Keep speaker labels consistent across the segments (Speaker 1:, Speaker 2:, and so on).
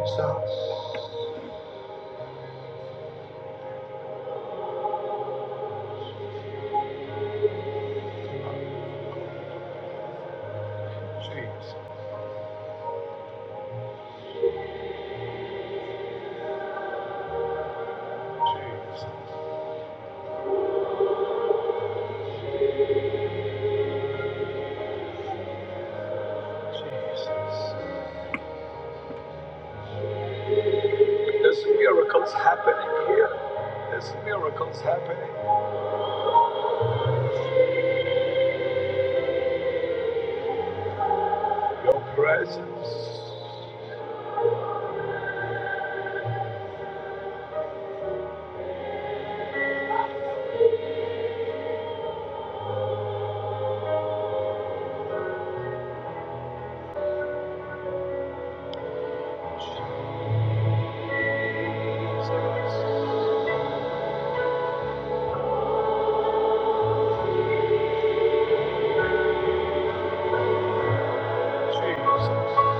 Speaker 1: Jesus, Jesus, Jesus, Jesus. There's miracles happening here. There's miracles happening. Your presence, Jesus, Jesus.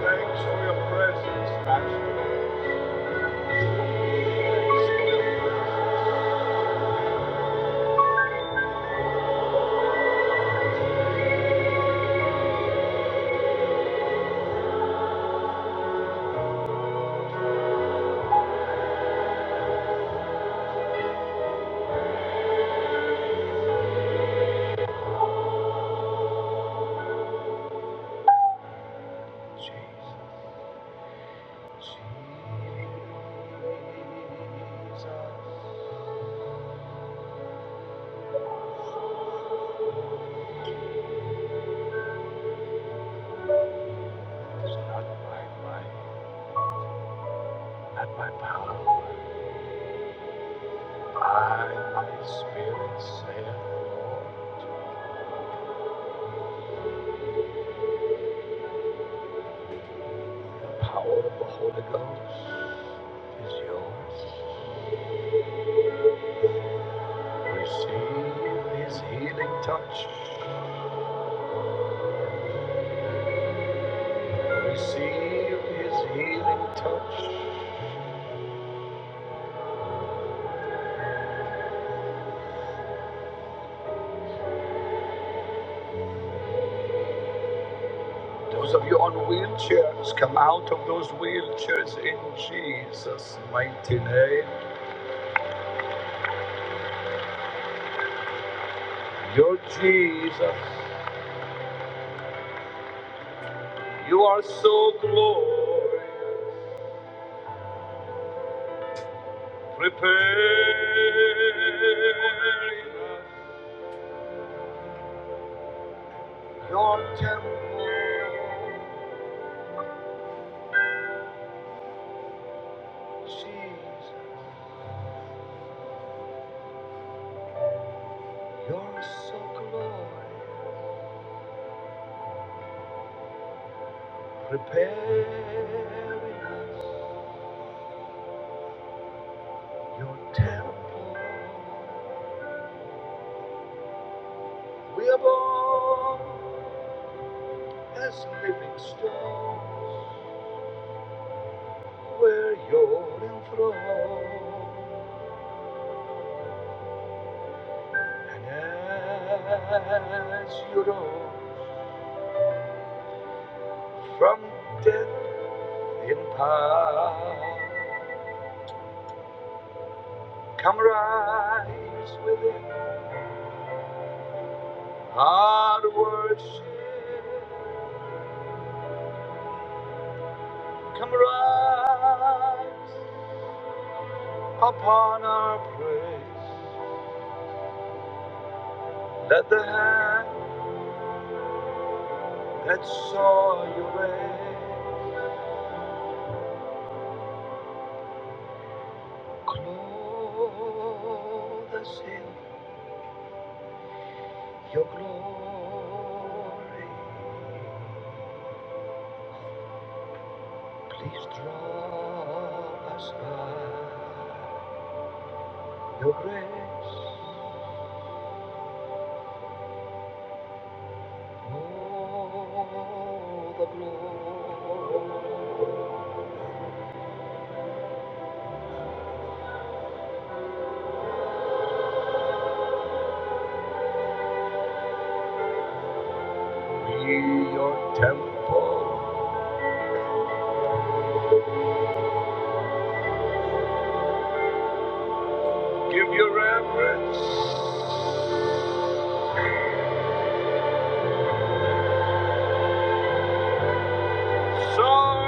Speaker 1: Thanks for your presence, actually. Jesus, Jesus. not by might, not by power. by my spirit, saith the Lord. power of the Holy Ghost is yours. Receive His healing touch. Receive His healing touch. Those of you on wheelchairs, come out of those wheelchairs in Jesus' mighty name. Your Jesus, you are so glorious. Prepare your temple, Jesus. You're so glorious, preparing your temple. We are born as living stones, where you're enthroned, and as you rose from death in power, come rise within our worship. Come rise upon our praise. Let the hand that saw you raise clothe us in your glory. Please draw us by your grace. Oh, the glory. Be your temple. Give your reverence. Soar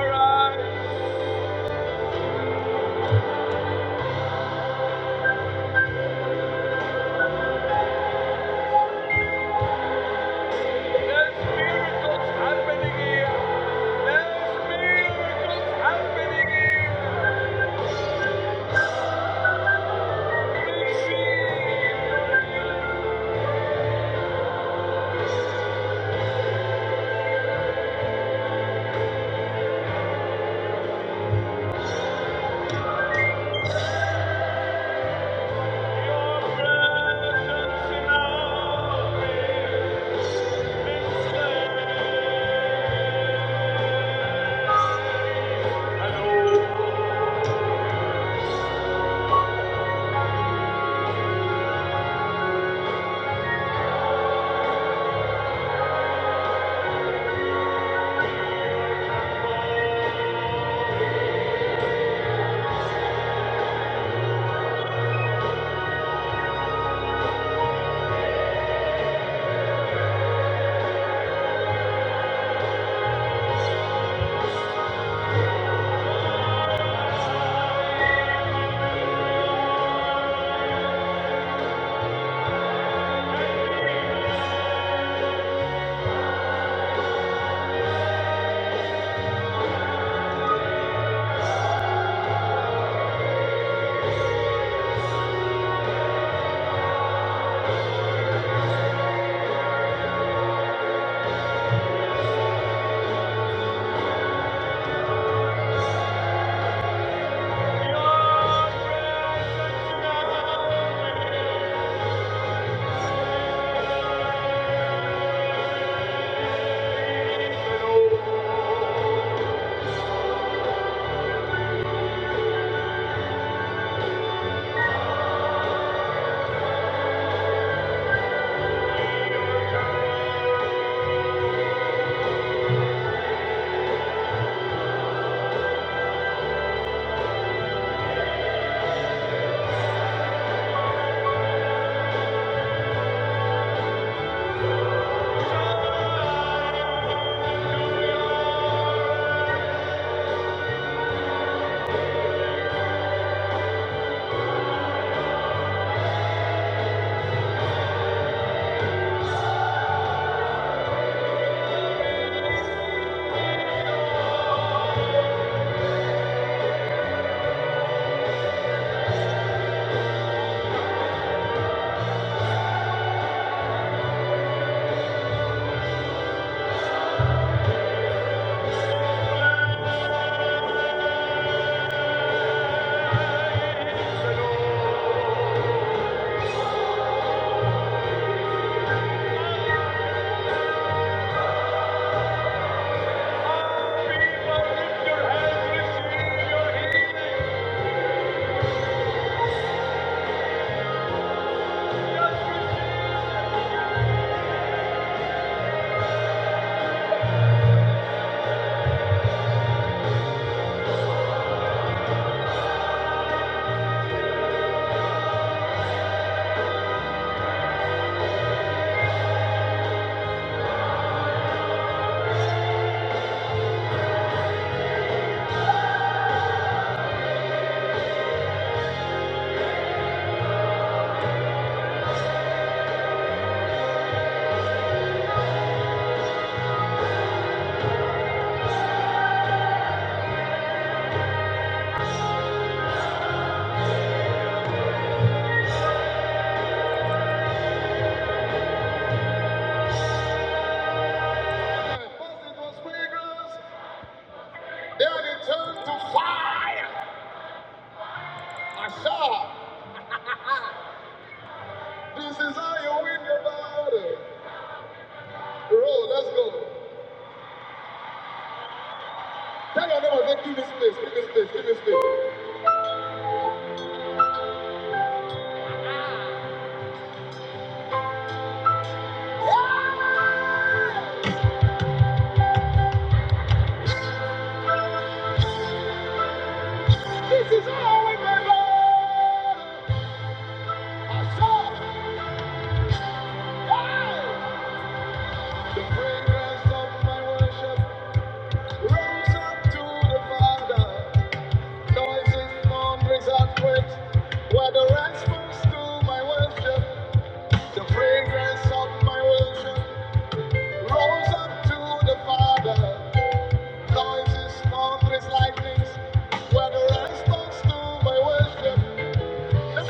Speaker 1: There's miracles happening here. There's miracles happening here. Receive your presence now. And open your children. All people lift your hands. Receive your healing. Let's go. Tell your neighbor, give this space, give me space, give me Yeah. This is all we remember. I shout, wow! The fragrance of my worship rose up to the Father. Noises, thunders, and quakes were the response to my worship. The fragrance of my worship rose up to the Father. Noises, thunders, lightnings were the response to my worship. I is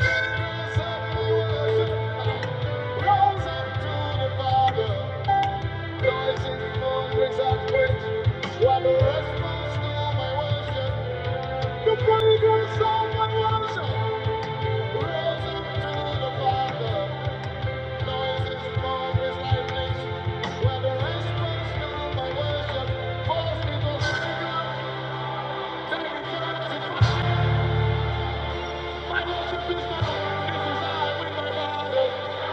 Speaker 1: This my you.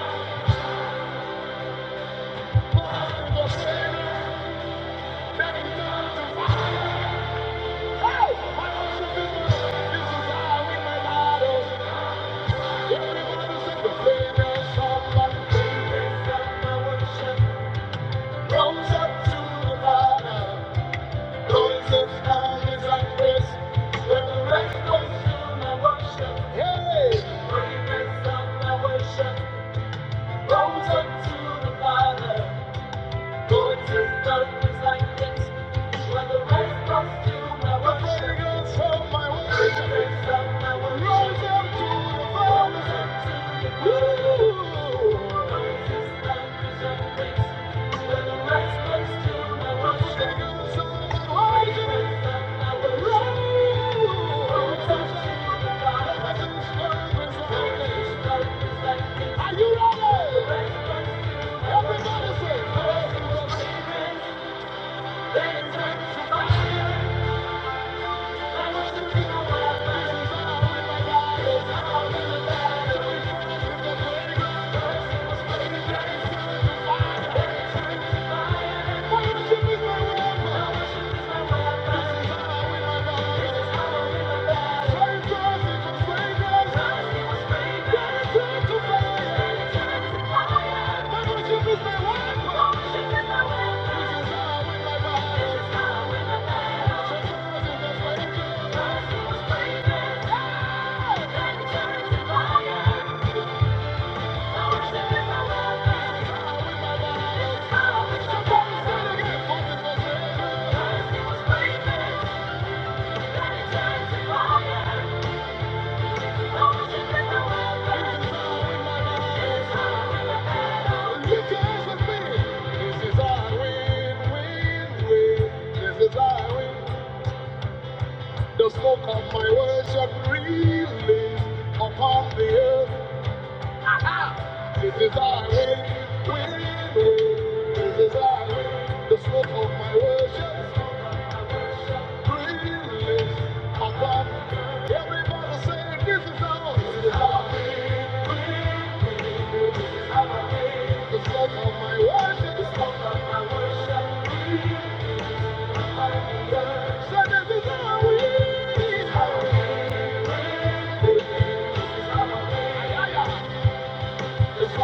Speaker 1: Rose up to the Father. Are you ready? Everybody say, Thank you. Thank you. The smoke of my worship release upon the earth. This is our way, we live This is our way, the smoke of my worship. Release upon everybody saying, This is our way. This is our way, This is our way, the smoke of my worship. The smoke of my worship. Release upon the This is our way. This is our way, This is our way. This is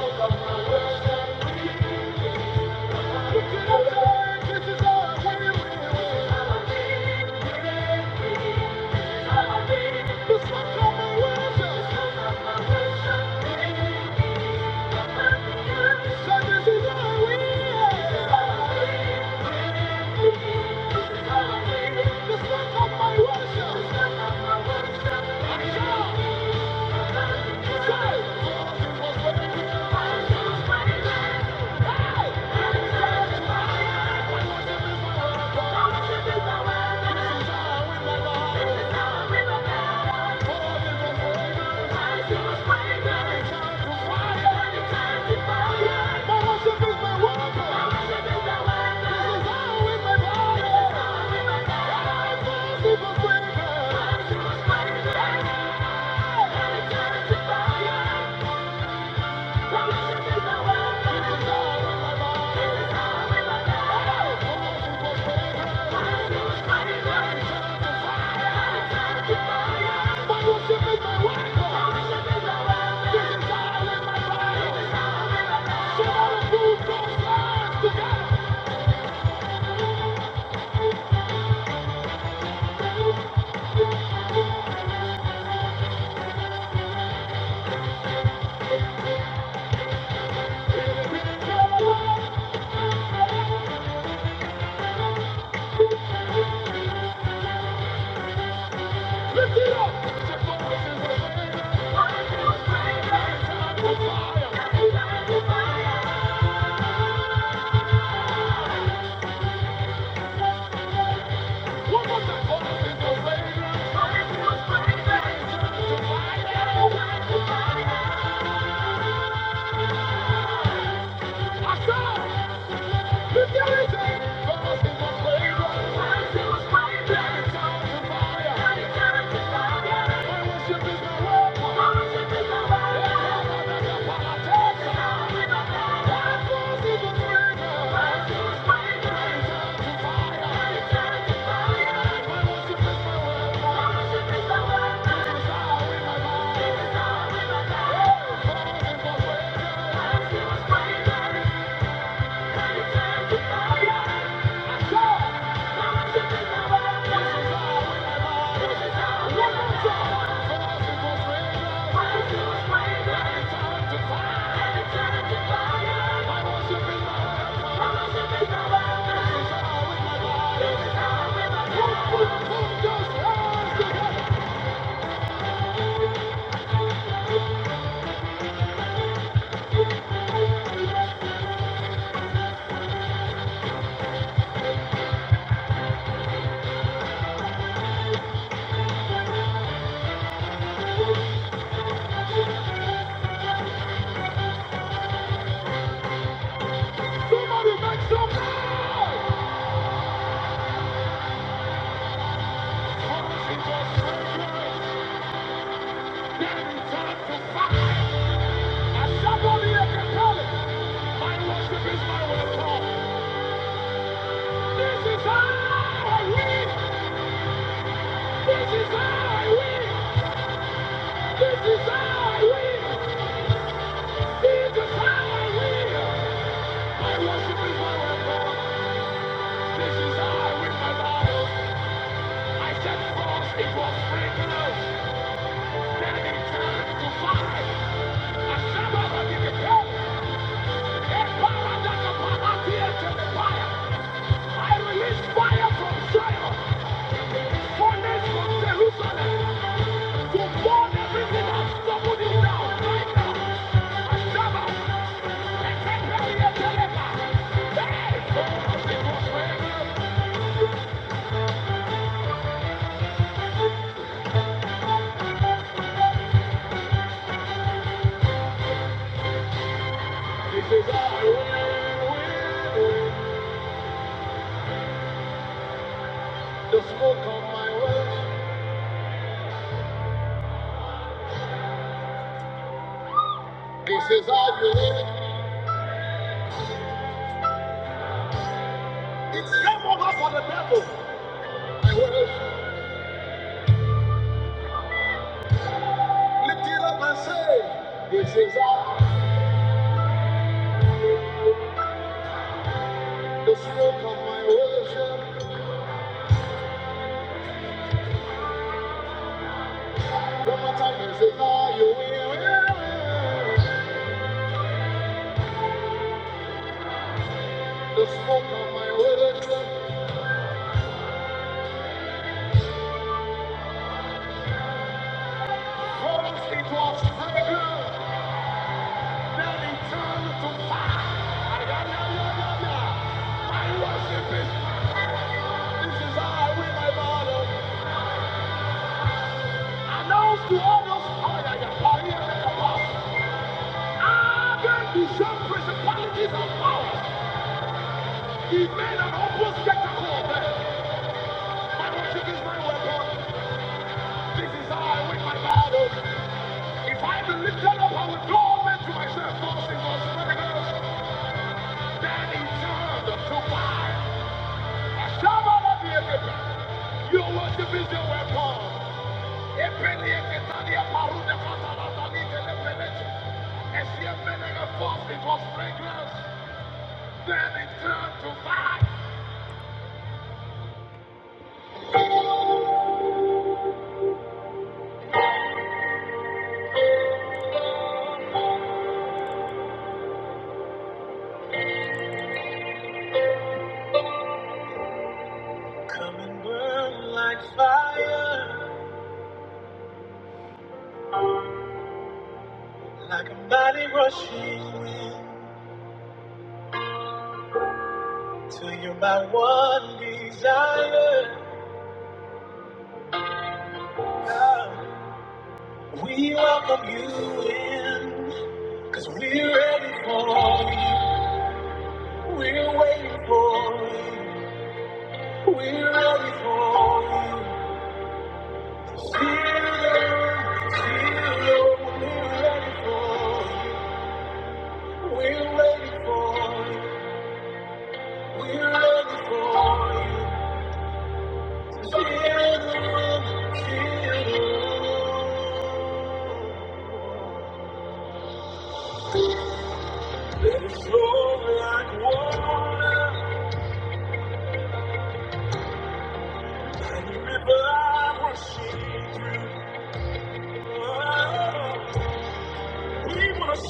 Speaker 1: my worship. Thank you. Thank you. Fire! fire, Fire! What was the purpose in the Raiders? Purpose was greater. To find out. I saw. Yeah. Somebody make some noise! Cause it's just fragrance. Then it's time to fight. As somebody that can tell it, my worship is my weapon. This is how I win. This is how I win. This is how I win. This is how I win. My worship is my weapon. This is how I win my battles. I set frogs into sprinklers. Then it turned to fire. As somebody that can tell it, a power that can the fire. I release fire from Zion. right Hey! This is how I win, win, The smoke on my way. This is how you live. It's game over for the devil. I worship. Lift it up and say, This is how. The smoke of my worship. One more time, this is how you win. win, win. The smoke of my words turns into a tiger. Arrogant is some principalities and powers. He made an open spectacle of them. My worship is my weapon. This is how I win my battle. If I be lifted up, I will draw men to myself. Those in those miracles, then he turned to fire. I shall not be a giver. Your worship is your weapon. It was fragrance, then it turned to fire. Like a mighty rushing wind to you, my one desire. God, we welcome you in, cause we're ready for you. We're waiting for you. We're ready for you.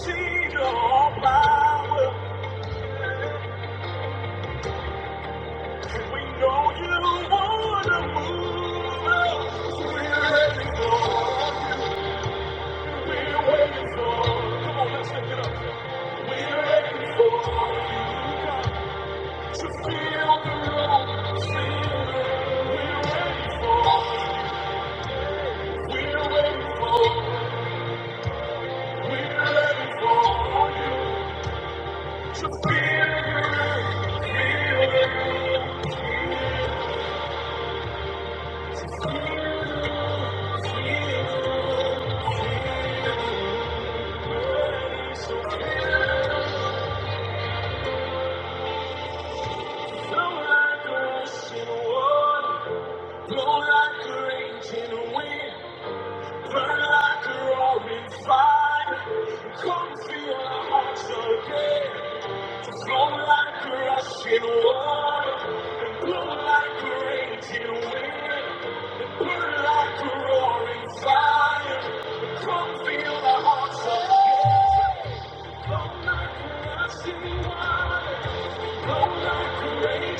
Speaker 1: See your power, we know you wanna move us. We're ready for. Burn like a roaring fire. Come feel the hearts of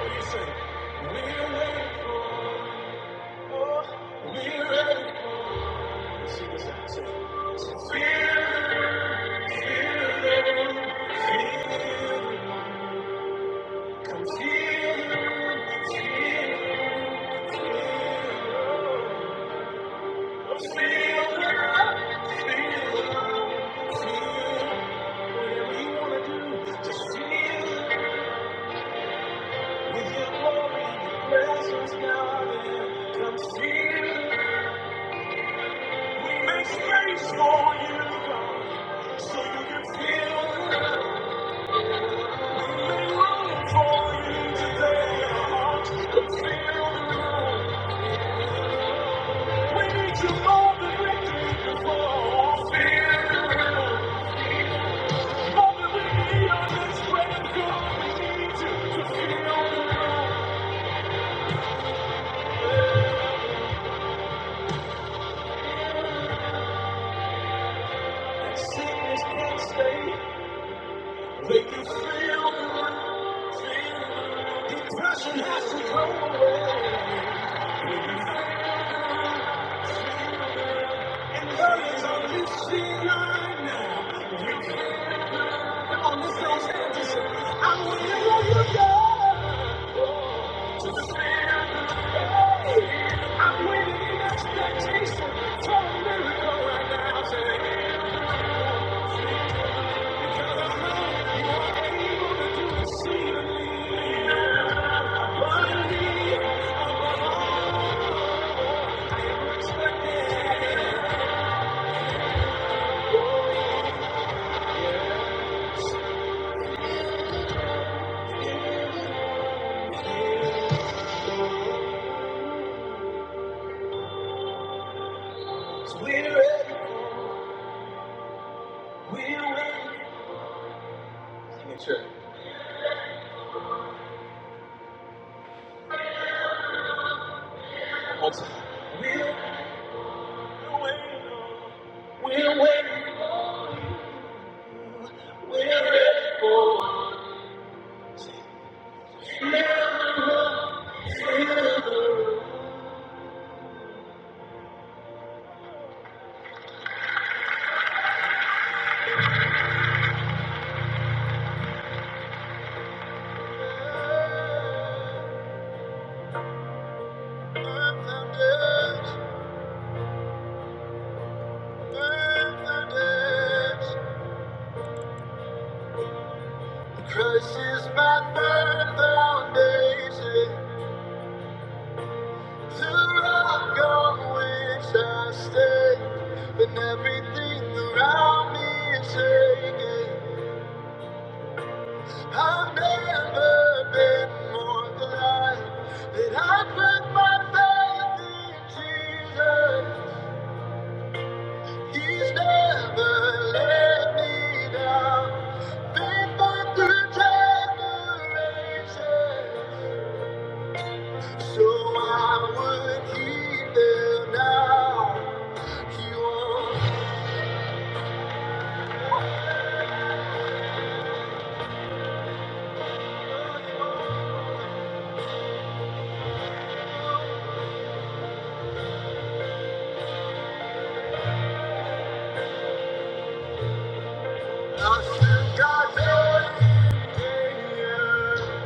Speaker 1: Listen, we're ready for, we're ready for, see this out, say, to feel, come feel, feel, feel, feel, feel. Whatever you wanna do, just feel with your glory and your presence, God, and come feel. We make space for you, God, so you can feel. Make you feel the Make Depression has to go away. And burdens are lifted right now. Come on, this those hands and say, I will never go. I'm waiting in expectation for a miracle right now. I'm saying, because I know you are able to do exceedingly abundantly expected. So we're ready, we're waiting. Make sure, one time. We're waiting, we're waiting, we're ready for miracles. Earth and days, earth and days. Christ is my third foundation. The rock on which I stay. When everything around me is shaking, I've never been more glad that I put my faith in Jesus. He's never let me down. Faithful through test, I still got joy in you.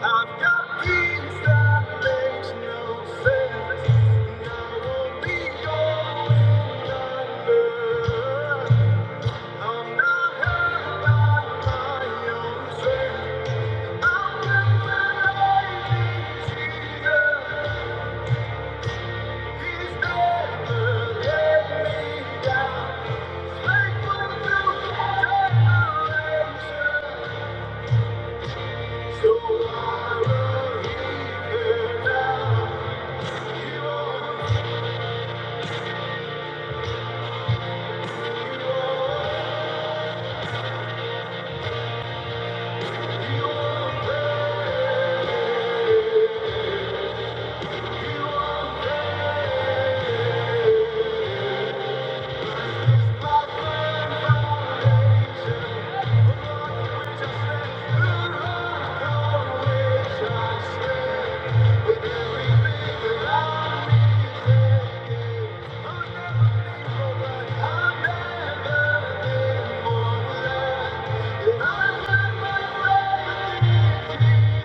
Speaker 1: I've got peace that makes no sense, and I won't be going under. I'm not hurt by my own strength. I can believe in Jesus. He's never let me down. He's faithful to generations. So I will hear now. You are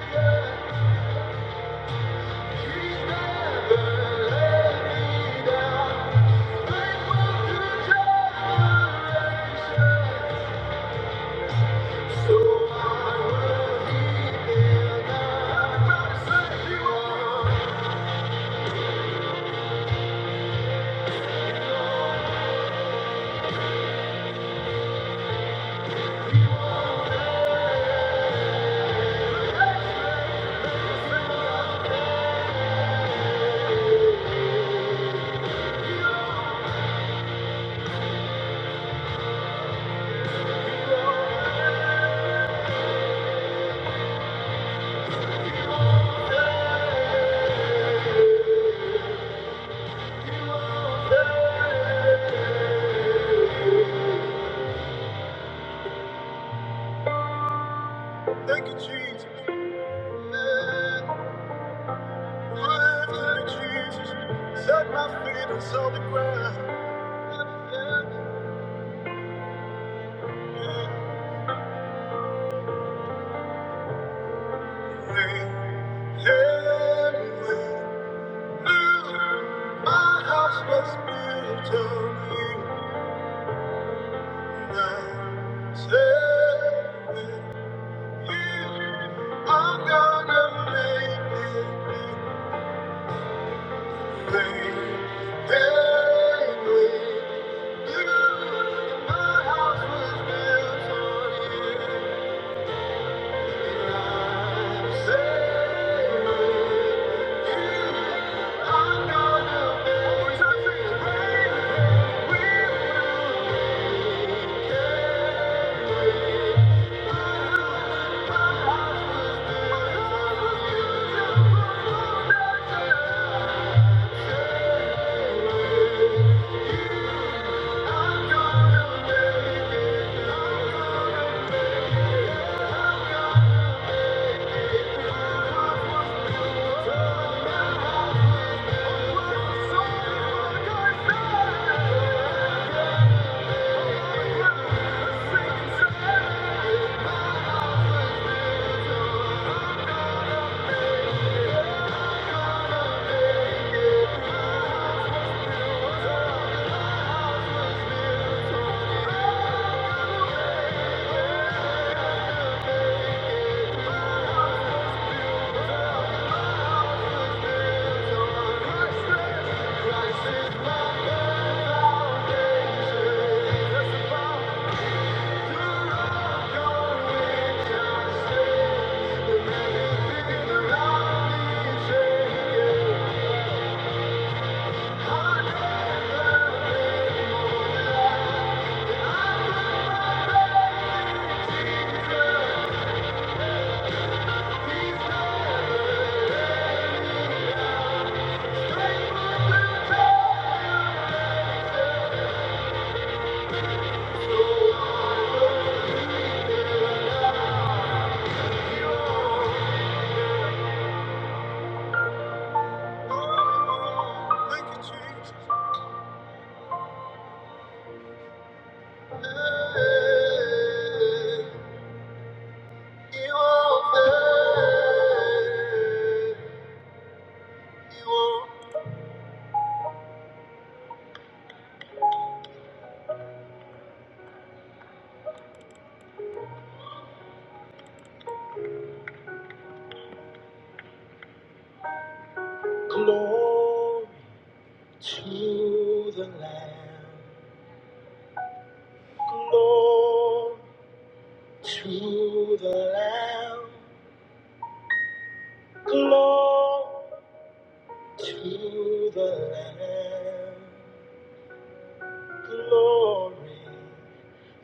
Speaker 1: Yeah. Thank you, Jesus. Jesus. Set my feet on solid ground. Hey, hey, hey. My house was built on you. my house was built Thank you. Yeah. Yeah. Yeah. Yeah. Glory to the Lamb. Glory to the Lamb. Glory to the Lamb. Glory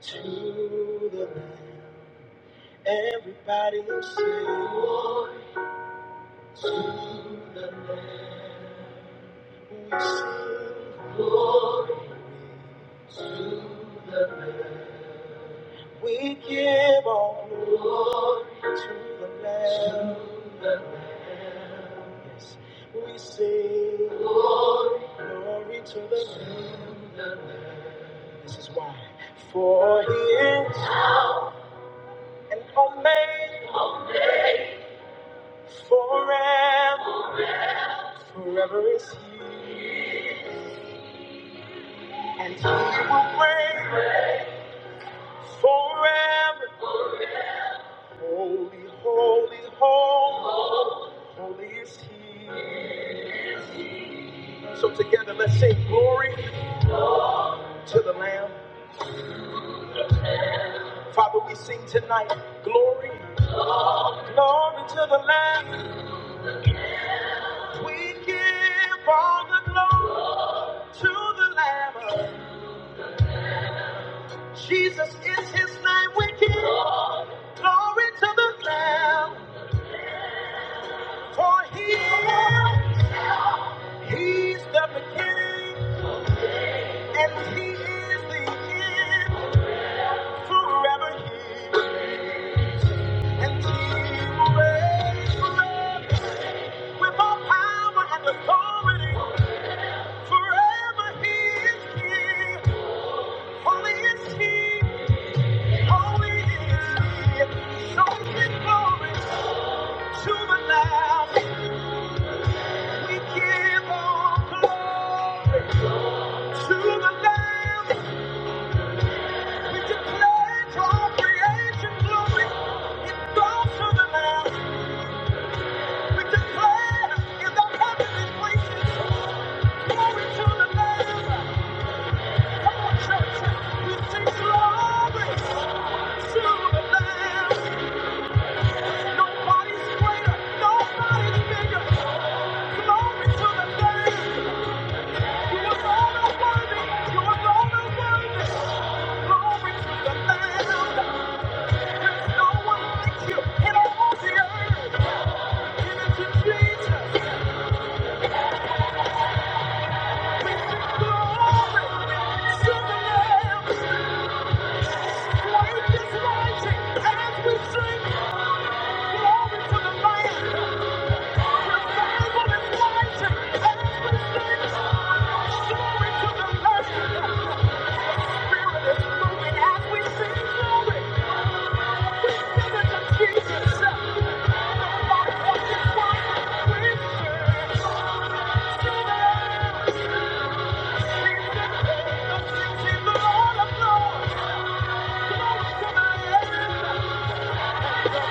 Speaker 1: to the Lamb. Everybody will sing. Glory to the Lamb. We sing. We give all glory. to the Lamb. Yes, we sing glory to the Lamb. This is why, for He is an Omega, forever, forever is He, and He will reign forever. Holy, holy, holy, holy is He. So together, let's sing glory to the Lamb. Father, we sing tonight, glory, glory to the Lamb. We give all the glory to the Lamb. Jesus is his name. We give glory to the Lamb. For he is, he's the beginning and he is the end. Forever he reigns and he reigns forever with all power and authority. Forever he is king. Holy is he. to Glory to the you. Nobody's greater. Nobody's bigger. Glory to the Lamb. For His rising and His receiving. Glory to the Lamb. His Spirit is as we sing glory. We sing it to Jesus. Nobody else is like Him. We sing to the Lamb. Glory to the Lamb.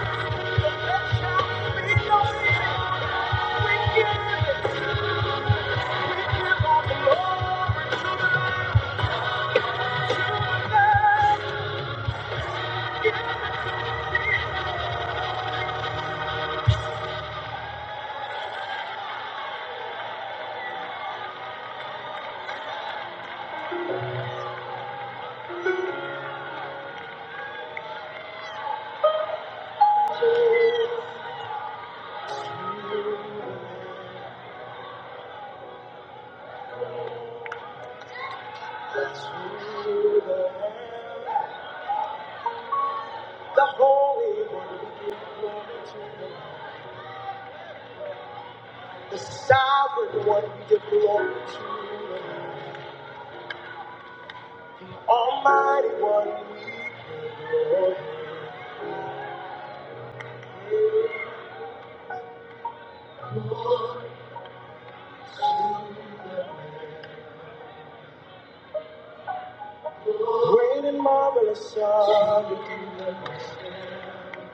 Speaker 1: Great and marvelous are you.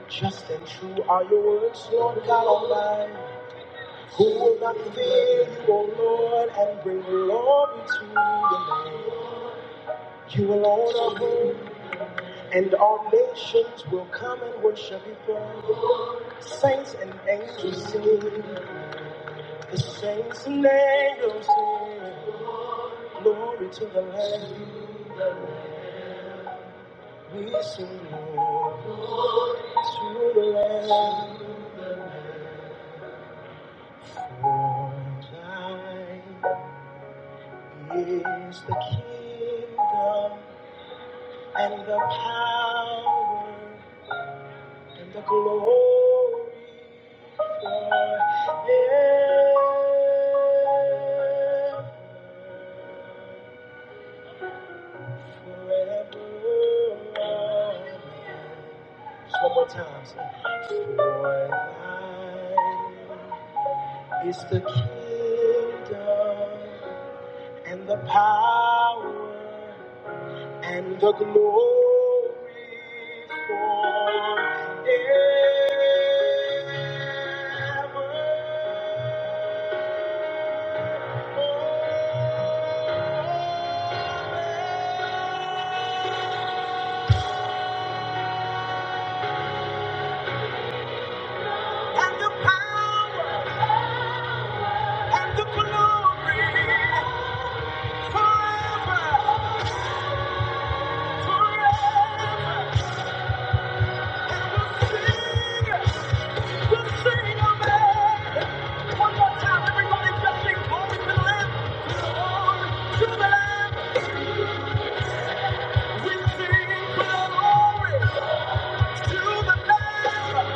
Speaker 1: Just and true are your words, Lord God Almighty. Who will not fear you, O Lord, and bring glory to your name? You alone are holy. And all nations will come and worship before saints and angels sing. The saints and angels sing. Glory to the Lamb. We sing glory to the Lamb. For thine is the kingdom and the power and the glory Just one more time. say, For thine is the kingdom and the power and the glory forever. And the power and the glory forever, forever. And we sing. we sing of it. One more time, everybody, just sing glory to the Lamb. Glory to the Lamb. We sing glory to the Lamb.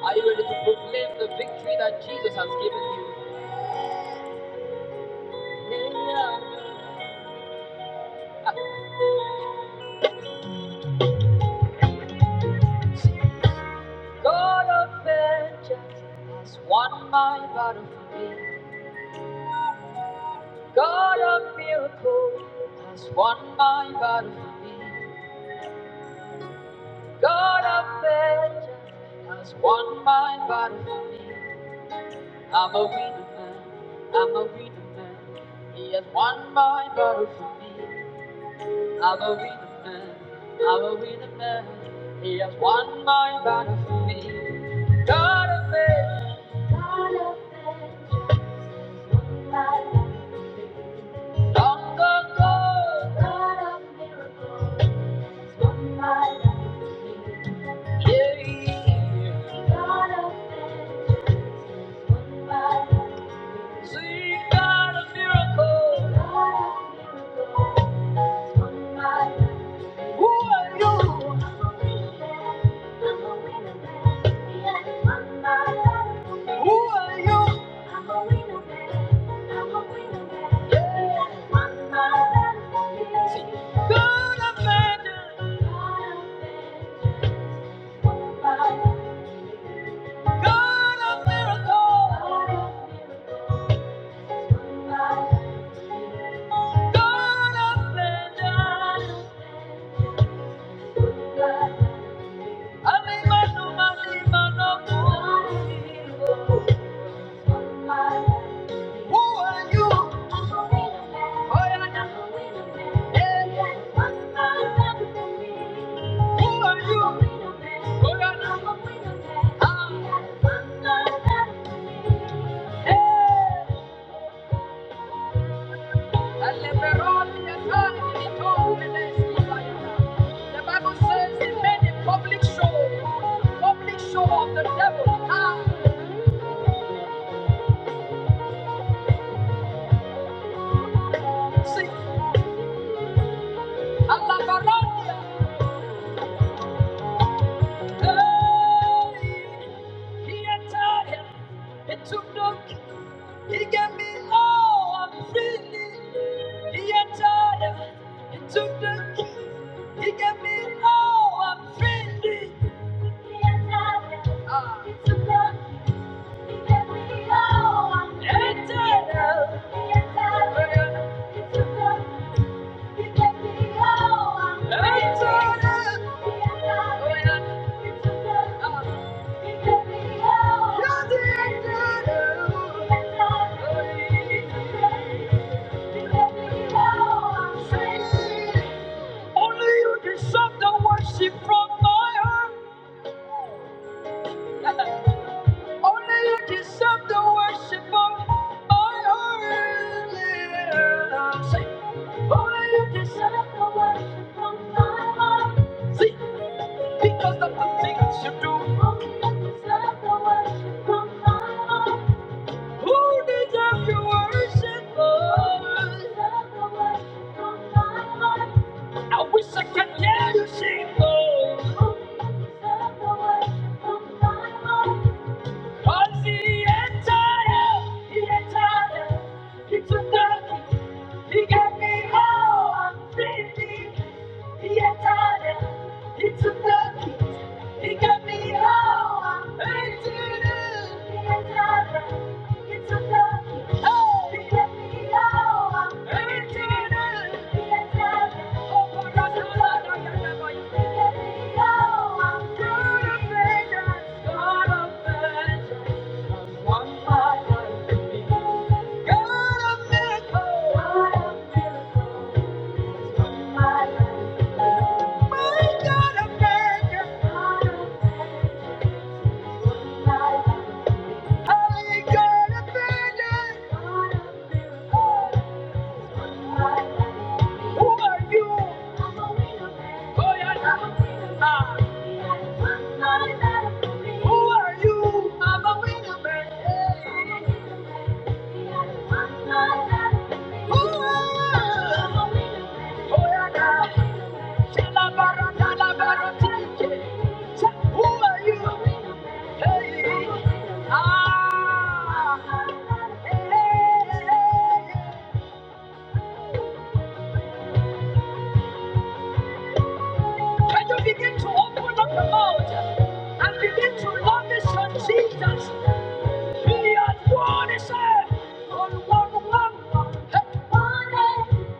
Speaker 1: Are you ready to proclaim the victory that Jesus has given you? God of vengeance has won my battle for me. God of miracles has won my battle for me. God of vengeance has won my battle for me. I'm a winner man. I'm a winner man. He has won my battle for me. I'm a winner man. I'm a winner man. He has won my battle for me. God of vengeance. God of vengeance, won my life. God of miracles, won my life. Yeah, yeah. God of vengeance, won my life. God of miracles, won my life. I'm a winner man, I'm a winner man. Yeah, won my life. I'm a winner man. I'm a winner man. Yeah. Won by battlefield. God of vengeance. Won by battlefield. Who are you? Oh, yeah, yeah. I'm a winner man. Yeah, yeah. Won by battlefield. Who are you? Oh, yeah, yeah. Ah. Alle Veroni erfahren die Tore The Bible says he made a public show, public show of the devil. Ah, see, Alla hey, he entered him, he took the, he gave me all freely. He entered him, he took the, key. he gave me all freely. Ah. Only you deserve the worship from my heart. Only you deserve the worship of my heart. Yeah. Say, only you deserve the worship of my heart. See, because of the things you do. Only you deserve the worship of my heart. Who deserve your worship, Lord? Only you deserve the worship of my heart. I wish I could hear you sing, Lord. Only you deserve the worship of my heart. Cause he ain't tired, he ain't tired. He took the, key, he gave me all I'm thinking. He ain't tired, he took the, key, he gave me all I'm thinking. He ain't tired, he took the, oh, he gave me all I'm thinking. He ain't tired, oh, my God, the blood I got that boy. He gave me all I'm thinking. God of vengeance. God of vengeance. One by one. God of miracles. God of miracles. My God of vengeance. Holy God of vengeance. Who are you? Oh, yeah, I'm a winner. Ah. Who are you? I'm a winner, man. Hey. Who are you? Hey, ah, hey. Can you begin to open up your mouth and begin to love this son Jesus? He has won his head on one one.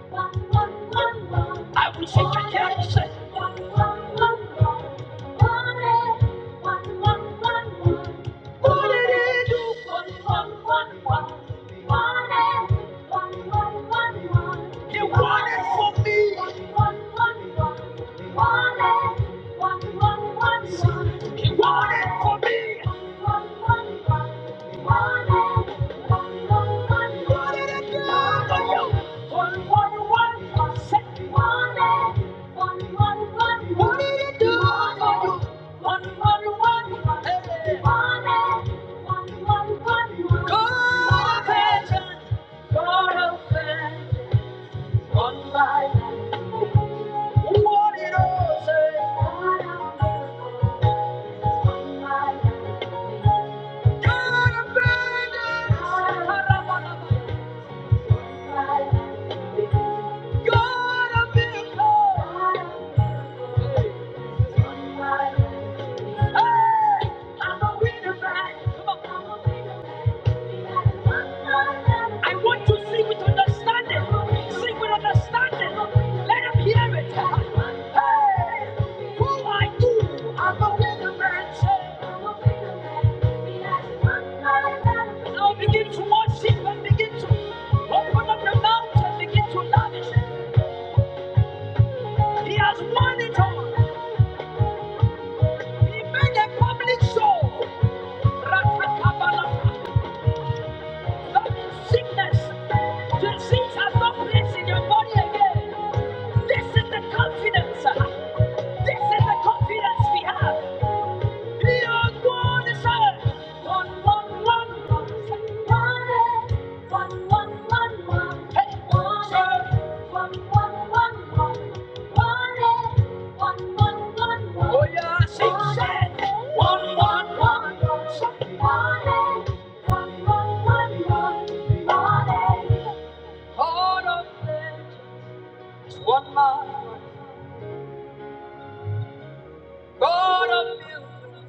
Speaker 1: I will take your careless You want it for me. He want it for me. What did it do for you? One, one, one, one, second, one, eh. One, one, one, what did it do? One, eh. One, one, one, eh. One, eh. One, one, one, one. Go, Apache. I want to sing with understanding. Sing with understanding. Let them hear it. Hey, who I do? I'm a winner man. I'm a winner man. Now begin to worship and begin to open up your mouth and begin to lavish. He has won it all. He made a public show. Ratakabalata. That Sickness. Disease has no place in your body again. This is the confidence. This is the confidence we have. Beyond one is One, one, one, one. One, one, one, one. Hey, one, hey, one, one, one, one. One, one, one, one, one. Oh, yes, she said. One, one, one, one. One, God of vengeance, one man. God of beauty,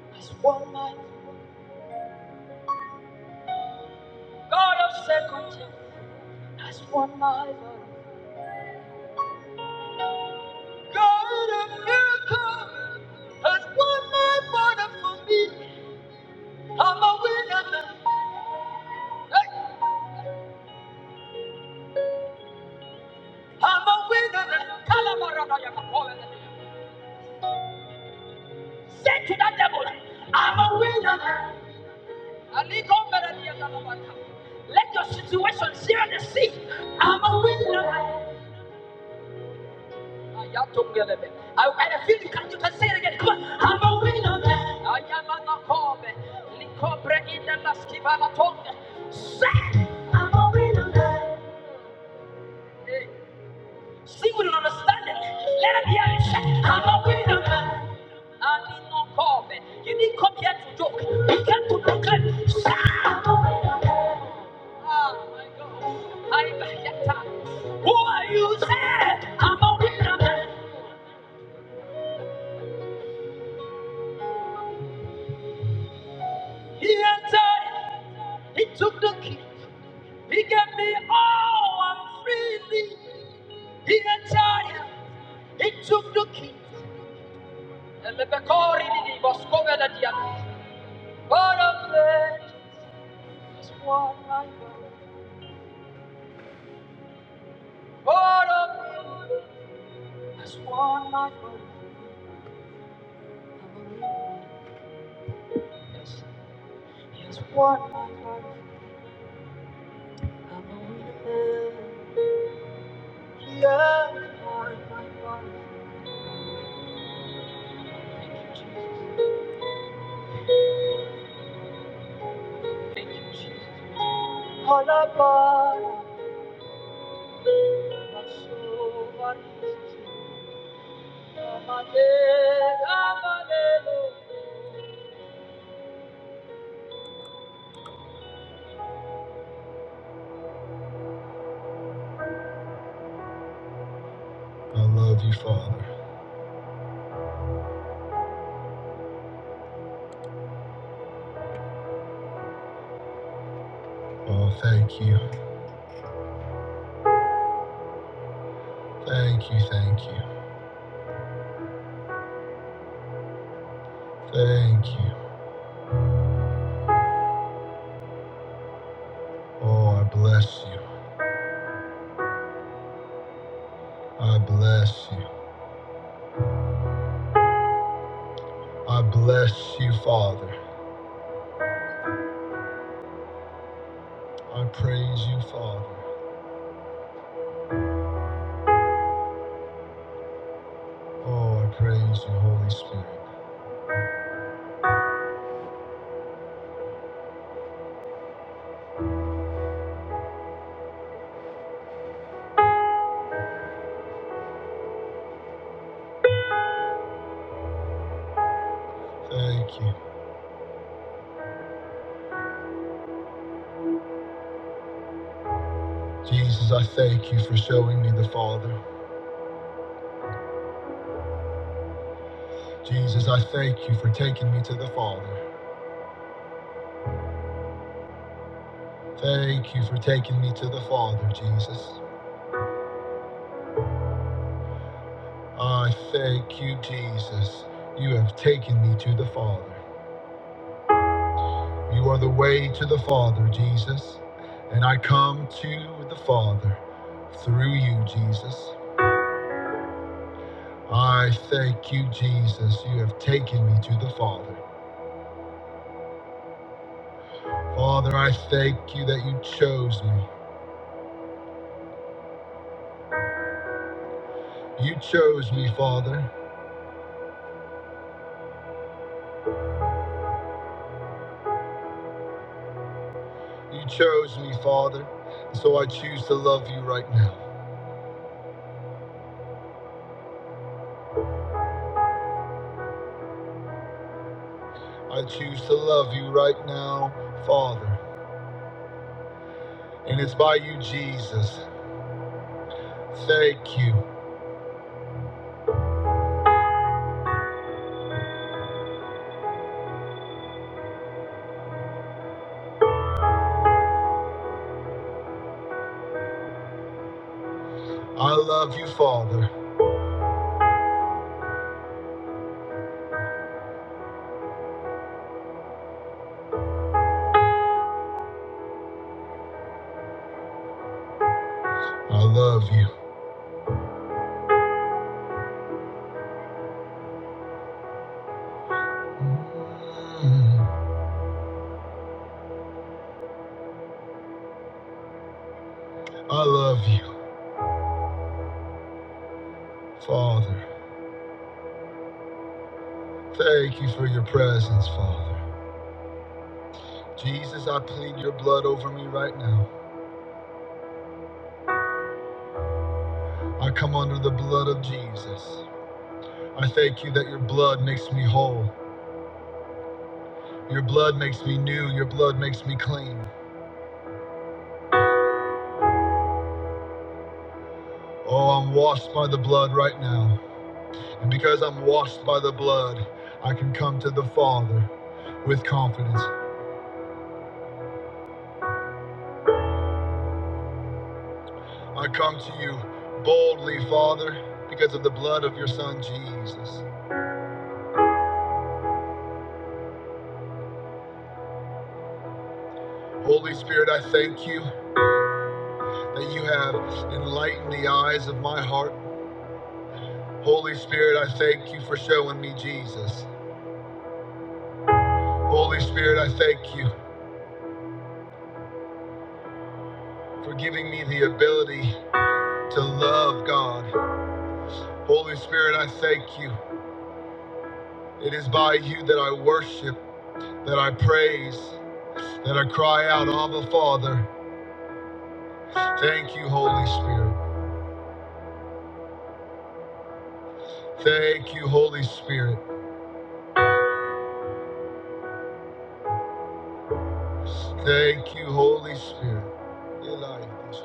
Speaker 1: as one man. God of second chance, as one man. God of miracles has won my battle for me. I'm a winner now. Hey, I'm a winner now. Kalabarabaya. Say to that devil, I'm a winner now. Aligomberadia. dalabaka. Let your situation share the sea. I'm a winner now. Ayatungelebe. I, and I feel you can, you can say it again. Come on. I'm a winner. man. I am an akobe. Likobre in the laskiva la tongue. Say. Hey. See with an understanding. Let him hear it. I'm not with them. I did not come. You didn't come here to joke. You came to Brooklyn. Shout. Oh my God. I Bayata. Who are you? Said I'm a winner. man. He entered. He took the key. He gave me all I'm freely. He entered. He took the key. And the Bekori was covered at the end. What a man. As one life, what a beauty! As one life, I'm a witness. As one life, I'm a witness. Yeah, my life. Thank you, Jesus. Thank you, Jesus. All about my soul, my Jesus. i love you, Father. Oh, thank you. Thank you, thank you, thank you. Oh, I bless you. I bless you. I bless you, Father. I praise you, Father. Oh, I praise you, Holy Spirit. Thank you. Jesus, I thank you for showing me the Father. Jesus, I thank you for taking me to the Father. Thank you for taking me to the Father, Jesus. I thank you, Jesus. You have taken me to the Father. You are the way to the Father, Jesus. And I come to the Father through you, Jesus. I thank you, Jesus. You have taken me to the Father. Father, I thank you that you chose me. You chose me, Father. You chose me, Father. And so I choose to love you right now. I choose to love you right now, Father. And it's by you, Jesus. Thank you. I love you, Father. Thank you for your presence, Father. Jesus, I plead your blood over me right now. I come under the blood of Jesus. I thank you that your blood makes me whole. Your blood makes me new. Your blood makes me clean. Oh, I'm washed by the blood right now. And because I'm washed by the blood, I can come to the Father with confidence. I come to you boldly, Father, because of the blood of your Son, Jesus. Holy Spirit, I thank you that you have enlightened the eyes of my heart. Holy Spirit, I thank you for showing me Jesus. Holy Spirit, I thank you for giving me the ability to love God Holy Spirit, I thank you. It is by you that I worship, that I praise, that I cry out, Abba, Father. Thank you, Holy Spirit. Thank you, Holy Spirit. Thank you, Holy Spirit. Eli, this is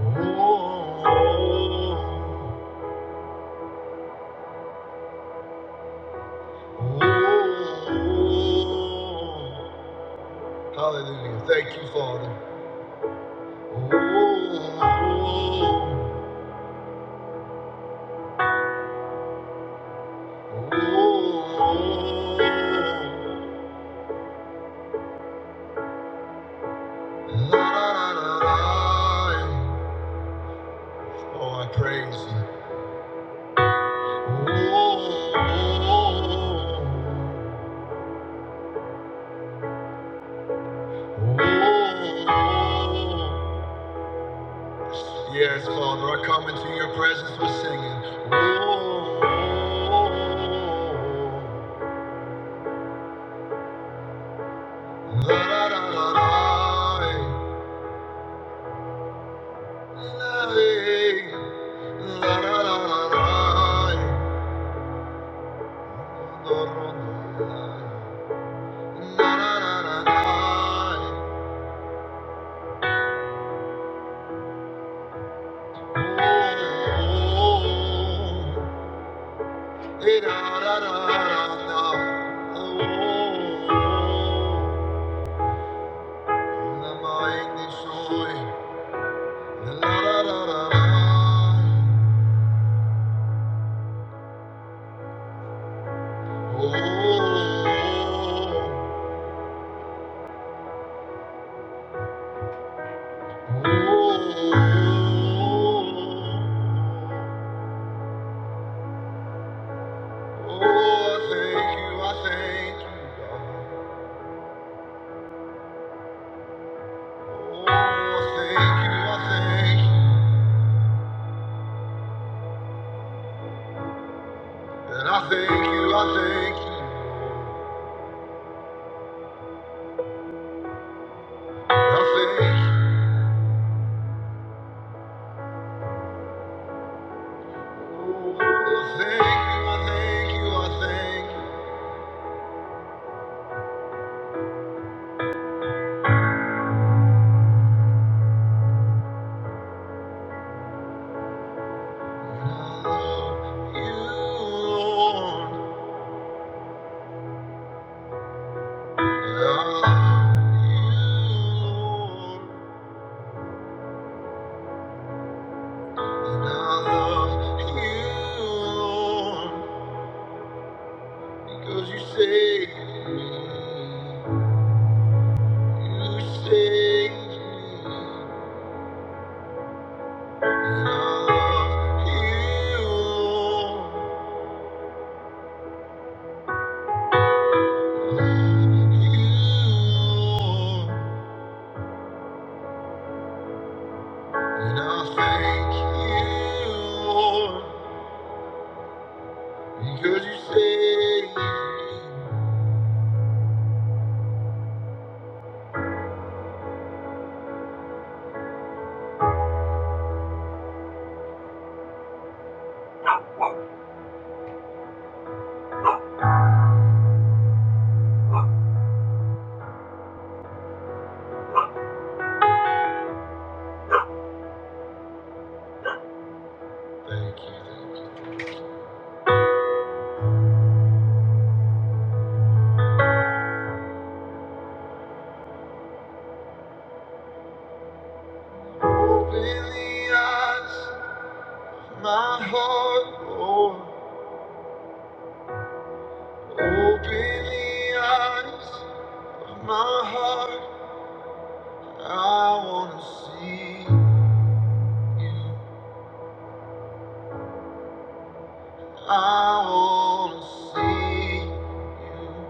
Speaker 1: Oh, oh. the Hallelujah. Thank you, Father. Oh, oh, oh, la, la, la, la. Oh, I praise you. Oh, yes, Father, I come into your presence with singing. Oh, oh, oh, la, la, la, la, la. La, la, la, la, la. la. Oh, I thank you, I thank you. God. Oh, I thank you, I thank you. And I thank you, I thank you, I thank you. Oh, I thank you, I thank you, I thank you. And I love you, Lord. and I love you, Lord. And I love you, Lord, because you saved me. You saved me. And I love you, Lord. And I thank you, Lord, because you saved me. thank you. Open the eyes of my heart, Lord. Open the eyes of my heart. I want to see you. I want to see you.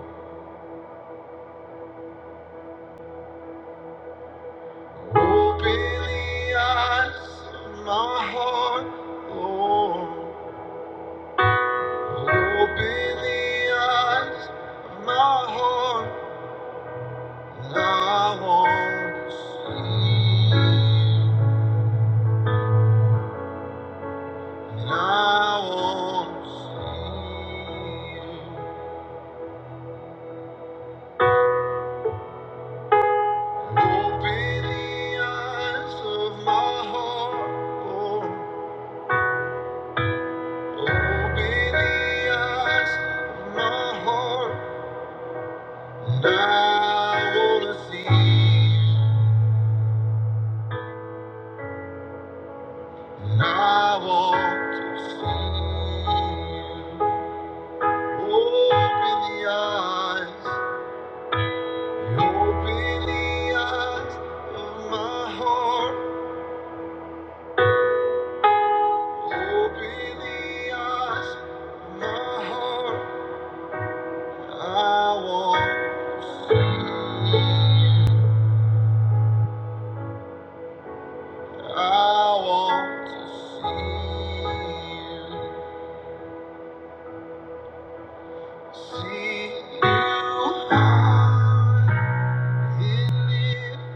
Speaker 1: Open the eyes of my heart, Lord. Open the eyes of my heart, and I want to see. you. And I want to see. you. Open the eyes of my heart, Lord. Open the eyes of my heart. I wanna see, you. I want to see. you. Open the eyes, open the eyes of my heart. Open the eyes of my heart. I want, I want to see you. See you high and lift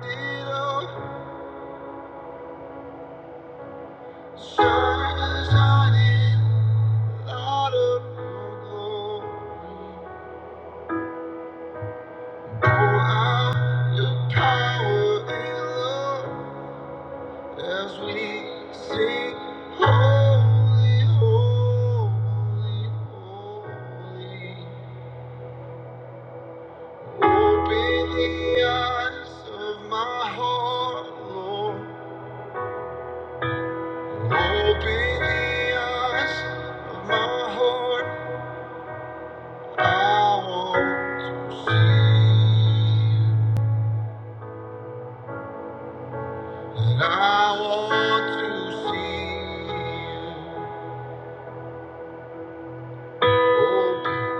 Speaker 1: Open the eyes of my heart. I want to see you. And I want to see you. Open,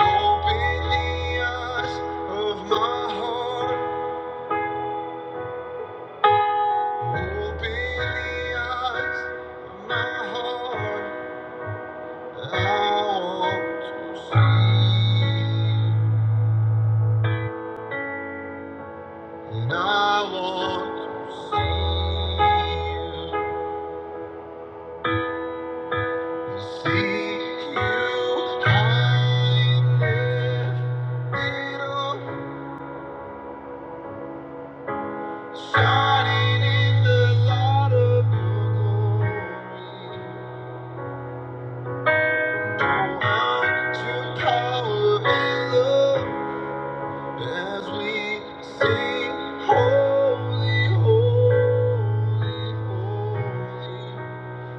Speaker 1: open the eyes of my heart. Open the eyes of my heart. I want to see you. And I want to see you. Holy, holy, holy.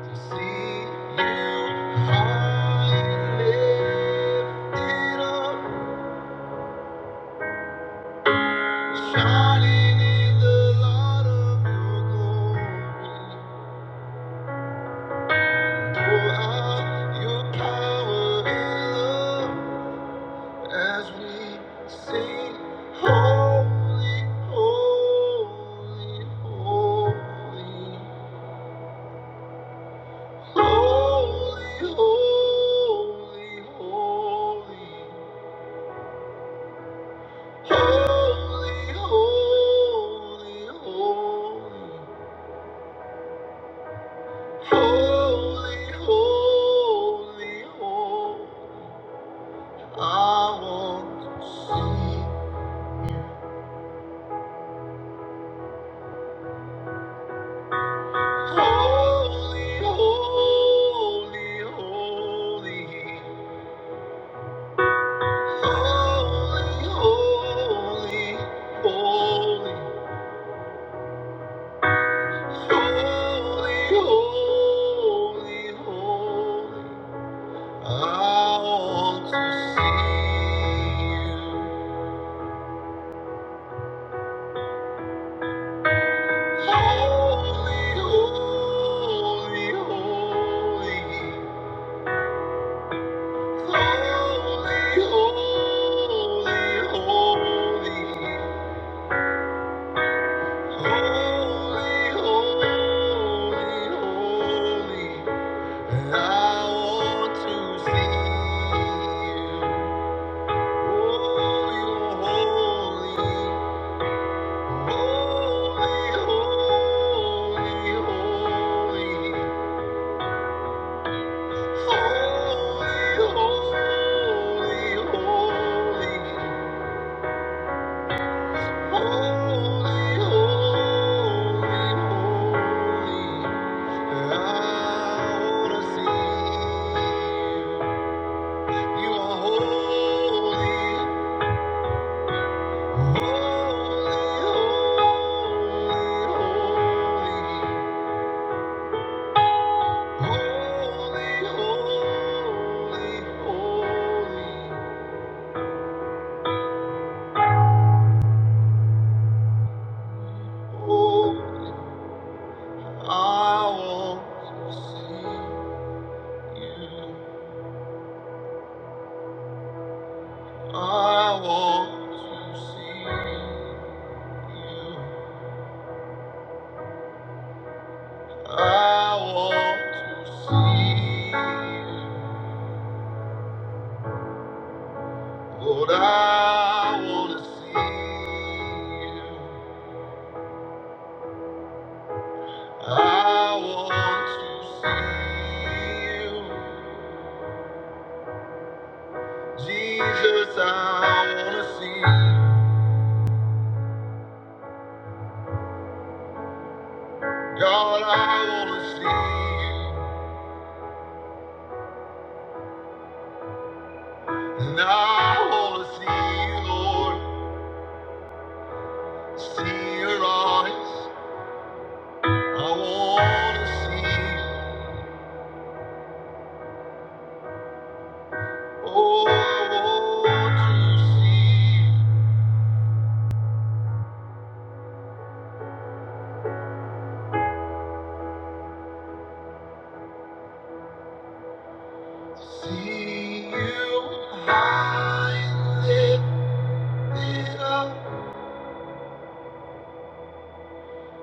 Speaker 1: To see you high it up, Shining in the light of your glory. Pour out your power and love as we sing, Holy, holy, holy, holy, holy, holy. Holy, holy, holy. Holy, holy, holy, I want to see. Holy, holy, holy, holy, holy, holy, holy, holy, holy. I want to see you. Holy, holy, holy. Holy, holy, holy. Holy, holy, I want to see you. Holy, holy, holy, holy, holy. Oh, I want to see. I want to see. I want to see. you. Lord, I want to see you. I want to see you. Jesus, I want to see you. God, I want to see you. And I want to see you, Lord. See your eyes. I want to see you. Oh, to see, see you high lifted up,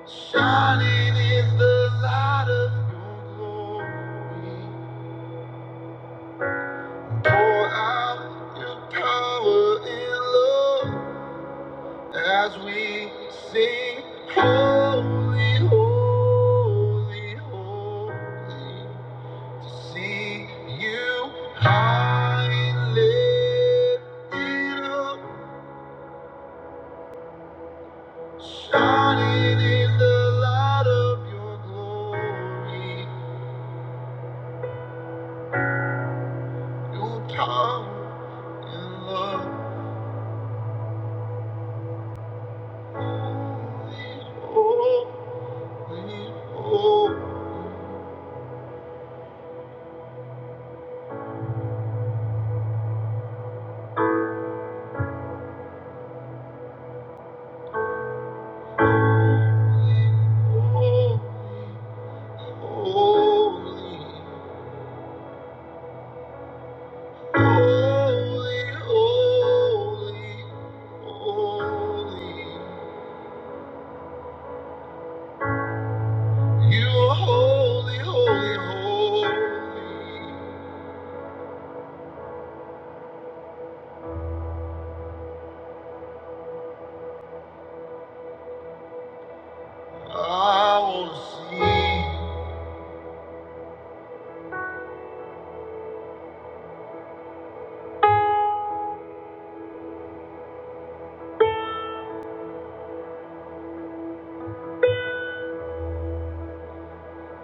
Speaker 1: Shining in the light of your glory, pour out your power and love as we sing, Holy, Holy, Holy. See you high lifted up, shining in the light of your glory. Your power and love, holy, holy, holy, holy, holy, holy. holy, holy. You are holy, holy, holy. I wanna see,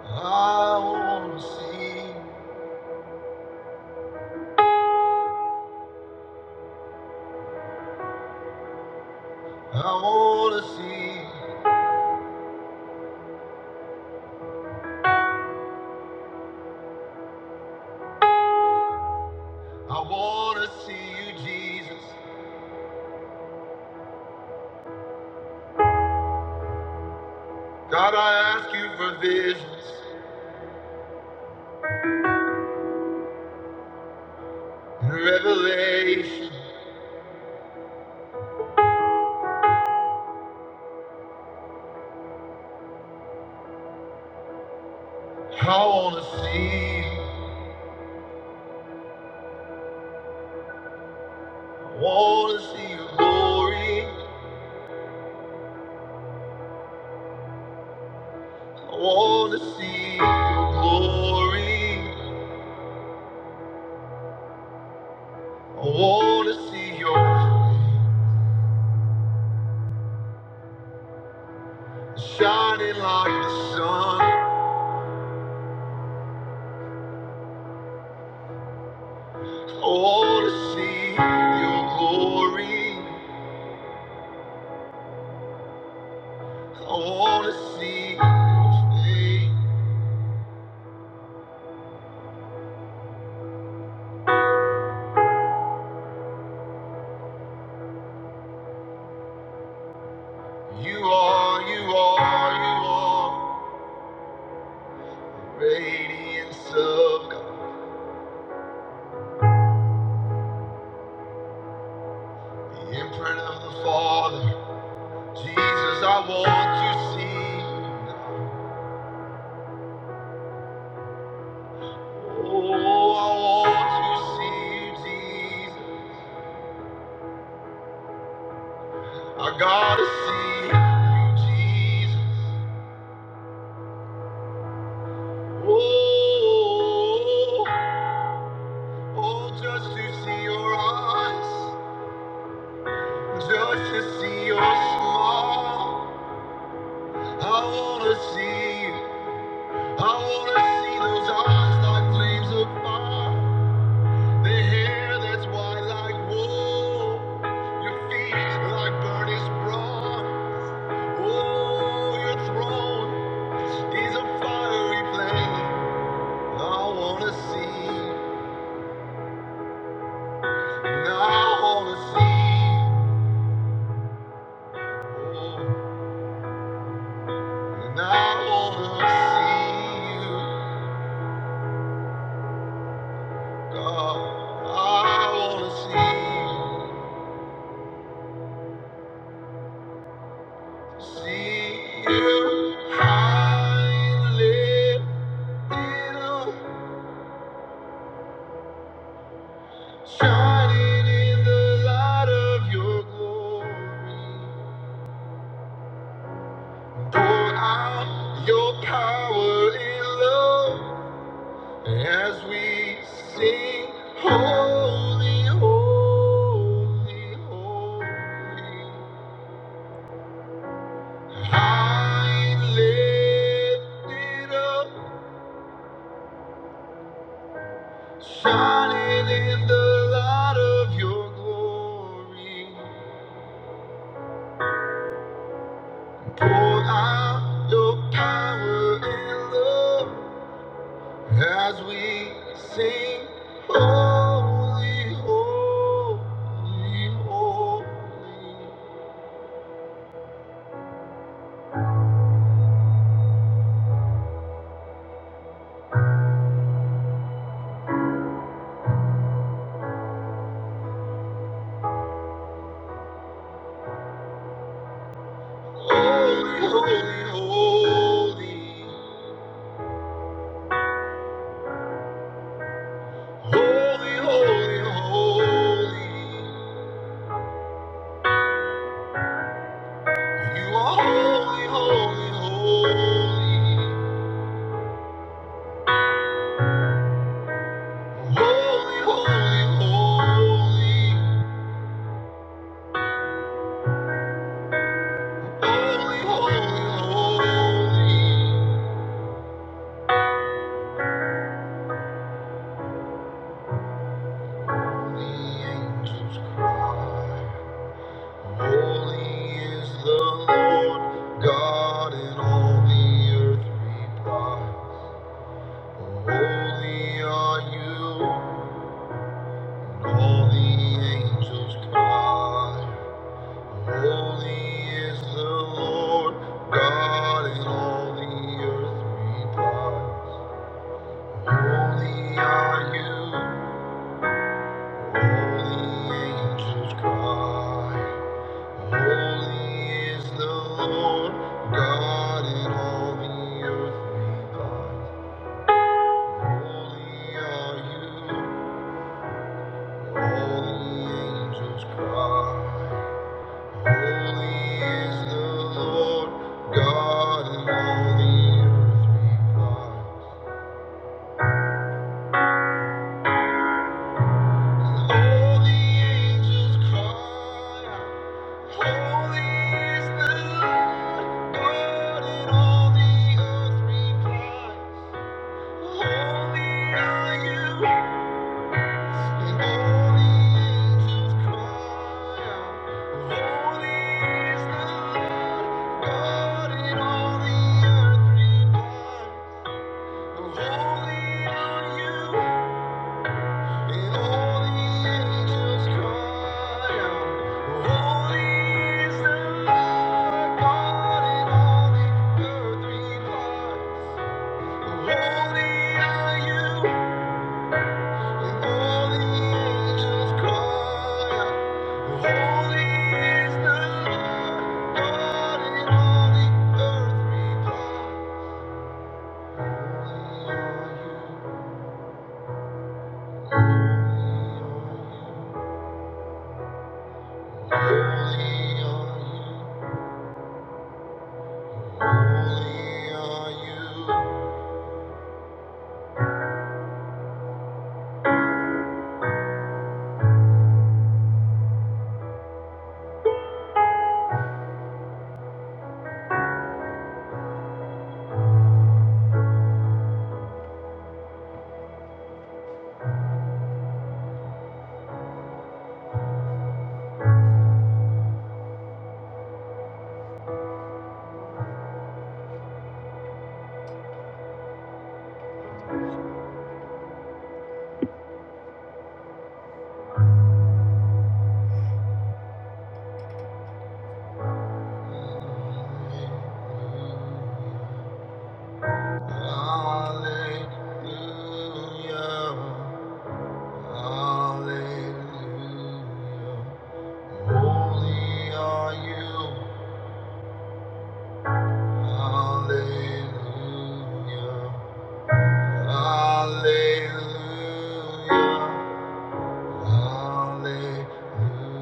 Speaker 1: I wanna see, I wanna see, I wanna see you, Jesus. God, I ask you for visions and revelation. I wanna see, I wanna see your glory. I wanna see your glory. I wanna see your Shining like the sun, I want to see your glory. I want to see your face. You are, you are, you are the radiance of God, the imprint of the Father. Jesus, I want to see. You. Oh, I want to see you, Jesus. I gotta see you, Jesus. Oh. Oh, just to see your eyes, just to see your smile. I wanna see you. I wanna see those eyes like flames of fire. The hair that's white like wool. Your feet like burnished bronze. Oh, your throne is a fiery flame. I wanna see. And I wanna see. Oh. And I wanna see you, God. I wanna see you, see you high and lifted up, shining in the light of your glory. Pour out your power and love as we sing, Holy, holy, holy. lifted up, shining in the light of your glory. Pour out your power and love as we sing, Holy, holy, holy. Holy, holy, holy, holy, holy, holy. You are holy, holy, holy. Holy, holy, holy. Holy, holy, holy. The angels cry. Holy is the Lord God, and all the earth reply. Holy are you, and all the angels cry. Holy is the Lord God in all the earth replies. Holy are you, holy angels cry. Holy is the Lord God in all the earth replies. Holy are you, holy angels cry. Holy is the Lord God, and all the earth replies. And all the angels cry out, Holy is the Lord God, and all the earth replies. Holy are you, and all the angels cry out, Holy is the Lord God, and all the earth replies. Holy are you. Holy are you, Hallelujah, Hallelujah. Holy are you, Hallelujah, Hallelujah, Hallelujah. Holy are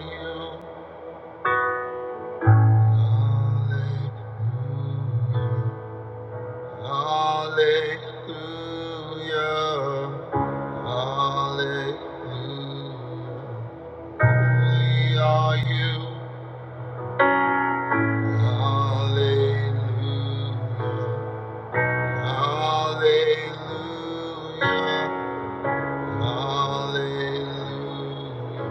Speaker 1: you, Hallelujah. Hallelujah. Hallelujah. Holy are you. Hallelujah. Hallelujah. Hallelujah.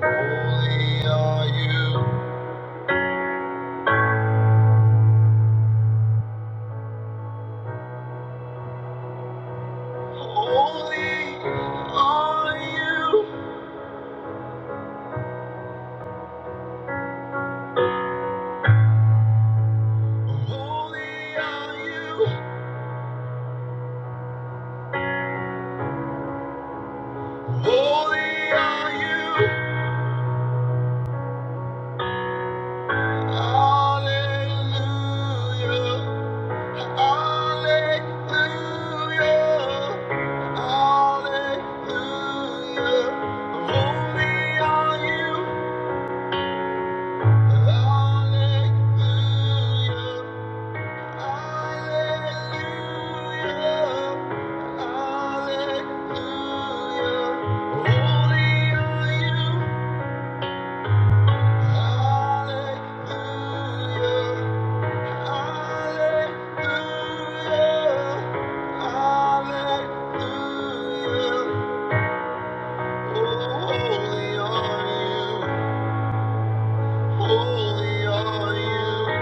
Speaker 1: Holy are you. Holy are you. Holy are you. Holy are you. Hallelujah, hallelujah, hallelujah. Holy are you. Hallelujah, hallelujah, hallelujah. Holy are you. Hallelujah. Holy are you, holy are you.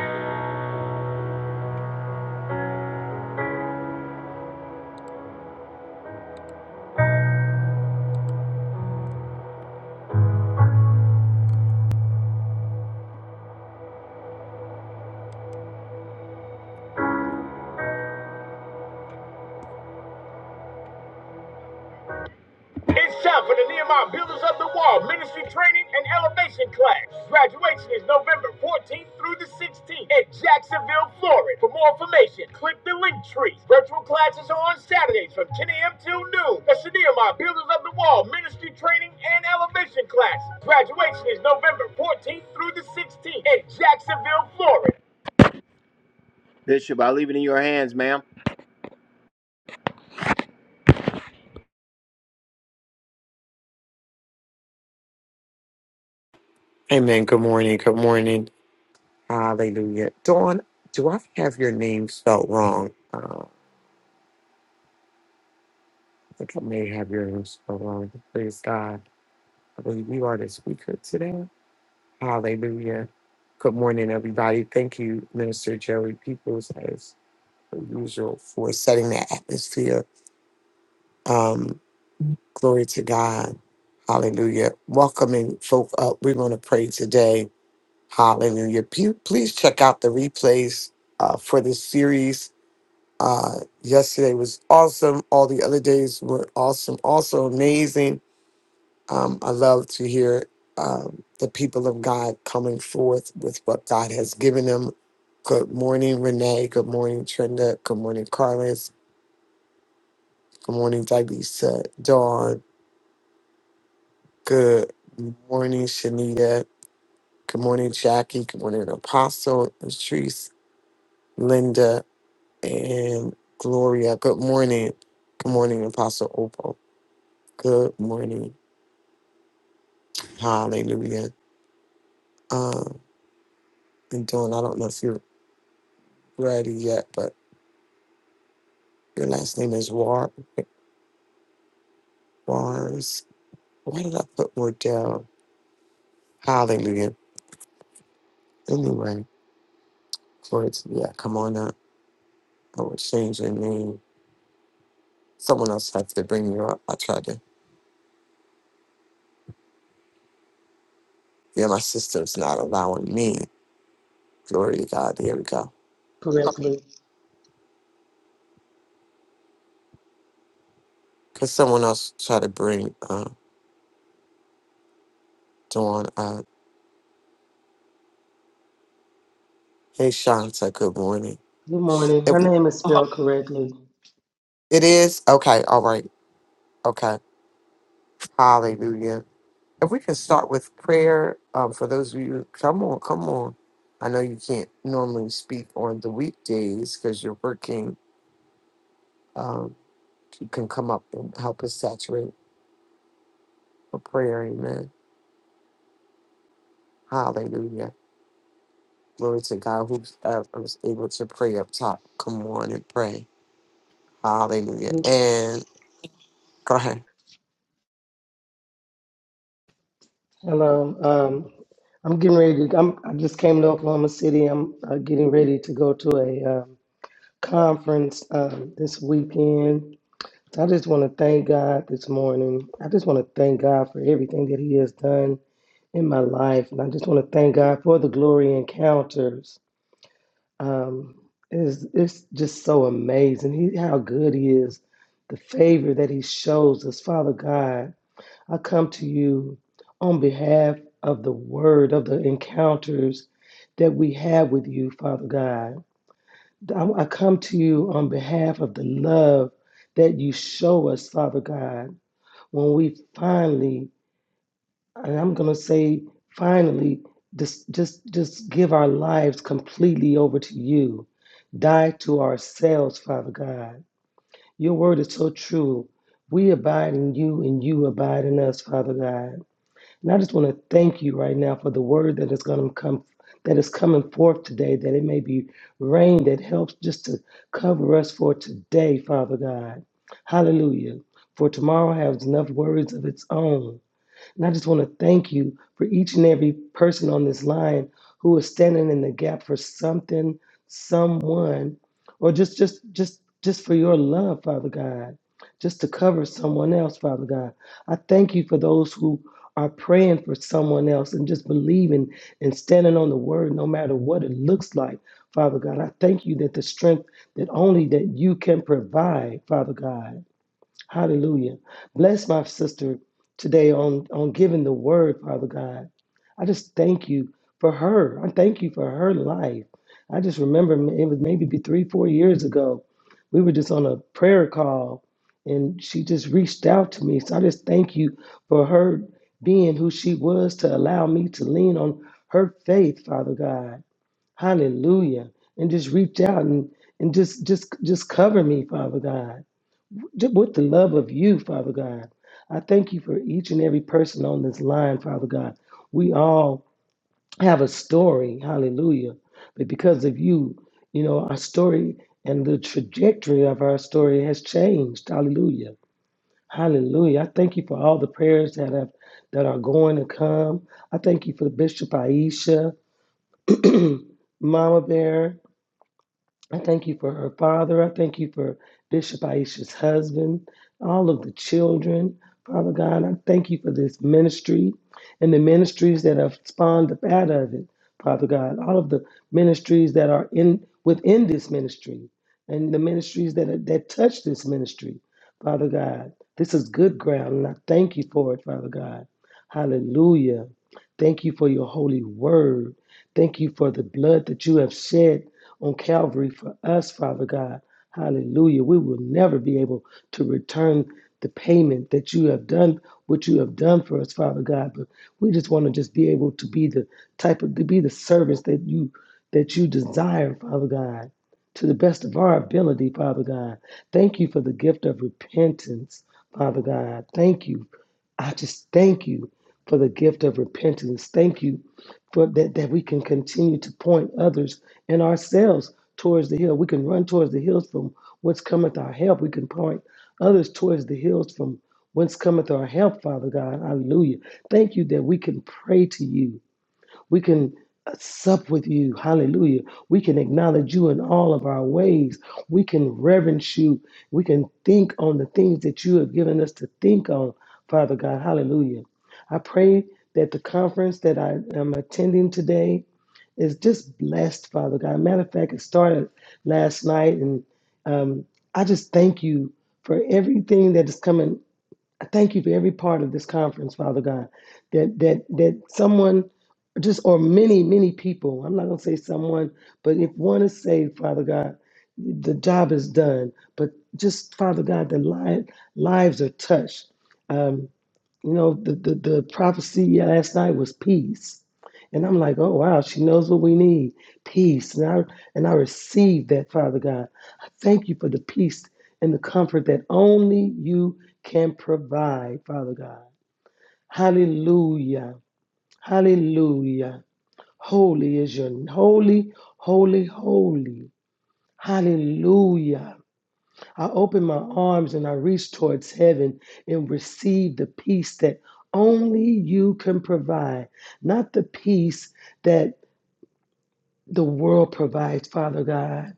Speaker 2: Amen. Good morning. Good morning. Hallelujah. Dawn, do I have your name spelled wrong? Uh, I think I may have your name spelled wrong. Praise God. I believe you are the speaker today. Hallelujah. Good morning, everybody. Thank you, Minister Joey Peoples, as usual, for setting the atmosphere. Um, glory to God. Hallelujah. Welcoming folk up. We're going to pray today. Hallelujah. Pe- Please check out the replays uh, for this series Uh, yesterday was awesome. All the other days were awesome, also amazing. Um, I love to hear um, the people of God coming forth with what God has given them. Good morning, Renee. Good morning, Trenda. Good morning, Carlos. Good morning, Dalisa. Dawn. Good morning, Shanita. Good morning, Jackie. Good morning, Apostle, Patrice, Linda, and Gloria. Good morning. Good morning, Apostle Opal. Good morning. Hallelujah. Um, and Dawn, I don't know if you're ready yet, but your last name is War Wars. Why did I put Wardell? Hallelujah. Anyway, for it's yeah, come on up. I would change your name. Someone else has to bring you up. I tried to. Yeah, my sister's not allowing me. Glory to God. Here we go.
Speaker 3: correctly.
Speaker 2: Cause someone else tried to bring uh, Dawn up. Hey, Shanta. Good morning.
Speaker 3: Good morning. Her
Speaker 2: It,
Speaker 3: name is spelled correctly.
Speaker 2: it is okay. All right. Okay. Hallelujah. If we can start with prayer, um, for those of you, come on, come on. I know you can't normally speak on the weekdays because you're working. Um, you can come up and help us saturate for prayer. Amen. Hallelujah. Glory to God who uh, was able to pray up top. Come on and pray. Hallelujah.
Speaker 3: Good.
Speaker 2: And cry.
Speaker 3: Hello. Um, I'm getting ready to. I'm, I just came to Oklahoma City. I'm uh, getting ready to go to a um, conference um, this weekend. So I just want to thank God this morning. I just want to thank God for everything that He has done in my life, and I just want to thank God for the glory encounters. Um, it's, it's just so amazing he, how good he is, the favor that he shows us. Father God, I come to you on behalf of the word, of the encounters that we have with you, Father God. I, I come to you on behalf of the love that you show us, Father God, when we finally and I'm going to say finally, just just just give our lives completely over to you. Die to ourselves, Father God. Your word is so true. We abide in you and you abide in us, Father God. And I just want to thank you right now for the word that is going to come that is coming forth today, that it may be rain that helps just to cover us for today, Father God. Hallelujah. For tomorrow has enough worries of its own. And I just want to thank you for each and every person on this line who is standing in the gap for something, someone, or just just just just for your love, Father God, just to cover someone else, Father God. I thank you for those who are praying for someone else and just believing and standing on the word no matter what it looks like, Father God. I thank you that the strength that only that you can provide, Father God. Hallelujah. Bless my sister today on, on giving the word, Father God. I just thank you for her. I thank you for her life. I just remember m- it was maybe be three, four years ago. We were just on a prayer call and she just reached out to me. So I just thank you for her being who she was to allow me to lean on her faith, Father God. Hallelujah. And just reach out and, and just just just cover me, Father God ju- with the love of you, Father God. I thank you for each and every person on this line, Father God. We all have a story, hallelujah. But because of you, you know, our story and the trajectory of our story has changed. Hallelujah. Hallelujah. I thank you for all the prayers that have that are going to come. I thank you for Bishop Aisha, Mama Bear, I thank you for her father. I thank you for Bishop Aisha's husband, all of the children. Father God, I thank you for this ministry and the ministries that have spawned up out of it. Father God, all of the ministries that are in within this ministry and the ministries that that touch this ministry. Father God, this is good ground, and I thank you for it, Father God. Hallelujah. Thank you for your holy word. Thank you for the blood that you have shed on Calvary for us, Father God. Hallelujah. We will never be able to return the payment that you have done, what you have done for us, Father God. But we just want to just be able to be the type of to be the servants that you that you desire, Father God, to the best of our ability, Father God. Thank you for the gift of repentance, Father God. Thank you. I just thank you for the gift of repentance. Thank you for that, that we can continue to point others and ourselves towards the hill. We can run towards the hills from whence cometh our help. We can point others towards the hills from whence cometh our help, Father God. Hallelujah. Thank you that we can pray to you we can sup with you. Hallelujah. We can acknowledge you in all of our ways. We can reverence you. We can think on the things that you have given us to think on, Father God. Hallelujah. I pray that the conference that I am attending today is just blessed, Father God. Matter of fact, it started last night, and um, I just thank you for everything that is coming I thank you for every part of this conference, Father God, that that that someone just or many, many people, I'm not gonna say someone, but if one is saved, Father God, the job is done. But just Father God, the li- lives are touched. Um, you know, the, the, the prophecy last night was peace. And I'm like, oh wow, she knows what we need. Peace. And I and I received that, Father God. I thank you for the peace and the comfort that only you can provide, Father God. Hallelujah. Hallelujah. Holy is your holy, holy, holy. Hallelujah. I open my arms and I reach towards heaven and receive the peace that only you can provide, not the peace that the world provides, Father God,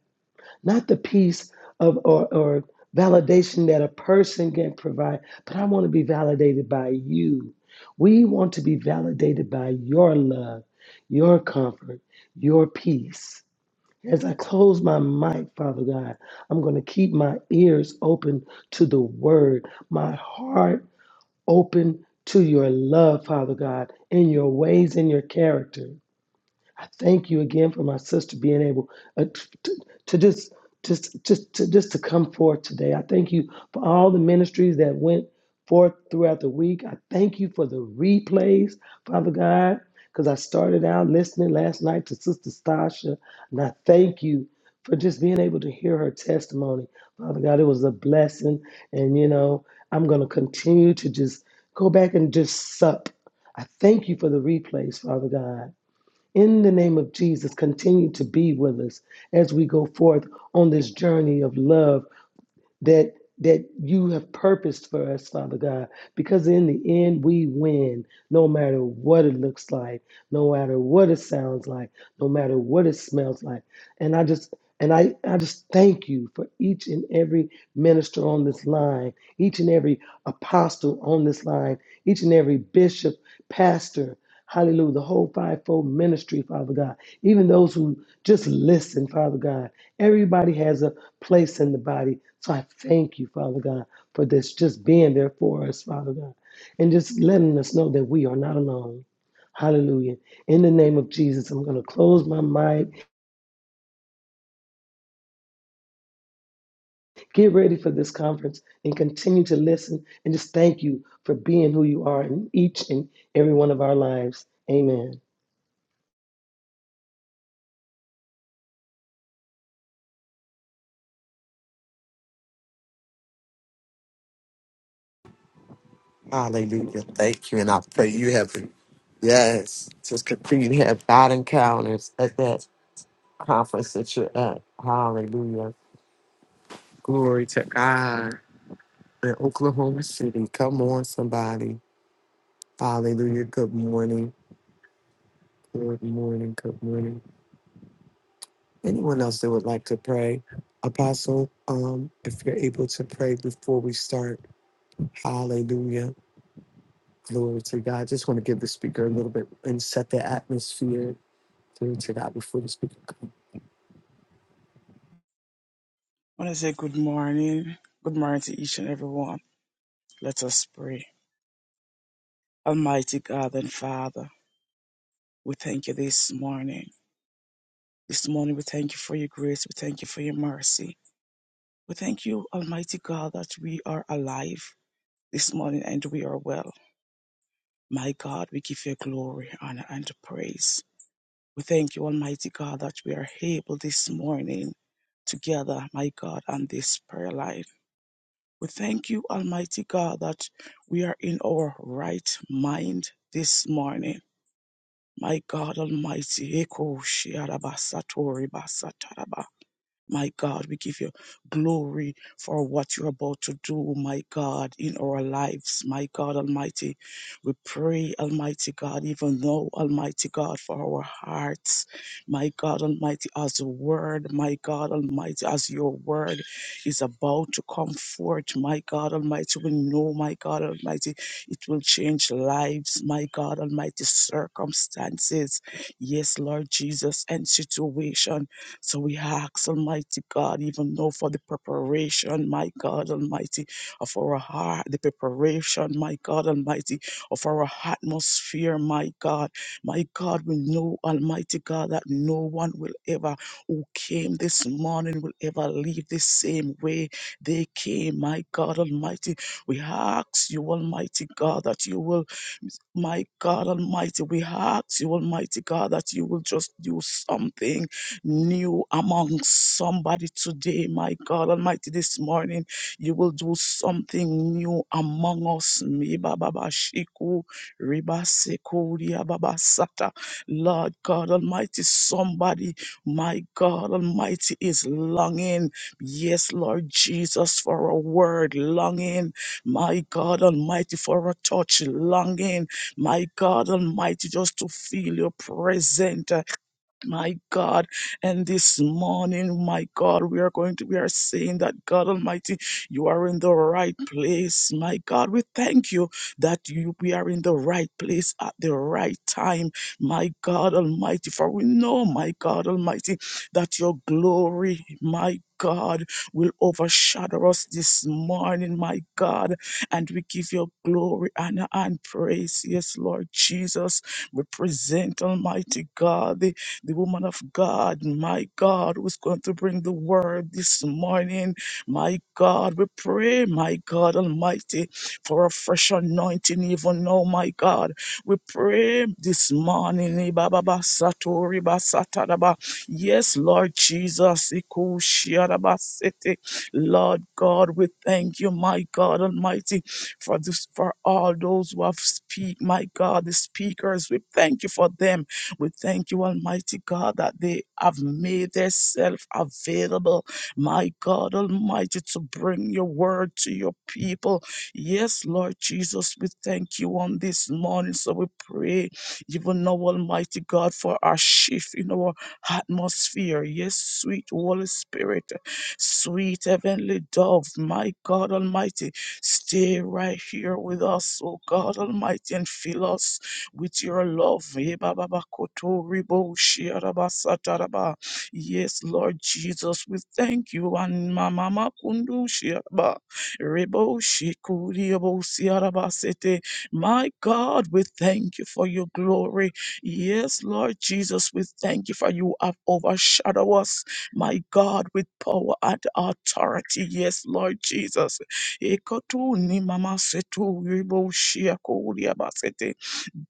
Speaker 3: not the peace of or, or validation that a person can provide, but I want to be validated by you. We want to be validated by your love, your comfort, your peace. As I close my mic, Father God, I'm going to keep my ears open to the word, my heart open to your love, Father God, in your ways and your character. I thank you again for my sister being able uh, t- t- to just just just to just to come forth today. I thank you for all the ministries that went forth throughout the week. I thank you for the replays, Father God, because I started out listening last night to Sister Stasha, and I thank you for just being able to hear her testimony, Father God. It was a blessing, and you know I'm going to continue to just go back and just sup. I thank you for the replays, Father God. In the name of Jesus, continue to be with us as we go forth on this journey of love that that you have purposed for us, Father God, because in the end we win, no matter what it looks like, no matter what it sounds like, no matter what it smells like. And I just and I, I just thank you for each and every minister on this line, each and every apostle on this line, each and every bishop, pastor, hallelujah, the whole fivefold ministry, Father God, even those who just listen, Father God. Everybody has a place in the body. So I thank you, Father God, for this just being there for us, Father God, and just letting us know that we are not alone. Hallelujah. In the name of Jesus, I'm going to close my mic, get ready for this conference, and continue to listen and just thank you for being who you are in each and every one of our lives. Amen.
Speaker 2: Hallelujah. Thank you. And I pray you have, yes, just continue to have God encounters at that conference that you're at. Hallelujah. Glory to God in Oklahoma City. Come on, somebody. Hallelujah. Good morning. Good morning. Good morning. Anyone else that would like to pray? Apostle, um, if you're able to pray before we start, hallelujah. Glory to God. Just want to give the speaker a little bit and set the atmosphere. Glory to God before the speaker comes.
Speaker 4: I want to say good morning. Good morning to each and every one. Let us pray. Almighty God and Father, we thank you this morning. This morning, we thank you for your grace. We thank you for your mercy. We thank you, Almighty God, that we are alive this morning and we are well. My God, we give you glory, honor, and praise. We thank you, Almighty God, that we are able this morning together, my God, on this prayer line. We thank you, Almighty God, that we are in our right mind this morning. My God Almighty, Eko Shiarabasatori Basataraba. My God, we give you glory for what you're about to do, my God, in our lives, my God Almighty. We pray, Almighty God, even though, Almighty God, for our hearts, my God Almighty, as the word, my God Almighty, as your word is about to come forth, my God Almighty. We know, my God Almighty, it will change lives, my God Almighty, circumstances, yes, Lord Jesus, and situation. So we ask, Almighty God, even though for the preparation, my God Almighty, of our heart, the preparation, my God Almighty, of our atmosphere, my God. My God, we know, Almighty God, that no one will ever, who came this morning, will ever leave the same way they came, my God Almighty. We ask you, Almighty God, that you will my God Almighty, we ask you, Almighty God, that you will just do something new among somebody today. My God Almighty, this morning, you will do something new among us. Me ba ba ba shiku, riba seku, ria ba ba sata. Lord God Almighty, somebody, my God Almighty, is longing. Yes, Lord Jesus, for a word, longing, my God Almighty, for a touch, longing. My God Almighty, just to feel your presence my God. And this morning, my God, we are going to, we are saying that God Almighty, you are in the right place, my God. We thank you that you, we are in the right place at the right time, my God Almighty. For we know, my God Almighty, that your glory, my God will overshadow us this morning, my God, and we give your glory, honor, and praise. Yes, Lord Jesus, we present Almighty God, the the woman of God, my God, who's going to bring the word this morning. My God, we pray, my God Almighty, for a fresh anointing, even now, my God. We pray this morning. Ibababa Satori Basataraba. Yes, Lord Jesus. Ikushiarabasete. Lord God, we thank you, my God Almighty, for this for all those who have speak, my God, the speakers. We thank you for them. We thank you, Almighty God, that they have made themselves available, my God Almighty, to bring your word to your people. Yes, Lord Jesus, we thank you on this morning. So we pray, even now, Almighty God, for our shift in our atmosphere. Yes, sweet Holy Spirit, sweet heavenly dove, my God Almighty, stay right here with us, oh God Almighty, and fill us with your love. Eh, ba, ba, Yes, Lord Jesus, we thank you. And Mama Makundu Shiaba Rebo Shikuriabo Siarabasete. My God, we thank you for your glory. Yes, Lord Jesus, we thank you for you have overshadowed us, my God, with power and authority. Yes, Lord Jesus. Ekotuni Mama Setu Rebo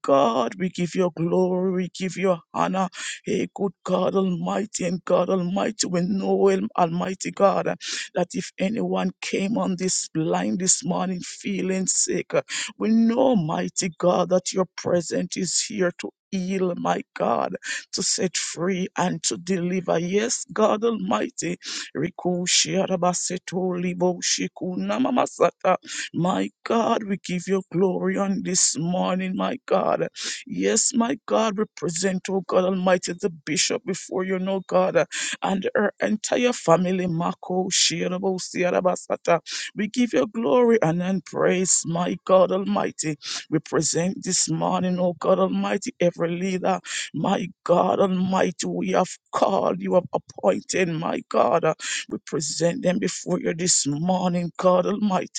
Speaker 4: God, we give you glory, we give you honor. Hey, good God Almighty and God Almighty, we know Al- Almighty God uh, that if anyone came on this line this morning feeling sick, uh, we know, mighty God, that your presence is here to heal, my God, to set free and to deliver. Yes, God Almighty. Rikushi Arabaseto Libo Shikuna Mamasata my God, we give you glory on this morning, my God. Yes, my God, we present, oh God Almighty, the bishop before you, no God, and her entire family, Mako, Shirabo, Siarabasata. We give you glory and then praise, my God Almighty. We present this morning, oh God Almighty, every leader, my God Almighty, we have called, you have appointed, my God. We present them before you this morning, God Almighty.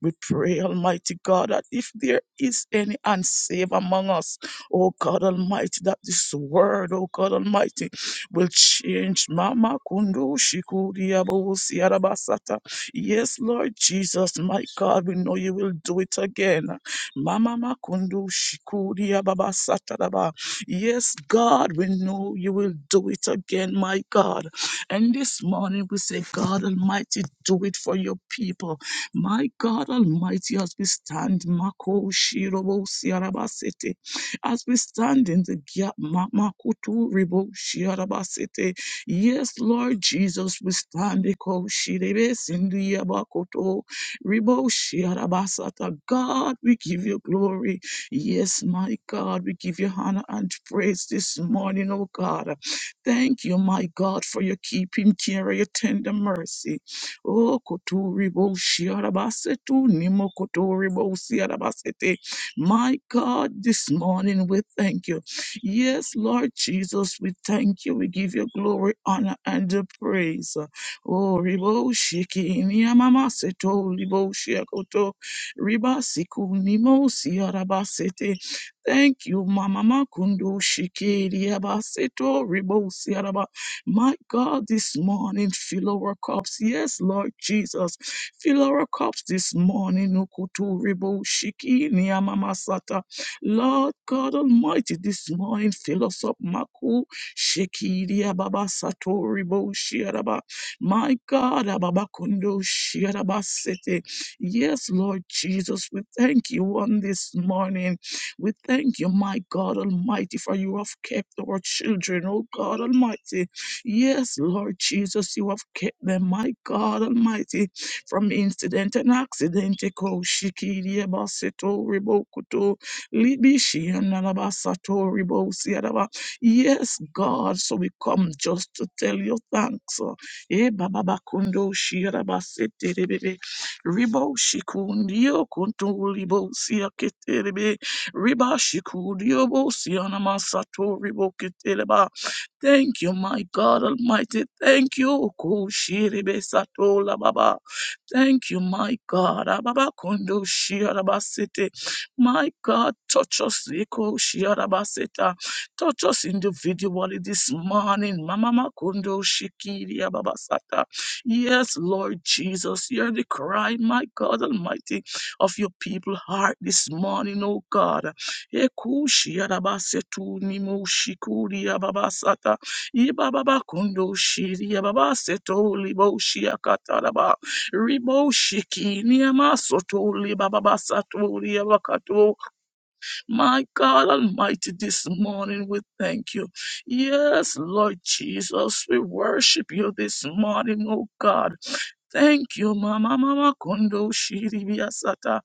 Speaker 4: We pray, Almighty God, that if there is any unsaved among us, oh God Almighty, that this word, oh God Almighty, will change. Mama Kundu Shikudi Abusi Arabasata. Yes, Lord Jesus, my God, we know you will do it again. Mama Makundu Shikudi Ababasata Daba. Yes, God, we know you will do it again, my God. And this morning we say, God Almighty, do it for your people. My God Almighty, as we stand, Mako Shirobo Siarabasete, as we stand in the gap, Ma- Makutu Ribo Siarabasete. Yes, Lord Jesus, we stand Eko Shirebe Sindiabakoto Ribo Siarabasata. God, we give you glory. Yes, my God, we give you honor and praise this morning, oh God. Thank you, my God, for your keeping care, your tender mercy. O kotori bo shiarabasetu, nimo kotori bo siarabasete. My God, this morning we thank you. Yes, Lord Jesus, we thank you. We give you glory, honor, and the praise. Oh, ribo shiki niamamaseto, ribo shiakoto, riba siku nimo siarabasete. Thank you, Mama Makundu Shikiri Abaseto Ribo my God, this morning, fill our cups. Yes, Lord Jesus, fill our cups this morning. Ukutu ribo shiki ni amamasata. Lord God Almighty, this morning, fill us up. Maku shiki dia baba sato ribo shiaraba. My God, ababakundo kundo shiaraba sete. Yes, Lord Jesus, we thank you on this morning. We thank you, my God Almighty, for you have kept our children, oh God Almighty. Yes, Lord Jesus, you have kept them, my God Almighty, from incident and accident. Eko shikiri abaseto ribokuto libishi analabasato ribosi adaba. Yes, God, so we come just to tell you thanks. Eh, bababakundo shirabasete rebebe. Riboshikundio kuntulibosi aketerebe. Ribashikudiobosi anamasato riboketeleba. Thank you, my God Almighty. Thank you. Kushiribe satola baba. Thank you, my God. Ababa kondo shiarabasete. My God, touch us. Eko shiarabaseta. Touch us individually this morning. Mama kondo shikiri ababasata. Yes, Lord Jesus, hear the cry, my God Almighty, of your people heart this morning, oh God. Ekushi yarabasetu nimoshikuri yababasata ibababa kondo shiri yababaseto liboshi yakataraba riboshiki niamasoto libababasato yabakato. My God Almighty, this morning we thank you. Yes, Lord Jesus, we worship you this morning, oh God. Thank you, Mama Mama Kondo Shiribia Sata.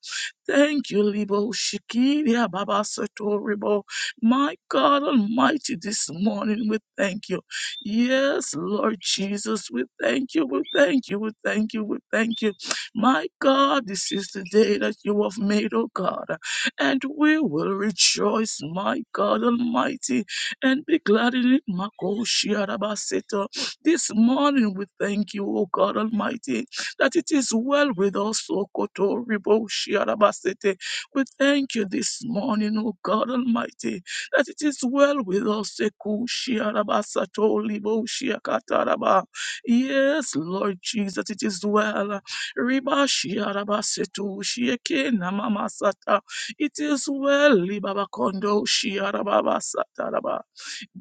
Speaker 4: Thank you, Libo Shikiria Baba Satoribo. My God Almighty, this morning we thank you. Yes, Lord Jesus, we thank you, we thank you, we thank you, we thank you. My God, this is the day that you have made, oh God, and we will rejoice, my God Almighty, and be glad in it. Mako Shiarabaseto. This morning we thank you, O God Almighty, that it is well with us, O Koto Ribo Shiarabasete. We thank you this morning, O God Almighty, that it is well with us, Eku Shiarabasato Libo Shiakataraba. Yes, Lord Jesus, that it is well. Riba Shiarabasetu Shieke Namamasata. It is well, Libaba Kondo Shiarababa Sataraba.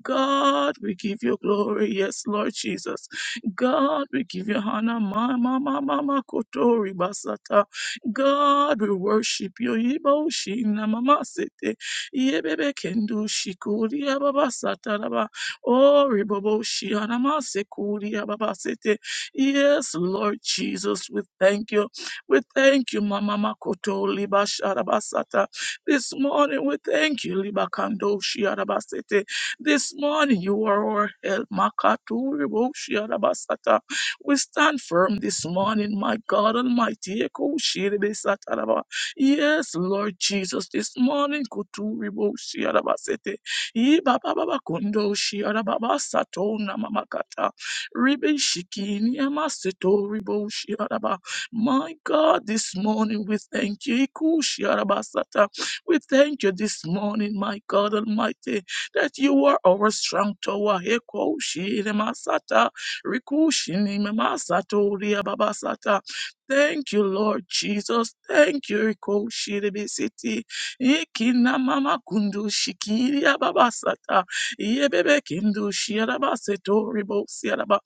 Speaker 4: God, we give you glory. Yes, Lord Jesus. God, we give you honor. Mama, mama, mama, kotori basata. God, we worship you. Ibo shina mama sete. Yebebe kendo shikuri ababa sataraba. Oh, ribobo shiana masekuri ababa sete. Yes, Lord Jesus, we thank you. We thank you, mama makoto liba sharabasata. This morning, we thank you, liba kando shiarabasete. This morning you are our help. Makaturi Boshiarabasata. We stand firm this morning, my God Almighty. Ekoshiribisataraba. Yes, Lord Jesus, this morning Kuturi Boshiarabasete. Ibababakundo Shiarabasato Namamakata. Ribi Shikini Amaseto Ribo Shiaraba. My God, this morning we thank you. Ikushiarabasata. We thank you this morning, my God Almighty that you are our strong tower. Eko shiri masata, rikushini masato ria babasata. Thank you, Lord Jesus. Thank you, Eko shiri City. Ikina mama kundu shikiri ababasata. Yebebe kindu shiarabaseto ribo siaraba.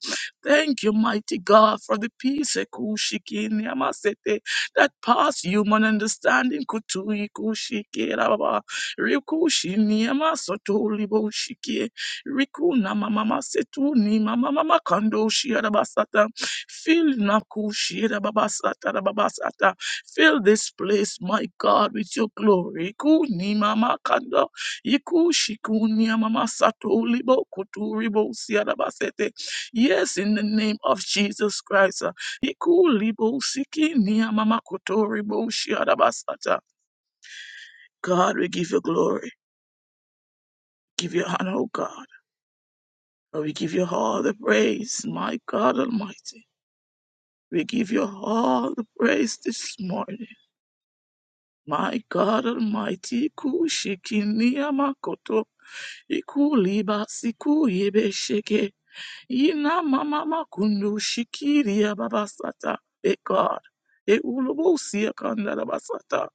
Speaker 4: Thank you, mighty God, for the peace Eko shikini amasete that pass human understanding. Kutu iku shikira Baba. Rikushi ni amasoto liboshikie. Rikuna mama setuni mama mama kando shiarabasata. Fill nakushi rababasata rababasata. Fill this place, my God, with your glory. Kuni mama kando. Ikushi mama sato libo kutu ribo siarabasete. Yes, in the name of Jesus Christ. uh, Ikuli bo siki ni mama koto ribo shiarabasata. God, we give you glory give you honor, O God. And we give you all the praise, my God Almighty. We give you all the praise this morning. My God Almighty, Iku shikini Makoto, Iku Liba Siku Yebe Sheke, Ina Mama Makundu shikiri Babasata, E God, E ulobo Siakanda abasata.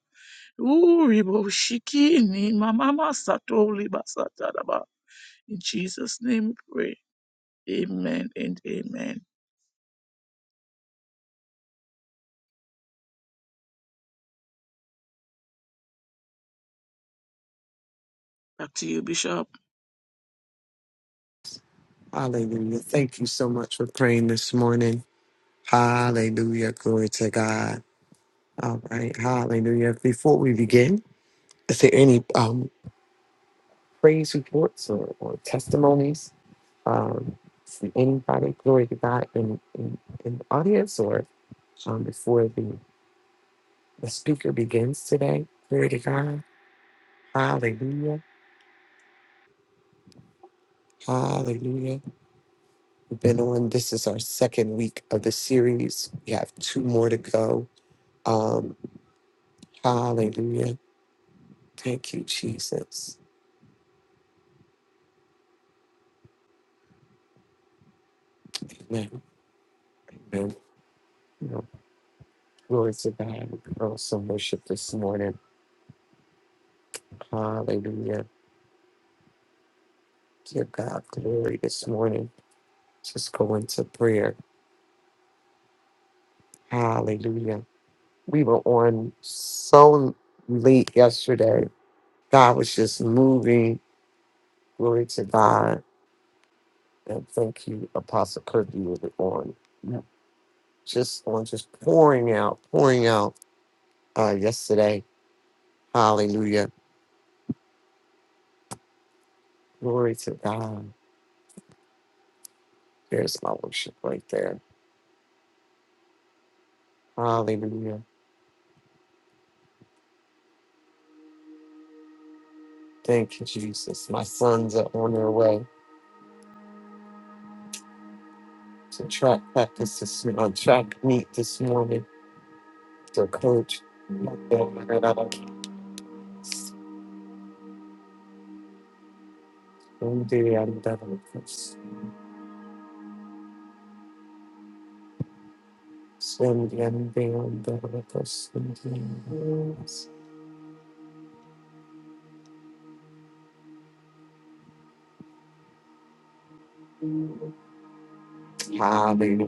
Speaker 4: Uribo Shikini Mama Masato Libasata Daba. In Jesus' name we pray. Amen and amen. Back to you, Bishop.
Speaker 2: Hallelujah. Thank you so much for praying this morning. Hallelujah. Glory to God. All right. Hallelujah. Before we begin, Is there any um, praise reports or, or testimonies um, from anybody? Glory to God in, in, in the audience or um, before the, the speaker begins today. Glory to God. Hallelujah. Hallelujah. We've been on, this is our second week of the series. We have two more to go. Um, hallelujah. Thank you, Jesus. Amen. Amen. You know, glory to God. We also worship this morning. Hallelujah. Give God glory this morning. Just go into prayer. Hallelujah. We were on so late yesterday. God was just moving. Glory to God. And thank you, Apostle Kirk, you were on. Yep. Just on, just pouring out, pouring out uh, yesterday. Hallelujah. Glory to God. There's my worship right there. Hallelujah. Thank you, Jesus. My sons are on their way. To track practice this morning, on track meet this morning. So coach, Sunday and the others. Sunday and the others. Hallelujah.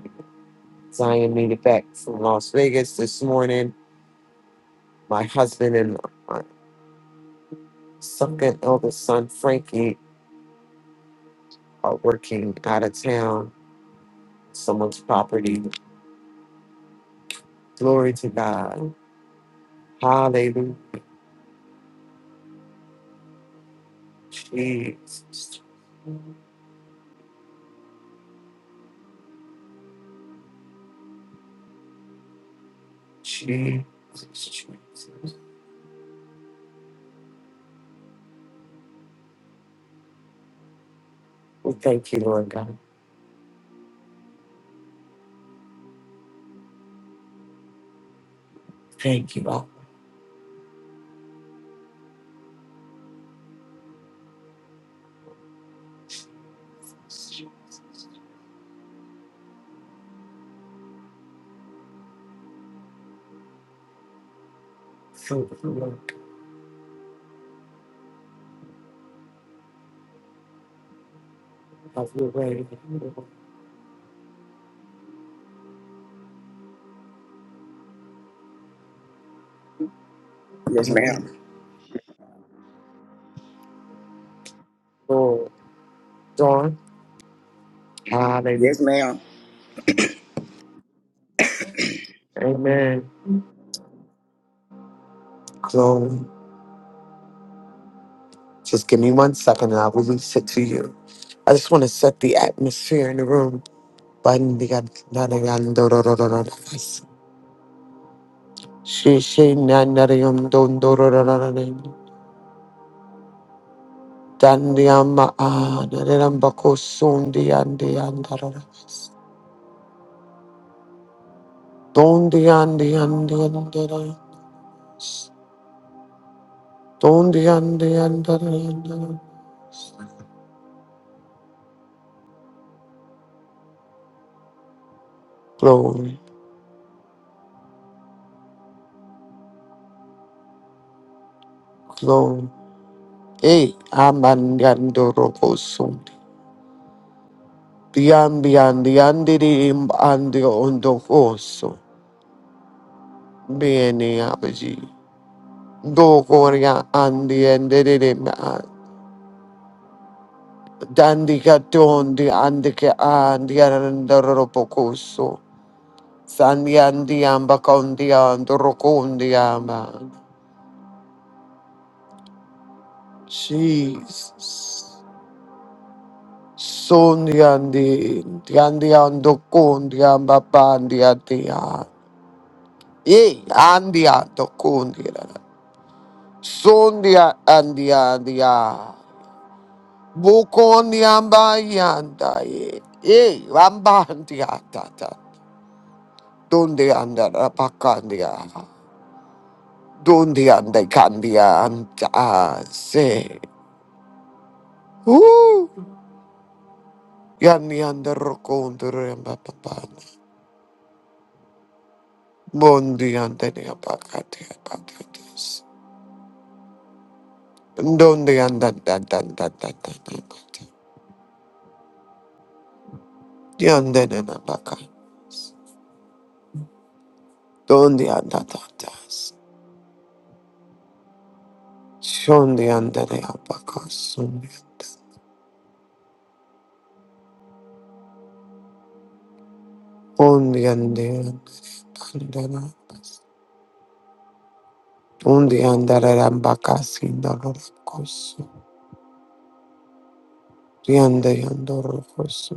Speaker 2: Zion made it back from Las Vegas this morning. My husband and my second eldest son, Frankie, are working out of town, someone's property. Glory to God. Hallelujah. Jesus. Jesus, Jesus. We thank you, Lord God. Thank you, Lord. Thank you, Lord, of your way.
Speaker 5: Yes,
Speaker 2: Hallelujah.
Speaker 5: ma'am.
Speaker 2: Lord, Dawn. Hallelujah.
Speaker 5: Yes, ma'am.
Speaker 2: Amen. Glory. Just give me one second and I'll release it to you. I just want to set the atmosphere in the room. Bandigan- Dandiama Nadirambako Sundi and the Andara. Dondi and the Andara. Dondi and the Andara. Glory, glory. Hey, Amandiandoroko Sundi. Biambi and the Andirim and the Ondokoso. Bene Abaji. Dogoria and the Andirim. Dandika Dondi and the Andiandoropokoso. Sandiandiamba kondiando rokondiamba. Jesus. Sondiandi, diandiando kondiamba pandiatia. Ye, andiando kondia. Sondia andiandia. Bukondiamba yanda ye. Ye, rambandiatata. Donde anda rapakandia. Donde anda candia anta se. Ooh. Yani ande rokondre mbapapana. Bondi ande ne apakati apakatis. Dondi anda da da da da da da da. Yande ne apaka. Dondi anda da das. Shondi ande ne apaka sundi anda. Ondi ande ande na. Undi ande re ambaka sinda rokosu. Yande yando rokosu.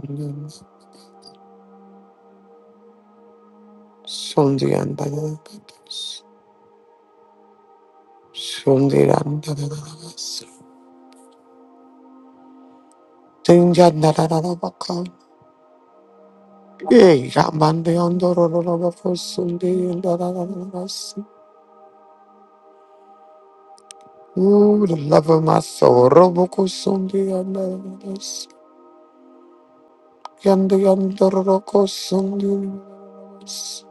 Speaker 2: Shondi ande ne apakas. Sundiran da da da da Sundiran da da Sundirandarabas. Tinjandarabakam. Hey, Ramandiandarabakos. Ooh, the love of my soul. Roboko Sundirandarabas. Yandiandarabakos Sundirandarabas.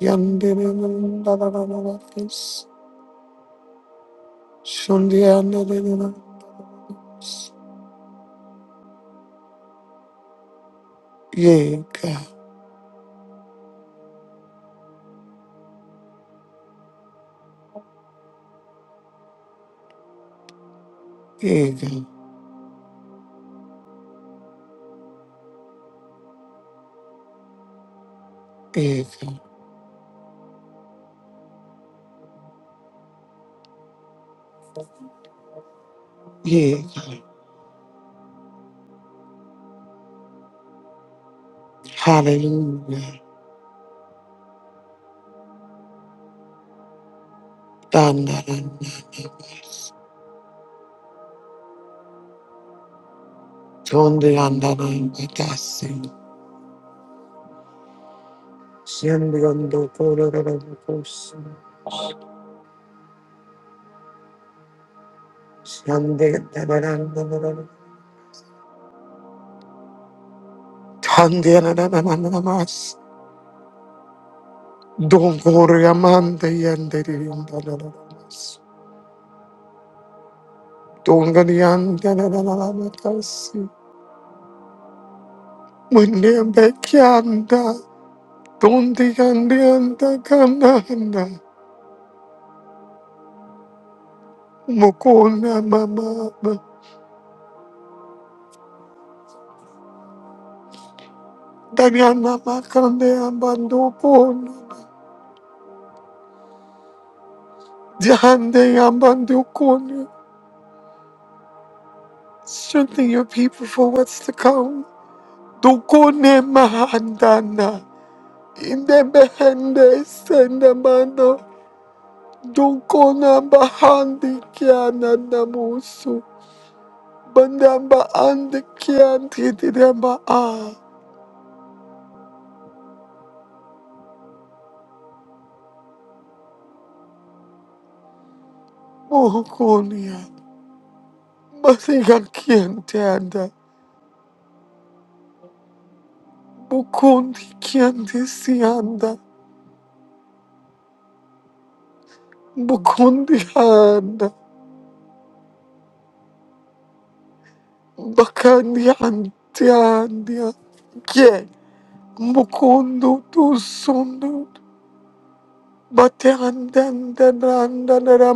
Speaker 2: Yandiandarabakos. Sundirandarabas. Yega, yega, yega, yega. Hallelujah. Dandaranda. Donde andarán patasi, siembrando cororobos, siande tabarandoro, tande anananamas, don coriamante yanderiandanamas, donganiandanamatasi, munembekianda, donde yandianda kananda, mukona mama, danyana makande ambandopona, jande ambandopona, Strengthen your people for what's to come. Dukune mahandana. Indebehende sendamando. Dukona bahandi kiana namusu. Bandamba andi kianti didamba a. Muhukunia. Masiga kianti anda. Bukundi kianti sianda. Bukundi anda. Bakandi anti andia. Yeah. Mukundu tu sundu batandan da branda da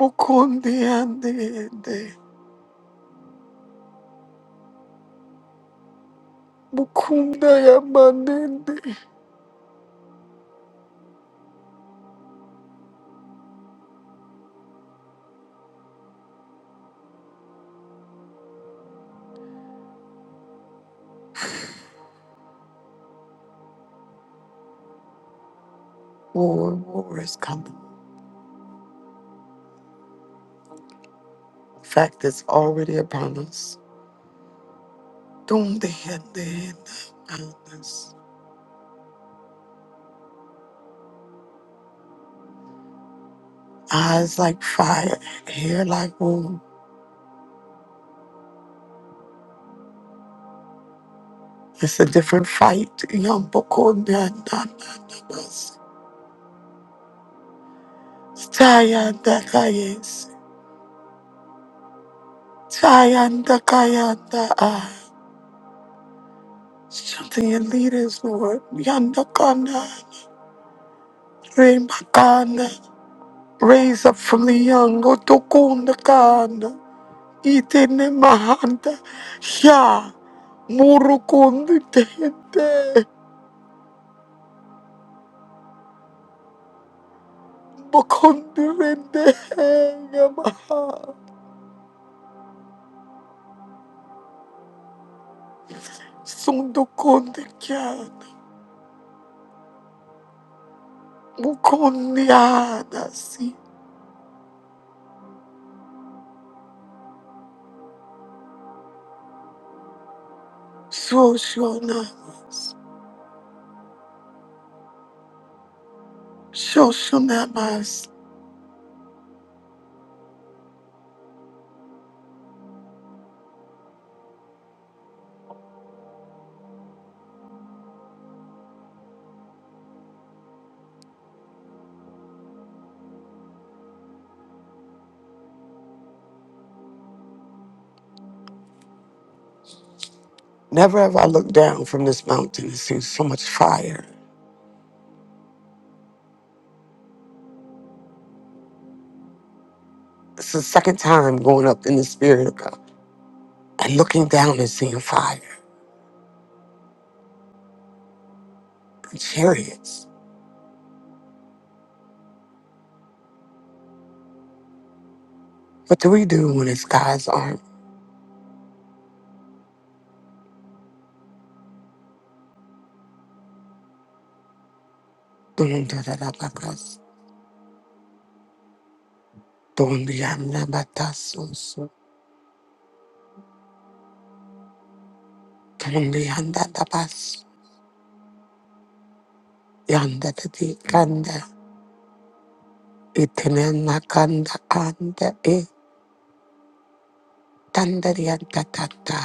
Speaker 2: Mukundi andi andi Mukunda yamanindi War, war is coming. In fact, it's already upon us. Dundi andi andi us. Eyes like fire, hair like wool. It's a different fight. Yambukundi andandan da bas. Taya Tayanda kayanda ah. Strengthen your leaders, Lord. Yanda kana, Rema Raise up from the young, Otokunda kana. Itene mahanda, Ya. Murukundi tete. Bokundi rende, Yamaha. Sundukundi kyana. Mukundi anasi. Shoshonamas. Shoshonamas. Never have I looked down from this mountain and seen so much fire. It's the second time going up in the spirit of God and looking down and seeing fire and chariots. What do we do when it's God's arm? Dun da da da ba kas. Dun di an da ba ta su su. Dun di an da da ba su. Yan da da di kan da. Itin an na kan da an da e. Tan da di an da da da.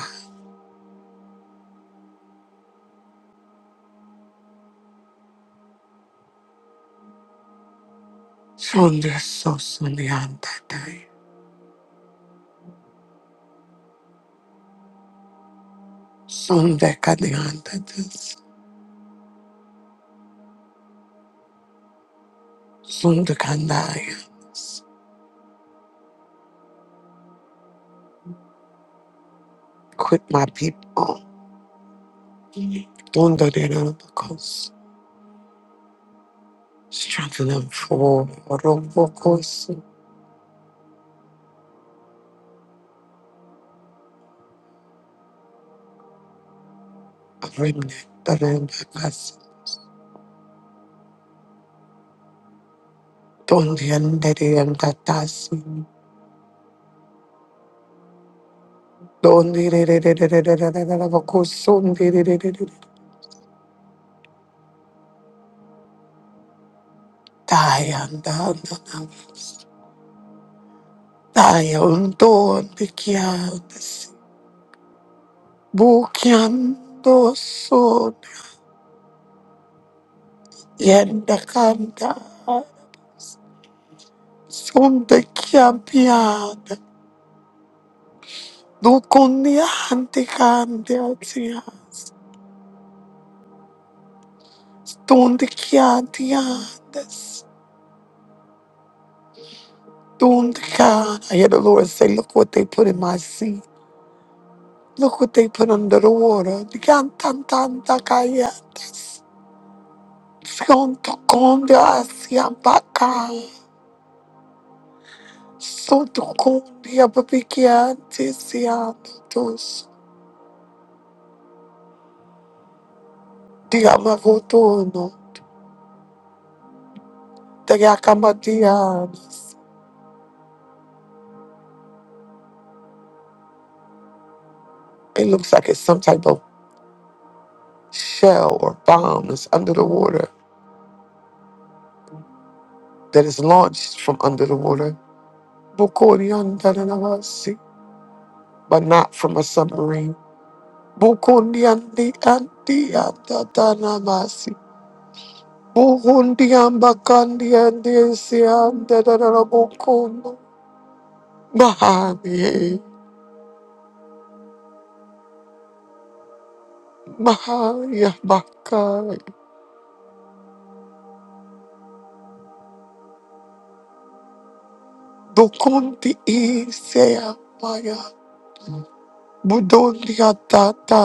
Speaker 2: Son di so sun di an da da. Son de ka di an da da. Sundakandaya. Quit my people. Dundadirabakos. Strengthen them for Robokos. A Remnant. Dundakas. Dundiandiriandatasi. Dundirabakos. Sundiririri. Dayandandana. Dayondon. Bikiandasi. Bukiandoson. Yendakanda. Sonde chiabbiad, ducundiante candiatias, stonde chiadiades, stonde can. I hear the Lord say, look what they put in my sea. Look what they put under the water. Gantantanta cayetes, fiontocondia asiabaca, sotocondia babiquiantisiantus, diamavotono, diacamadianas. It looks like it's some type of shell or bomb that's under the water that is launched from under the water. Bokodiandanamasi, But not from a submarine. Bokodiandiandiandanamasi. Bokondiambakandiandesiandadadadabokono. Mahani, Mahaya Bakai. Dokonti Isea Maya. Budondia Tata.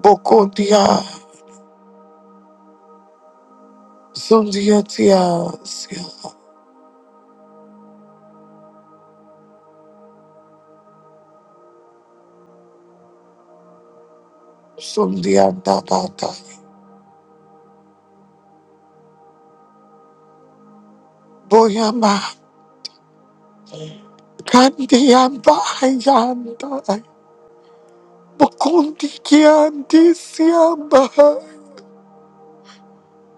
Speaker 2: Bokondia. Sundia Sundiatia, Sundianda Bata, Boyama, Candianda Yanda, Mukundi Kiandi Siamba,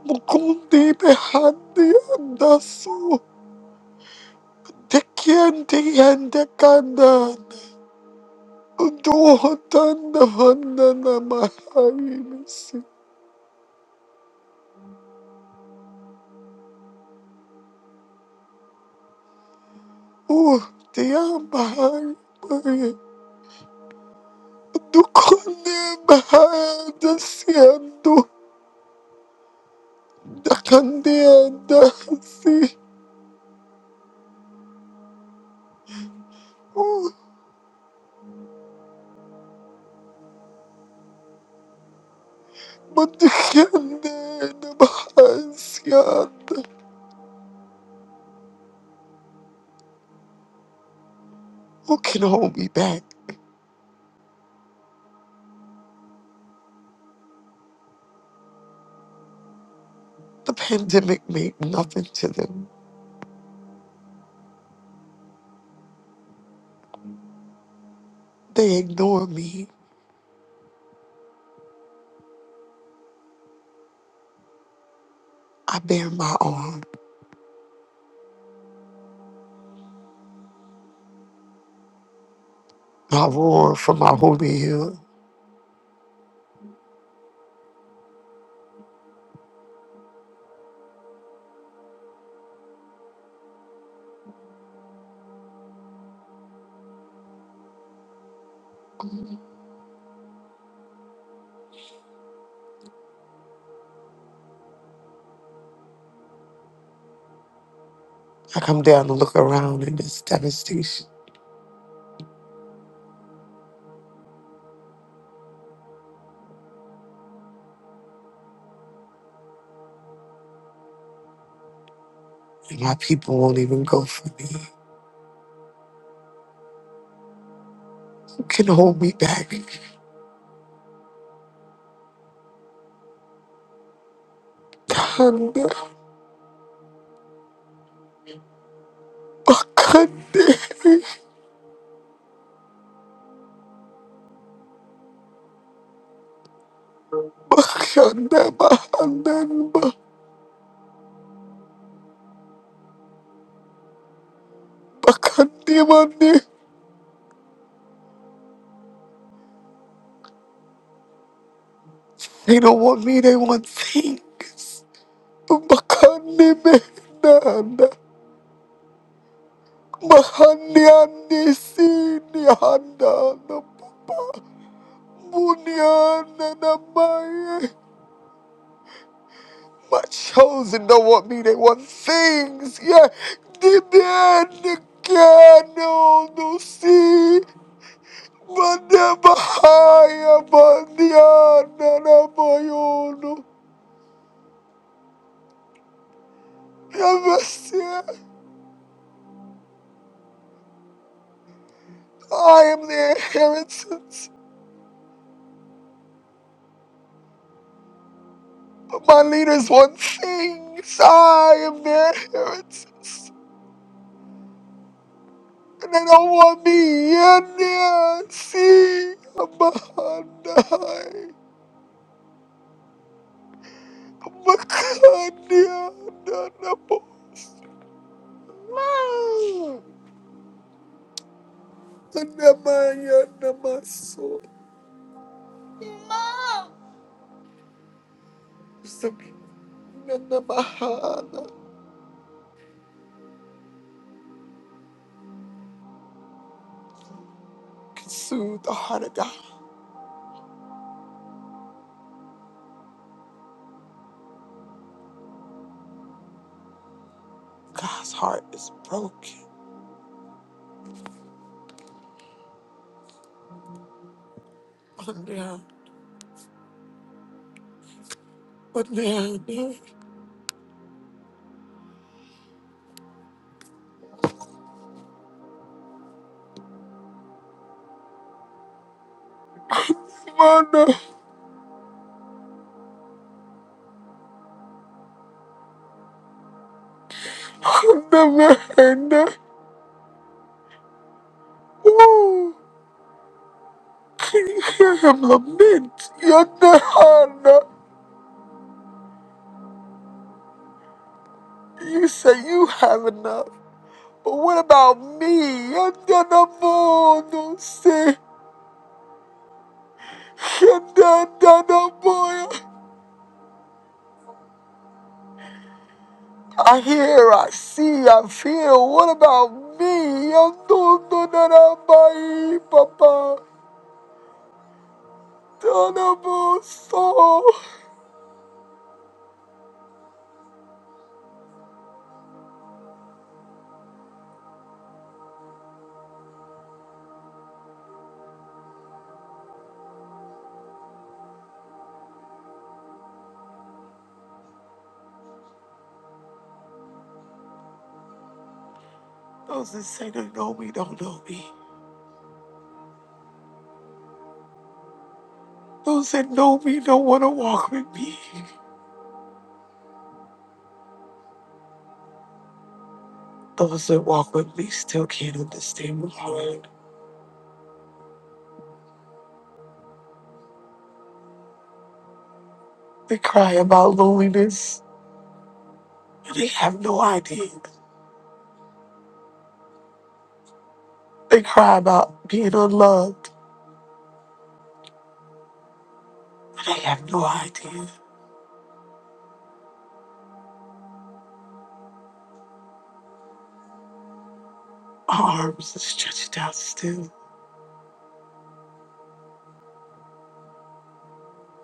Speaker 2: Mukundi Behandi Andasu, Tekiandi and the Kanda, Dohotanda Vandana Mahai, Oh, Diamba, Dukundi Mahai, the Nakandiyanda si Matikande Namahasyanda. Who can hold me back? The pandemic made nothing to them. They ignore me. I bear my arm. I roar from my holy hill. I come down to look around in this devastation. And my people won't even go for me. Who can hold me back? Kanda, Bakande, Bakanda, Bahanda, Bakande, mande. They don't want me, they want things. Makani mehnanda. Mahani ani sini handa na papa. Bunyana na maye. My chosen don't want me, they want things. Yeah. Dibiyani kano no si. Madabahaya bandiana na mayono. Never see. I am the inheritance. My leaders want things. I am their inheritance. And they don't want me in there. See, I'm behind the I'm behind the the- Mom! And the man, you're the muscle. Mom! So, you're the behind. Can soothe the heart of God. God's heart is broken. On there, on there, on I've never heard that. Ooh, can you hear him lament? You're not hard You say you have enough. But what about me? You're not a boy, don't say. You're not a boy. I hear, I see, I feel. What about me? You're not a boy, Papa. Don't a boy, so. Those that say they know me don't know me. Those that know me don't want to walk with me. Those that walk with me still can't understand my heart. They cry about loneliness, and they have no idea. They cry about being unloved, and they have no idea. My arms are stretched out still,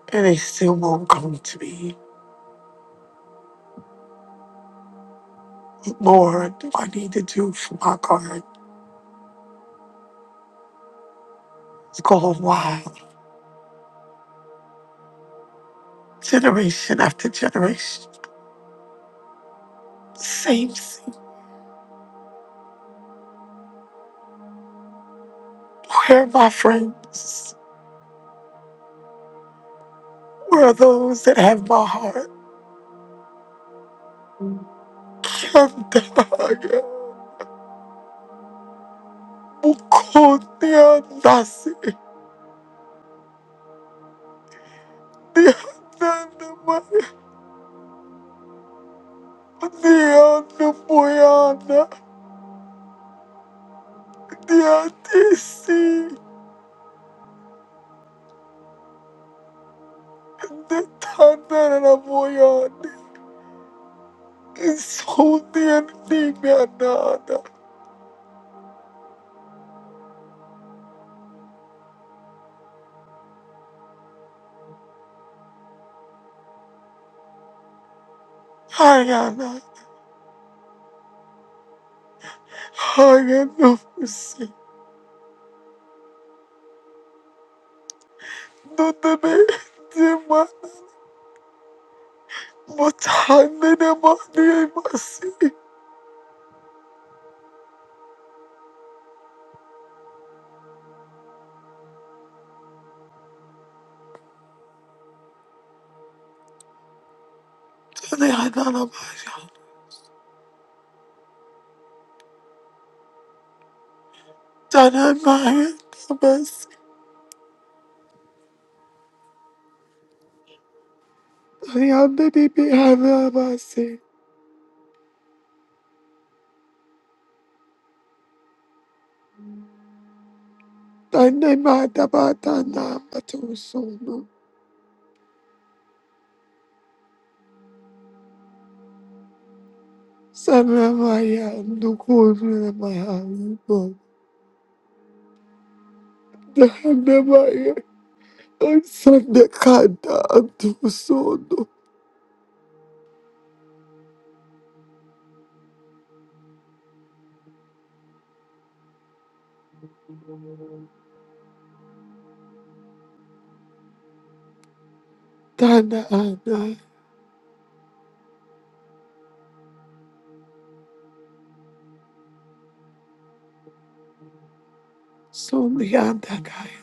Speaker 2: and they still won't come to me. Lord, what I need to do for my heart is going wild. Generation after generation, same thing. Where are my friends? Where are those that have my heart? Shandaya Bukonia Nasi Dianamaya Dianamoyana Diatisi Netanaramoyani Isonian Nimianana Hayana Hayanafusi Nodeme Dima Motanamani Masi Dianamaya Danamaya Ayanda di bihara basi. Tane mata bata na patu sono. Sana maya nukuru na maya ibo. Dana maya ansanda kanda antu sono. Tana ana. Somi anda kaya.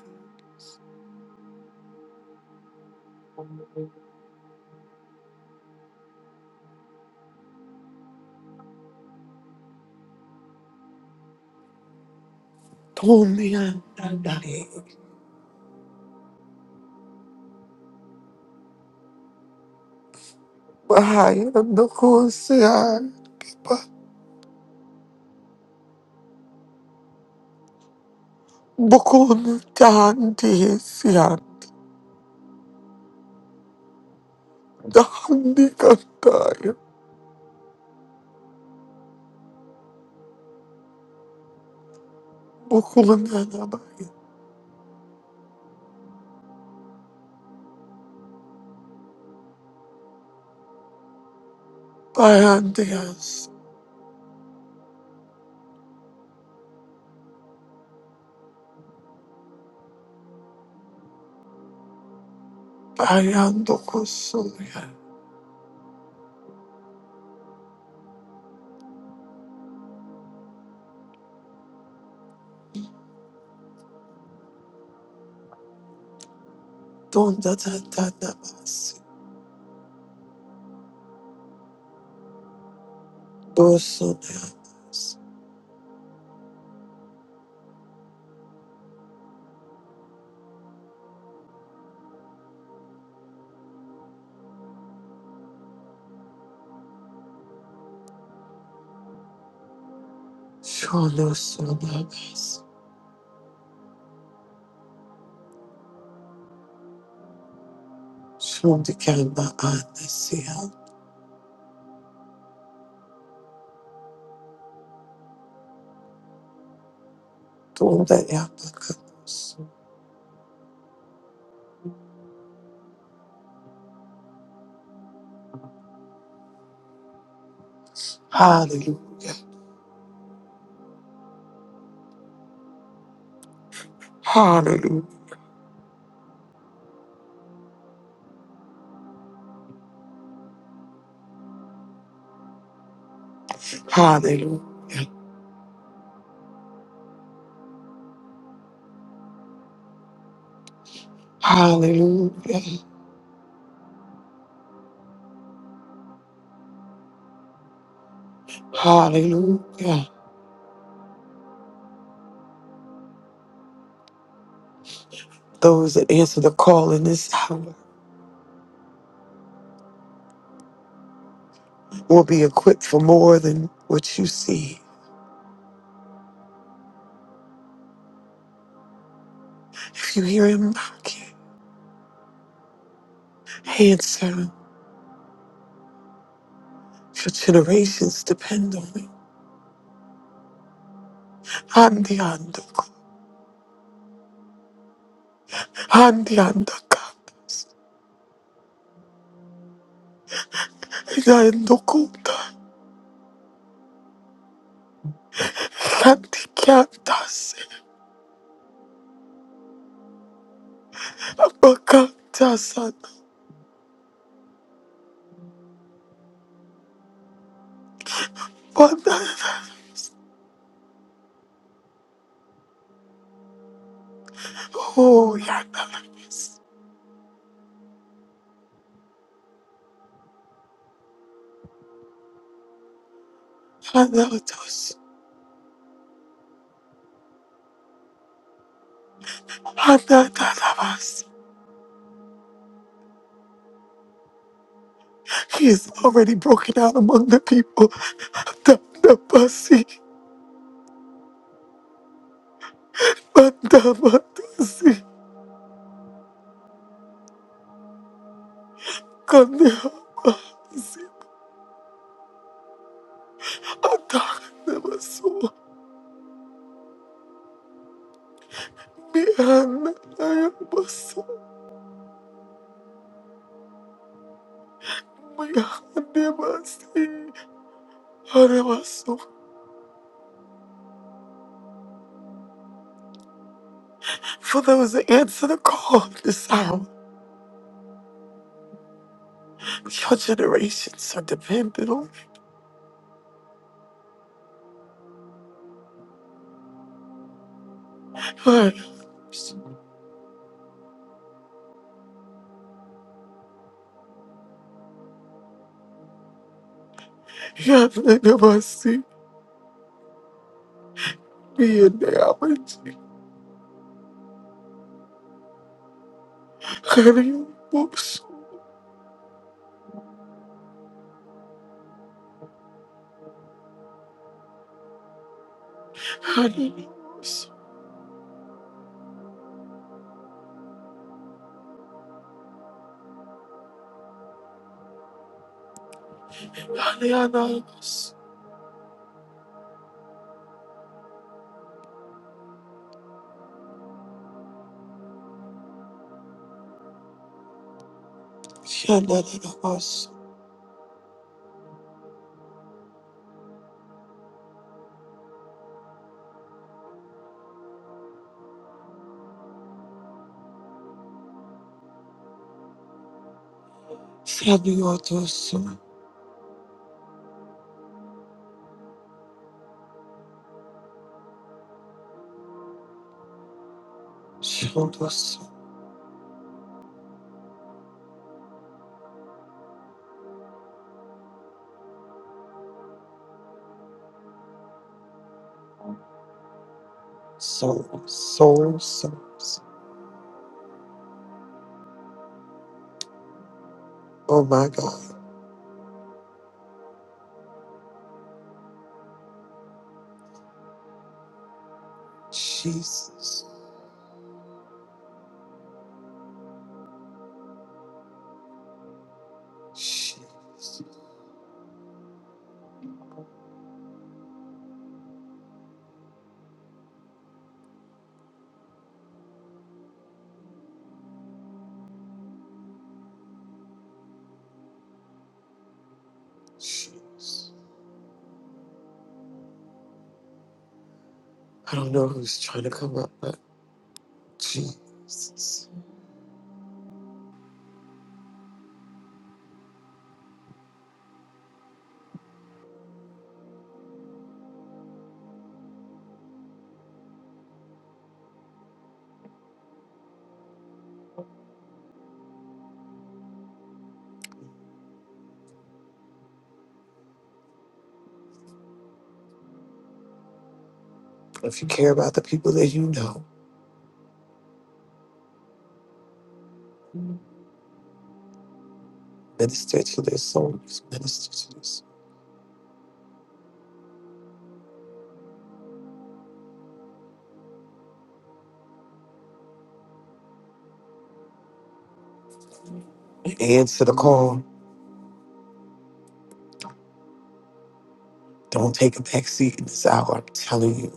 Speaker 2: Tomi anda dai. Mahaya nukuru siya. Kipa. Bukun tanti siya. Dandi kandaya. Bukulanana baya. Bayandeas. Bayando kosoya. Donda da da da bas. Bosoneas. Shono sonabas. Shondikamba Donda yapakanos. Hallelujah. Hallelujah. Hallelujah. Hallelujah. Hallelujah. Those that answer the call in this hour will be equipped for more than what you see. If you hear him knocking, answer. Your generations depend on it. I'm the undercover. I'm the undercover. Inayendokunda Santikiantas Abakatasana Banana Oh Yana Anatos Ananavas. He is already broken out among the people. Dandabasi Bandamatusi Kandavasi Adanavasu For those that answer the call this hour, your generations are dependent on us. Yanabasi, me and Alberts, Honey, whoops, Honey, whoops, Honey, Ananas, Yanabas, Samiotoso, Shotoso, so, so, so, so. Oh my God. Jesus. Shit. Jesus. I don't know who's trying to come up, but Jesus. If you care about the people that you know, minister to their souls, minister to this. Answer the call. Don't take a back seat in this hour. I'm telling you,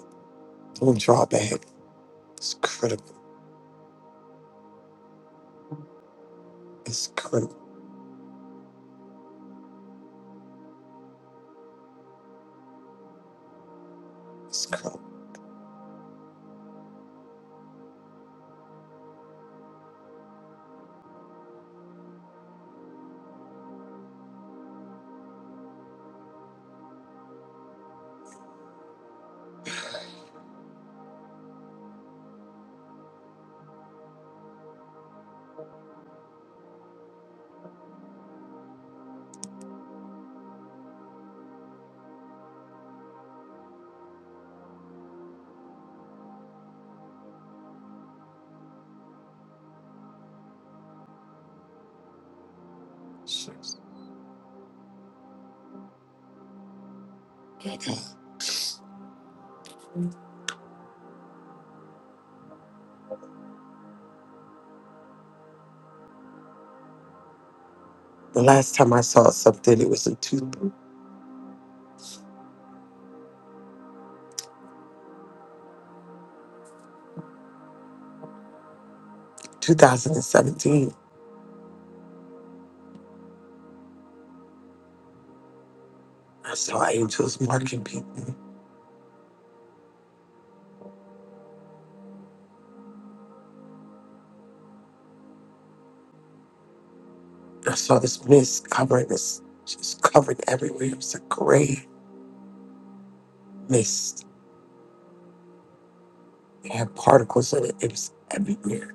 Speaker 2: don't draw back. It's critical. It's critical. It's critical. Jesus. My God. The last time I saw something, it was in two, 2017. I saw angels marking people. I saw this mist covering this, just covered everywhere. It was a gray mist. It had particles in it. It was everywhere.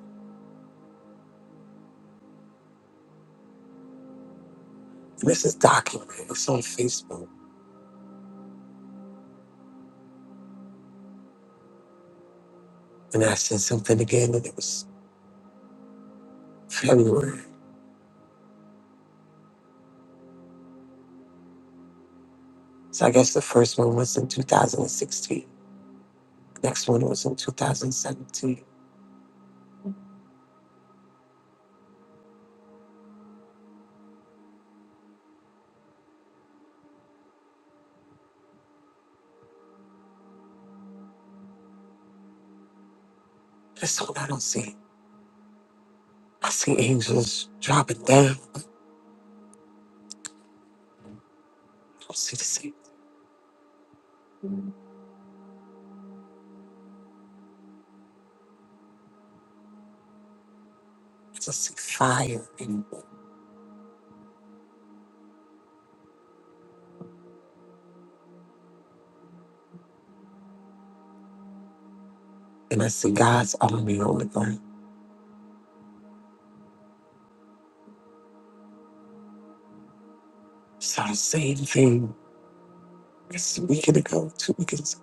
Speaker 2: And this is documented. It's on Facebook. And I said something again, and it was February. So I guess the first one was in 2016. Next one was in 2017. This one I don't see. I see angels dropping down. I don't see the same. I just see fire, and, and I see God's army on the ground. So the same thing just A week ago, two weeks ago.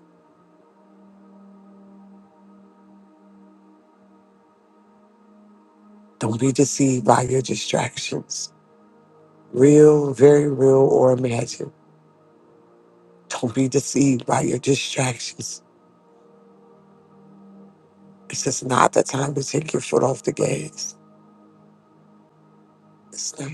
Speaker 2: Don't be deceived by your distractions, real, very real, or imagined. Don't be deceived by your distractions. This is not the time to take your foot off the gas. It's not.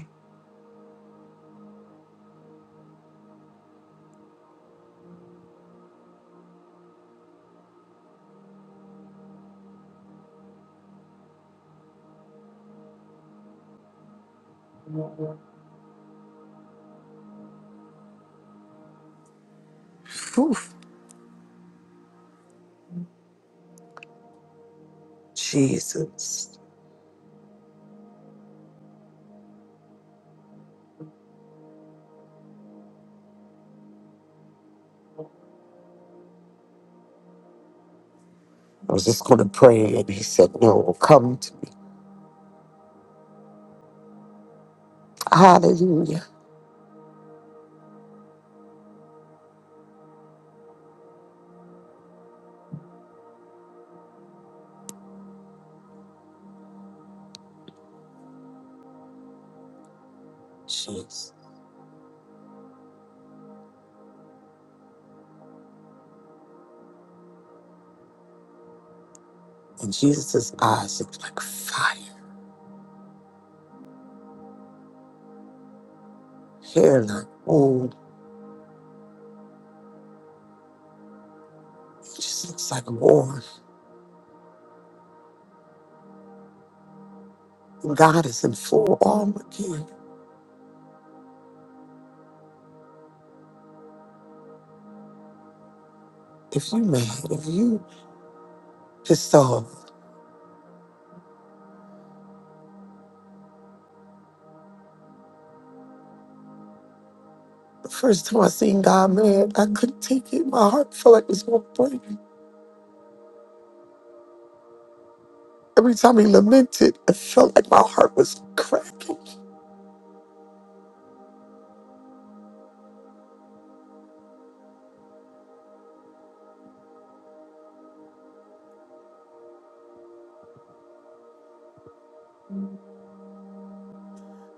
Speaker 2: Whew. Jesus. I was just going to pray, and he said, No, come to me. Hallelujah. Jesus. And Jesus' eyes look like fire, hair like gold. It just looks like war. And God is in full armor again. If you mad, if you pissed off, the first time I seen God mad, I couldn't take it. My heart felt like it was going to break. Every time he lamented, I felt like my heart was cracking.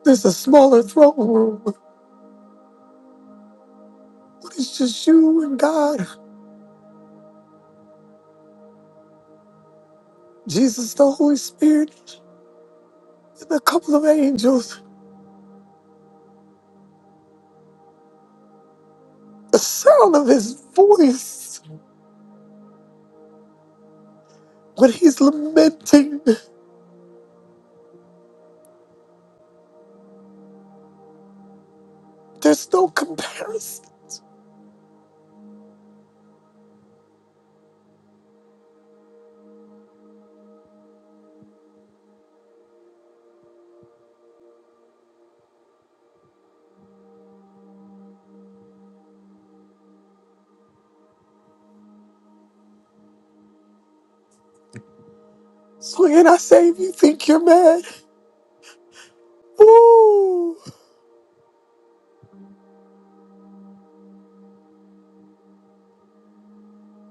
Speaker 2: There's a smaller throne room. What is just you and God, Jesus, the Holy Spirit, and a couple of angels. The sound of his voice when he's lamenting, there's no comparison. So, and I say, if you think you're mad, Ooh.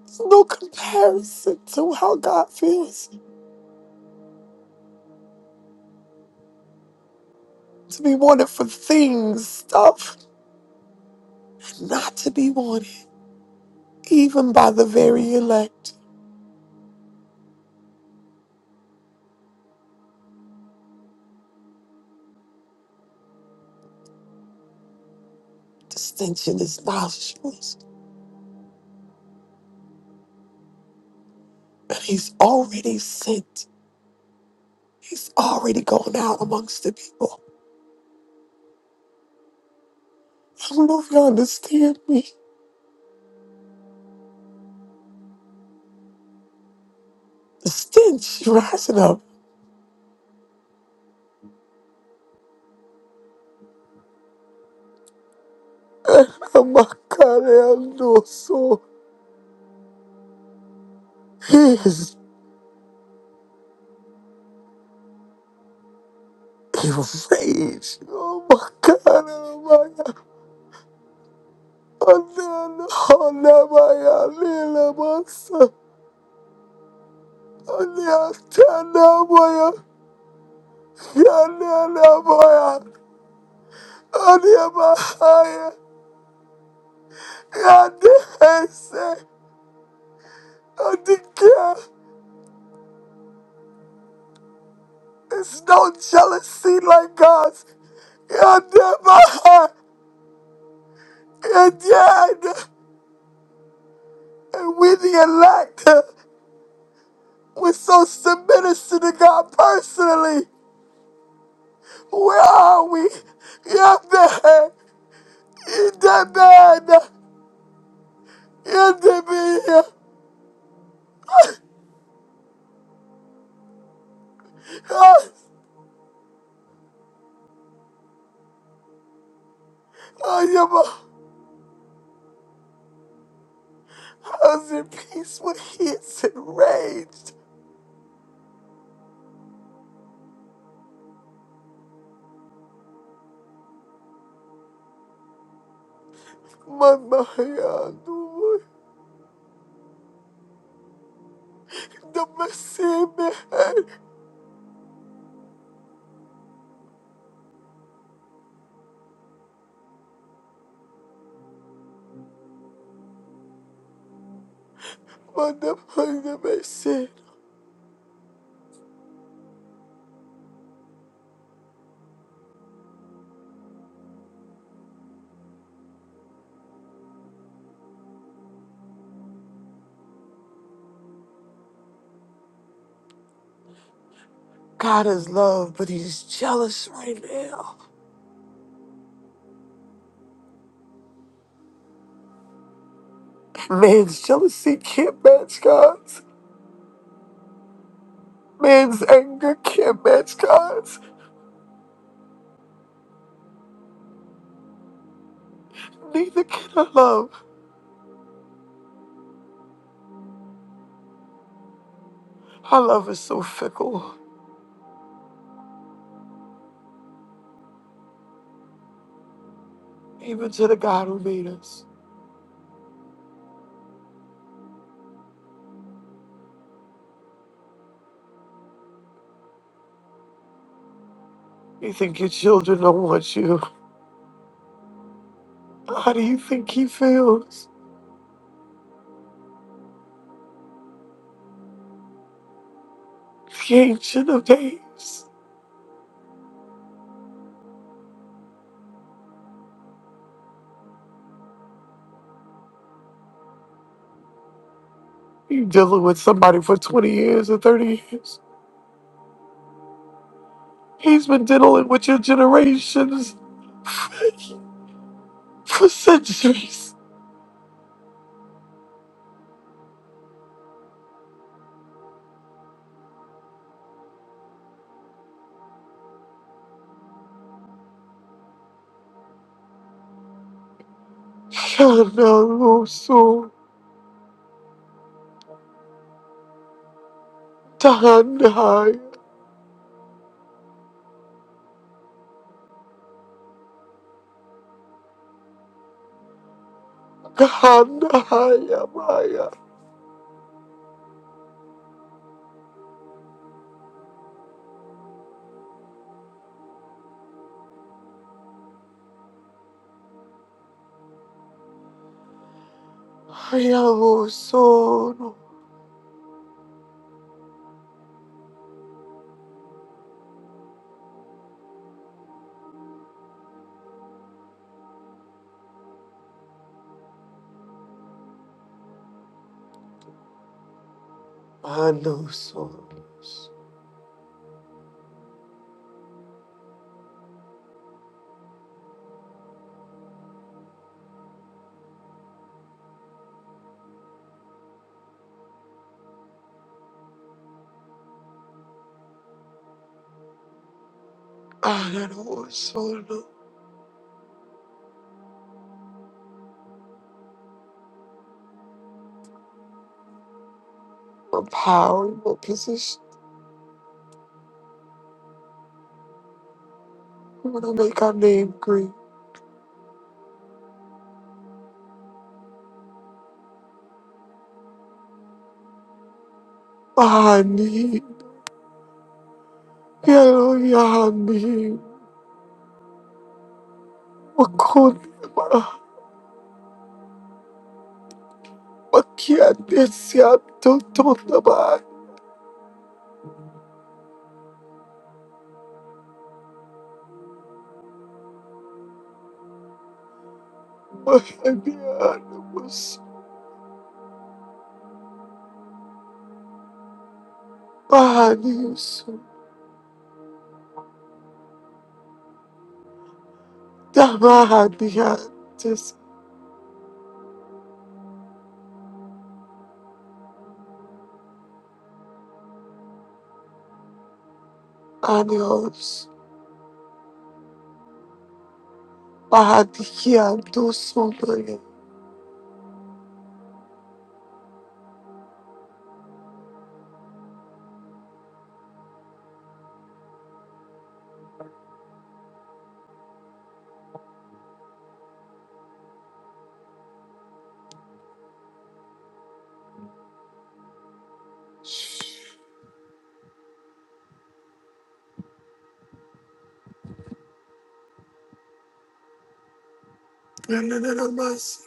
Speaker 2: There's no comparison to how God feels to be wanted for things, stuff, and not to be wanted, even by the very elect. Distinction is nostrils, and He's already sent. He's already gone out amongst the people. I don't know if you understand me. The stench rising up. Oh my God, I know so. He is enraged. Oh my God, oh my God. Onena onabaya lila masa. Onya tana baya yana na baya. Onya bahaya yana It's no jealousy like God's. Yana bahaya yana. And we the elect. We're so submitted to the God personally. Where are we? Yana. In the man. And baby, yeah. Ah, ah, yeah, my house in peace when he is enraged. My Maria, the mercy, man. My the mercy. God is love, but he's jealous right now. Man's jealousy can't match God's. Man's anger can't match God's. Neither can our love. Our love is so fickle, even to the God who made us. You think your children don't want you. How do you think he feels? The ancient of days. You dealing with somebody for 20 years or 30 years. He's been dealing with your generations for centuries. Shanarusu Tanhaya Kanhaya Maya Hayamusono Anusonos Ananusono. A powerful position. I'm gonna make our name green. Pani, quiero ir a mí. Macunaba, maquiatesia, totonaba, mahanianos, panis, tamadiantes, anos, padiantos, sonaya. No, no, no, no, mas.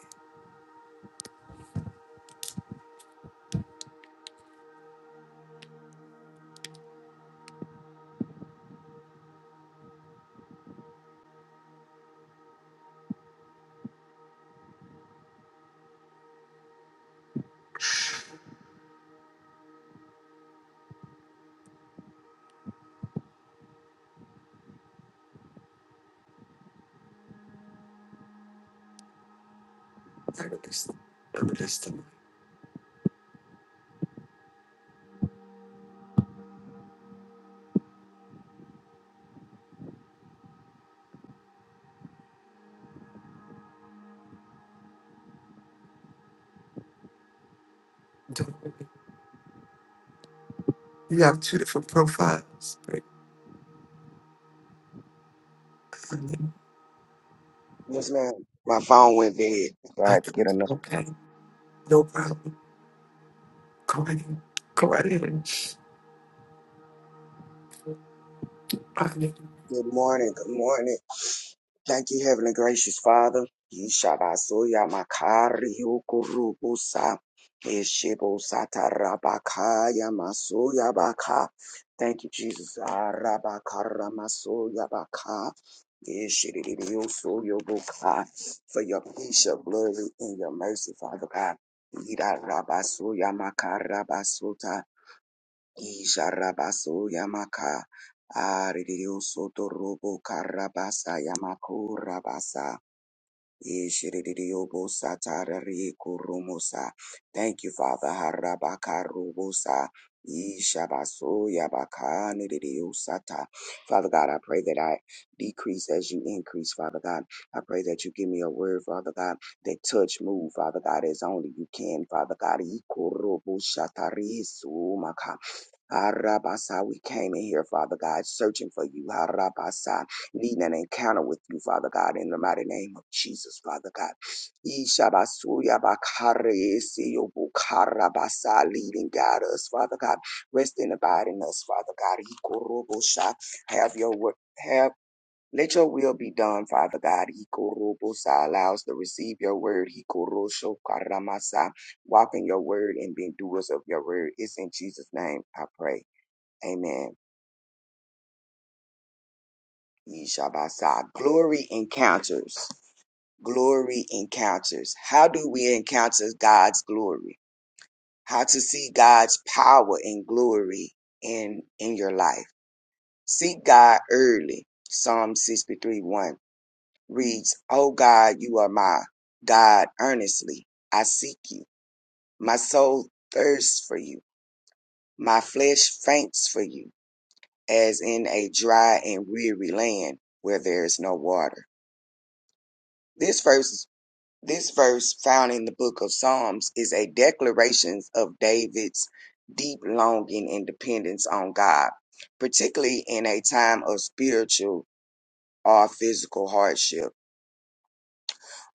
Speaker 2: I'm just, I'm just, you have two different profiles. right? And then
Speaker 6: Yes, ma'am. My phone went dead, so I
Speaker 2: I
Speaker 6: had to get
Speaker 2: thought,
Speaker 6: another.
Speaker 2: okay, no problem. Go ahead. Go right ahead.
Speaker 6: Good morning. Good morning. Thank you, Heavenly Gracious Father. Yishabasuya makari yukurubusa. Yeshibusata rabakaya masuya baka. Thank you, Jesus. Arabakara masuya baka. Yeshiririusuya buka. For your peace, your glory, and your mercy, Father God. Yirarabasuya makarabasuta. Isharabaso Yamaka Aridio Soto Robo Karabasa Yamaku Rabasa Ishiridio Bosa Tarari Kurumosa. Thank you, Father Harabaka Rubosa. Ishabaso Yabaka Nidio Sata. Father God, I pray that I decrease as you increase, Father God. I pray that you give me a word, Father God, that touch, move, Father God, as only you can, Father God. Ikurubu Shatari Arabasa, we came in here, Father God, searching for you. Arabasa, needing an encounter with you, Father God, in the mighty name of Jesus, Father God. Ishabasuya bakare esiyobukarabasa, Leading, guide us, Father God. Rest and abide in us, Father God. Ikorobosha, Have your work. Have let your will be done, Father God. Ikorobosa allows to receive your word. Ikorosho karamasa. Walk in your word and being doers of your word. It's in Jesus' name I pray. Amen. Yeshabasah. Glory encounters. Glory encounters. How do we encounter God's glory? How to see God's power and glory in in your life. Seek God early. Psalm 63 1 reads, O God, you are my God earnestly. I seek you. My soul thirsts for you. My flesh faints for you, as in a dry and weary land where there is no water. This verse This verse found in the book of Psalms is a declaration of David's deep longing and dependence on God, particularly in a time of spiritual or physical hardship.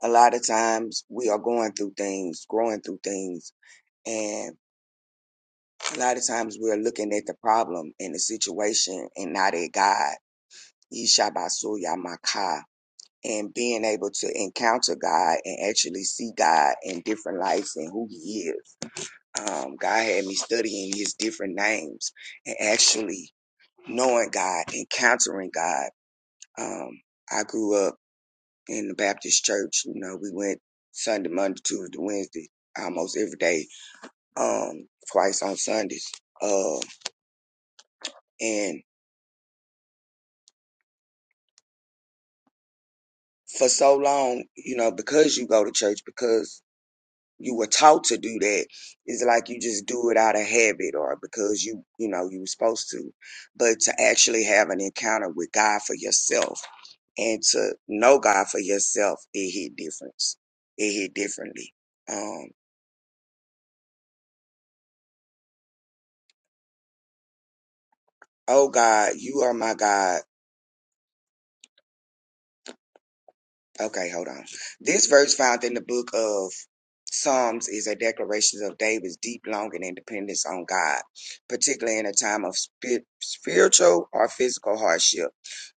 Speaker 6: A lot of times we are going through things, growing through things, and a lot of times we're looking at the problem and the situation and not at God. Yishabasuya Maka. And being able to encounter God and actually see God in different lights and who He is um, God had me studying his different names and actually knowing God, encountering God. Um, I grew up in the Baptist church. You know, we went Sunday, Monday, Tuesday, Wednesday, almost every day, um, twice on Sundays. Uh, and for so long, you know, because you go to church, because you were taught to do that it's like you just do it out of habit or because you you know you were supposed to but to actually have an encounter with god for yourself and to know god for yourself it hit difference it hit differently um oh god you are my god okay hold on this verse found in the book of Psalms is a declaration of David's deep longing and dependence on God, particularly in a time of spi- spiritual or physical hardship.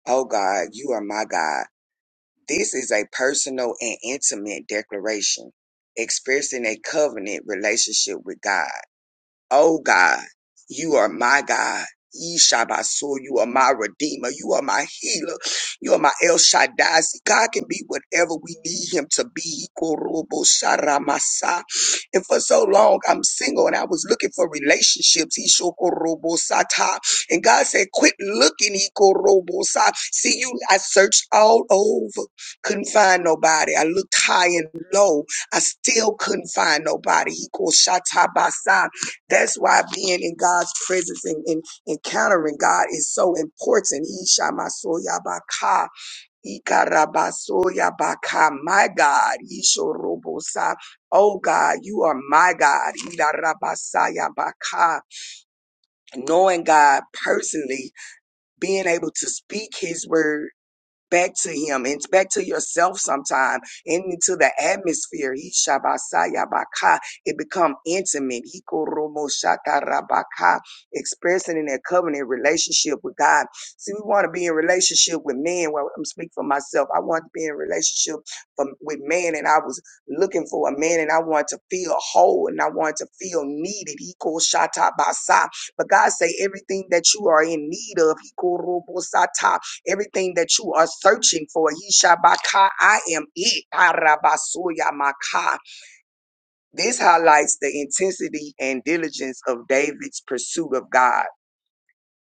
Speaker 6: Oh God, you are my God. This is a personal and intimate declaration, expressing a covenant relationship with God. Oh God, you are my God. Yeshabaso, you are my redeemer. You are my healer. You are my El Shaddai. See, God can be whatever we need him to be. Korobo sharamasa. And for so long, I'm single and I was looking for relationships. He shokorobo sata. And God said, quit looking. He korobo sa. See you. I searched all over. Couldn't find nobody. I looked high and low. I still couldn't find nobody. He called Shatabasa. That's why being in God's presence and, and encountering God is so important. Ishamasoyabaka, ikarabasoyabaka. My God. Ishorobosa. Oh God, you are my God. Ilarabasayabaka. Knowing God personally, being able to speak his word back to him and back to yourself sometime and into the atmosphere. He shabasaya baka. It become intimate. He koromo shakarabaka. Expressing in that covenant relationship with God. See, we want to be in relationship with men. Well, I'm speaking for myself. I want to be in relationship from, with man and I was looking for a man and I want to feel whole and I want to feel needed. He called shatabasa. But God say everything that you are in need of, he korobo sata, Everything that you are searching for, Yeshabaka, I am it. Arabasuya Maka. This highlights the intensity and diligence of David's pursuit of God,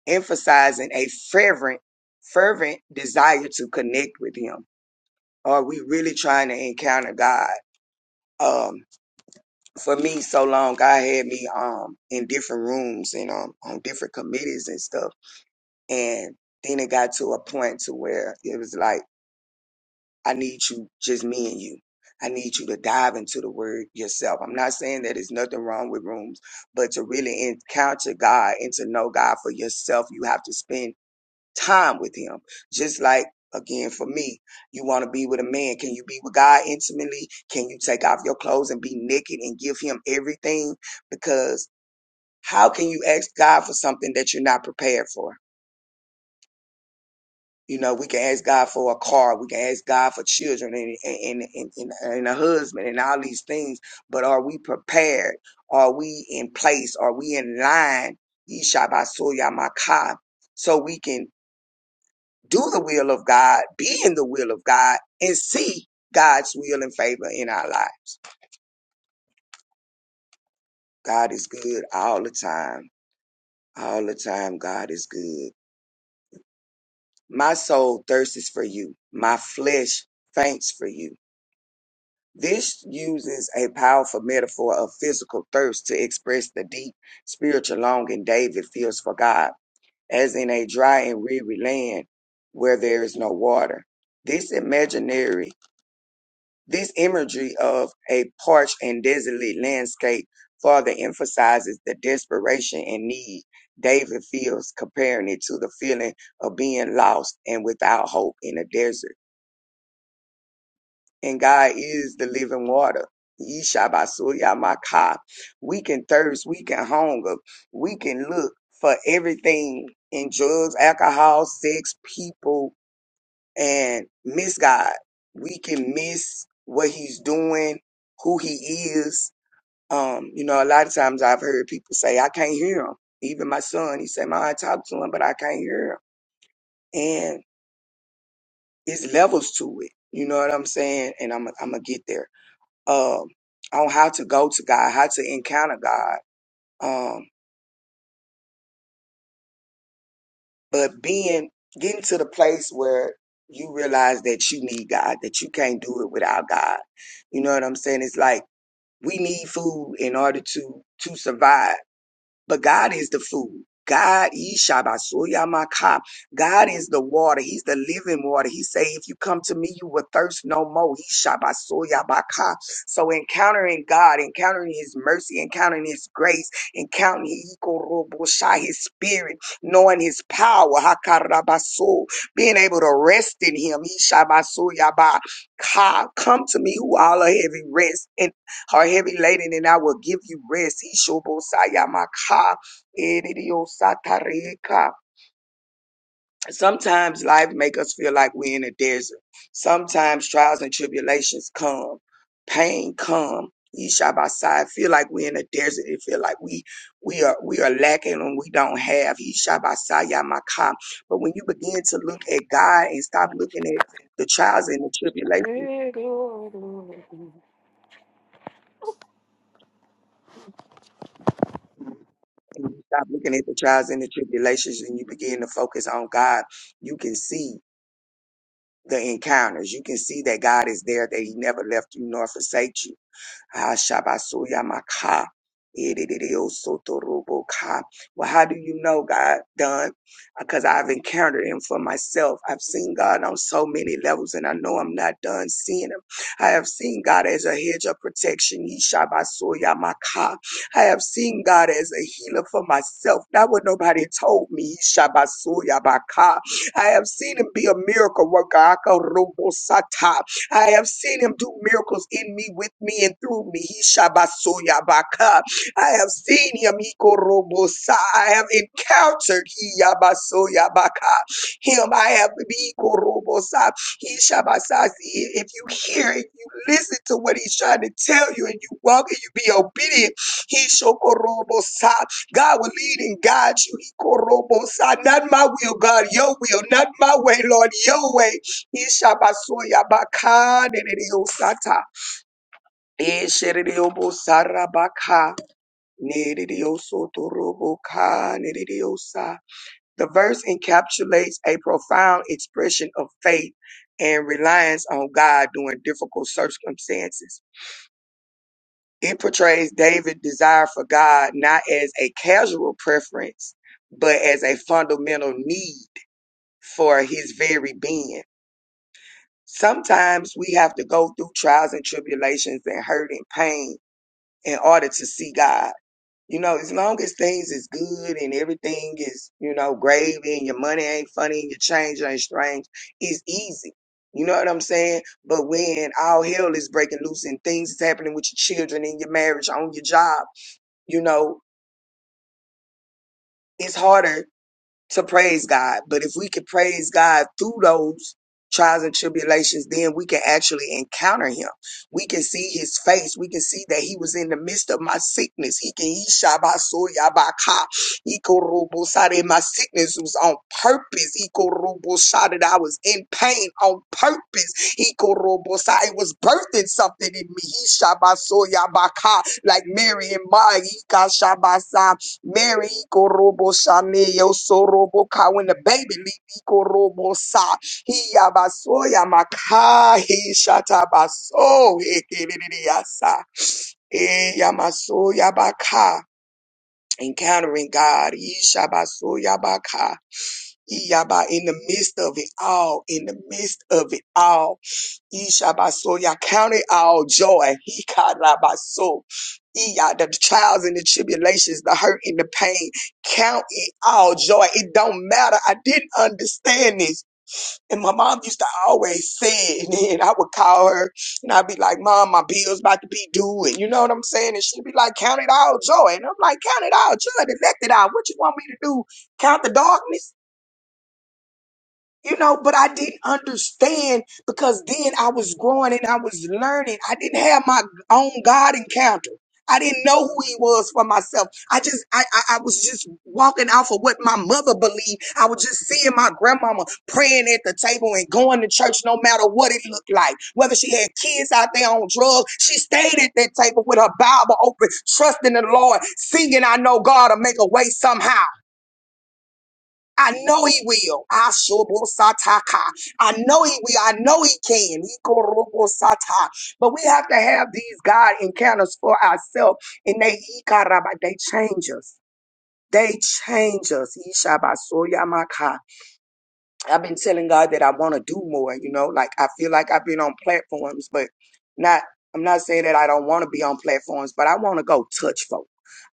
Speaker 6: emphasizing a fervent, fervent desire to connect with Him. Are we really trying to encounter God? Um, for me, so long, God had me um in different rooms and um on different committees and stuff, and then it got to a point to where it was like. I need you, just me and you. I need you to dive into the word yourself. I'm not saying that there's nothing wrong with rooms, but to really encounter God and to know God for yourself, you have to spend time with Him. Just like, again, for me, you want to be with a man. Can you be with God intimately? Can you take off your clothes and be naked and give Him everything? Because how can you ask God for something that you're not prepared for? You know, we can ask God for a car, we can ask God for children and and and, and, and a husband and all these things. But are we prepared? Are we in place? Are we in line? Yeshabasuya so we can do the will of God, be in the will of God, and see God's will and favor in our lives. God is good all the time. All the time, God is good. My soul thirsts for you. My flesh faints for you This uses a powerful metaphor of physical thirst to express the deep spiritual longing David feels for God, as in a dry and weary land where there is no water. This imaginary, this imagery of a parched and desolate landscape further emphasizes the desperation and need David feels, comparing it to the feeling of being lost and without hope in a desert. and God is the living water. Yeshabasuya We can thirst, we can hunger, we can look for everything in drugs, alcohol, sex, people, and miss God. We can miss what He's doing, who He is. Um, you know, a lot of times I've heard people say, I can't hear him. Even my son, he said, Ma, I talk to him, but I can't hear him. And it's levels to it. You know what I'm saying? And I'm, I'm going to get there um, on how to go to God, how to encounter God. Um, but being getting to the place where you realize that you need God, that you can't do it without God. You know what I'm saying? It's like we need food in order to to survive. But God is the food. God, Ishabasuyamaka. God is the water. He's the living water. He say, if you come to me, you will thirst no more. Ishabasuyabaka. So encountering God, encountering his mercy, encountering his grace, encountering Ikorobosha, his spirit, knowing his power, Hakarabaso, being able to rest in him. Ishabasuyabaka. Come to me who all are heavy rest and are heavy laden, and I will give you rest. Ishobosayamaka, edidiyosatareka. Sometimes life make us feel like we're in a desert. Sometimes trials and tribulations come, pain come. Ishabasai, feel like we're in a desert. It feel like we we are we are lacking and we don't have. Ishabasayamaka. But when you begin to look at God and stop
Speaker 7: The
Speaker 6: looking at the trials and the tribulations and you stop looking at the trials and the tribulations and you begin to focus on God, you can see the encounters. You can see that God is there, that He never left you nor forsake you Hashabasuya maka. Idididiosotorobokah. Well, how do you know God done? Because I've encountered him for myself. I've seen God on so many levels, and I know I'm not done seeing him. I have seen God as a hedge of protection. Yeshabasuya maka. I have seen God as a healer for myself. Not what nobody told me. Yeshabasuya maka. I have seen him be a miracle worker. Akarobo I have seen him do miracles in me, with me, and through me. He shabasoya baka. I have seen him. He korobosa. I have encountered he yabasoya baka. Him. I have he korobosa. He shabasa. See, If you hear, if you listen to what he's trying to tell you, and you walk and you be obedient, he shokorobosa. God will lead and guide you. He korobosa. Not my will, God. Your will. Not my way, Lord. Your way. Ishabasoya baka nereyo sata. Eshereyo bosara baka nereyo sotorobo ka nereyo sa. The verse encapsulates a profound expression of faith and reliance on God during difficult circumstances. It portrays David's desire for God not as a casual preference, but as a fundamental need for his very being. Sometimes we have to go through trials and tribulations and hurt and pain in order to see God. You know, as long as things is good and everything is, you know, gravy and your money ain't funny and your change ain't strange, it's easy. You know what I'm saying? But when all hell is breaking loose and things is happening with your children and your marriage, on your job, you know, it's harder to praise God. But if we can praise God through those trials and tribulations, then we can actually encounter him. We can see his face. We can see that he was in the midst of my sickness. He can he shabasoyabaka. He korobosade. My sickness was on purpose. He korobosade. I was in pain on purpose. He korobosade. It was birthing something in me. He shabasoyabaka. Like Mary and Mary. Mary Korobo Shame Yosorobo Ka when the baby Lipi Korobo Sa He Yabasoya Maka He Shatabaso He Kiriasa E Yamaso Yabaka Encountering God He Shabaso Yabaka He Yaba in the midst of it all in the midst of it all Ishabaso, Yah counted all joy. He karabaso. Iya, the trials and the tribulations, the hurt and the pain. Count it all joy. It don't matter. I didn't understand this. And my mom used to always say it. And then I would call her and I'd be like, Mom, my bill's about to be due. And you know what I'm saying? And she'd be like, Count it all joy. And I'm like, Count it all joy. Neglect it out. What you want me to do? Count the darkness? you know, but I didn't understand because then I was growing and I was learning. I didn't have my own God encounter. I didn't know who he was for myself. I just, I, I, I was just walking off of what my mother believed. I was just seeing my grandmama praying at the table and going to church no matter what it looked like. Whether she had kids out there on drugs, she stayed at that table with her Bible open, trusting the Lord, singing, I know God will make a way somehow. I know he will. Ashobosataka. I know he will. I know he can. Ikorobosata. But we have to have these God encounters for ourselves. And they, ikaraba, they change us. They change us. Ishabasoyamaka. I've been telling God that I want to do more, you know, like I feel like I've been on platforms, but not, I'm not saying that I don't want to be on platforms, but I want to go touch folk.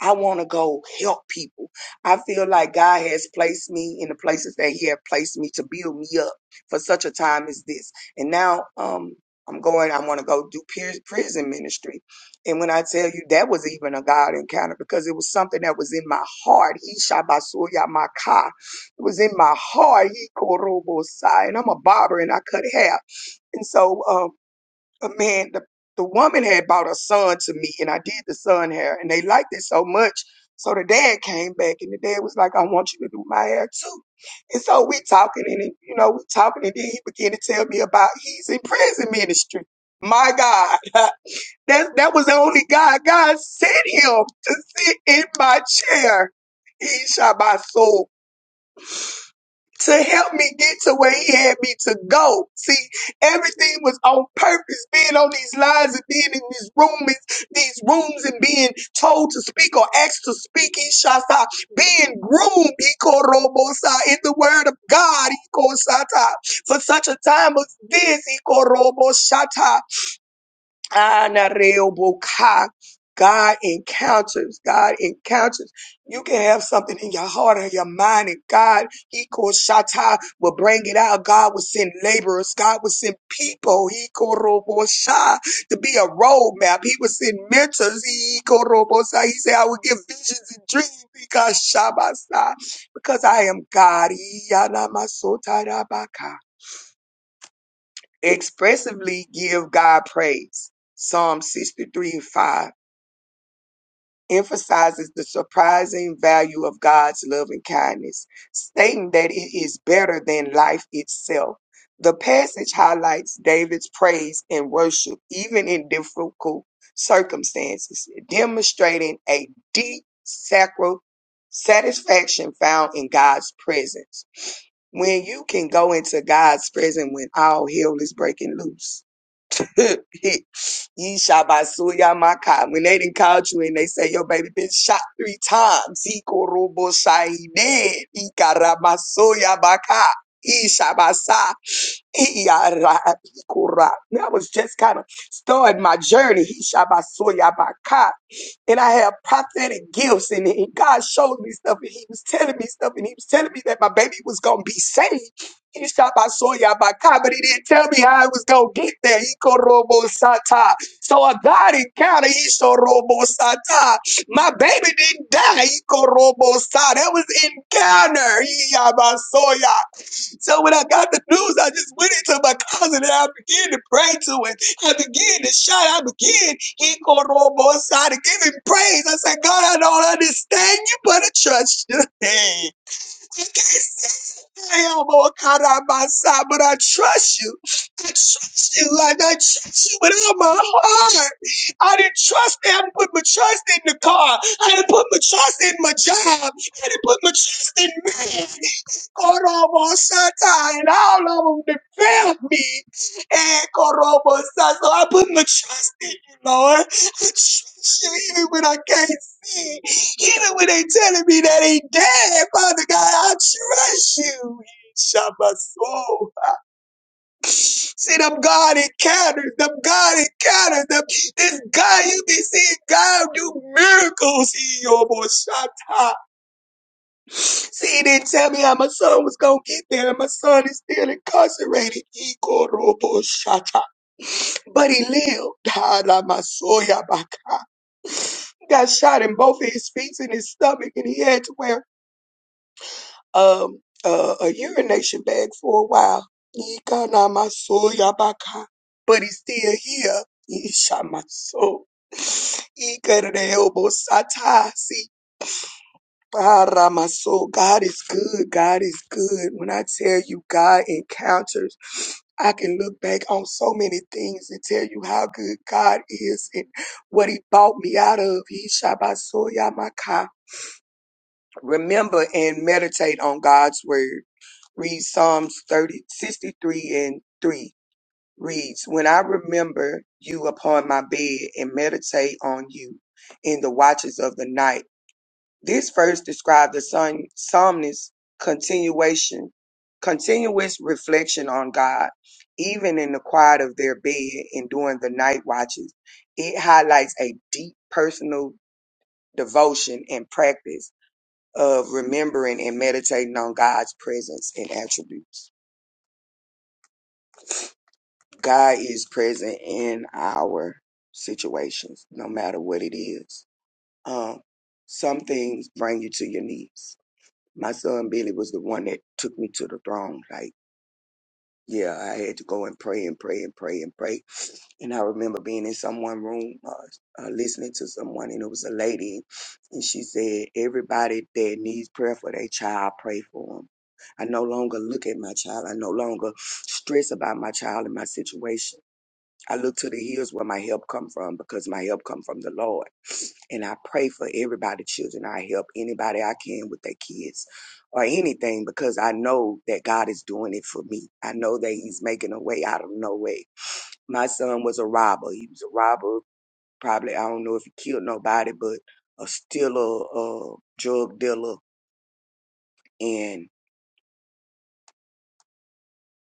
Speaker 6: I want to go help people. I feel like God has placed me in the places that He has placed me to build me up for such a time as this. And now, um, I'm going, I want to go do peer- prison ministry. And when I tell you that was even a God encounter because it was something that was in my heart. He shot by Suya Maka. It was in my heart. He korobosai, and I'm a barber, and I cut hair. And so, um, a man, the the woman had bought a son to me, and I did the son hair, and they liked it so much. So the dad came back, and the dad was like, "I want you to do my hair too." And so we talking, and he- you know, we talking, and then he began to tell me about he's in prison ministry. My God, that that was the only guy God sent him to sit in my chair. He shot my soul to help me get to where he had me to go. See, everything was on purpose. Being on these lines and being in these rooms, these rooms and being told to speak or asked to speak, Ishasa, being groomed, Ikorobosa, in the word of God, Ikosata, for such a time as this, Ikorobosata. Anareoboka. God encounters, God encounters. You can have something in your heart or your mind, and God, He called Shatta, will bring it out. God will send laborers. God will send people. He called Robosha to be a roadmap. He will send mentors. He called Robosha. He said, I will give visions and dreams because Shabasa, because I am God. He Yanamasota expressively give God praise. Psalm 63 and 5 emphasizes the surprising value of God's love and kindness, stating that it is better than life itself. The passage highlights David's praise and worship even in difficult circumstances, demonstrating a deep sacral satisfaction found in God's presence. When you can go into God's presence when all hell is breaking loose He, Ye shabasuya maka. When they didn't call you and they say your baby been shot three times. He korobo shaide. He karamasuya baka. He shabasa. Iyarabikura. That was just kind of starting my journey. He shabasoyabaka. And I had prophetic gifts, and, and God showed me stuff, and He was telling me stuff, and He was telling me that my baby was going to be saved. He shabasoyabaka, but He didn't tell me how I was going to get there. Ikorobosata. So a God encounter, Isorobosata. My baby didn't die. Ikorobosata. That was encounter. Iyabasoya. So when I got the news, I just went into my closet and I began to pray to it. I began to shout. I began he called on both sides to give him praise. I said, God, I don't understand you, but I trust you. Hey. I can't say I am more caught on my side, but I trust you. I trust you like I trust you with all my heart. I didn't trust I didn't put my trust in the car. I didn't put my trust in my job. I didn't put my trust in man. Korobo Sata and all of them that failed me. And Korobo Sata. So I put my trust in you, Lord. I trust you even when I can't see. Even when they telling me that he dead, Father God, I trust you. Shut my soul. See them God encounters, them God encounters, them this God you be seeing God do miracles. He almost shot top. See, he didn't tell me how my son was gonna get there, and my son is still incarcerated. He called almost shot top. But he lived. Ha, la, my soul, ya, my got shot in both of his feet and his stomach, and he had to wear um, uh, a urination bag for a while. Yikana maso yabaka. But he's still here. Ishamaso. Ikarere obo sata. See, para maso. God is good. God is good. When I tell you God encounters, I can look back on so many things and tell you how good God is and what he bought me out of. He Shabasoyamaka. Remember and meditate on God's word. Read Psalms 30 63 and 3 reads, When I remember you upon my bed and meditate on you in the watches of the night. This verse describes the son, psalmist's continuation, continuous reflection on God, even in the quiet of their bed and during the night watches. It highlights a deep personal devotion and practice of remembering and meditating on God's presence and attributes. God is present in our situations, no matter what it is. Um, some things bring you to your knees. My son Billy was the one that took me to the throne. Like yeah, I had to go and pray and pray and pray and pray. And I remember being in someone room, uh, uh, listening to someone, and it was a lady, and she said, "Everybody that needs prayer for their child, pray for them." I no longer look at my child. I no longer stress about my child and my situation I look to the hills where my help come from because my help come from the Lord. And I pray for everybody, children. I help anybody I can with their kids or anything because I know that God is doing it for me. I know that he's making a way out of no way. My son was a robber. He was a robber. Probably, I don't know if he killed nobody, but a stealer, a drug dealer. And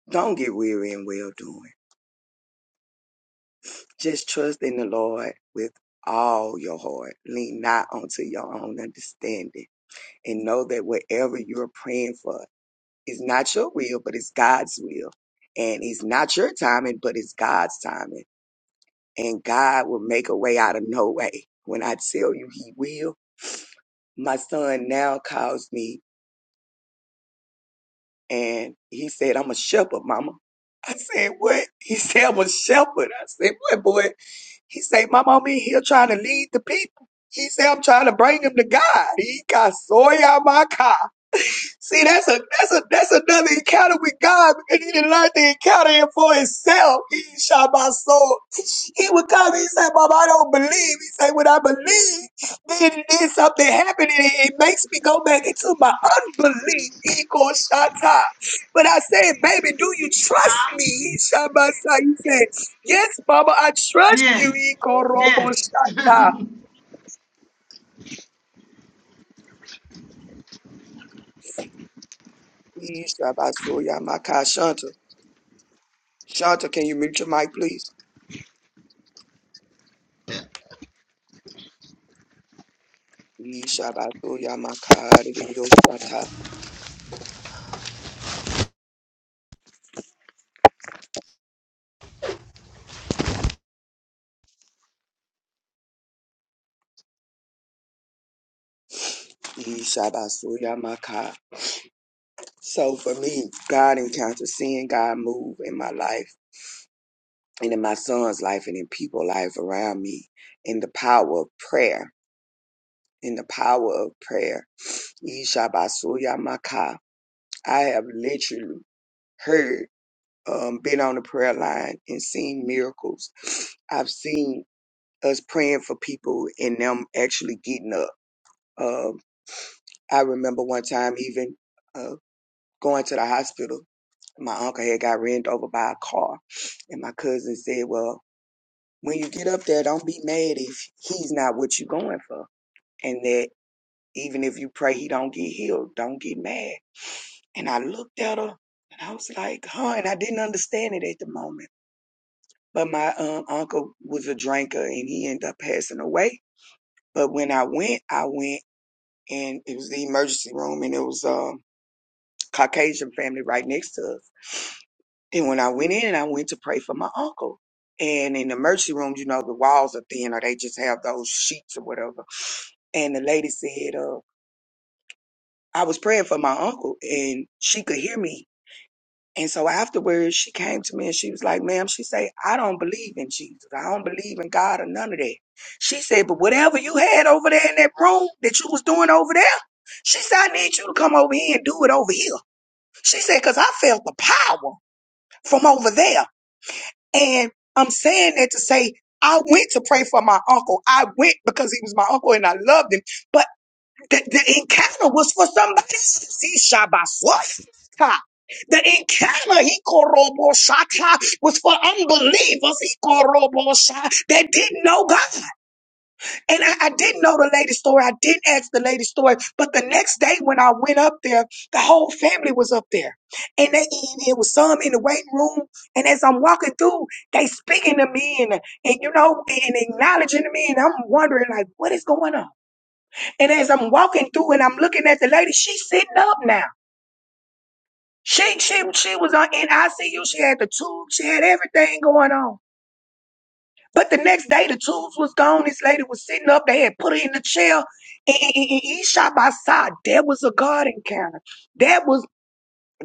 Speaker 6: don't get weary in well doing Just trust in the Lord with all your heart. Lean not onto your own understanding and know that whatever you're praying for is not your will, but it's God's will. And it's not your timing, but it's God's timing. And God will make a way out of no way. When I tell you he will, my son now calls me And he said, I'm a shepherd, mama. I said, what? He said, I'm a shepherd. I said, what, boy? He said, my mama, i in here trying to lead the people. He said, I'm trying to bring them to God. He got soy out my car. See, that's a that's a that's another encounter with God because he didn't learn to encounter him for himself. He shot my soul. He would come. He said, Mom, I don't believe. He said, when I believe, then, then something happened and it, it makes me go back into my unbelief. Ego shata. But I said, baby, do you trust me? He shabasa. He said, yes, Mama, I trust you.
Speaker 3: Yes.
Speaker 6: Ego robo
Speaker 3: Yes.
Speaker 6: shata. He shabaso shanta. Shanta, can you mute your mic, please? He shabaso yamaka. He shabaso yamaka. So for me, God encounters seeing God move in my life and in my son's life and in people life around me in the power of prayer. In the power of prayer. Yeshabasuya Maka. I have literally heard, um, been on the prayer line and seen miracles. I've seen us praying for people and them actually getting up. Um, I remember one time even uh, going to the hospital, my uncle had got ran over by a car. And my cousin said, Well, when you get up there, don't be mad if he's not what you're going for. And that even if you pray he don't get healed, don't get mad. And I looked at her and I was like, huh, and I didn't understand it at the moment. But my um, uncle was a drinker and he ended up passing away. But when I went, I went and it was the emergency room and it was a Caucasian family right next to us. And when I went in, I went to pray for my uncle. And in the emergency room, you know, the walls are thin or they just have those sheets or whatever. And the lady said, uh, I was praying for my uncle and she could hear me. And so afterwards she came to me and she was like, ma'am, she said, I don't believe in Jesus. I don't believe in God or none of that. She said, but whatever you had over there in that room that you was doing over there, she said, I need you to come over here and do it over here. She said, cause I felt the power from over there. And I'm saying that to say, I went to pray for my uncle. I went because he was my uncle and I loved him. But the, the encounter was for somebody else. He shot The encounter he koroboshata was for unbelievers he korobosha that didn't know God. And I, I didn't know the lady's story. I didn't ask the lady's story. But the next day when I went up there, the whole family was up there. And they and it was some in the waiting room. And as I'm walking through, they speaking to me and, and you know, and acknowledging me. And I'm wondering like, what is going on? And as I'm walking through and I'm looking at the lady, she's sitting up now. She she she was on in ICU. She had the tube. She had everything going on. But the next day, the tools was gone. This lady was sitting up. They had put her in the chair. And, and, and, and he shot by side. There was a God encounter. That was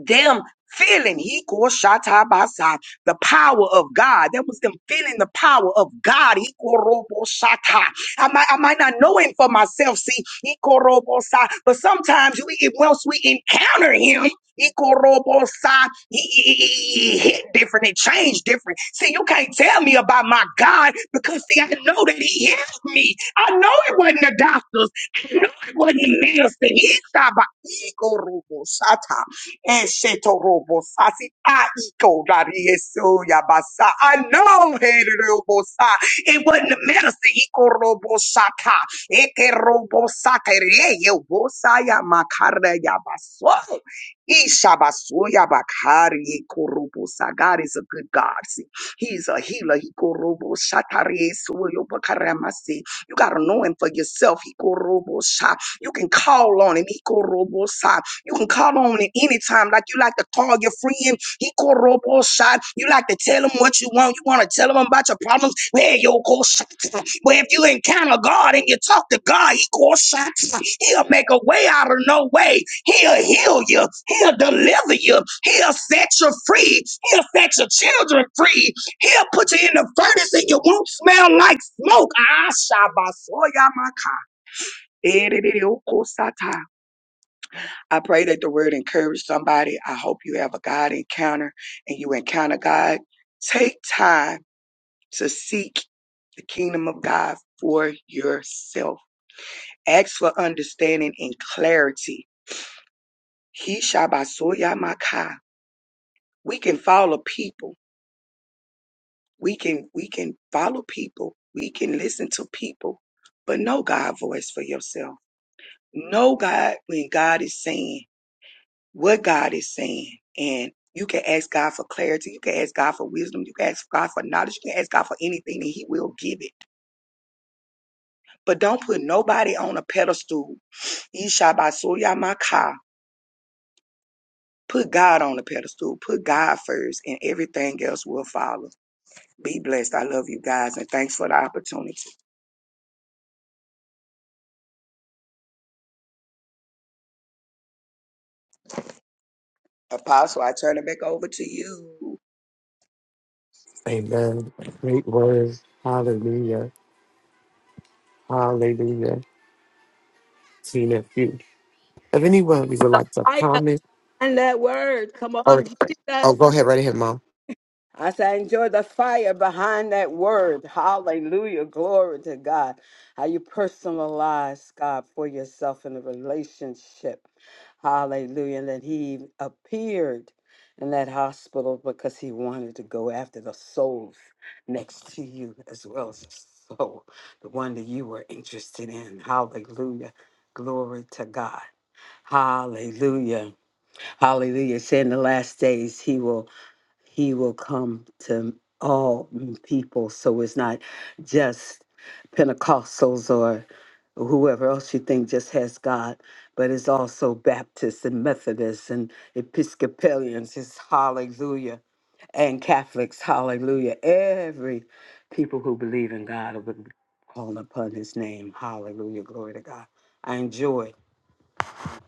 Speaker 6: them feeling he called shata basa the power of God. That was them feeling the power of God. He called robo shata. I might I might not know him for myself. See, he called robo sa. But sometimes we once we encounter him. He called robo sa. He, he, he- he hit different. It changed different. See, you can't tell me about my God because see, I know that He healed me. I know it wasn't the doctors. I know it wasn't medicine. He stop by. He called robo shata. Eshetorobosasi aiko aikodariyesoyabasa. I know hererobosa, it wasn't the medicine. Ikorobosaka, ekerobosaka, reyebosa yamakara yabaso. Ishabasoya bakari, ikorobosa. God is a good God. See, He's a healer. Ikorobosaka, reyesoyobokaramasi. You got to know him for yourself. Ikorobosha. You can call on him. Ikorobosa. You can call on him anytime, like you like to call your friend. He called robo shot. You like to tell him what you want. You want to tell him about your problems. Where yo, call shots. But if you encounter God and you talk to God, he called shots. He'll make a way out of no way. He'll heal you. He'll deliver you. He'll set you free. He'll set your children free. He'll put you in the furnace and you won't smell like smoke. Ah, shabba, soya, my. I pray that the word encourage somebody. I hope you have a God encounter and you encounter God. Take time to seek the kingdom of God for yourself. Ask for understanding and clarity. He shall We can follow people. We can we can follow people. We can listen to people, but know God's voice for yourself. Know God when God is saying. what God is saying. And you can ask God for clarity. You can ask God for wisdom. You can ask God for knowledge. You can ask God for anything and He will give it. But don't put nobody on a pedestal. Yishabasuyamaka. Put God on a pedestal. Put God first and everything else will follow. Be blessed. I love you guys and thanks for the opportunity. Apostle, I turn it back over to you.
Speaker 2: Amen. Great word. Hallelujah. Hallelujah. Seeing a few. If anyone you would like to
Speaker 7: fire
Speaker 2: comment
Speaker 7: behind that word. Come on,
Speaker 2: or oh
Speaker 7: Jesus.
Speaker 2: go ahead right ahead, Mom.
Speaker 7: I say, I enjoy the fire behind that word. Hallelujah. Glory to God. How you personalize God for yourself in a relationship. Hallelujah. And that he appeared in that hospital because he wanted to go after the souls next to you as well as the soul, the one that you were interested in. Hallelujah. Glory to God. Hallelujah. Hallelujah. Say in the last days he will he will come to all people. So it's not just Pentecostals or whoever else you think just has God, but it's also Baptists and Methodists and Episcopalians. It's hallelujah. And Catholics, hallelujah. Every people who believe in God will call upon his name. Hallelujah. Glory to God. I enjoy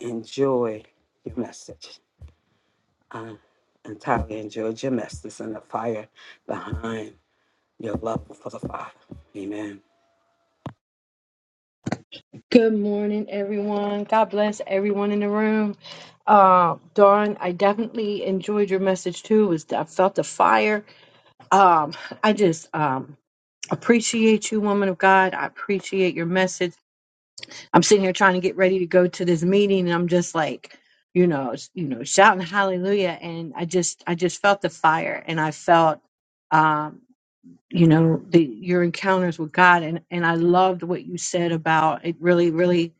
Speaker 7: enjoy your message. Um, entirely enjoy your message and the fire behind your love for the Father. Amen.
Speaker 8: Good morning, everyone. God bless everyone in the room. Uh, Dawn, I definitely enjoyed your message too. It was I felt the fire. Um, I just um, appreciate you, woman of God. I appreciate your message. I'm sitting here trying to get ready to go to this meeting, and I'm just like, you know, s- you know, shouting hallelujah. And I just, I just felt the fire, and I felt, um, you know, the your encounters with God, and and I loved what you said about it. Really, really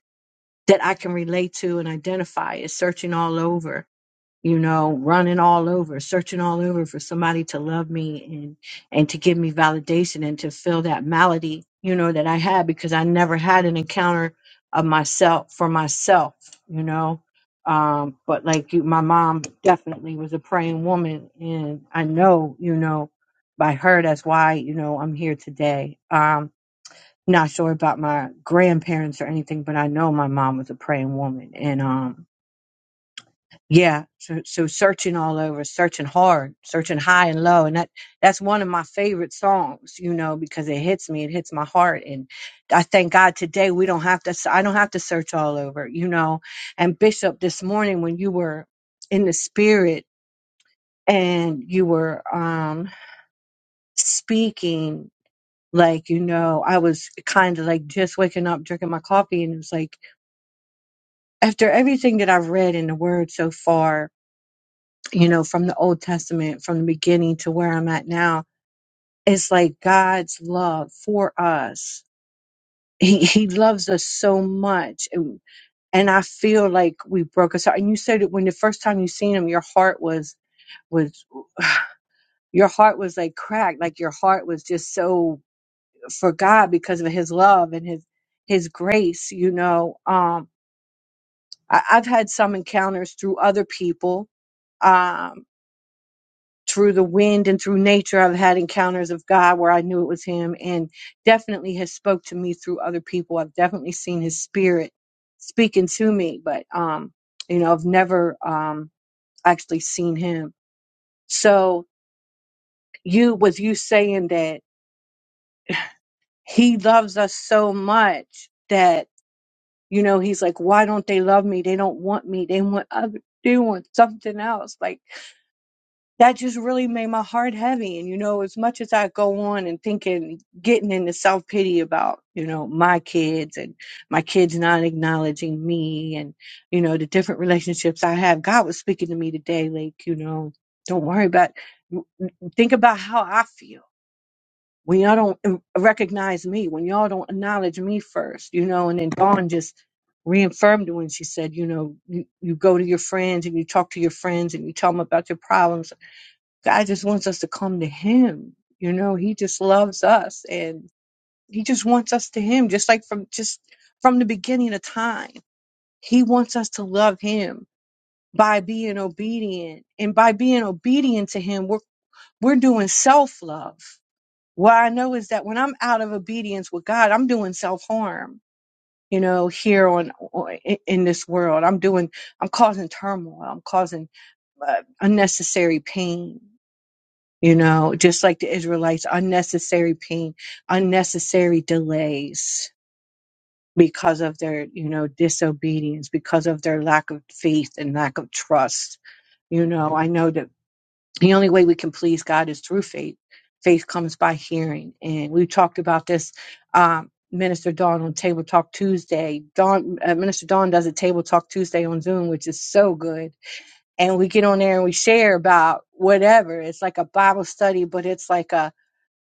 Speaker 8: that I can relate to and identify is searching all over, you know, running all over, searching all over for somebody to love me and and to give me validation and to fill that malady, you know, that I had because I never had an encounter of myself for myself, you know. Um, but like you, my mom definitely was a praying woman, and I know, you know, by her, that's why, you know, I'm here today. Um, not sure about my grandparents or anything, but I know my mom was a praying woman. And um, yeah, so, so searching all over, searching hard, searching high and low, and that that's one of my favorite songs, you know, because it hits me, it hits my heart, and I thank God today we don't have to, I don't have to search all over, you know. And Bishop, this morning when you were in the spirit and you were um speaking like you know i was kind of like just waking up drinking my coffee and it was like after everything that I've read in the Word so far, you know, from the Old Testament, from the beginning to where I'm at now, it's like God's love for us. He, he loves us so much. And, and I feel like we broke us out. And you said that when the first time you seen him, your heart was, was, your heart was like cracked. Like your heart was just so for God because of his love and his, his grace, you know. Um, I, I've had some encounters through other people um, through the wind and through nature i've had encounters of god where i knew it was him and definitely has spoke to me through other people i've definitely seen his spirit speaking to me but um you know i've never um actually seen him so you was you saying that he loves us so much that you know he's like why don't they love me they don't want me they want other they want something else like that just really made my heart heavy. And you know, as much as I go on and thinking, getting into self pity about, you know, my kids and my kids not acknowledging me and, you know, the different relationships I have, God was speaking to me today, like, you know, don't worry about, think about how I feel. When y'all don't um, recognize me, when y'all don't acknowledge me first, you know, and then Dawn just reaffirmed when she said, you know, you, you go to your friends and you talk to your friends and you tell them about your problems God just wants us to come to Him. You know, He just loves us and He just wants us to Him, just like from just from the beginning of time. He wants us to love Him by being obedient. And by being obedient to Him, we're we're doing self-love. What I know is that when I'm out of obedience with God, I'm doing self-harm. You know, here on on- in in this world, I'm doing, I'm causing turmoil, I'm causing uh, unnecessary pain you know, just like the Israelites, unnecessary pain, unnecessary delays because of their, you know, disobedience, because of their lack of faith and lack of trust. You know, I know that the only way we can please God is through faith. Faith comes by hearing. And we talked about this, um, Minister Dawn on Table Talk Tuesday. Dawn, uh, Minister Dawn does a Table Talk Tuesday on Zoom, which is so good. And we get on there and we share about whatever. It's like a Bible study, but it's like a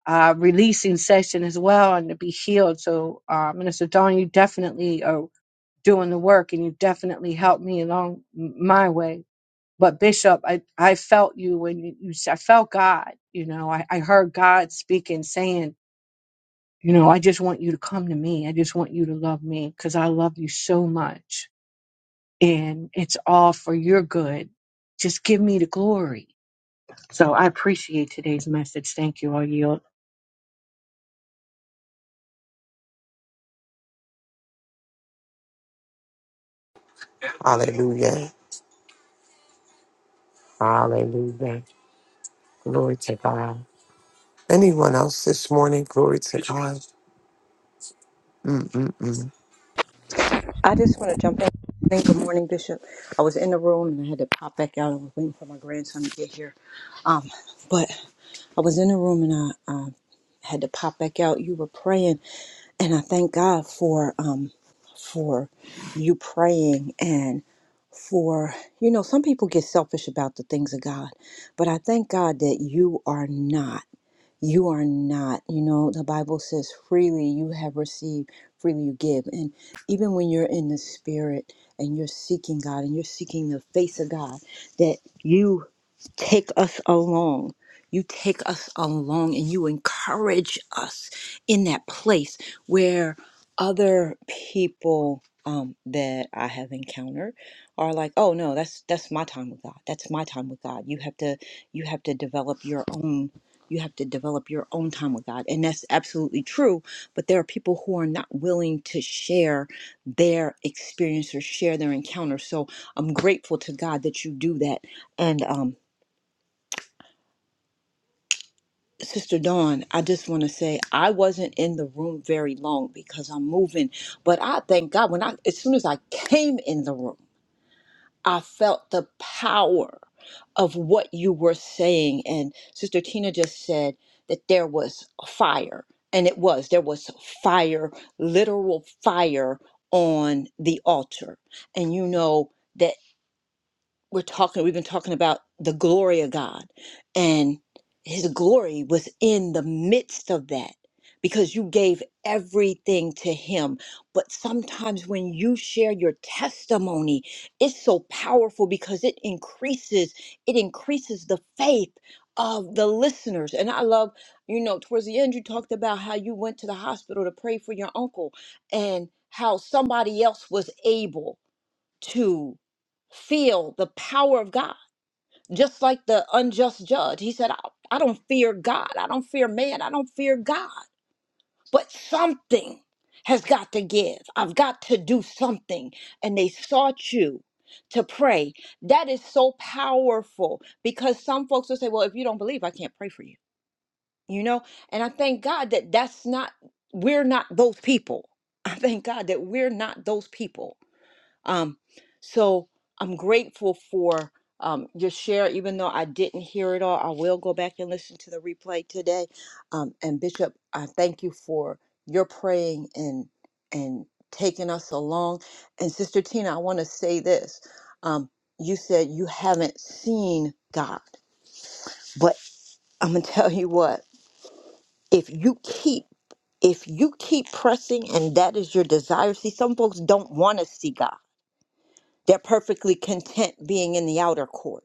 Speaker 8: uh, releasing session as well and to be healed. So, uh, Minister Don, you definitely are doing the work and you definitely helped me along my way. But Bishop, I, I felt you when you, you s- I felt God, you know, I, I heard God speaking, saying, you know, I just want you to come to me. I just want you to love me because I love you so much and it's all for your good. Just give me the glory. So I appreciate today's message. Thank you. all. yield.
Speaker 2: Hallelujah. Hallelujah. Glory to God. Anyone else this morning? Glory to God. Mm-mm-mm.
Speaker 9: I just want to jump in. Good morning, good morning, Bishop. I was in the room and I had to pop back out. I was waiting for my grandson to get here. Um, but I was in the room and I um, had to pop back out. You were praying, and I thank God for um, for you praying and for you know some people get selfish about the things of God, but I thank God that you are not you are not. You know, the Bible says, freely you have received, freely you give. And even when you're in the spirit and you're seeking God and you're seeking the face of God, that you take us along. You take us along and you encourage us in that place where other people um, that I have encountered are like, oh no, that's that's my time with God. That's my time with God. You have to you have to develop your own you have to develop your own time with God. And that's absolutely true. But there are people who are not willing to share their experience or share their encounter. So I'm grateful to God that you do that. And, um, Sister Dawn, I just want to say I wasn't in the room very long because I'm moving, but I thank God when I as soon as I came in the room. I felt the power of what you were saying. And Sister Tina just said that there was fire. And it was, there was fire, literal fire on the altar. And you know that we're talking we've been talking about the glory of God and his glory was in the midst of that because you gave everything to him but sometimes when you share your testimony it's so powerful because it increases it increases the faith of the listeners and i love you know towards the end you talked about how you went to the hospital to pray for your uncle and how somebody else was able to feel the power of God. Just like the unjust judge, he said, I, I don't fear God. I don't fear man. I don't fear God. But something has got to give. I've got to do something. And they sought you to pray. That is so powerful because some folks will say, Well, if you don't believe, I can't pray for you. You know? And I thank God that that's not, we're not those people. I thank God that we're not those people um, so I'm grateful for um, your share, even though I didn't hear it all. I will go back and listen to the replay today. Um, and Bishop, I thank you for your praying and and taking us along. And Sister Tina, I want to say this. Um, you said you haven't seen God, but I'm gonna tell you what. If you keep if you keep pressing and that is your desire, see, some folks don't want to see God they're perfectly content being in the outer court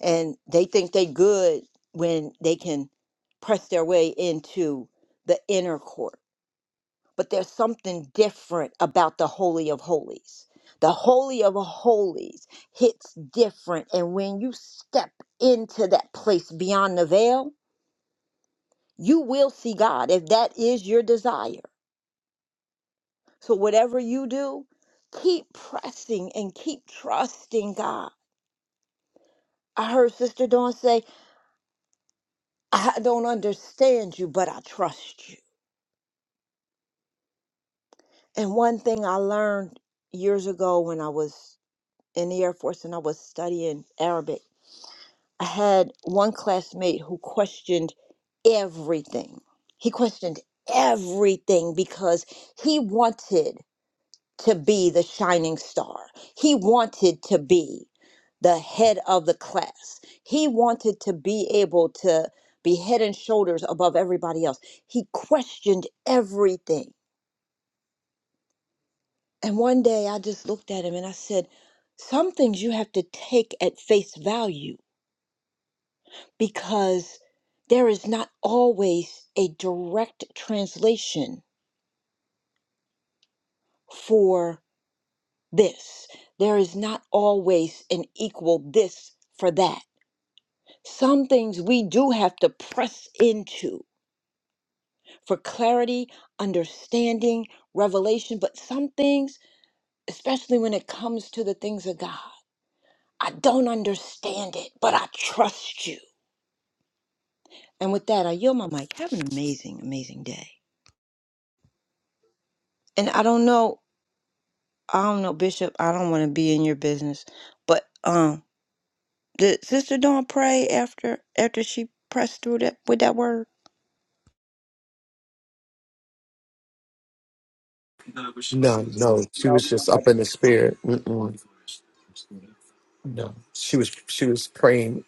Speaker 9: and they think they good when they can press their way into the inner court but there's something different about the holy of holies the holy of holies hits different and when you step into that place beyond the veil you will see god if that is your desire so whatever you do keep pressing and keep trusting god i heard sister dawn say I don't understand you, but I trust you. And one thing I learned years ago when I was in the Air Force and I was studying Arabic, I had one classmate who questioned everything. He questioned everything because he wanted to be the shining star. He wanted to be the head of the class. He wanted to be able to be head and shoulders above everybody else. He questioned everything. And one day I just looked at him and I said, Some things you have to take at face value because there is not always a direct translation for this. There is not always an equal this for that Some things we do have to press into for clarity, understanding, revelation, but some things, especially when it comes to the things of God, I don't understand it, but I trust you. And with that, I yield my mic. Have an amazing, amazing day. And I don't know, I don't know, Bishop, I don't want to be in your business, but um, did Sister Dawn pray after after she pressed through that with that word?
Speaker 2: No, no. She
Speaker 6: No,
Speaker 2: was just
Speaker 6: ma'am,
Speaker 2: up in the spirit. Mm-mm. No. She was she was praying.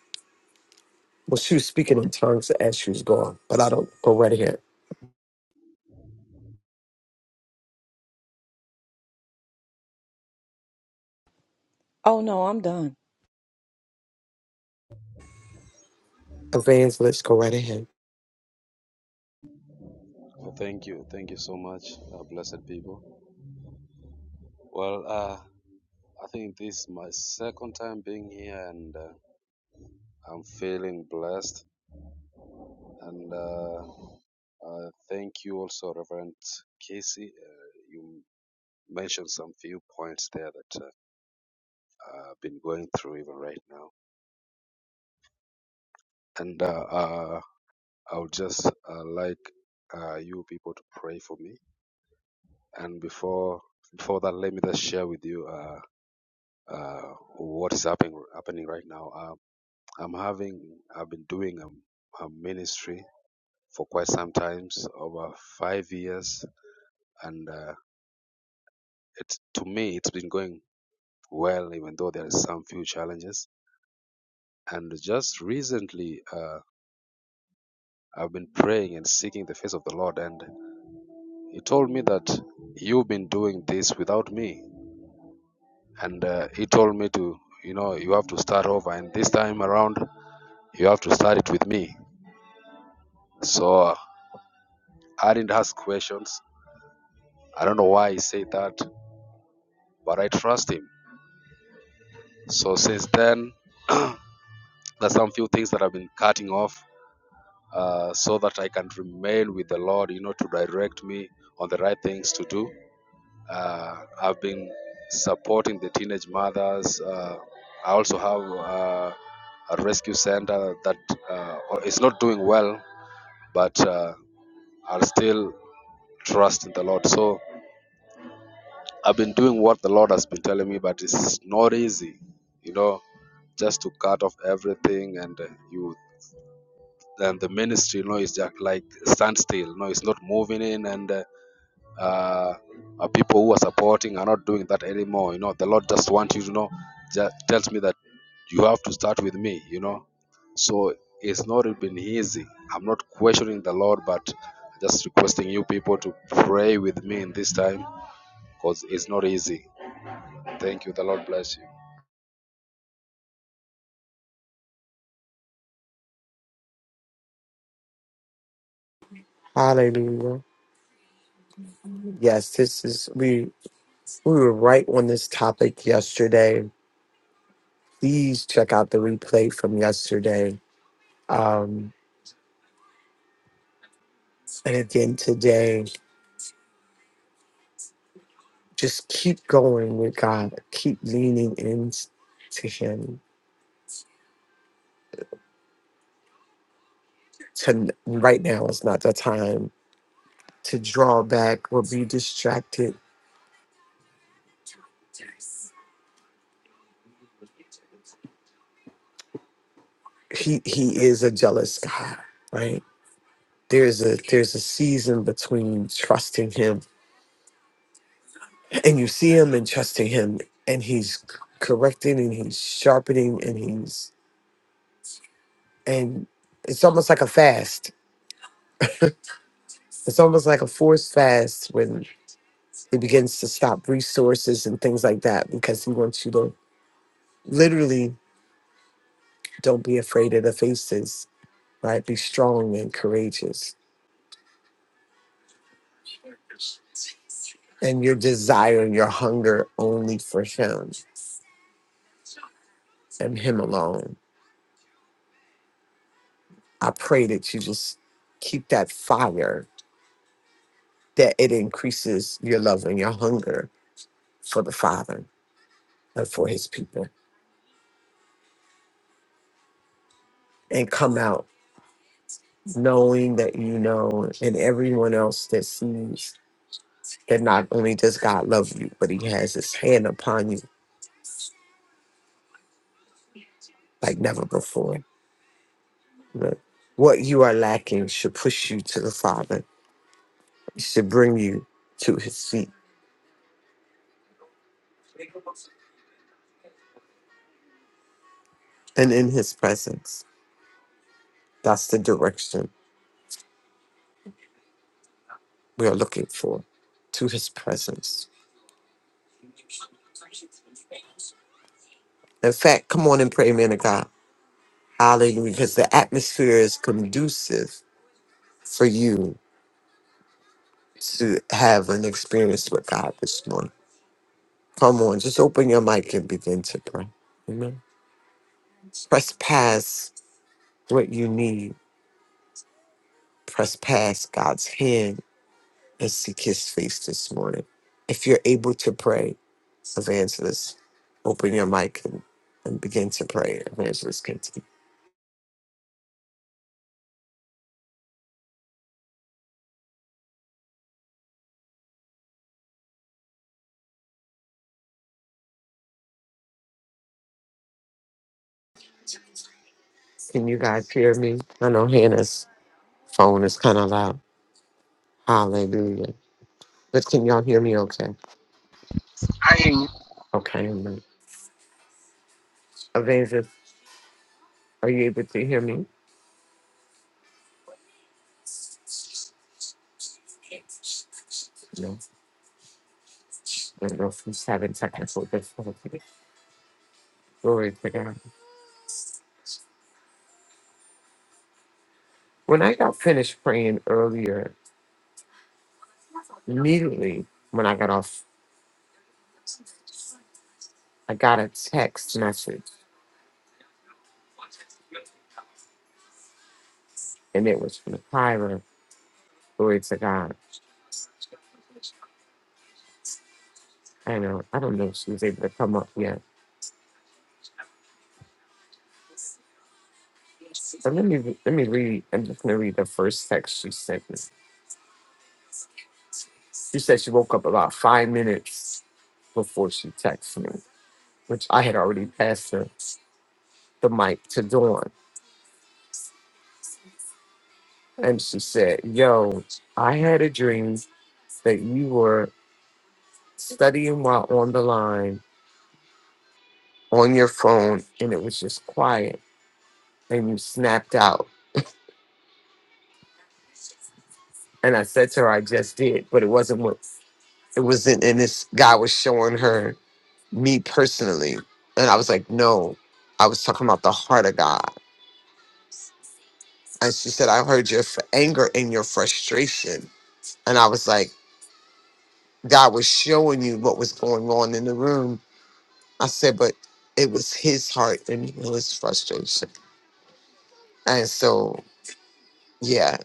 Speaker 2: Well, she was speaking in tongues as she was going, but I don't go right ahead.
Speaker 9: Oh no, I'm done.
Speaker 2: Evangelist, go right ahead.
Speaker 10: Well, thank you. Thank you so much, uh, blessed people. Well, uh, I think this is my second time being here and uh, I'm feeling blessed. And uh, uh, thank you also, Reverend Casey. Uh, you mentioned some few points there that uh, I've been going through even right now. And uh, uh, I would just uh, like uh, you people to pray for me. And before before that, let me just share with you. Uh, uh, what is happening happening right now. Uh, I'm having I've been doing a, a ministry for quite some times over five years, and uh, it to me it's been going well, even though there are some few challenges. And just recently, uh, I've been praying and seeking the face of the Lord, and He told me that you've been doing this without me, and uh, He told me to. You know, you have to start over, and this time around, you have to start it with me. So uh, I didn't ask questions. I don't know why he said that, but I trust him. So since then, there's some few things that I've been cutting off uh, so that I can remain with the Lord, you know, to direct me on the right things to do. Uh, I've been supporting the teenage mothers. Uh, I also have uh, a rescue center that uh, is not doing well, but uh, I'll still trust in the Lord. So I've been doing what the Lord has been telling me, but it's not easy, you know, just to cut off everything and uh, you and the ministry, you know, is just like standstill. No, it's not moving in, and uh, uh, uh, people who are supporting are not doing that anymore. You know, the Lord just wants you to know, just tells me that you have to start with me. You know, so it's not been easy. I'm not questioning the Lord, but just requesting you people to pray with me in this time because it's not easy. Thank you. The Lord bless you.
Speaker 2: Hallelujah. Yes, this is we we were right on this topic yesterday. Please check out the replay from yesterday. Um and again today. Just keep going with God. Keep leaning in to him. To right now is not the time to draw back or be distracted. He he is a jealous God, right? There's a there's a season between trusting him and you see him and trusting him and he's c- correcting and he's sharpening and he's and it's almost like a fast it's almost like a forced fast when he begins to stop resources and things like that because he wants you to literally don't be afraid of the faces right be strong and courageous and your desire and your hunger only for him and him alone i pray that you just keep that fire that it increases your love and your hunger for the Father and for his people and come out knowing that you know and everyone else that sees that not only does God love you, but he has his hand upon you like never before. Look, What you are lacking should push you to the Father, it should bring you to his feet and in his presence. That's the direction we are looking for to his presence. In fact, come on and pray, man of God. Hallelujah, because the atmosphere is conducive for you to have an experience with God this morning. Come on, just open your mic and begin to pray. Amen. Press past what you need. Press past God's hand and seek his face this morning. If you're able to pray, evangelist, open your mic and, and begin to pray. Evangelist, can, can you guys hear me? I know Hannah's phone is kind of loud. Hallelujah. But can y'all hear me okay?
Speaker 11: I ain't.
Speaker 2: Okay. amen. Evangelist, are you able to hear me? No. you know, from having technical difficulties. Glory to God. When I got finished praying earlier, immediately when I got off, I got a text message, and it was from Tyra. Glory to God. I know. I don't know if she was able to come up yet. But let me let me read. I'm just gonna read the first text she sent me. She said she woke up about five minutes before she texted me, which I had already passed her the mic to Dawn. And she said, Yo, I had a dream that you were studying while on the line on your phone and it was just quiet and you snapped out. And I said to her, I just did, but it wasn't what it wasn't. And this guy was showing her me personally. And I was like, No, I was talking about the heart of God. And she said, I heard your f- anger and your frustration. And I was like, God was showing you what was going on in the room I said, but it was his heart and his frustration. And so, yeah.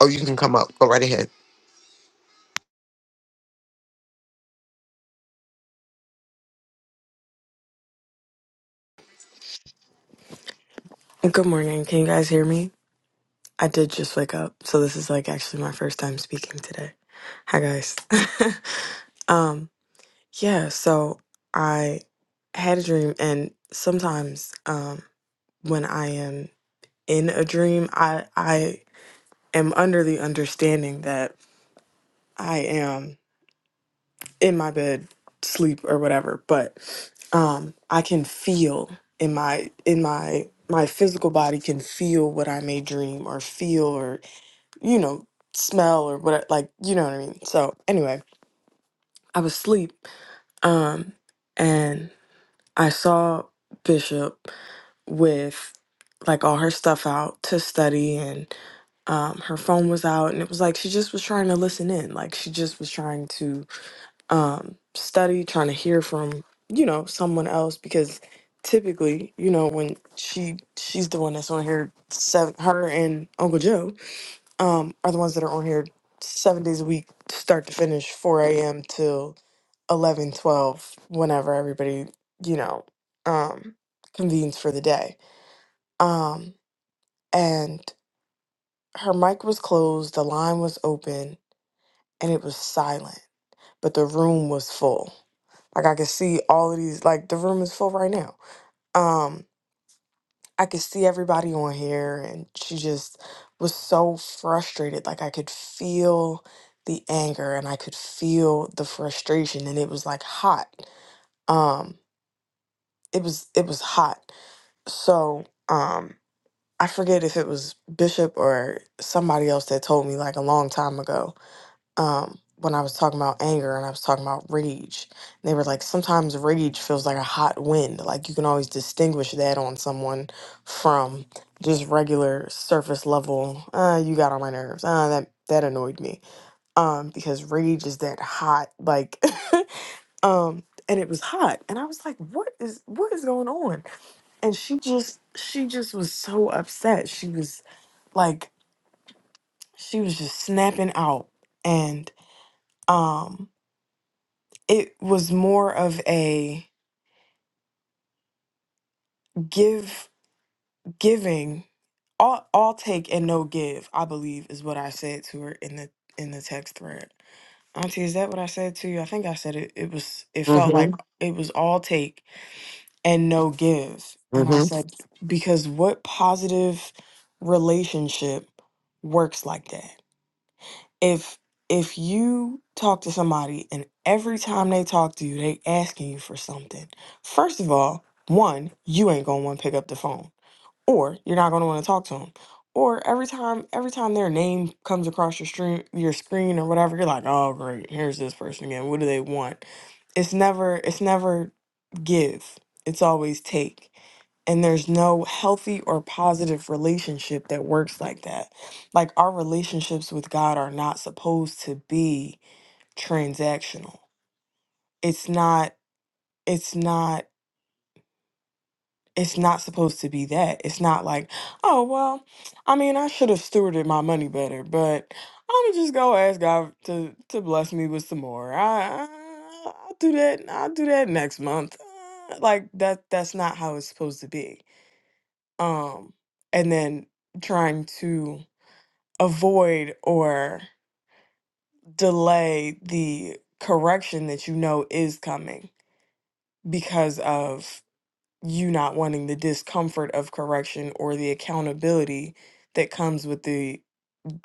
Speaker 2: Oh, you can come up. Go right ahead.
Speaker 12: Good morning. Can you guys hear me? I did just wake up, so this is like actually my first time speaking today. Hi guys. um yeah, so I had a dream and sometimes um when I am in a dream, I I am under the understanding that I am in my bed sleep or whatever, but um I can feel in my in my my physical body can feel what I may dream or feel or you know, smell or whatever. Like, you know what I mean? So, anyway, I was asleep. Um, and I saw Bishop with like all her stuff out to study, and um, her phone was out. And it was like she just was trying to listen in. Like, she just was trying to um, study, trying to hear from, you know, someone else because typically you know when she she's the one that's on here seven her and uncle joe um, are the ones that are on here seven days a week, start to finish, 4 a.m. till 11, 12, whenever everybody, you know, um, convenes for the day. Um, and her mic was closed, the line was open, and it was silent, but the room was full. Like I could see all of these, like the room is full right now. Um, I could see everybody on here, and she just was so frustrated. Like I could feel the anger, and I could feel the frustration, and it was like hot. Um, it was it was hot. So um, I forget if it was Bishop or somebody else that told me like a long time ago um, when I was talking about anger and I was talking about rage. They were like, sometimes rage feels like a hot wind. Like you can always distinguish that on someone from just regular surface level. Uh, you got on my nerves. Uh, that that annoyed me. Um, because rage is that hot, like, um, and it was hot, and I was like, what is what is going on? And she just she just was so upset. She was like, she was just snapping out, and um it was more of a give giving all all take and no give i believe is what i said to her in the in the text thread auntie is that what i said to you i think i said it it was it felt like
Speaker 2: Mm-hmm.
Speaker 12: it was all take and no give and i
Speaker 2: Mm-hmm.
Speaker 12: said because what positive relationship works like that if if you talk to somebody and every time they talk to you they asking you for something first of all one you ain't gonna want to pick up the phone or you're not gonna want to talk to them or every time every time their name comes across your stream your screen or whatever you're like oh great here's this person again what do they want it's never it's never give, it's always take. And there's no healthy or positive relationship that works like that. Like our relationships with God are not supposed to be transactional. It's not, it's not, it's not supposed to be that. It's not like, oh, well, I mean, I should have stewarded my money better, but I'm just gonna ask God to, to bless me with some more. I, I, I'll do that. I'll do that next month. Uh, Like that, that's not how it's supposed to be um, and then trying to avoid or delay the correction that you know is coming because of you not wanting the discomfort of correction or the accountability that comes with the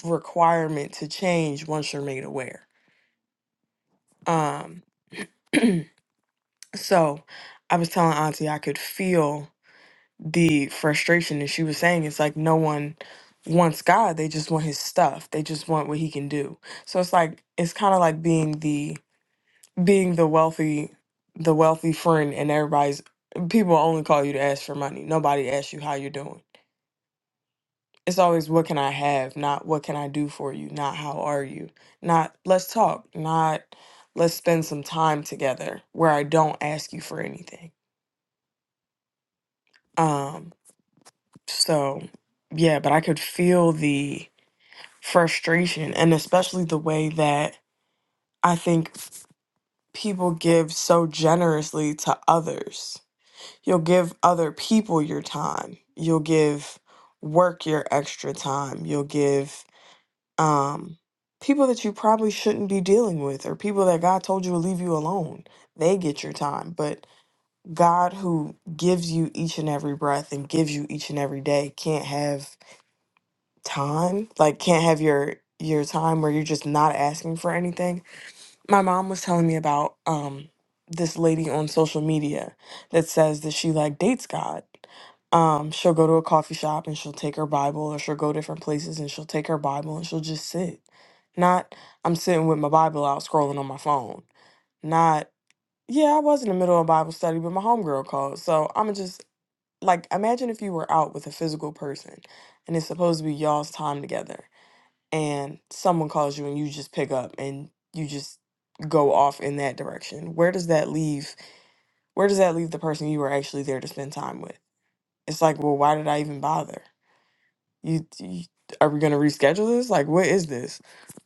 Speaker 12: requirement to change once you're made aware. Um, so I was telling Auntie I could feel. the frustration that she was saying is like no one wants God. They just want his stuff. They just want what he can do. So it's like it's kind of like being the being the wealthy the wealthy friend and everybody's people only call you to ask for money. Nobody asks you how you're doing. It's always what can I have, not what can I do for you, not how are you, not let's talk, not let's spend some time together where I don't ask you for anything. Um so yeah, but I could feel the frustration and especially the way that I think people give so generously to others. You'll give other people your time. You'll give work your extra time. You'll give um people that you probably shouldn't be dealing with or people that God told you to leave you alone. They get your time, but God who gives you each and every breath and gives you each and every day can't have time, like can't have your your time where you're just not asking for anything my mom was telling me about um this lady on social media that says that she like dates God. Um, she'll go to a coffee shop and she'll take her Bible, or she'll go different places and she'll take her Bible and she'll just sit. Not I'm sitting with my Bible out scrolling on my phone. Not yeah, I was in the middle of Bible study, but my homegirl called. So I'm just like, imagine if you were out with a physical person and it's supposed to be y'all's time together and someone calls you and you just pick up and you just go off in that direction where does that leave where does that leave the person you were actually there to spend time with it's like well why did i even bother you, you are we going to reschedule this like what is this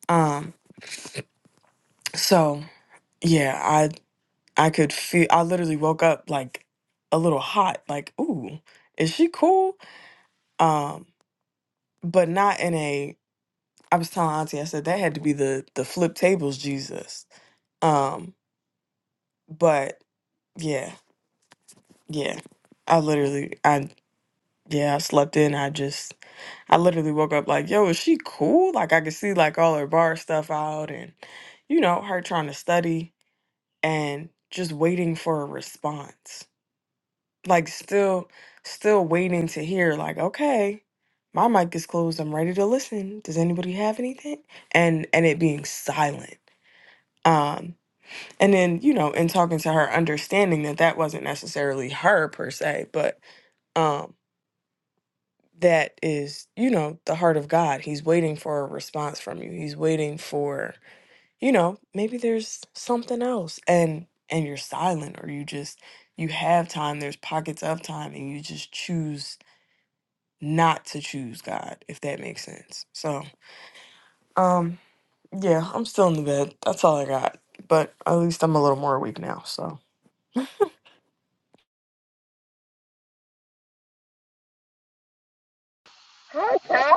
Speaker 12: um so yeah i i could feel i literally woke up like a little hot like ooh is she cool um but not in a i was telling auntie i said that had to be the the flip tables jesus um but Yeah, yeah. I literally, I yeah, I slept in. I just, I literally woke up like, yo, is she cool? Like I could see like all her bar stuff out, and you know her trying to study and just waiting for a response. Like still, still waiting to hear. Like okay, my mic is closed. I'm ready to listen. Does anybody have anything? And and it being silent. Um, and then you know, in talking to her, understanding that that wasn't necessarily her per se, but um, that is, you know, the heart of God. He's waiting for a response from you. He's waiting for, you know, maybe there's something else and and you're silent or you just you have time, there's pockets of time and you just choose not to choose God, if that makes sense. So, um yeah, I'm still in the bed. That's all I got. But at least I'm a little more awake now. So
Speaker 11: Okay.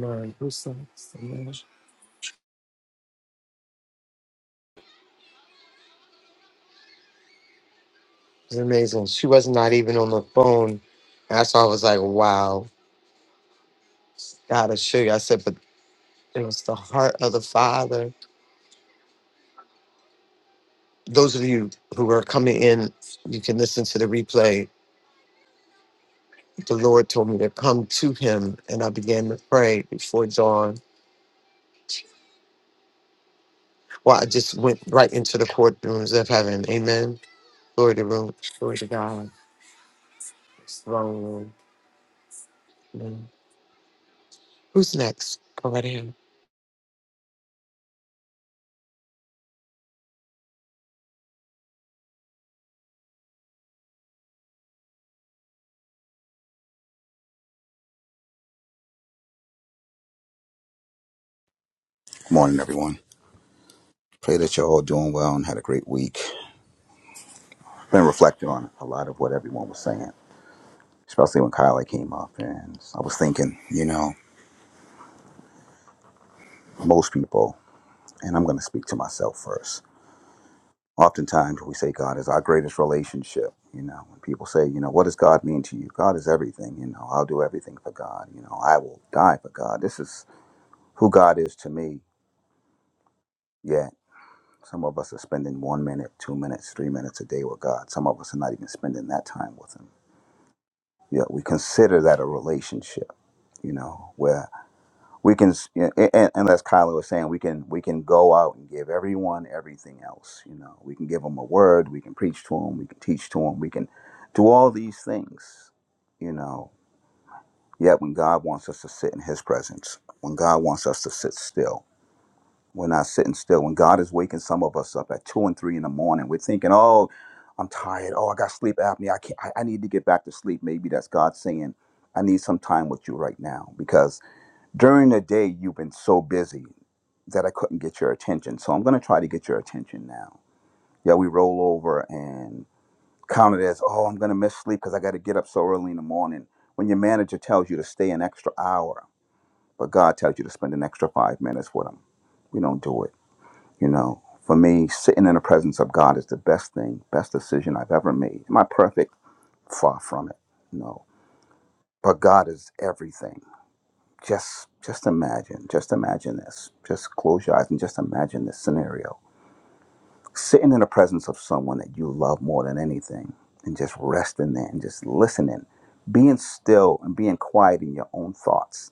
Speaker 2: Nine percent. It's amazing. She was not even on the phone. That's why I was like, wow, gotta show you. I said, but it was the heart of the father. Those of you who are coming in, you can listen to the replay. The Lord told me to come to him and I began to pray before dawn. Well, I just went right into the courtrooms of heaven. Amen Glory to, Lord. Glory to God. Slow. Who's next? Go right ahead.
Speaker 13: Good morning, everyone. Pray that you're all doing well and had a great week. I've been reflecting on a lot of what everyone was saying, especially when Kyla came up. And I was thinking, you know, most people, and I'm going to speak to myself first. Oftentimes, we say God is our greatest relationship. You know, when people say, you know, what does God mean to you? God is everything. You know, I'll do everything for God. You know, I will die for God. This is who God is to me. Yet, some of us are spending one minute, two minutes, three minutes a day with God. Some of us are not even spending that time with Him yeah, we consider that a relationship, you know, where we can, yeah, and, and as Kyla was saying, we can we can go out and give everyone everything else, you know, we can give them a word, we can preach to them, we can teach to them, we can do all these things, you know. Yet when God wants us to sit in His presence, when God wants us to sit still, we're not sitting still. When God is waking some of us up at two and three in the morning, we're thinking, "Oh, I'm tired. Oh, I got sleep apnea. I can't. I, I need to get back to sleep." Maybe that's God saying, "I need some time with you right now," because during the day you've been so busy that I couldn't get your attention. So I'm going to try to get your attention now. Yeah, we roll over and count it as, "Oh, I'm going to miss sleep because I got to get up so early in the morning." When your manager tells you to stay an extra hour, but God tells you to spend an extra five minutes with him, we don't do it. You know, for me, sitting in the presence of God is the best thing, best decision I've ever made. Am I perfect? Far from it. No. But God is everything. Just just imagine, just imagine this. Just close your eyes and just imagine this scenario. Sitting in the presence of someone that you love more than anything and just resting there and just listening, being still and being quiet in your own thoughts.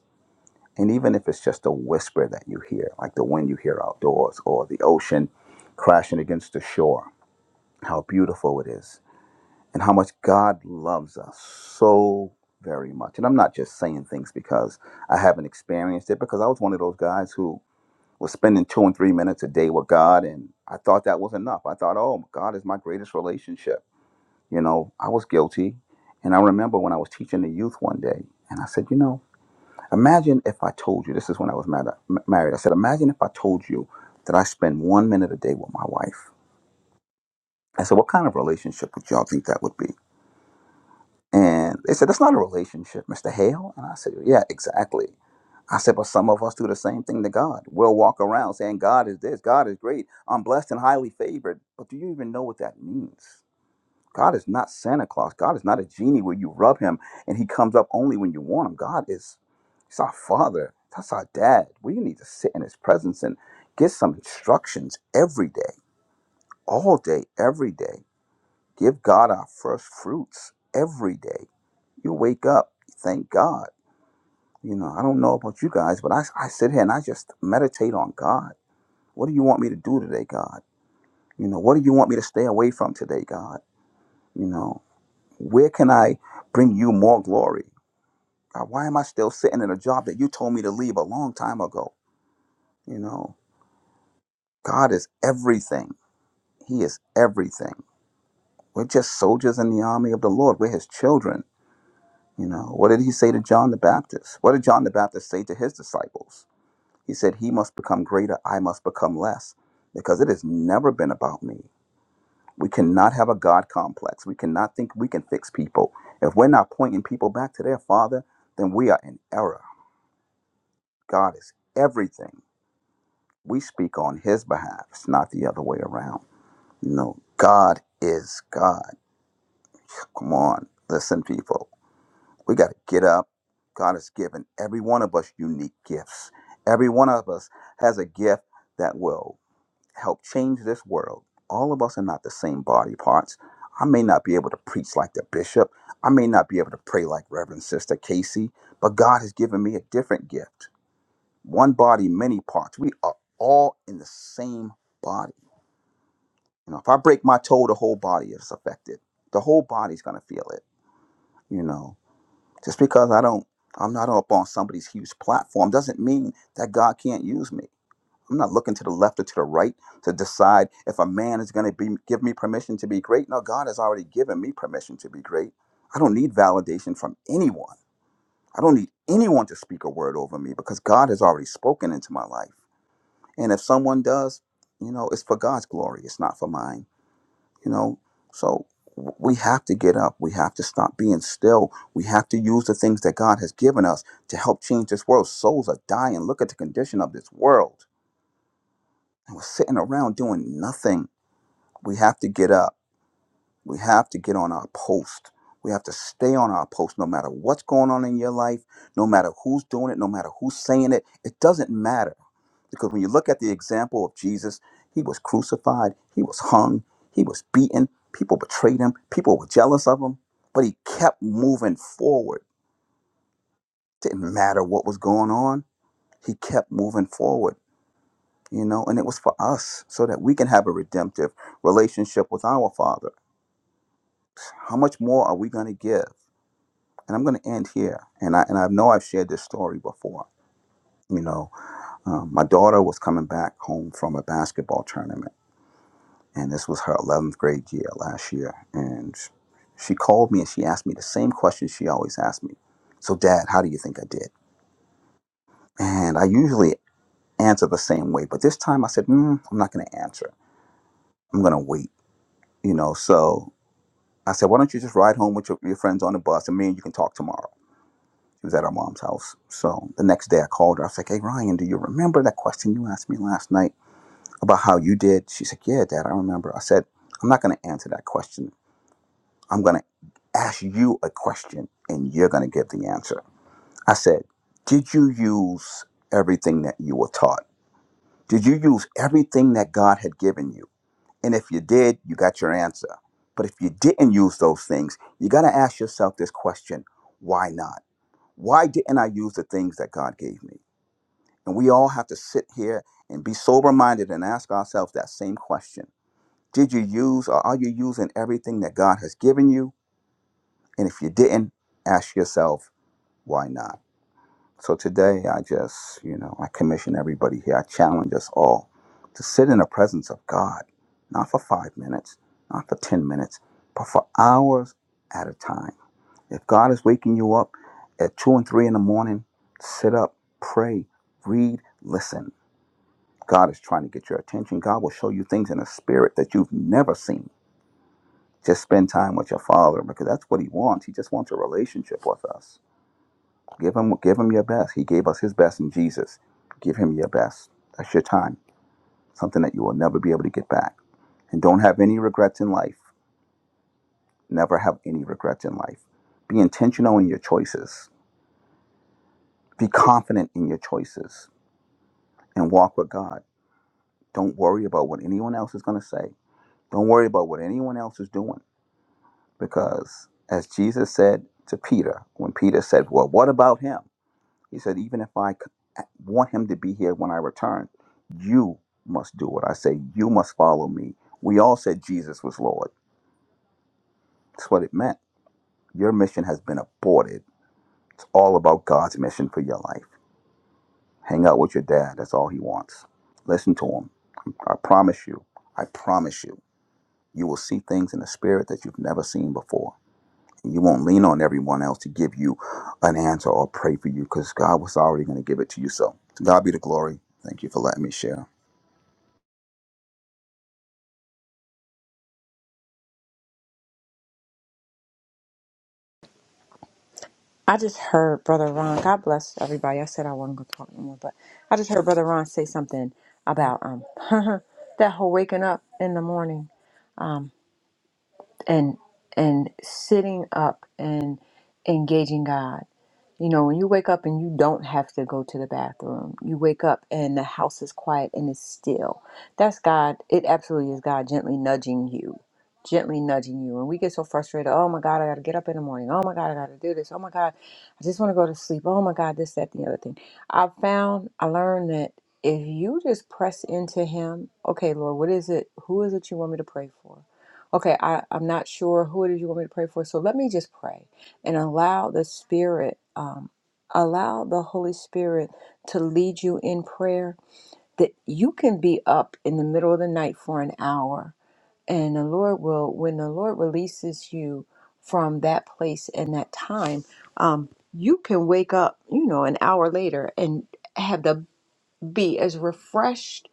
Speaker 13: And even if it's just a whisper that you hear, like the wind you hear outdoors or the ocean crashing against the shore, how beautiful it is, and how much God loves us so very much. And I'm not just saying things because I haven't experienced it, because I was one of those guys who was spending two and three minutes a day with God, and I thought that was enough. I thought, oh, God is my greatest relationship. You know, I was guilty. And I remember when I was teaching the youth one day, and I said, you know, imagine if I told you, this is when I was mad, m- married. I said, imagine if I told you that I spend one minute a day with my wife. I said, what kind of relationship would y'all think that would be? And they said, That's not a relationship, Mr. Hale. And I said, Yeah, exactly. I said, But some of us do the same thing to God. We'll walk around saying, God is this, God is great, I'm blessed and highly favored. But do you even know what that means? God is not Santa Claus. God is not a genie where you rub him and he comes up only when you want him. God is He's our father. That's our dad. We need to sit in his presence and get some instructions every day, all day, every day. Give God our first fruits every day you wake up, you thank God. You know, I don't know about you guys, but I, I sit here and I just meditate on God. What do you want me to do today, God? You know, what do you want me to stay away from today, God? You know, where can I bring you more glory? God, why am I still sitting in a job that you told me to leave a long time ago? You know, God is everything. He is everything. We're just soldiers in the army of the Lord. We're his children. You know, what did he say to John the Baptist? What did John the Baptist say to his disciples? He said, He must become greater, I must become less, because it has never been about me. We cannot have a God complex. We cannot think we can fix people. If we're not pointing people back to their Father, then we are in error. God is everything. We speak on His behalf, it's not the other way around. No, God is God. Come on, listen, people. We got to get up. God has given every one of us unique gifts. Every one of us has a gift that will help change this world. All of us are not the same body parts. I may not be able to preach like the bishop. I may not be able to pray like Reverend Sister Casey, but God has given me a different gift. One body, many parts. We are all in the same body. You know, if I break my toe, the whole body is affected. The whole body's gonna feel it. You know, just because I don't, I'm not up on somebody's huge platform doesn't mean that God can't use me. I'm not looking to the left or to the right to decide if a man is going to be give me permission to be great. No, God has already given me permission to be great. I don't need validation from anyone. I don't need anyone to speak a word over me because God has already spoken into my life. And if someone does, you know, it's for God's glory. It's not for mine. You know, so w- we have to get up. We have to stop being still. We have to use the things that God has given us to help change this world. Souls are dying. Look at the condition of this world and we're sitting around doing nothing. We have to get up. We have to get on our post. We have to stay on our post no matter what's going on in your life, no matter who's doing it, no matter who's saying it. It doesn't matter. Because when you look at the example of Jesus, he was crucified, he was hung, he was beaten, people betrayed him, people were jealous of him, but he kept moving forward. Didn't matter what was going on, he kept moving forward. you know, and it was for us so that we can have a redemptive relationship with our Father. How much more are we going to give? And I'm going to end here. And I and I know I've shared this story before. You know, um, my daughter was coming back home from a basketball tournament, and this was her 11th grade year last year. And she called me and she asked me the same question she always asked me. So, Dad, how do you think I did? And I usually answer the same way, but this time I said, mm, I'm not going to answer. I'm going to wait. You know, so I said, why don't you just ride home with your, your friends on the bus and me and you can talk tomorrow? She was at our mom's house. So the next day I called her. I was like, hey, Ryan, do you remember that question you asked me last night about how you did? She said, yeah, Dad, I remember. I said, I'm not going to answer that question. I'm going to ask you a question and you're going to give the answer. I said, did you use everything that you were taught? Did you use everything that God had given you? And if you did, you got your answer. But if you didn't use those things, you got to ask yourself this question why not? Why didn't I use the things that God gave me? And we all have to sit here and be sober minded and ask ourselves that same question Did you use or are you using everything that God has given you? And if you didn't, ask yourself, why not? So today, I just, you know, I commission everybody here. I challenge us all to sit in the presence of God, not for five minutes, not for 10 minutes, but for hours at a time. If God is waking you up at two and three in the morning, sit up, pray, read, listen. God is trying to get your attention. God will show you things in a spirit that you've never seen. Just spend time with your Father because that's what He wants. He just wants a relationship with us. Give him, give him your best. He gave us his best in Jesus. Give him your best. That's your time. Something that you will never be able to get back. And don't have any regrets in life. Never have any regrets in life. Be intentional in your choices. Be confident in your choices and walk with God. Don't worry about what anyone else is going to say. Don't worry about what anyone else is doing. Because as Jesus said to Peter, when Peter said, Well, what about him? He said, even if I c- want him to be here when I return, you must do it. I say, you must follow me. We all said Jesus was Lord. That's what it meant. Your mission has been aborted. It's all about God's mission for your life. Hang out with your dad. That's all he wants. Listen to him. I promise you. I promise you. You will see things in the spirit that you've never seen before. And you won't lean on everyone else to give you an answer or pray for you because God was already going to give it to you. So, to God be the glory. Thank you for letting me share.
Speaker 9: I just heard Brother Ron. God bless everybody. I said I wasn't going to talk anymore, but I just heard Brother Ron say something about um that whole waking up in the morning, um and and sitting up and engaging God. You know, when you wake up and you don't have to go to the bathroom, you wake up and the house is quiet and it's still. That's God. It absolutely is God gently nudging you, gently nudging you. And we get so frustrated. Oh my God, I got to get up in the morning. Oh my God, I got to do this. Oh my God, I just want to go to sleep. Oh my God, this, that, the other thing. I found, I learned that if you just press into Him, okay, Lord, what is it? Who is it you want me to pray for? Okay, I, I'm not sure who it is you want me to pray for. So let me just pray and allow the Spirit, um, allow the Holy Spirit to lead you in prayer. That you can be up in the middle of the night for an hour, and the Lord will, when the Lord releases you from that place and that time, um, you can wake up, you know, an hour later and have to be as refreshed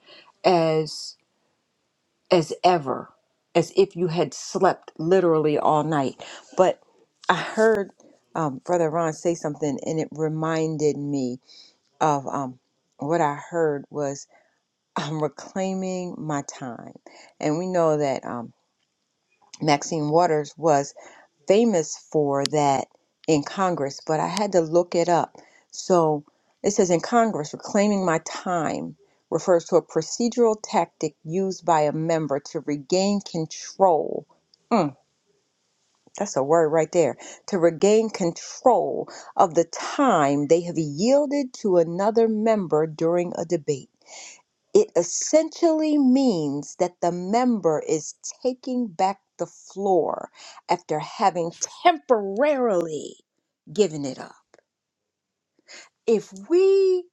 Speaker 9: as ever, as if you had slept literally all night. But I heard um, Brother Ron say something, and it reminded me of um, what I heard was I'm reclaiming my time, and we know that um, Maxine Waters was famous for that in Congress, but I had to look it up. So it says in Congress, reclaiming my time refers to a procedural tactic used by a member to regain control. Mm, that's a word right there. To regain control of the time they have yielded to another member during a debate. It essentially means that the member is taking back the floor after having temporarily given it up. If we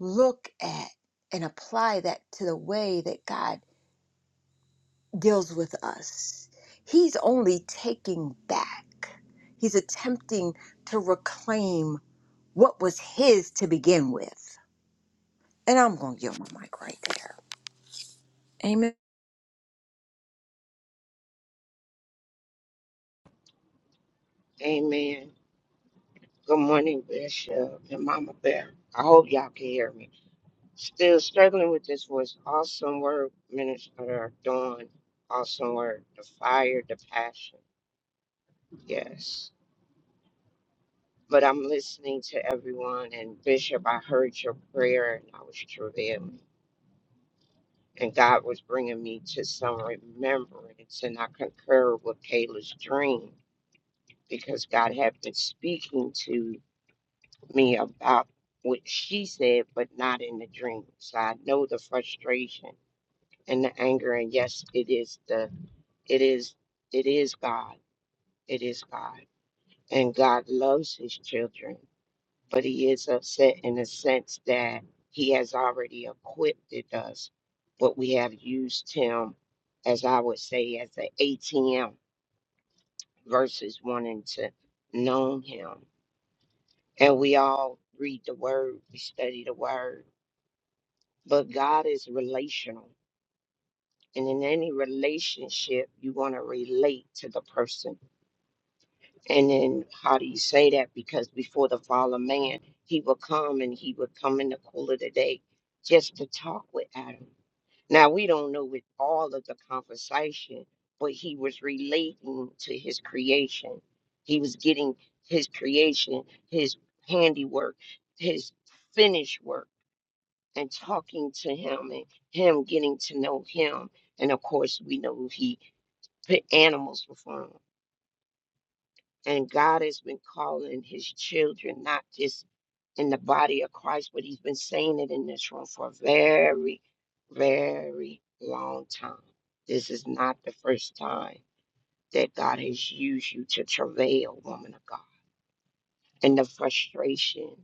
Speaker 9: look at and apply that to the way that God deals with us, He's only taking back, He's attempting to reclaim what was His to begin with. And I'm going to yield my mic right there. Amen.
Speaker 14: Amen. Good morning, Bishop and Mama Bear. I hope y'all can hear me. Still struggling with this was awesome word, Minister Dawn. Awesome word. The fire, the passion. Yes. But I'm listening to everyone, and Bishop, I heard your prayer, and I was travailing. And God was bringing me to some remembrance, and I concur with Kayla's dream because God had been speaking to me about what she said, but not in the dream. So I know the frustration and the anger. And yes, it is the it is it is God. It is God. And God loves his children, but he is upset in the sense that he has already equipped it us, but we have used him as I would say as an ATM versus wanting to know him. And we all read the word, we study the word But God is relational. And in any relationship, you want to relate to the person. And then how do you say that? Because before the fall of man, he would come and he would come in the cool of the day just to talk with Adam. Now, we don't know with all of the conversation, but he was relating to his creation. He was getting his creation, his handiwork, his finished work and talking to him and him getting to know him. And of course, we know he put animals before him. And God has been calling his children, not just in the body of Christ, but he's been saying it in this room for a very, very long time. This is not the first time that God has used you to travail, woman of God, and the frustration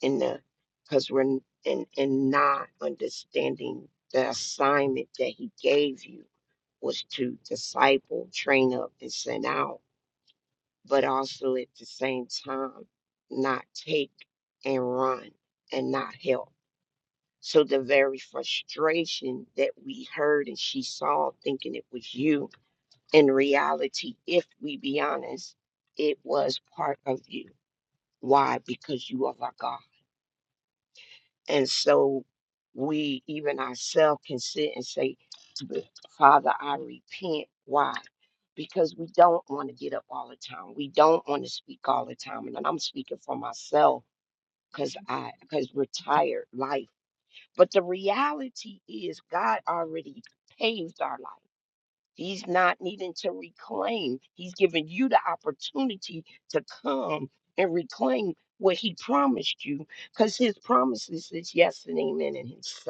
Speaker 14: in the because we're n- in in not understanding the assignment that he gave you was to disciple, train up, and send out, but also at the same time not take and run and not help. So the very frustration that we heard and she saw thinking it was you, in reality, if we be honest, it was part of you. Why? Because you are like God And so we, even ourselves, can sit and say, "But Father, I repent. Why? Because we don't want to get up all the time. We don't want to speak all the time. And I'm speaking for myself because I because we're tired life. But the reality is God already paved our life. He's not needing to reclaim. He's giving you the opportunity to come and reclaim what he promised you because his promises is yes and amen and Himself.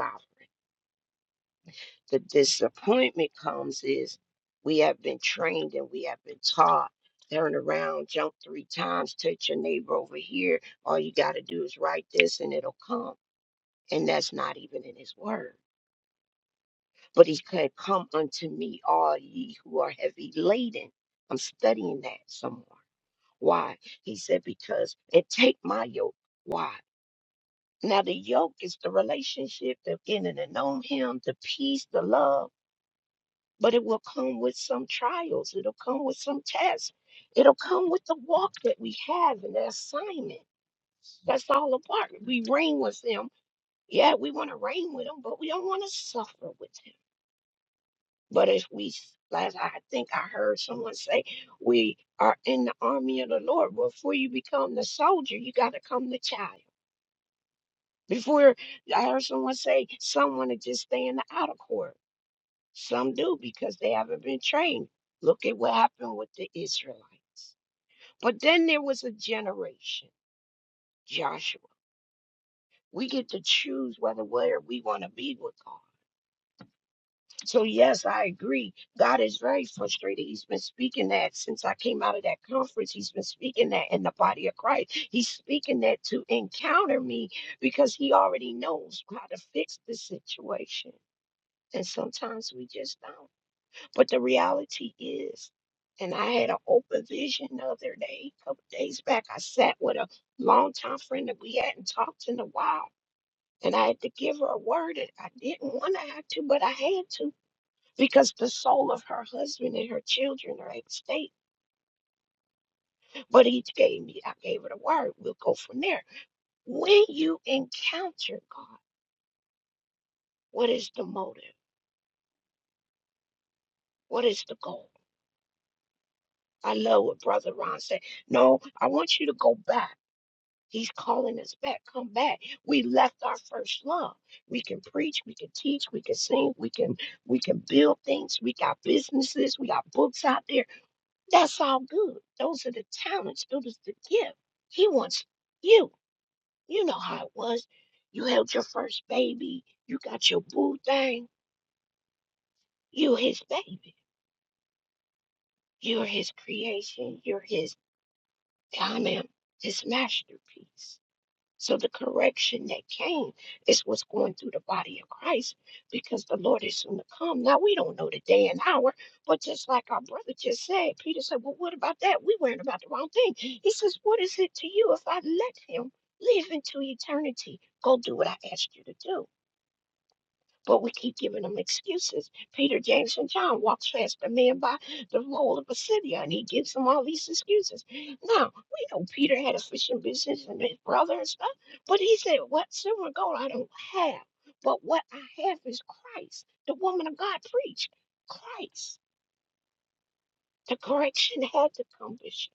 Speaker 14: The disappointment comes is we have been trained and we have been taught. Turn around, jump three times, touch your neighbor over here. All you got to do is write this and it'll come. And that's not even in his word. But he said, Come unto me, all ye who are heavy laden. I'm studying that some more. Why? He said, Because, and take my yoke. Why? Now, the yoke is the relationship of getting to know him, the peace, the love, but it will come with some trials. It'll come with some tests. It'll come with the walk that we have and the assignment. That's all apart. We reign with him. Yeah, we want to reign with him, but we don't want to suffer with him. But as we, s- as I think I heard someone say, we are in the army of the Lord. Well, before you become the soldier, you got to come the child. Before I heard someone say, some want to just stay in the outer court. Some do because they haven't been trained. Look at what happened with the Israelites. But then there was a generation, Joshua. We get to choose whether where we want to be with God. So, yes, I agree. God is very frustrated. He's been speaking that since I came out of that conference. He's been speaking that in the body of Christ. He's speaking that to encounter me because he already knows how to fix the situation. And sometimes we just don't. But the reality is, and I had an open vision the other day, a couple days back. I sat with a longtime friend that we hadn't talked in a while. And I had to give her a word that I didn't want to have to, but I had to because the soul of her husband and her children are at stake. But he gave me, I gave her the word. We'll go from there. When you encounter God, what is the motive? What is the goal? I love what Brother Ron said. No, I want you to go back. He's calling us back. Come back. We left our first love. We can preach, we can teach, we can sing, we can we can build things. We got businesses, we got books out there That's all good. Those are the talents. It was the gift. He wants you. You know how it was. You held your first baby. You got your boo thing. You're his baby. You're his creation. You're his diamond, his masterpiece. So the correction that came is what's going through the body of Christ because the Lord is soon to come. Now we don't know the day and hour, but just like our brother just said, Peter said, Well, what about that? We worrying about the wrong thing. He says, What is it to you if I let him live into eternity? Go do what I asked you to do. But we keep giving them excuses. Peter, James, and John walks past the man by the roll of Pisidia, and he gives them all these excuses. Now, we know Peter had a fishing business and his brother and stuff, but he said, What silver and gold I don't have, but what I have is Christ. The woman of God preached Christ. The correction had to come, Bishop.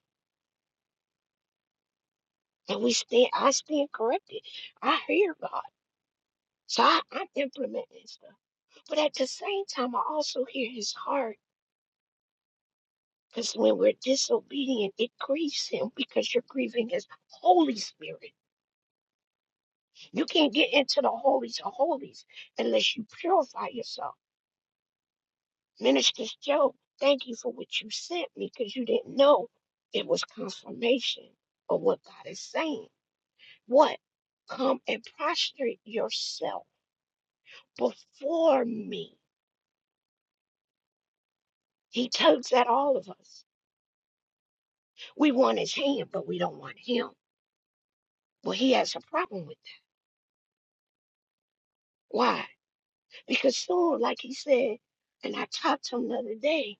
Speaker 14: And we stand, I stand corrected. I hear God. So I, I'm implementing stuff. But at the same time, I also hear his heart Because when we're disobedient, it grieves him because you're grieving his Holy Spirit. You can't get into the holies of holies unless you purify yourself. Minister Joe, thank you for what you sent me because you didn't know it was confirmation of what God is saying. What? Come and prostrate yourself before me. He tugs at all of us. We want his hand, but we don't want him. Well, he has a problem with that. Why? Because soon, like he said, and I talked to him the other day,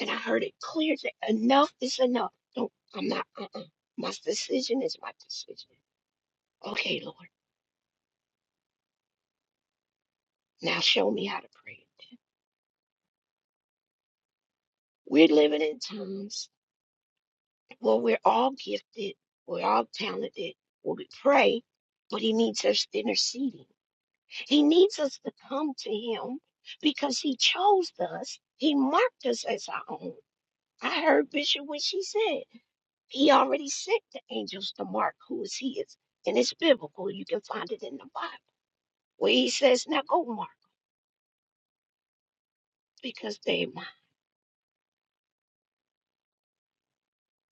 Speaker 14: and I heard it clear that enough is enough. Don't, I'm not, uh-uh. My decision is my decision. Okay, Lord, now show me how to pray. We're living in times where we're all gifted, we're all talented, where we pray, but he needs us interceding. He needs us to come to him because he chose us. He marked us as our own. I heard Bishop when she said. He already sent the angels to Mark, who is his, and it's biblical. You can find it in the Bible where he says, "Now go, Mark, because they mine."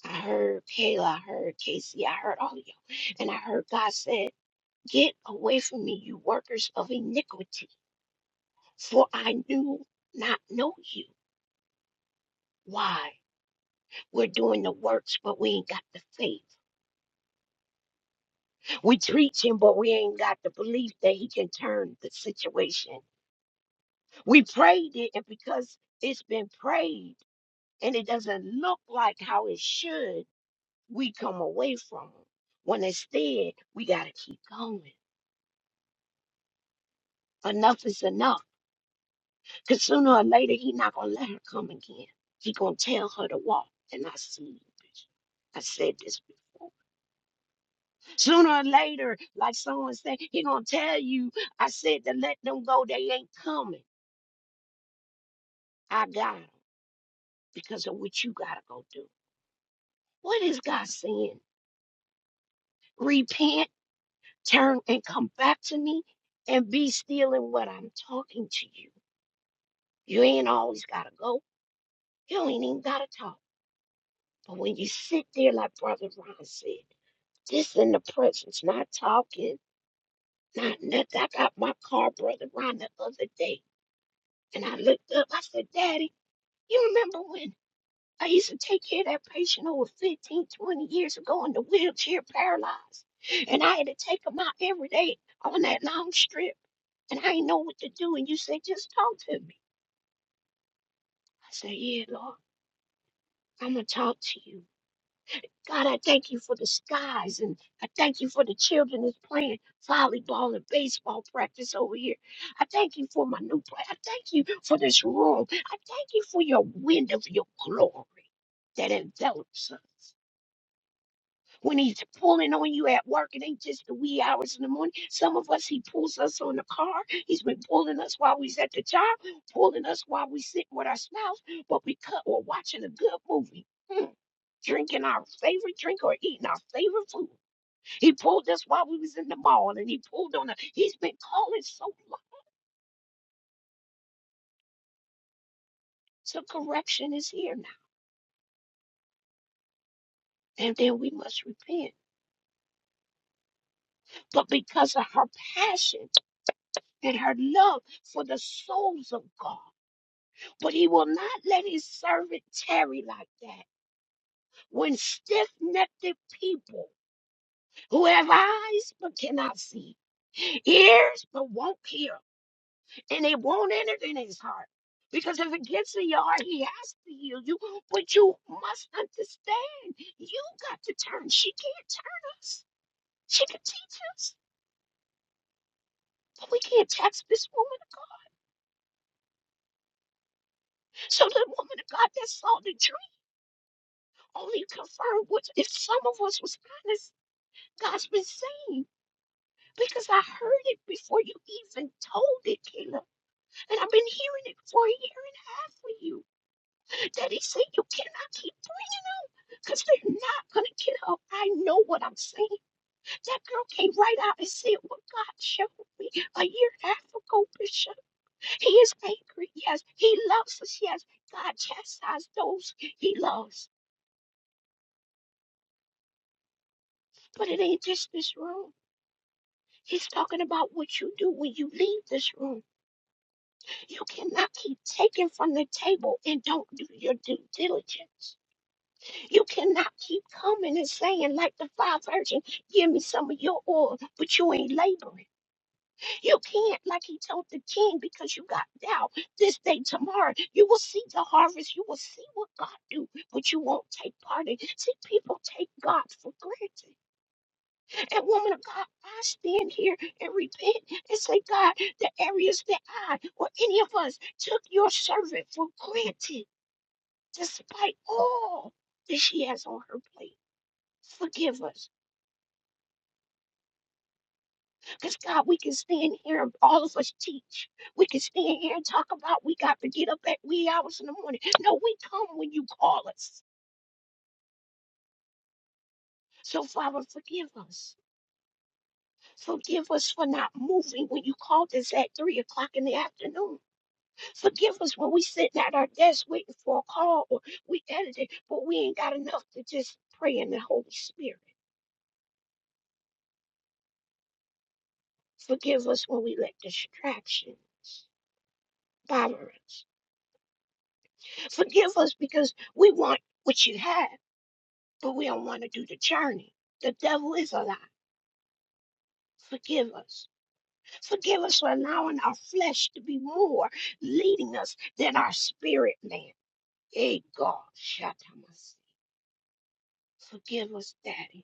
Speaker 14: I heard Kayla, I heard Casey, I heard all of you, and I heard God said, "Get away from me, you workers of iniquity, for I knew not know you." Why? We're doing the works, but we ain't got the faith. We preach him, but we ain't got the belief that he can turn the situation. We prayed it, and because it's been prayed. and it doesn't look like how it should, we come away from them. When instead, we got to keep going. Enough is enough. Because sooner or later, he not going to let her come again. He going to tell her to walk. And I see you, Bishop. I said this before. Sooner or later, like someone said, he going to tell you, I said to let them go. They ain't coming. I got 'em because of what you got to go do. What is God saying? Repent turn and come back to me and be still in what I'm talking to you. You ain't always got to go. You ain't even got to talk. But when you sit there, like Brother Ron said, just in the presence, not talking, not nothing. I got my car, Brother Ron, the other day, and I looked up. I said, Daddy, you remember when? I used to take care of that patient over 15, 20 years ago in the wheelchair paralyzed. And I had to take him out every day on that long strip. And I didn't know what to do. And you said, just talk to me. I said, yeah, Lord, I'm going to talk to you. God, I thank you for the skies. And I thank you for the children that's playing volleyball and baseball practice over here. I thank you for my new place. I thank you for this room. I thank you for your wind of your glory that envelops us. when he's pulling on you at work. It ain't just the wee hours in the morning. Some of us, he pulls us on the car. He's been pulling us while we's at the job, pulling us while we sitting with our spouse, but we cut or watching a good movie. Hmm. Drinking our favorite drink or eating our favorite food. He pulled us while we was in the mall and he pulled on us. He's been calling so long. So correction is here now. And then we must repent. But because of her passion and her love for the souls of God. but he will not let his servant tarry like that. When stiff necked people who have eyes but cannot see, ears but won't hear, and it won't enter in his heart. Because if it gets in your heart, he has to heal you. But you must understand, you got to turn. She can't turn us. She can teach us, but we can't touch this woman of God. So the woman of God that saw the dream only confirmed what if some of us was honest, God's been saying. because I heard it before you even told it, Caleb. And I've been hearing it for a year and a half with you. Daddy said you cannot keep bringing them because they're not going to get up. I know what I'm saying. That girl came right out and said what God showed me a year and a half ago, Bishop. He is angry. Yes, he loves us. Yes, God chastises those he loves. But it ain't just this room. He's talking about what you do when you leave this room. You cannot keep taking from the table and don't do your due diligence. You cannot keep coming and saying, like the five virgins, give me some of your oil, but you ain't laboring. You can't, like he told the king, because you got doubt this day, tomorrow. You will see the harvest. You will see what God do, but you won't take part in it. See, people take God for granted. And woman of God, I stand here and repent and say, God, the areas that I or any of us took your servant for granted, despite all that she has on her plate. Forgive us. Because God, we can stand here and all of us teach. We can stand here and talk about we got to get up at wee hours in the morning. No, we come when you call us. So, Father, forgive us. Forgive us for not moving when you called us at three o'clock in the afternoon. Forgive us when we sitting at our desk waiting for a call or we editing, but we ain't got enough to just pray in the Holy Spirit. Forgive us when we let distractions bother us. Forgive us because we want what you have, but we don't want to do the journey. The devil is a lie. Forgive us. Forgive us for allowing our flesh to be more leading us than our spirit man. Hey God, shut up. Forgive us, Daddy.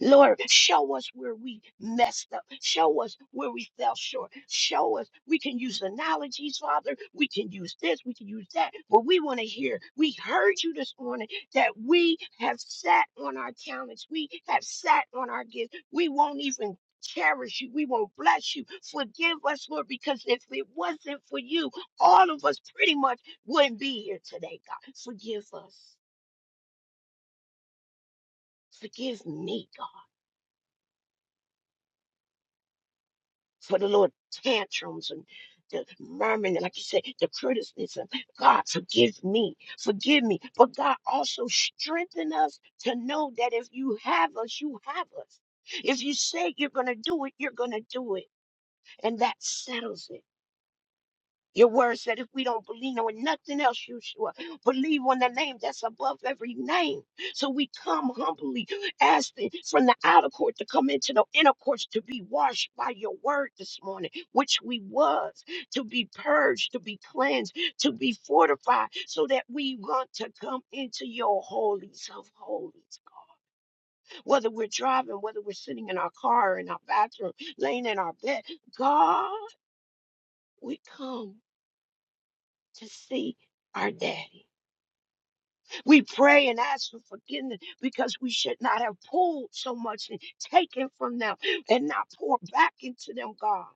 Speaker 14: Lord, show us where we messed up. Show us where we fell short. Show us. We can use analogies, Father. We can use this. We can use that. But we want to hear. We heard you this morning that we have sat on our talents. We have sat on our gifts. We won't even cherish you. We won't bless you. Forgive us, Lord, because if it wasn't for you, all of us pretty much wouldn't be here today, God. Forgive us. Forgive me, God. for the little tantrums and the murmuring, and like you said, the criticism. God, forgive me, forgive me. But God also strengthen us to know that if you have us, you have us. If you say you're going to do it, you're going to do it. And that settles it. Your word said if we don't believe on nothing else, you sure believe on the name that's above every name. So we come humbly, asking from the outer court to come into the inner courts to be washed by your word this morning, which we was, to be purged, to be cleansed, to be fortified, so that we want to come into your holies of holies. God. Whether we're driving, whether we're sitting in our car, in our bathroom, laying in our bed, God, we come to see our daddy. We pray and ask for forgiveness because we should not have pulled so much and taken from them and not poured back into them, God,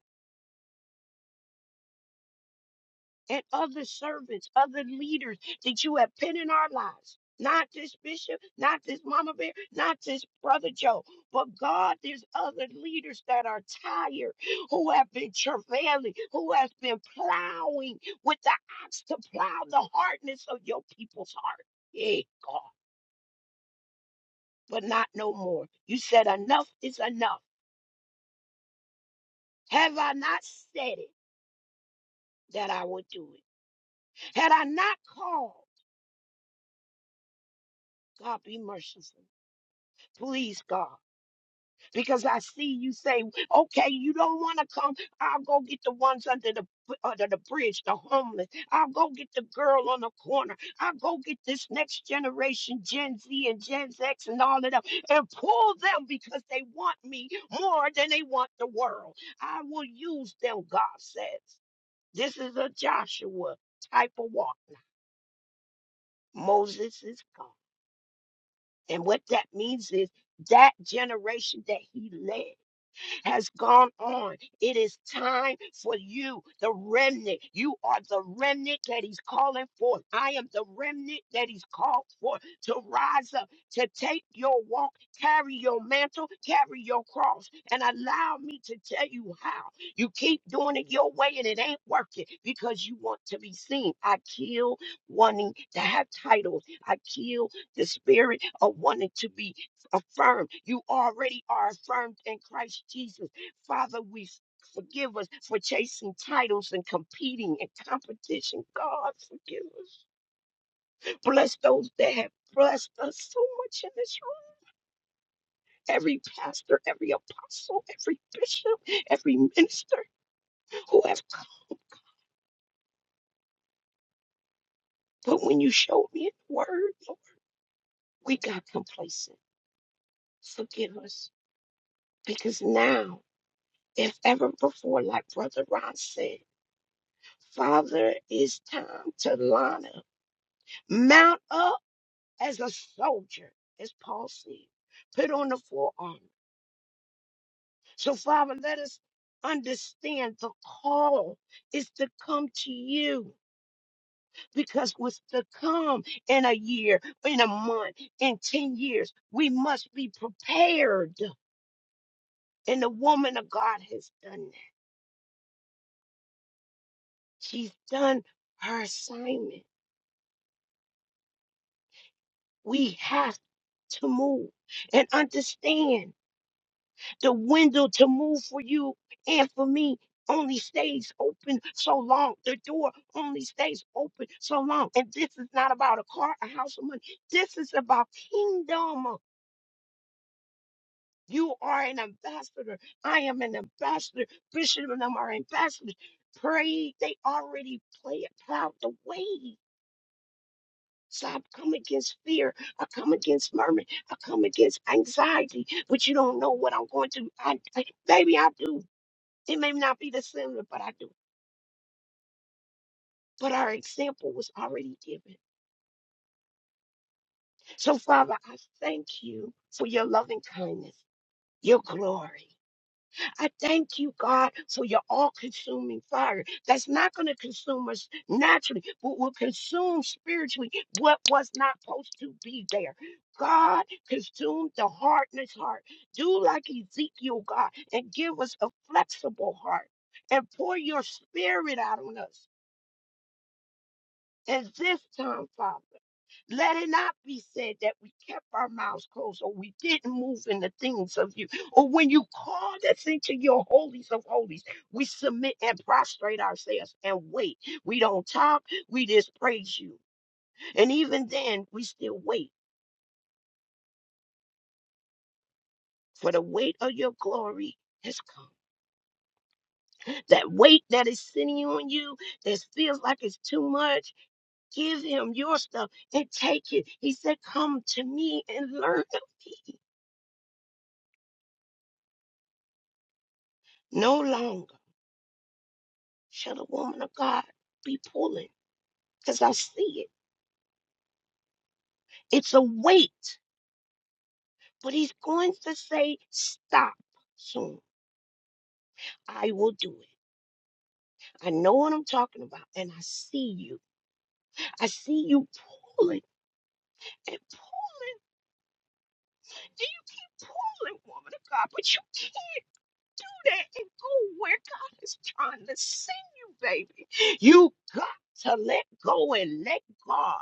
Speaker 14: and other servants, other leaders that you have put in our lives. Not this bishop, not this mama bear, not this brother Joe, but God, there's other leaders that are tired, who have been travailing, who has been plowing with the axe to plow the hardness of your people's heart. Yeah, God. but not no more. You said enough is enough. Have I not said it that I would do it? Had I not called, God be merciful. Please, God, because I see you say, okay, you don't want to come. I'll go get the ones under the under the bridge, the homeless. I'll go get the girl on the corner. I'll go get this next generation, Gen Z and Gen X and all of them, and pull them because they want me more than they want the world. I will use them, God says. This is a Joshua type of walk. Moses is gone. And what that means is that generation that he led. has gone on. It is time for you, the remnant. You are the remnant that he's calling forth. I am the remnant that he's called for to rise up, to take your walk, carry your mantle, carry your cross, and allow me to tell you how. You keep doing it your way and it ain't working because you want to be seen. I kill wanting to have titles. I kill the spirit of wanting to be affirmed. You already are affirmed in Christ Jesus. Father, we f- forgive us for chasing titles and competing in competition. God, forgive us. Bless those that have blessed us so much in this room. Every pastor, every apostle, every bishop, every minister who have come. But when you showed me in the word, Lord, we got complacent. Forgive us. Because now, if ever before, like Brother Ron said, Father, it's time to line up. Mount up as a soldier, as Paul said. Put on the full armor. So, Father, let us understand the call is to come to you because what's to come in a year, in a month, in 10 years, we must be prepared. And the woman of God has done that. She's done her assignment. We have to move and understand. the window to move for you and for me only stays open so long. The door only stays open so long. And this is not about a car, a house, or money. This is about kingdom. You are an ambassador. I am an ambassador. Bishop and them are ambassadors. Pray. They already play it plowed the way. So I come against fear. I come against murmur. I come against anxiety. But you don't know what I'm going to. I, I, baby, I do. It may not be the similar, but I do. But our example was already given. So, Father, I thank you for your loving kindness, your glory. I thank you, God, for your all consuming fire that's not going to consume us naturally, but will consume spiritually what was not supposed to be there. God, consume the hardness heart. Do like Ezekiel, God, and give us a flexible heart and pour your spirit out on us. And this time, Father. Let it not be said that we kept our mouths closed or we didn't move in the things of you. Or when you called us into your holies of holies, we submit and prostrate ourselves and wait. We don't talk, we just praise you. And even then, we still wait, for the weight of your glory has come. That weight that is sitting on you that feels like it's too much, give him your stuff and take it. He said, Come to me and learn of me. No longer. Shall the woman of God be pulling? Because I see it. It's a weight, but he's going to say, Stop soon. I will do it. I know what I'm talking about, and I see you. I see you pulling and pulling, and you keep pulling, woman of God, but you can't do that and go where God is trying to send you, baby. You got to let go and let God.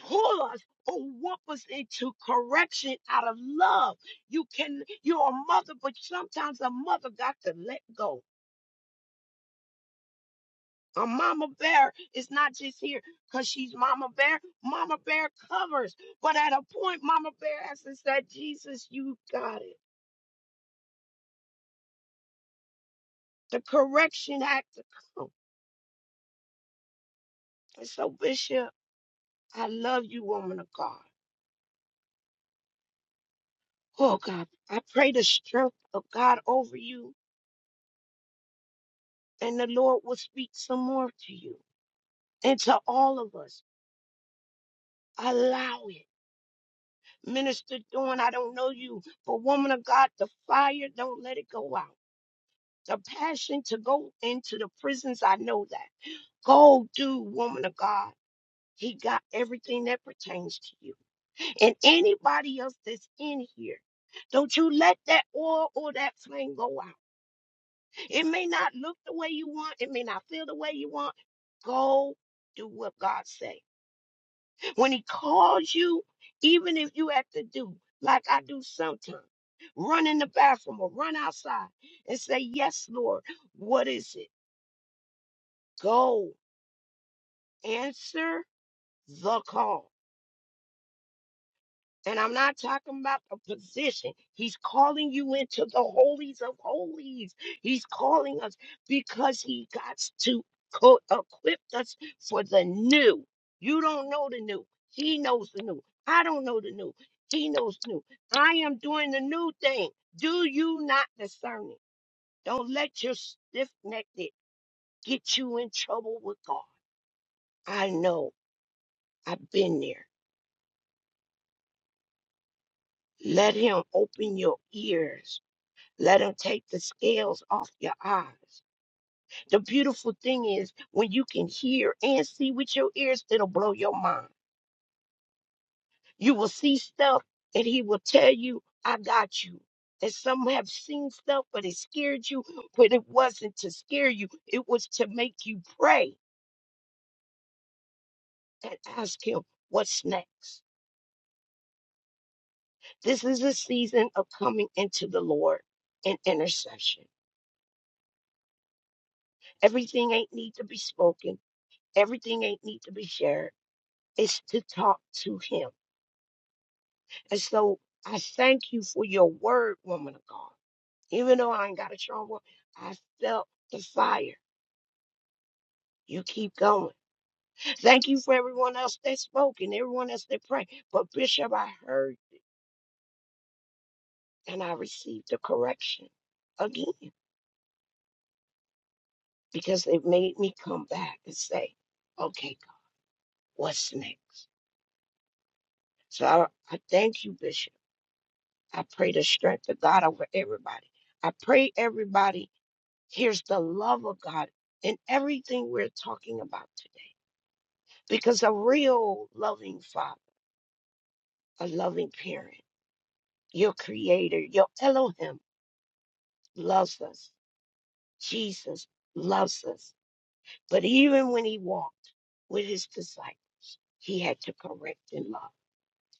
Speaker 14: pull us or whoop us into correction out of love. You can, you're a mother, but sometimes a mother got to let go. A mama bear is not just here because she's mama bear. Mama bear covers. But at a point, mama bear has to say, Jesus, you got it. The correction had to come. And so, Bishop, I love you, woman of God. Oh, God, I pray the strength of God over you and the Lord will speak some more to you and to all of us. Allow it. Minister Dawn, I don't know you, but woman of God, the fire, don't let it go out. The passion to go into the prisons, I know that. Go do, woman of God. He got everything that pertains to you. And anybody else that's in here, don't you let that oil or that flame go out. It may not look the way you want, it may not feel the way you want. Go do what God say. When he calls you, even if you have to do like I do sometimes, run in the bathroom or run outside and say, Yes, Lord, what is it? Go answer the call. And I'm not talking about a position. He's calling you into the holies of holies. He's calling us because he got to co- equip us for the new. You don't know the new. He knows the new. I don't know the new. He knows the new. I am doing the new thing. Do you not discern it? Don't let your stiff necked it get you in trouble with God. I know. I've been there. Let him open your ears Let him take the scales off your eyes. The beautiful thing is when you can hear and see with your ears, it'll blow your mind. You will see stuff and he will tell you, I got you. And some have seen stuff, but it scared you, but it wasn't to scare you. It was to make you pray and ask him, what's next? This is a season of coming into the Lord in intercession. Everything ain't need to be spoken. Everything ain't need to be shared is to talk to him. And so I thank you for your word, woman of God. Even though I ain't got a strong word, I felt the fire. You keep going. Thank you for everyone else that spoke and everyone else that prayed. But Bishop, I heard and I received the correction again because it made me come back and say, okay, God, what's next? So I, I thank you, Bishop. I pray the strength of God over everybody. I pray everybody Here's the love of God in everything we're talking about today. Because a real loving father, a loving parent, your creator, your Elohim loves us. Jesus loves us. But even when he walked with his disciples, he had to correct in love.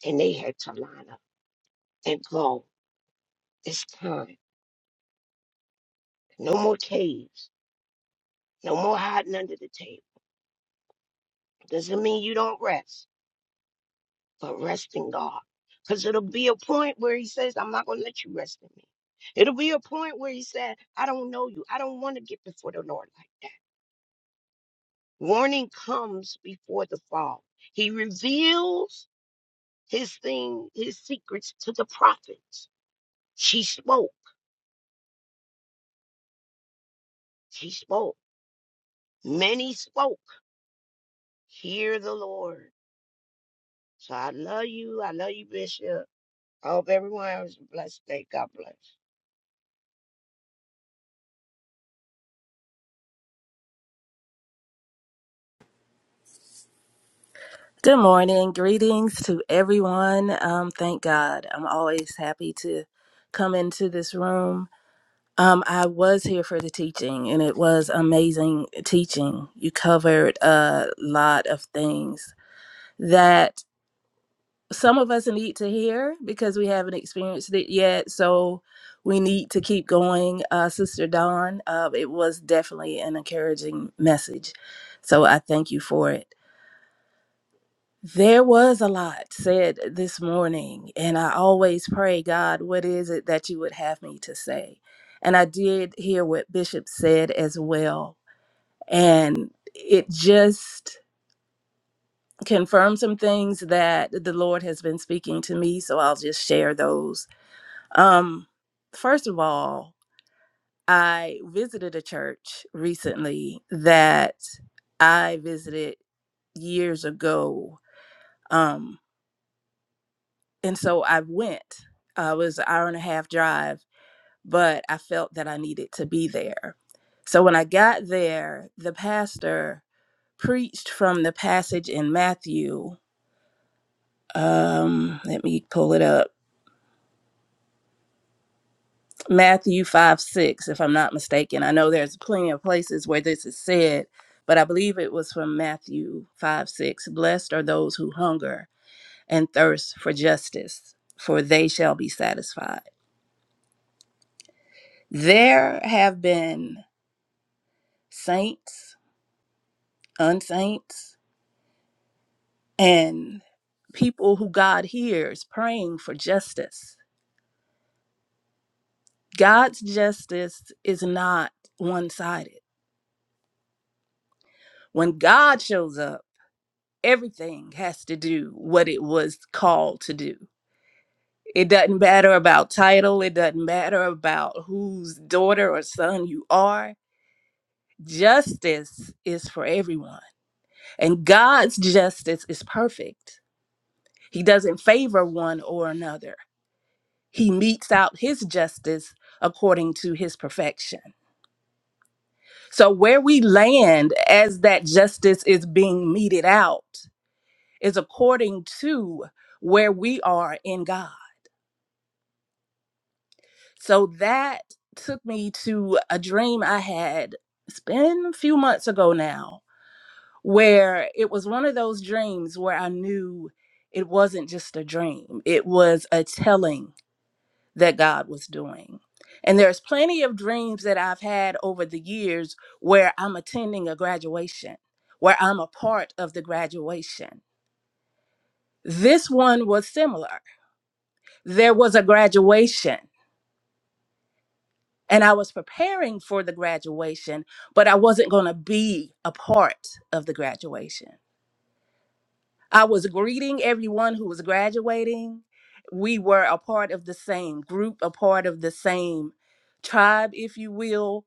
Speaker 14: And they had to line up and go. It's time. No more caves. No more hiding under the table. Doesn't mean you don't rest. but rest in God. Because it'll be a point where he says, I'm not going to let you rest in me. It'll be a point where he said, I don't know you. I don't want to get before the Lord like that. Warning comes before the fall. He reveals his thing, his secrets to the prophets. She spoke. She spoke. Many spoke. Hear the Lord. So I love you. I love you, Bishop. I hope everyone has a blessed day. God bless.
Speaker 15: Good morning. Greetings to everyone. Um, thank God. I'm always happy to come into this room. Um, I was here for the teaching, and it was amazing teaching. You covered a lot of things that some of us need to hear because we haven't experienced it yet. So we need to keep going. Uh, Sister Dawn, uh, it was definitely an encouraging message. So I thank you for it. There was a lot said this morning, and I always pray, God, what is it that you would have me to say? And I did hear what Bishop said as well. And it just confirmed some things that the Lord has been speaking to me, so I'll just share those. Um, first of all, I visited a church recently that I visited years ago. Um, and so I went. Uh, it was an hour and a half drive, but I felt that I needed to be there. So when I got there, the pastor preached from the passage in Matthew. Um, let me pull it up. Matthew 5 6, if I'm not mistaken. I know there's plenty of places where this is said, but I believe it was from Matthew 5 6. Blessed are those who hunger and thirst for justice, for they shall be satisfied. There have been saints, unsaints, and people who God hears praying for justice. God's justice is not one sided. When God shows up, everything has to do what it was called to do. It doesn't matter about title, it doesn't matter about whose daughter or son you are. Justice is for everyone, and God's justice is perfect. He doesn't favor one or another. He meets out his justice according to his perfection. So, where we land as that justice is being meted out is according to where we are in God. So, that took me to a dream I had, it's been a few months ago now, where it was one of those dreams where I knew it wasn't just a dream, it was a telling that God was doing. And there's plenty of dreams that I've had over the years where I'm attending a graduation, where I'm a part of the graduation. This one was similar. There was a graduation, and I was preparing for the graduation, but I wasn't going to be a part of the graduation. I was greeting everyone who was graduating. We were a part of the same group, a part of the same tribe, if you will.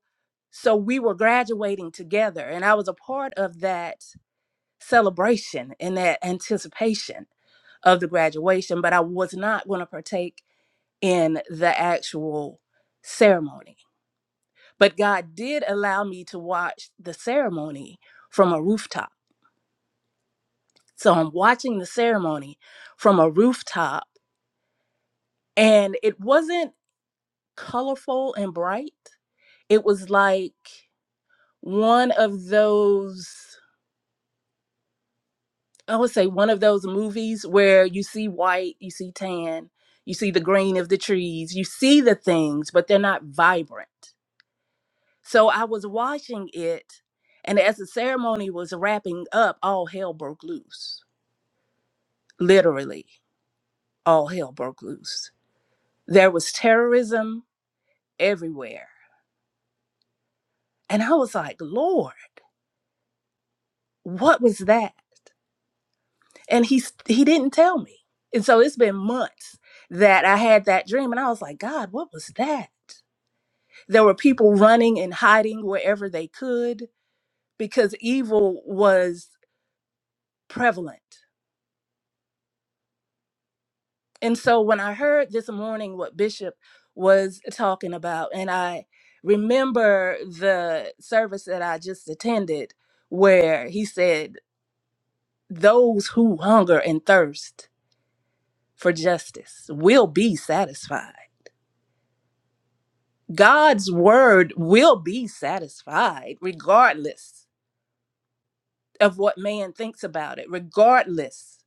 Speaker 15: So we were graduating together, and I was a part of that celebration and that anticipation of the graduation, but I was not going to partake in the actual ceremony. But God did allow me to watch the ceremony from a rooftop. So I'm watching the ceremony from a rooftop and it wasn't colorful and bright. It was like one of those, I would say, one of those movies where you see white, you see tan, you see the green of the trees, you see the things, but they're not vibrant. So I was watching it, and as the ceremony was wrapping up, all hell broke loose. Literally, all hell broke loose. There was terrorism everywhere. And I was like, Lord, what was that? and he he didn't tell me and so it's been months that i had that dream and i was like god what was that there were people running and hiding wherever they could because evil was prevalent and so when i heard this morning what bishop was talking about and i remember the service that i just attended where he said those who hunger and thirst for justice will be satisfied God's word will be satisfied regardless of what man thinks about it, regardless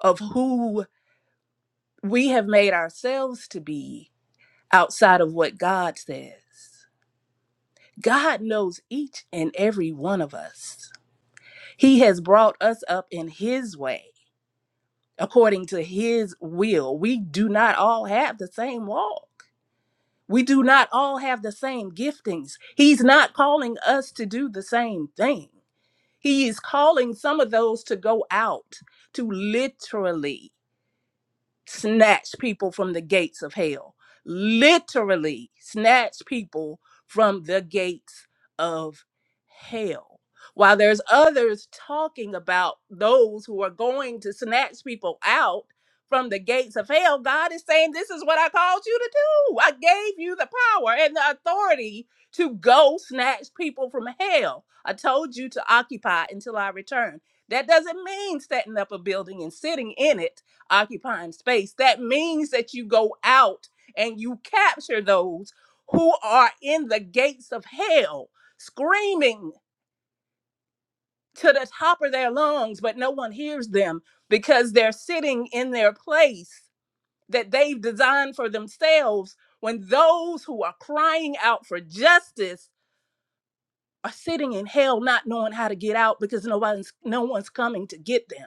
Speaker 15: of who we have made ourselves to be outside of what God says. God knows each and every one of us. He has brought us up in His way, according to His will. We do not all have the same walk. We do not all have the same giftings. He's not calling us to do the same thing. He is calling some of those to go out to literally snatch people from the gates of hell. Literally, snatch people from the gates of hell. While there's others talking about those who are going to snatch people out from the gates of hell, God is saying, This is what I called you to do. I gave you the power and the authority to go snatch people from hell. I told you to occupy until I return. That doesn't mean setting up a building and sitting in it occupying space. That means that you go out and you capture those who are in the gates of hell, screaming to the top of their lungs, but no one hears them because they're sitting in their place that they've designed for themselves when those who are crying out for justice are sitting in hell not knowing how to get out because nobody's no one's coming to get them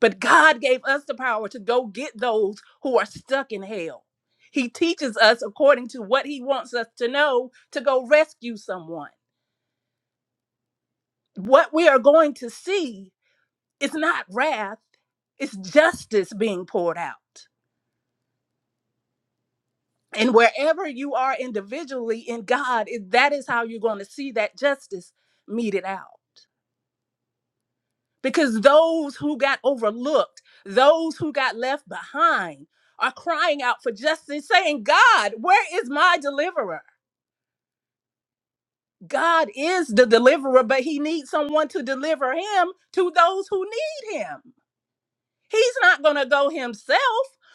Speaker 15: But God gave us the power to go get those who are stuck in hell. He teaches us according to what he wants us to know to go rescue someone. What we are going to see is not wrath, it's justice being poured out. And wherever you are individually in God, it- that is how you're going to see that justice meted out. because those who got overlooked, those who got left behind, are crying out for justice, saying, God, where is my deliverer? God is the deliverer, but he needs someone to deliver him to those who need him. He's not going to go himself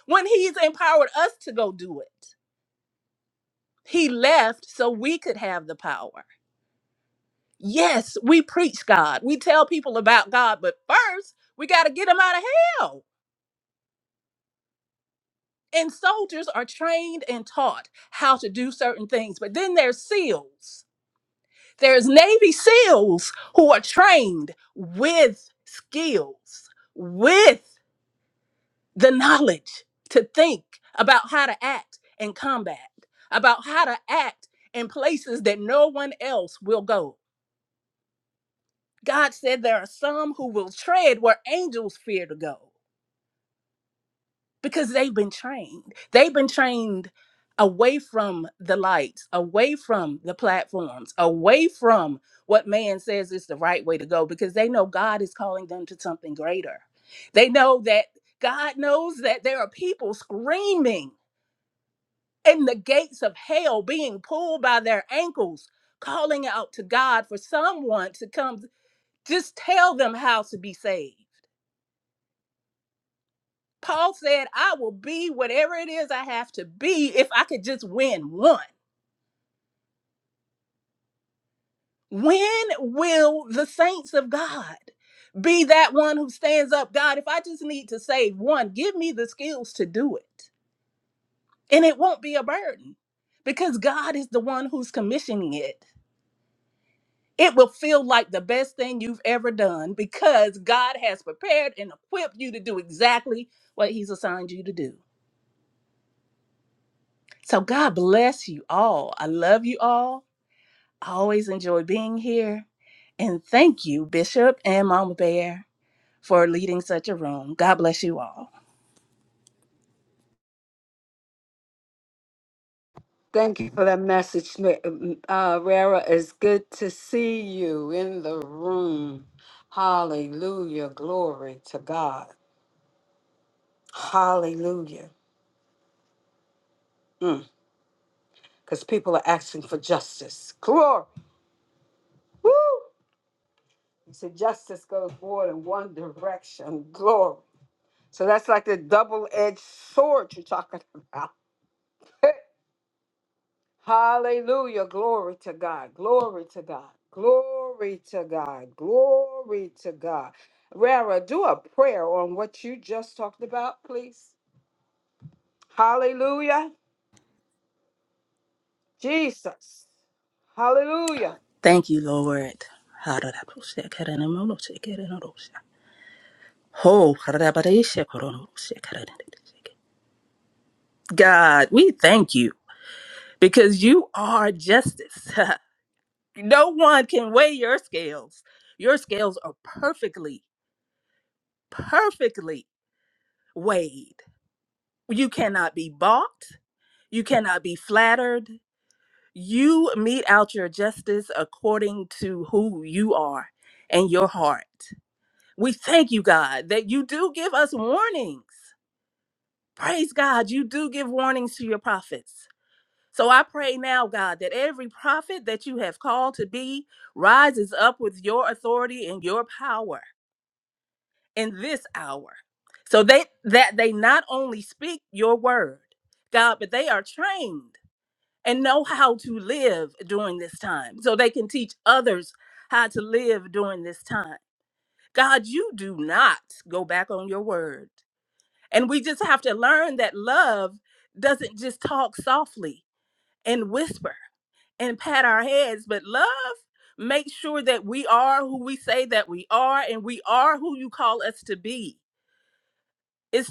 Speaker 15: when he's empowered us to go do it. He left so we could have the power. Yes, we preach God. We tell people about God, but first we got to get them out of hell. And soldiers are trained and taught how to do certain things. But then there's SEALs. There's Navy SEALs who are trained with skills, with the knowledge to think about how to act in combat, about how to act in places that no one else will go. God said there are some who will tread where angels fear to go. because they've been trained. They've been trained away from the lights, away from the platforms, away from what man says is the right way to go because they know God is calling them to something greater. They know that God knows that there are people screaming in the gates of hell, being pulled by their ankles, calling out to God for someone to come just tell them how to be saved. Paul said, I will be whatever it is I have to be if I could just win one. When will the saints of God be that one who stands up? God, if I just need to save one, give me the skills to do it. And it won't be a burden because God is the one who's commissioning it. It will feel like the best thing you've ever done because God has prepared and equipped you to do exactly what He's assigned you to do. So, God bless you all. I love you all. I always enjoy being here. And thank you, Bishop and Mama Bear, for leading such a room. God bless you all.
Speaker 7: Thank you for that message, Ma- um, uh, Rara. It's good to see you in the room. Hallelujah. Glory to God. Hallelujah. Because people are asking for justice. Glory. Woo! He said, justice goes more than one direction. Glory. So that's like the double edged sword you're talking about. Hallelujah. Glory to God. Glory to God. Glory to God. Glory to God. Rara, do a prayer on what you just talked about, please. Hallelujah. Jesus. Hallelujah.
Speaker 15: Thank you, Lord. God, we thank you because you are justice. no one can weigh your scales. Your scales are perfectly, perfectly weighed. You cannot be bought. You cannot be flattered. You mete out your justice according to who you are and your heart. We thank you, God, that you do give us warnings. Praise God, you do give warnings to your prophets. So I pray now, God, that every prophet that you have called to be rises up with your authority and your power in this hour. So they that they not only speak your word, God, but they are trained and know how to live during this time so they can teach others how to live during this time. God, you do not go back on your word. And we just have to learn that love doesn't just talk softly and whisper and pat our heads, but love makes sure that we are who we say that we are and we are who you call us to be. It's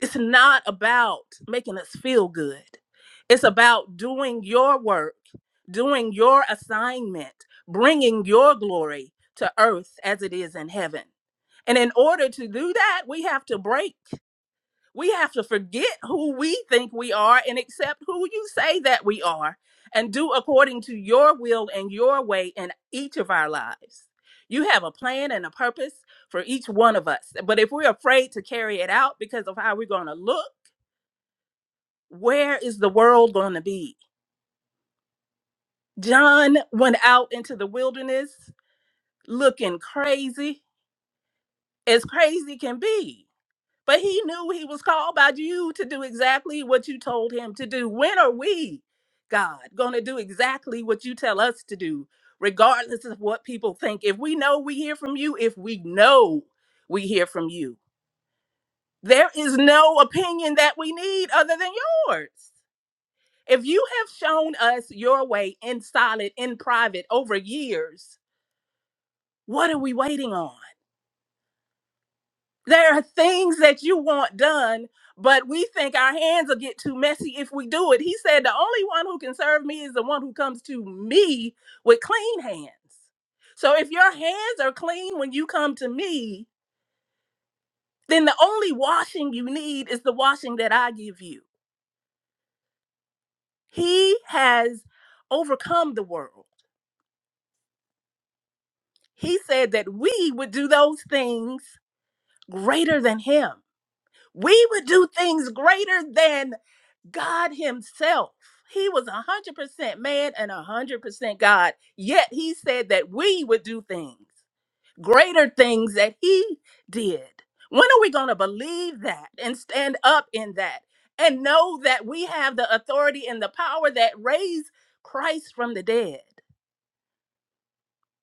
Speaker 15: It's not about making us feel good. It's about doing your work, doing your assignment, bringing your glory to earth as it is in heaven. And in order to do that, we have to break. We have to forget who we think we are and accept who you say that we are and do according to your will and your way in each of our lives. You have a plan and a purpose for each one of us. But if we're afraid to carry it out because of how we're going to look, where is the world going to be? John went out into the wilderness looking crazy, as crazy can be. But he knew he was called by you to do exactly what you told him to do. When are we, God, going to do exactly what you tell us to do, regardless of what people think? If we know we hear from you, if we know we hear from you, there is no opinion that we need other than yours. If you have shown us your way in solid, in private over years, what are we waiting on? There are things that you want done, but we think our hands will get too messy if we do it. He said, The only one who can serve me is the one who comes to me with clean hands. So if your hands are clean when you come to me, then the only washing you need is the washing that I give you. He has overcome the world. He said that we would do those things greater than him. We would do things greater than God himself. He was 100% man and 100% God, yet he said that we would do things, greater things that he did. When are we going to believe that and stand up in that and know that we have the authority and the power that raised Christ from the dead?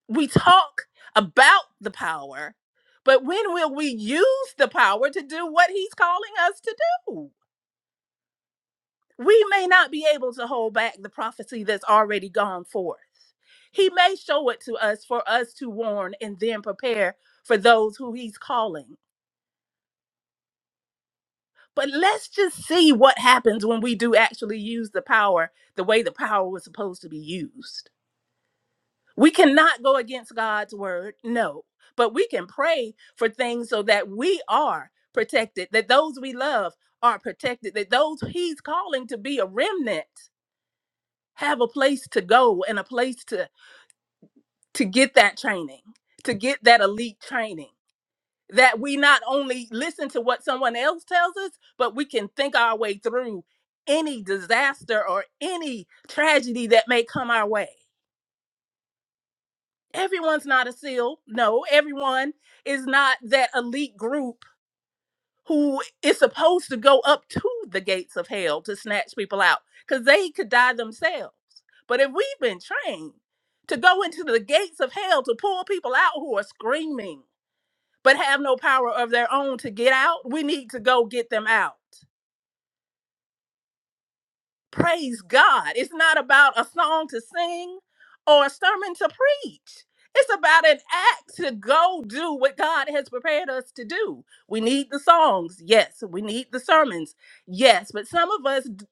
Speaker 15: we talk about the power, but when will we use the power to do what he's calling us to do? We may not be able to hold back the prophecy that's already gone forth. He may show it to us for us to warn and then prepare for those who he's calling. But let's just see what happens when we do actually use the power the way the power was supposed to be used. We cannot go against God's word, no, but we can pray for things so that we are protected, that those we love are protected, that those he's calling to be a remnant have a place to go and a place to to get that training, to get that elite training. That we not only listen to what someone else tells us, but we can think our way through any disaster or any tragedy that may come our way. everyone's not a seal. No, everyone is not that elite group who is supposed to go up to the gates of hell to snatch people out because they could die themselves. But if we've been trained to go into the gates of hell to pull people out who are screaming but have no power of their own to get out, we need to go get them out. Praise God. It's not about a song to sing or a sermon to preach. It's about an act to go do what God has prepared us to do. We need the songs, yes. We need the sermons, yes. But some of us d-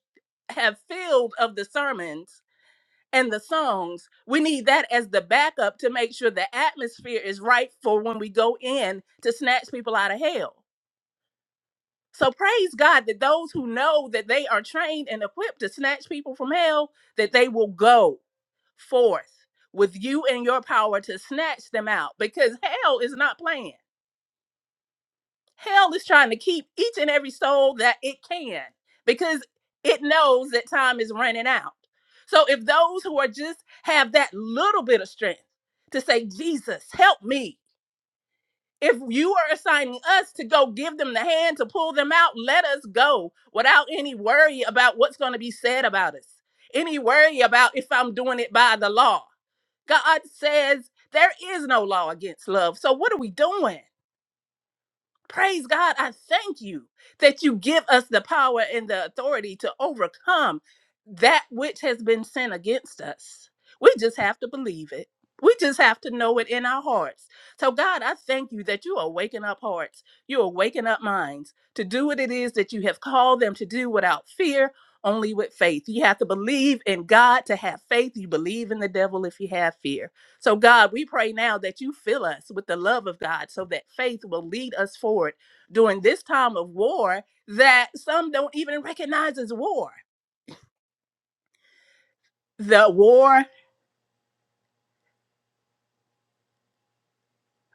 Speaker 15: have filled of the sermons and the songs. We need that as the backup to make sure the atmosphere is right for when we go in to snatch people out of hell. So praise God that those who know that they are trained and equipped to snatch people from hell, that they will go forth with you and your power to snatch them out because hell is not playing. Hell is trying to keep each and every soul that it can because it knows that time is running out. So if those who are just have that little bit of strength to say, Jesus, help me. If you are assigning us to go give them the hand to pull them out, let us go without any worry about what's going to be said about us, any worry about if I'm doing it by the law. God says there is no law against love. So what are we doing? Praise God, I thank you that you give us the power and the authority to overcome that which has been sent against us. We just have to believe it. We just have to know it in our hearts. So, God, I thank you that you are waking up hearts. You are waking up minds to do what it is that you have called them to do without fear, only with faith. You have to believe in God to have faith. You believe in the devil if you have fear. So, God, we pray now that you fill us with the love of God so that faith will lead us forward during this time of war that some don't even recognize as war. The war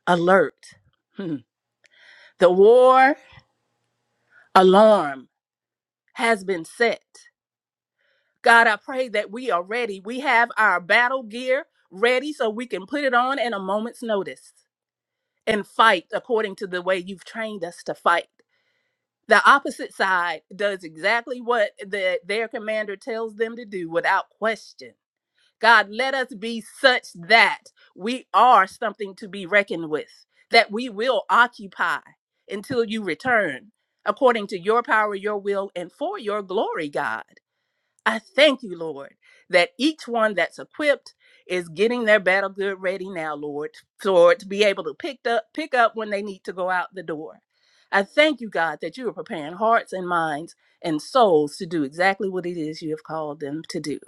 Speaker 15: alert, hmm, the war alarm has been set. God, I pray that we are ready. We have our battle gear ready so we can put it on in a moment's notice and fight according to the way you've trained us to fight. The opposite side does exactly what the, their commander tells them to do without question. God, let us be such that we are something to be reckoned with, that we will occupy until you return, according to your power, your will, and for your glory, God. I thank you, Lord, that each one that's equipped is getting their battle good ready now, Lord, for it to be able to pick up pick up when they need to go out the door. I thank you, God, that you are preparing hearts and minds and souls to do exactly what it is you have called them to do.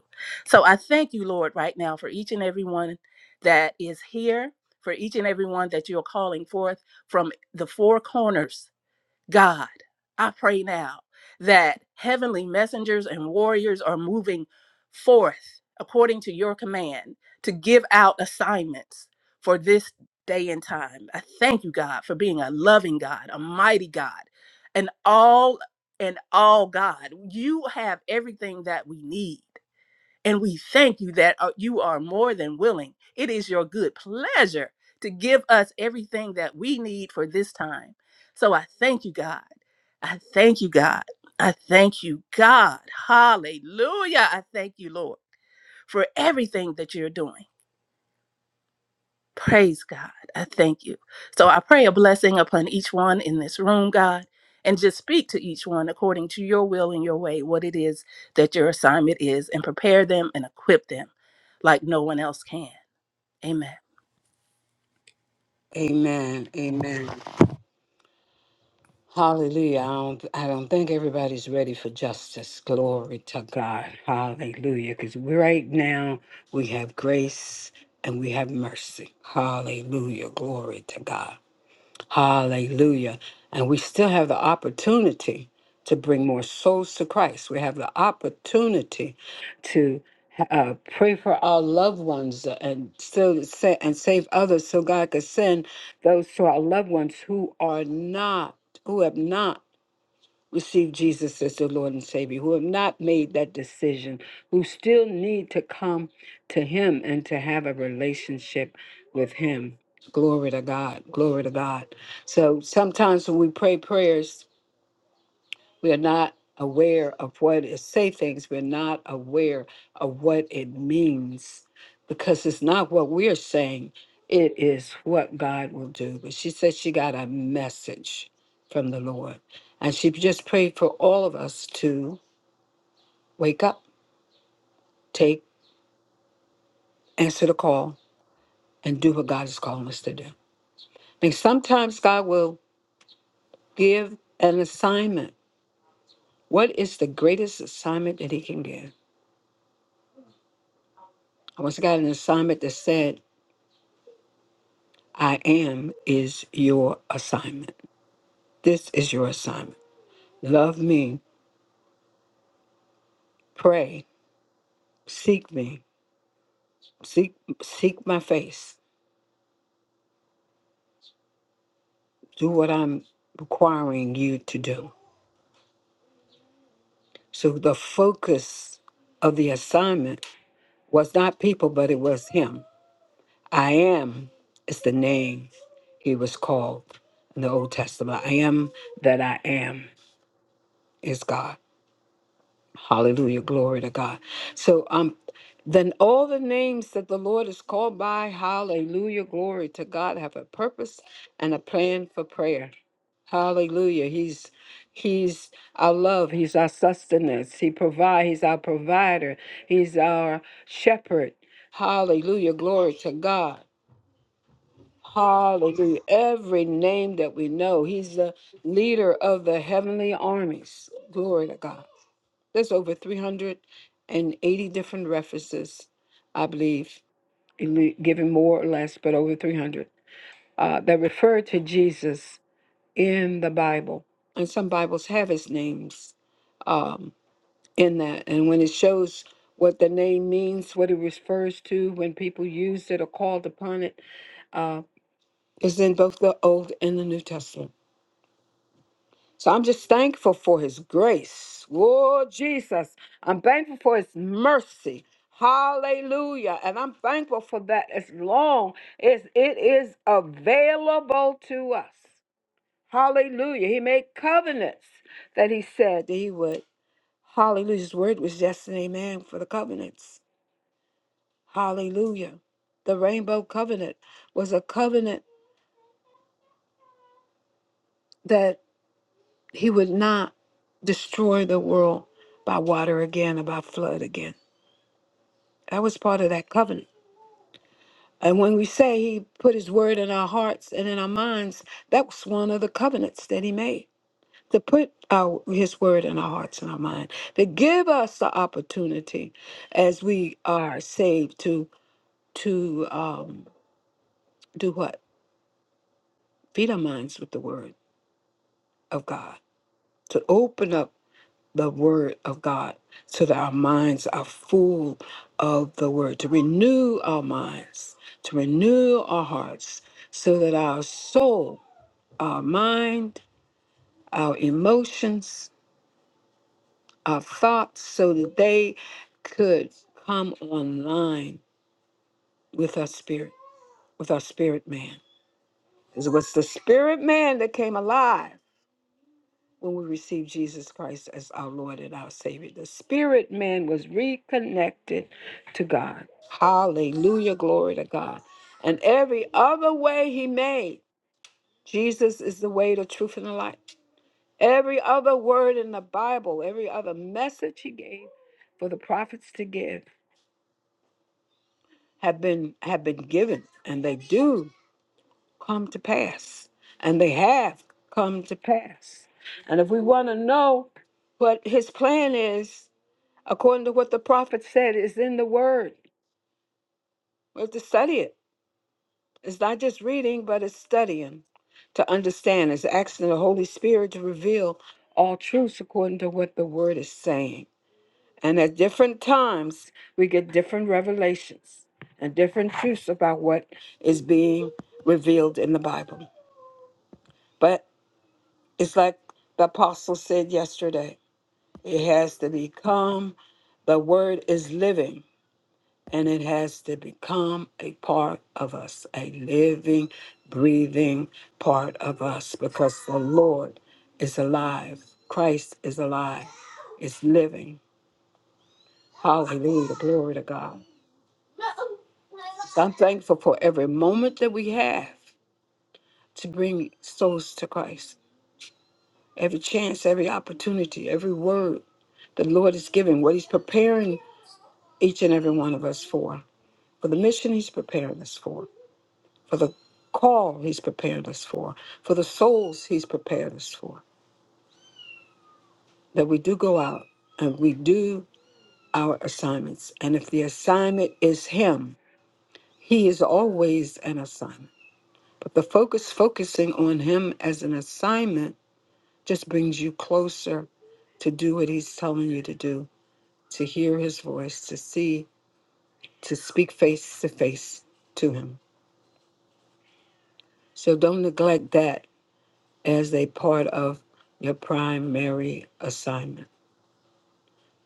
Speaker 15: So I thank you, Lord, right now for each and every one that is here, for each and every one that you're calling forth from the four corners God, I pray now that heavenly messengers and warriors are moving forth according to your command to give out assignments for this day and time. I thank you, God, for being a loving God, a mighty God, an all and all God. You have everything that we need. And we thank you that uh, you are more than willing. It is your good pleasure to give us everything that we need for this time. So I thank you, God. I thank you, God. I thank you, God. Hallelujah. I thank you, Lord, for everything that you're doing. Praise God. I thank you. So I pray a blessing upon each one in this room, God, and just speak to each one according to your will and your way, what it is that your assignment is, and prepare them and equip them like no one else can. Amen.
Speaker 7: Amen. Amen. Hallelujah. I don't, I don't think everybody's ready for justice. Glory to God. Hallelujah. Because right now we have grace and we have mercy. Hallelujah. Glory to God. Hallelujah. And we still have the opportunity to bring more souls to Christ. We have the opportunity to uh, pray for our loved ones and still sa- and save others so God could send those to our loved ones who are not, who have not received Jesus as their Lord and Savior, who have not made that decision, who still need to come to Him and to have a relationship with Him. Glory to God. Glory to God. So sometimes when we pray prayers, we're not aware of what it say things. We're not aware of what it means because it's not what we're saying. It is what God will do. But she said she got a message from the Lord. And she just prayed for all of us to wake up, take, answer the call, and do what God is calling us to do. And sometimes God will give an assignment. What is the greatest assignment that He can give? I once got an assignment that said I am is your assignment. This is your assignment. Love me, pray, seek me, seek seek my face. Do what I'm requiring you to do. So the focus of the assignment was not people, but it was him. I am is the name he was called in the Old Testament. I am that I am is God. Hallelujah. Glory to God. So um then all the names that the Lord is called by, hallelujah, glory to God, have a purpose and a plan for prayer. Hallelujah. He's He's our love. He's our sustenance. He provides. He's our provider. He's our shepherd. Hallelujah. Glory to God. Hallelujah. Every name that we know, He's the leader of the heavenly armies. Glory to God. There's over 380 different references, I believe, ele- given more or less, but over 300 uh, that refer to Jesus in the Bible. And some Bibles have his names um, in that. And when it shows what the name means, what it refers to, when people used it or called upon it, uh, is in both the Old and the New Testament. So I'm just thankful for his grace. Lord Jesus, I'm thankful for his mercy. Hallelujah. And I'm thankful for that as long as it is available to us. Hallelujah. He made covenants that he said that he would. Hallelujah. His word was just an amen for the covenants. Hallelujah. The rainbow covenant was a covenant that he would not destroy the world by water again and by flood again. That was part of that covenant. And when we say he put his word in our hearts and in our minds, that was one of the covenants that he made to put our, his word in our hearts and our mind, to give us the opportunity as we are saved to to um, do what? Feed our minds with the word of God, to open up the word of God so that our minds are full of the word, to renew our minds, to renew our hearts, so that our soul, our mind, our emotions, our thoughts, so that they could come online with our spirit, with our spirit man. It was the spirit man that came alive when we receive Jesus Christ as our Lord and our Savior. The spirit man was reconnected to God. Hallelujah, glory to God. And every other way he made, Jesus is the way, the truth, and the life. Every other word in the Bible, every other message he gave for the prophets to give have been have been given and they do come to pass. And they have come to pass. And if we want to know what his plan is, according to what the prophet said is in the word. We have to study it. It's not just reading, but it's studying to understand. It's asking the Holy Spirit to reveal all truths according to what the word is saying. And at different times, we get different revelations and different truths about what is being revealed in the Bible. But it's like the apostle said yesterday it has to become the word is living and it has to become a part of us, a living, breathing part of us, because the Lord is alive. Christ is alive, is living. Hallelujah. Glory to God. So I'm thankful for every moment that we have to bring souls to Christ, every chance, every opportunity, every word the Lord is giving, what He's preparing each and every one of us for, for the mission He's preparing us for. for the call he's prepared us for, for the souls he's prepared us for, that we do go out and we do our assignments. And if the assignment is him, he is always an assignment. But the focus, focusing on him as an assignment, just brings you closer to do what he's telling you to do, to hear his voice, to see, to speak face to face to him. So don't neglect that as a part of your primary assignment.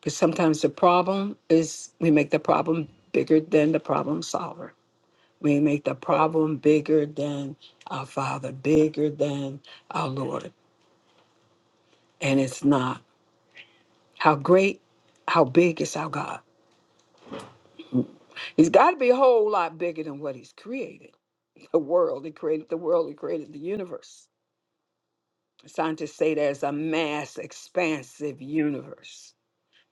Speaker 7: Because sometimes the problem is we make the problem bigger than the problem solver. We make the problem bigger than our Father, bigger than our Lord. And it's not. How great, how big is our God? He's got to be a whole lot bigger than what He's created the world. He created the world, He created the universe. Scientists say there's a mass expansive universe.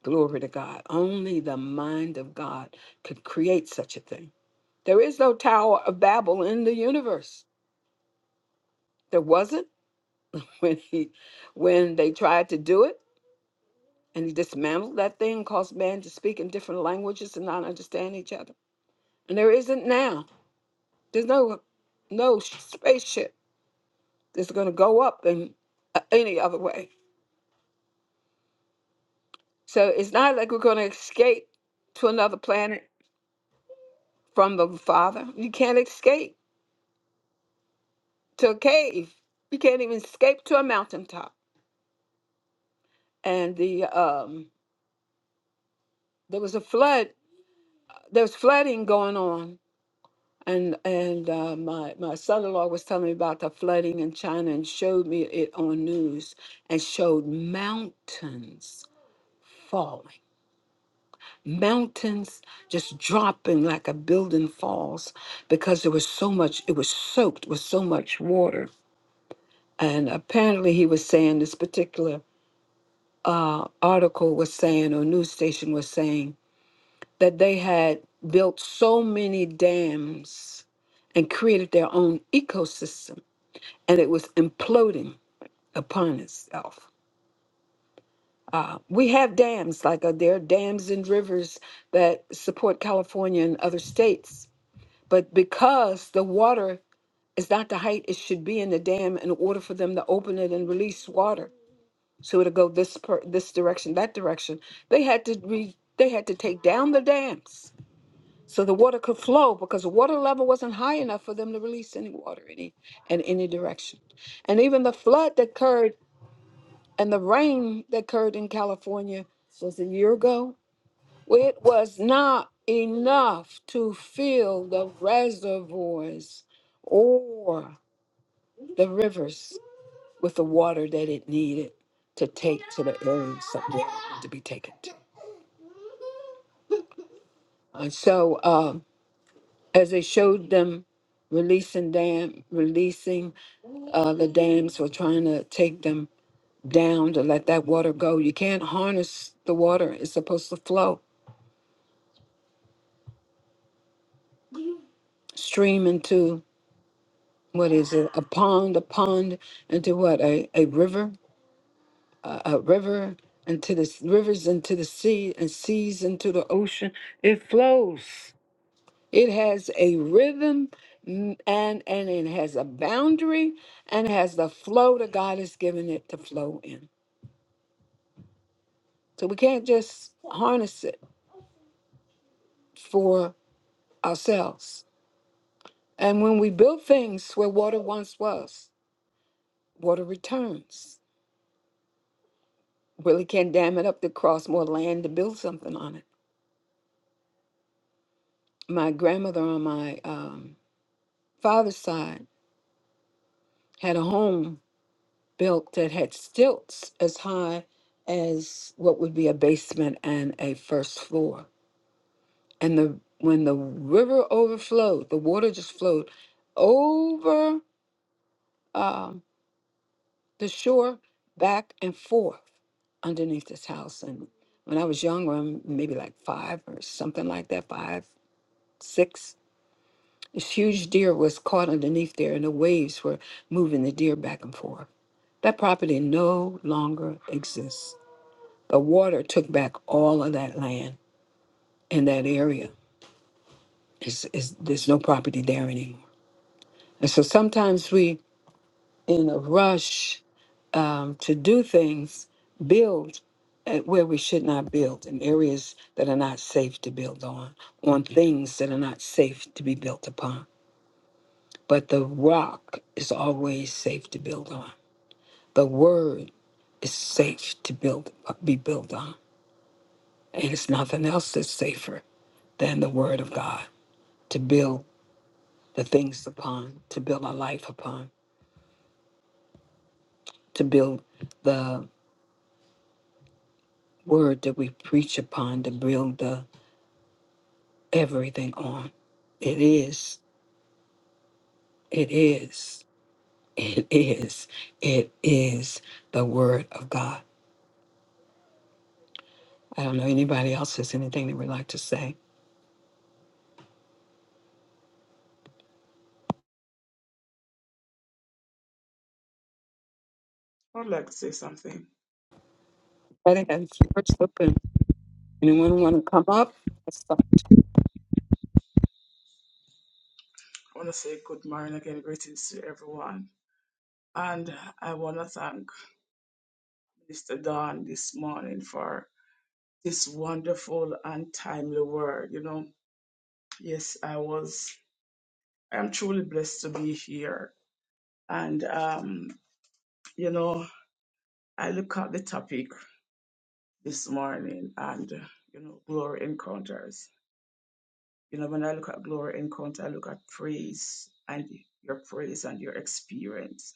Speaker 7: Glory to God. Only the mind of God could create such a thing. There is no Tower of Babel in the universe. There wasn't when he when they tried to do it and he dismantled that thing, caused man to speak in different languages and not understand each other. And there isn't now. There's no no spaceship that's going to go up in uh, any other way. So it's not like we're going to escape to another planet from the Father. You can't escape to a cave. You can't even escape to a mountaintop. And the um, there was a flood there's flooding going on and and uh, my my son-in-law was telling me about the flooding in China and showed me it on news and showed mountains falling mountains just dropping like a building falls because there was so much it was soaked with so much water and apparently he was saying this particular uh, article was saying or news station was saying that they had built so many dams and created their own ecosystem, and it was imploding upon itself. Uh, we have dams, like uh, there are dams and rivers that support California and other states, but because the water is not the height it should be in the dam, in order for them to open it and release water, so it'll go this per, this direction, that direction, they had to re, they had to take down the dams so the water could flow because the water level wasn't high enough for them to release any water any in any direction and even the flood that occurred and the rain that occurred in california was a year ago it was not enough to fill the reservoirs or the rivers with the water that it needed to take to the areas that needed to be taken to and so um, as they showed them releasing dam releasing Uh, the dams were trying to take them down to let that water go. You can't harness the water, it's supposed to flow, stream into what is it, a pond, a pond into what, a, a river, a, a river into the s- rivers into the sea and seas into the ocean. It flows. It has a rhythm mm, and and it has a boundary and has the flow that God has given it to flow in. So we can't just harness it for ourselves. And when we build things where water once was, water returns. Really can't dam it up to cross more land to build something on it. My grandmother on my um, father's side had a home built that had stilts as high as what would be a basement and a first floor. And the when the river overflowed, the water just flowed over. um the shore back and forth underneath this house. And when I was younger, I'm maybe like five or something like that, five, six, this huge deer was caught underneath there and the waves were moving the deer back and forth. That property no longer exists. The water took back all of that land in that area. It's, it's, there's no property there anymore. And so sometimes we, in a rush, um, to do things, build at where we should not build in areas that are not safe to build on, on things that are not safe to be built upon. But the rock is always safe to build on. The word is safe to build, be built on. And it's nothing else that's safer than the word of God to build the things upon, to build our life upon, to build the word that we preach upon, to build the everything on. It is, it is, it is, it is the Word of God. I don't know anybody else has anything they would like to say.
Speaker 4: I would like to say something.
Speaker 7: I think that's the first open. Anyone want to come up? Let's start
Speaker 4: I want to say good morning again, greetings to everyone. And I want to thank Mr. Don this morning for this wonderful and timely word. You know, yes, I was, I'm truly blessed to be here. And, um, you know, I look at the topic this morning and, you know, glory encounters. You know, when I look at glory encounter, I look at praise and your praise and your experience.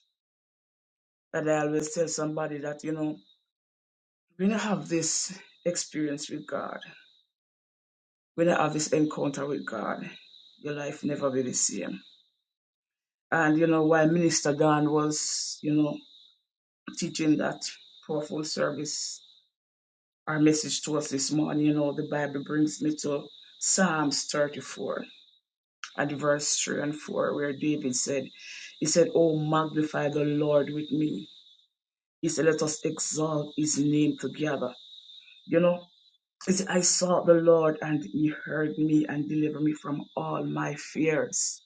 Speaker 4: And I always tell somebody that, you know, when you have this experience with God, when you have this encounter with God, your life never be the same. And you know, while Minister Dan was, you know, teaching that powerful service, our message to us this morning, you know, the Bible brings me to Psalms 34. at verse 3 and 4, where David said, He said, Oh, magnify the Lord with me. He said, Let us exalt his name together. You know, he said, I sought the Lord and he heard me and delivered me from all my fears.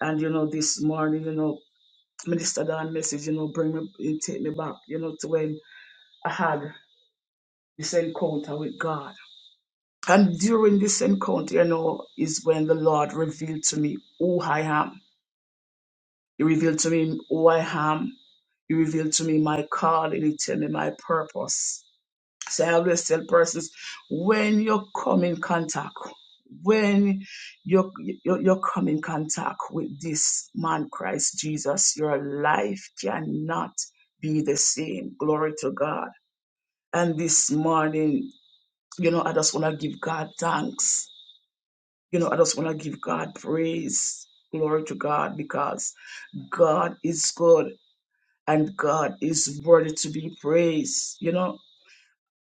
Speaker 4: And, you know, this morning, you know, Minister Don message, you know, bring me, take me back, you know, to when I had this encounter with God. And during this encounter, you know, is when the Lord revealed to me who I am You revealed to me who I am. You revealed to me my calling. You tell me my purpose. So I always tell persons when you come in contact, when you you, you come in contact with this man Christ Jesus, your life cannot be the same. Glory to God. And this morning, you know, I just want to give God thanks. You know, I just want to give God praise. Glory to God because God is good and God is worthy to be praised. You know,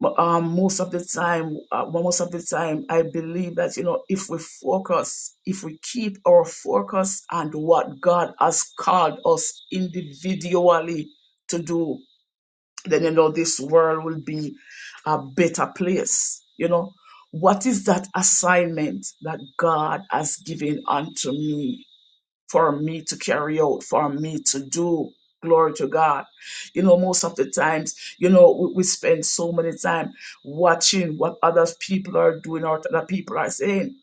Speaker 4: But, um, most of the time, uh, most of the time, I believe that you know, if we focus, if we keep our focus on what God has called us individually to do, then you know, this world will be a better place. You know, what is that assignment that God has given unto me? for me to carry out, for me to do. Glory to God. You know, most of the times, you know, we, we spend so many time watching what other people are doing or what other people are saying.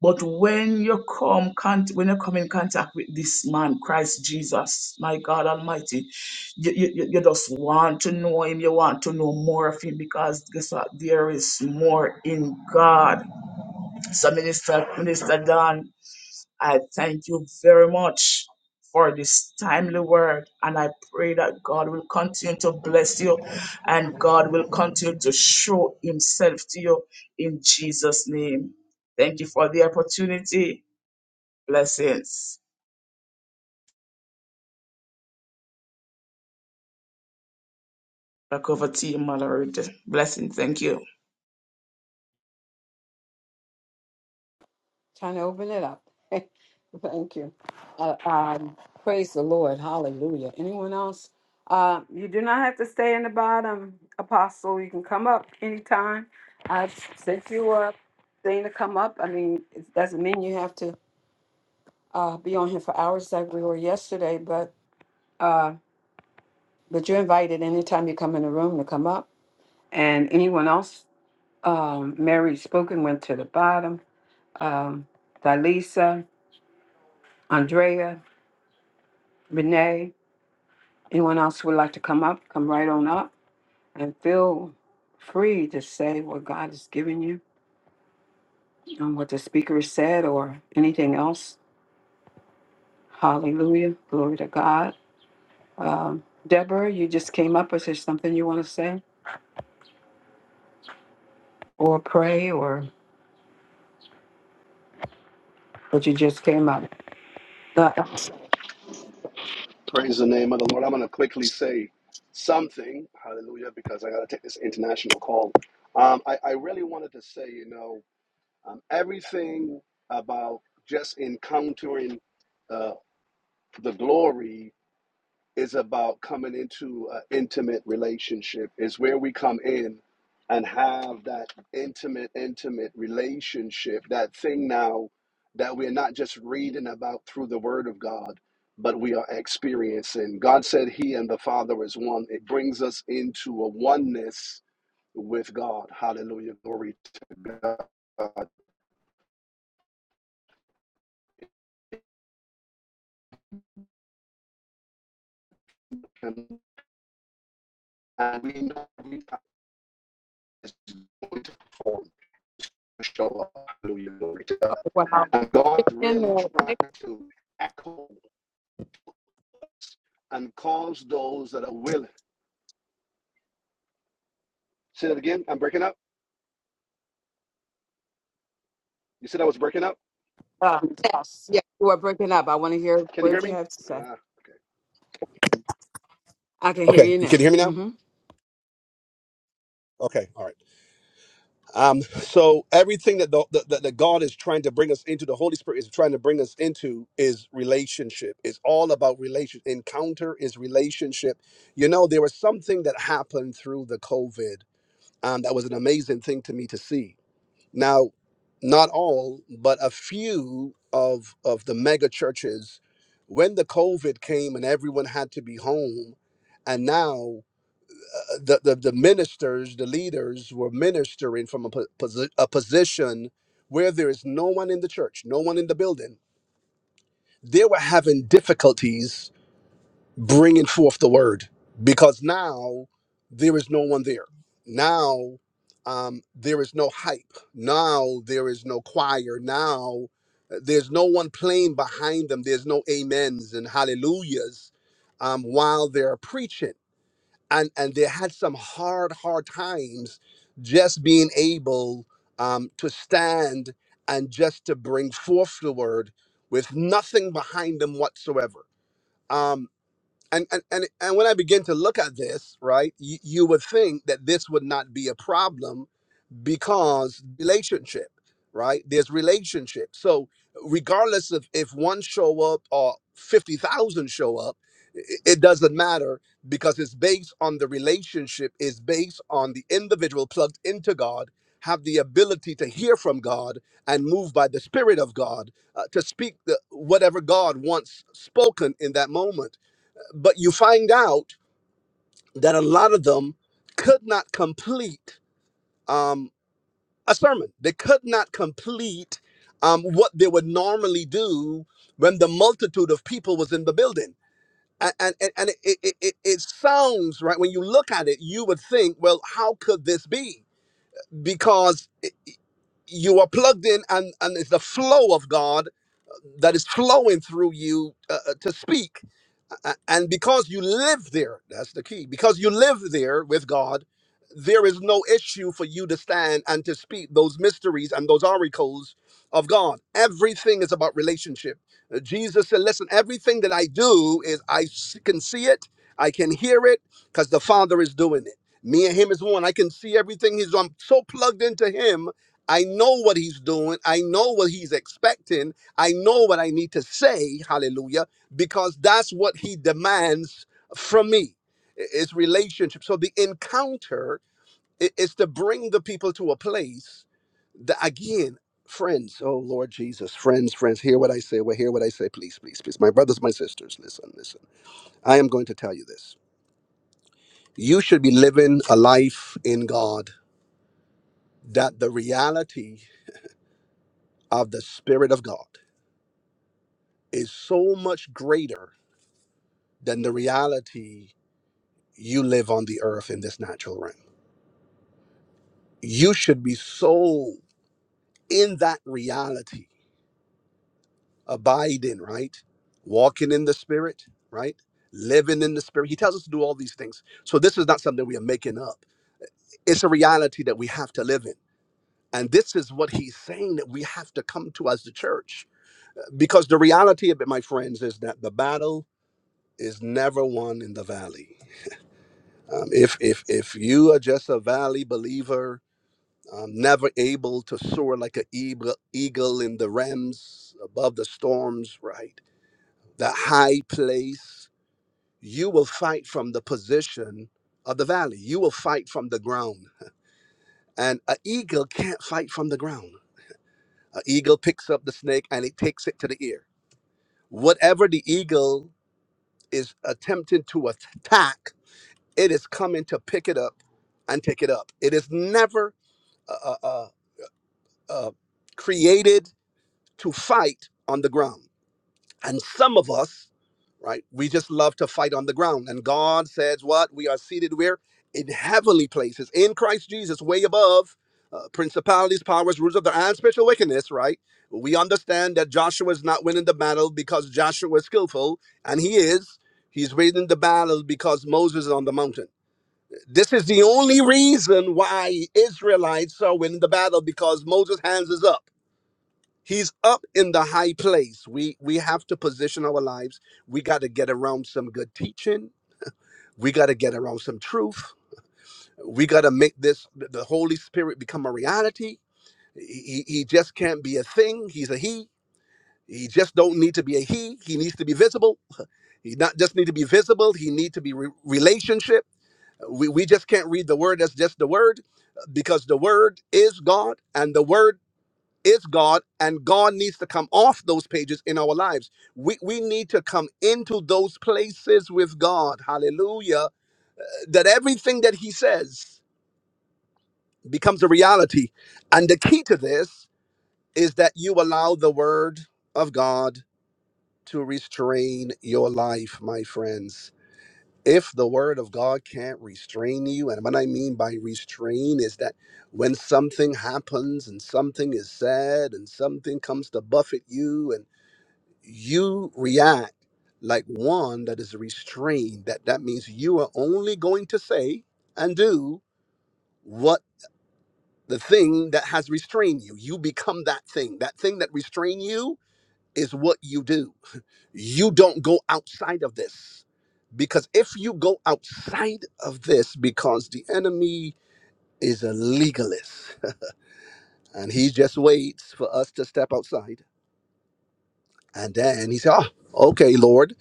Speaker 4: But when you come, con- when you come in contact with this man, Christ Jesus, my God Almighty, you, you, you you just want to know him. You want to know more of him because guess what? There is more in God. So, Minister, Minister Don. I thank you very much for this timely word. And I pray that God will continue to bless you and God will continue to show himself to you in Jesus' name. Thank you for the opportunity. Blessings. Back over to you, Mallory. Blessings. Thank you.
Speaker 7: trying to open it up. Thank you. Uh, um, praise the Lord. Hallelujah. Anyone else? Uh, you do not have to stay in the bottom, Apostle. You can come up anytime. I've sent you up thing to come up. I mean, it doesn't mean you have to uh, be on here for hours like we were yesterday, but uh, but you're invited anytime you come in the room to come up. And anyone else, um, Mary Spoken went to the bottom. Um, Thalisa, Andrea, Renee, anyone else who would like to come up, come right on up and feel free to say what God has given you and what the speaker has said or anything else. Hallelujah. Glory to God. Um, Deborah, you just came up. Is there something you want to say? or pray or but you just came up. Uh,
Speaker 16: Praise the name of the Lord. I'm going to quickly say something, hallelujah, because I got to take this international call. Um, I, I really wanted to say, you know, um, everything about just encountering uh, the glory is about coming into an intimate relationship. Is where we come in and have that intimate, intimate relationship, that thing now that we're not just reading about through the Word of God, but we are experiencing. God said He and the Father is one. It brings us into a oneness with God. Hallelujah. Glory to Him. And we know every time it's going to perform, to show up. Hallelujah. Glory to God.
Speaker 7: well,
Speaker 16: And God
Speaker 7: in
Speaker 16: really
Speaker 7: the
Speaker 16: trying to echo and calls those that are willing. Say that again. I'm breaking up. You said I was breaking up.
Speaker 7: um, yes, yeah, you are breaking up. I want to hear
Speaker 16: Can you
Speaker 7: what
Speaker 16: hear
Speaker 7: you
Speaker 16: me?
Speaker 7: have to say.
Speaker 16: Ah.
Speaker 7: I can hear
Speaker 16: Okay,
Speaker 7: you
Speaker 16: you can
Speaker 7: now.
Speaker 16: hear me now?
Speaker 7: hmm
Speaker 16: Okay, all right. Um, so everything that the, the that God is trying to bring us into, the Holy Spirit is trying to bring us into, is relationship. It's all about relation. Encounter is relationship. You know, there was something that happened through the COVID um, that was an amazing thing to me to see. Now, not all, but a few of of the mega churches, when the COVID came and everyone had to be home, and now uh, the the, the ministers, the leaders were ministering from a, po- posi- a position where there is no one in the church, no one in the building. They were having difficulties bringing forth the word because now there is no one there. Now um, there is no hype. Now there is no choir. Now uh, there's no one playing behind them. There's no amens and hallelujahs um, while they're preaching. And, and they had some hard, hard times just being able um, to stand and just to bring forth the word with nothing behind them whatsoever Um, and and and, and when i begin to look at this right you, you would think that this would not be a problem because relationship right there's relationship so regardless of if one show up or 50000 show up i- it doesn't matter because it's based on the relationship is based on the individual plugged into god have the ability to hear from god and move by the spirit of god uh, to speak the, whatever god wants spoken in that moment but you find out that a lot of them could not complete um, a sermon. They could not complete um, what they would normally do when the multitude of people was in the building. A- And, and, and it, it, it, it sounds right when you look at it, you would think, well, how could this be? Because it- you are plugged in, and, and it's the flow of God that is flowing through you uh, uh, to speak A- And because you live there, that's the key. Because you live there with God, there is no issue for you to stand and to speak those mysteries and those oracles of God. Everything is about relationship. Uh, Jesus said, Listen, everything that I do is I s- can see it, I can hear it, because the Father is doing it. Me and Him is one. I can see everything. He's I'm so plugged into Him. I know what he's doing. I know what he's expecting. I know what I need to say. Hallelujah because that's what he demands from me i- is relationship so the encounter i- is to bring the people to a place that again friends oh lord jesus friends friends hear what i say well hear what i say please please please my brothers my sisters listen listen i am going to tell you this you should be living a life in god that the reality of the spirit of god is so much greater than the reality you live on the earth in this natural realm you should be so in that reality, abiding, right? Walking in the spirit, right? Living in the spirit. He tells us to do all these things. So this is not something we are making up. It's a reality that we have to live in. And this is what he's saying that we have to come to as the church. Because the reality of it, my friends, is that the battle is never won in the valley. Um, if if if you are just a valley believer, i never able to soar like an eagle, eagle in the realms above the storms, right? The high place. You will fight from the position of the valley. You will fight from the ground. And an eagle can't fight from the ground. An eagle picks up the snake and it takes it to the ear. Whatever the eagle is attempting to attack, it is coming to pick it up and take it up. It is never uh, uh, uh, uh, created to fight on the ground. And some of us, right, we just love to fight on the ground. And God says, What? We are seated where? In heavenly places, in Christ Jesus, way above uh, principalities, powers, rulers of the and spiritual wickedness, right? We understand that Joshua is not winning the battle because Joshua is skillful, and he is. He's winning the battle because Moses is on the mountain. This is the only reason why Israelites are winning the battle because Moses' hands is up He's up in the high place. We we have to position our lives. We got to get around some good teaching. We got to get around some truth. We got to make this th- the Holy Spirit become a reality. He, he he just can't be a thing. He's a he. He just don't need to be a he. He needs to be visible. He not just need to be visible. He need to be re- relationship. We we just can't read the word as just the word, because the word is God, and the word is God, and God needs to come off those pages in our lives. We, we need to come into those places with God, hallelujah, that everything that He says becomes a reality. And the key to this is that you allow the Word of God to restrain your life, my friends. If the Word of God can't restrain you, and what I mean by restrain is that when something happens and something is said and something comes to buffet you and you react like one that is restrained that that means you are only going to say and do what the thing that has restrained you you become that thing that thing that restrain you is what you do you don't go outside of this because if you go outside of this because the enemy is a legalist and he just waits for us to step outside And then he said, oh, okay, Lord,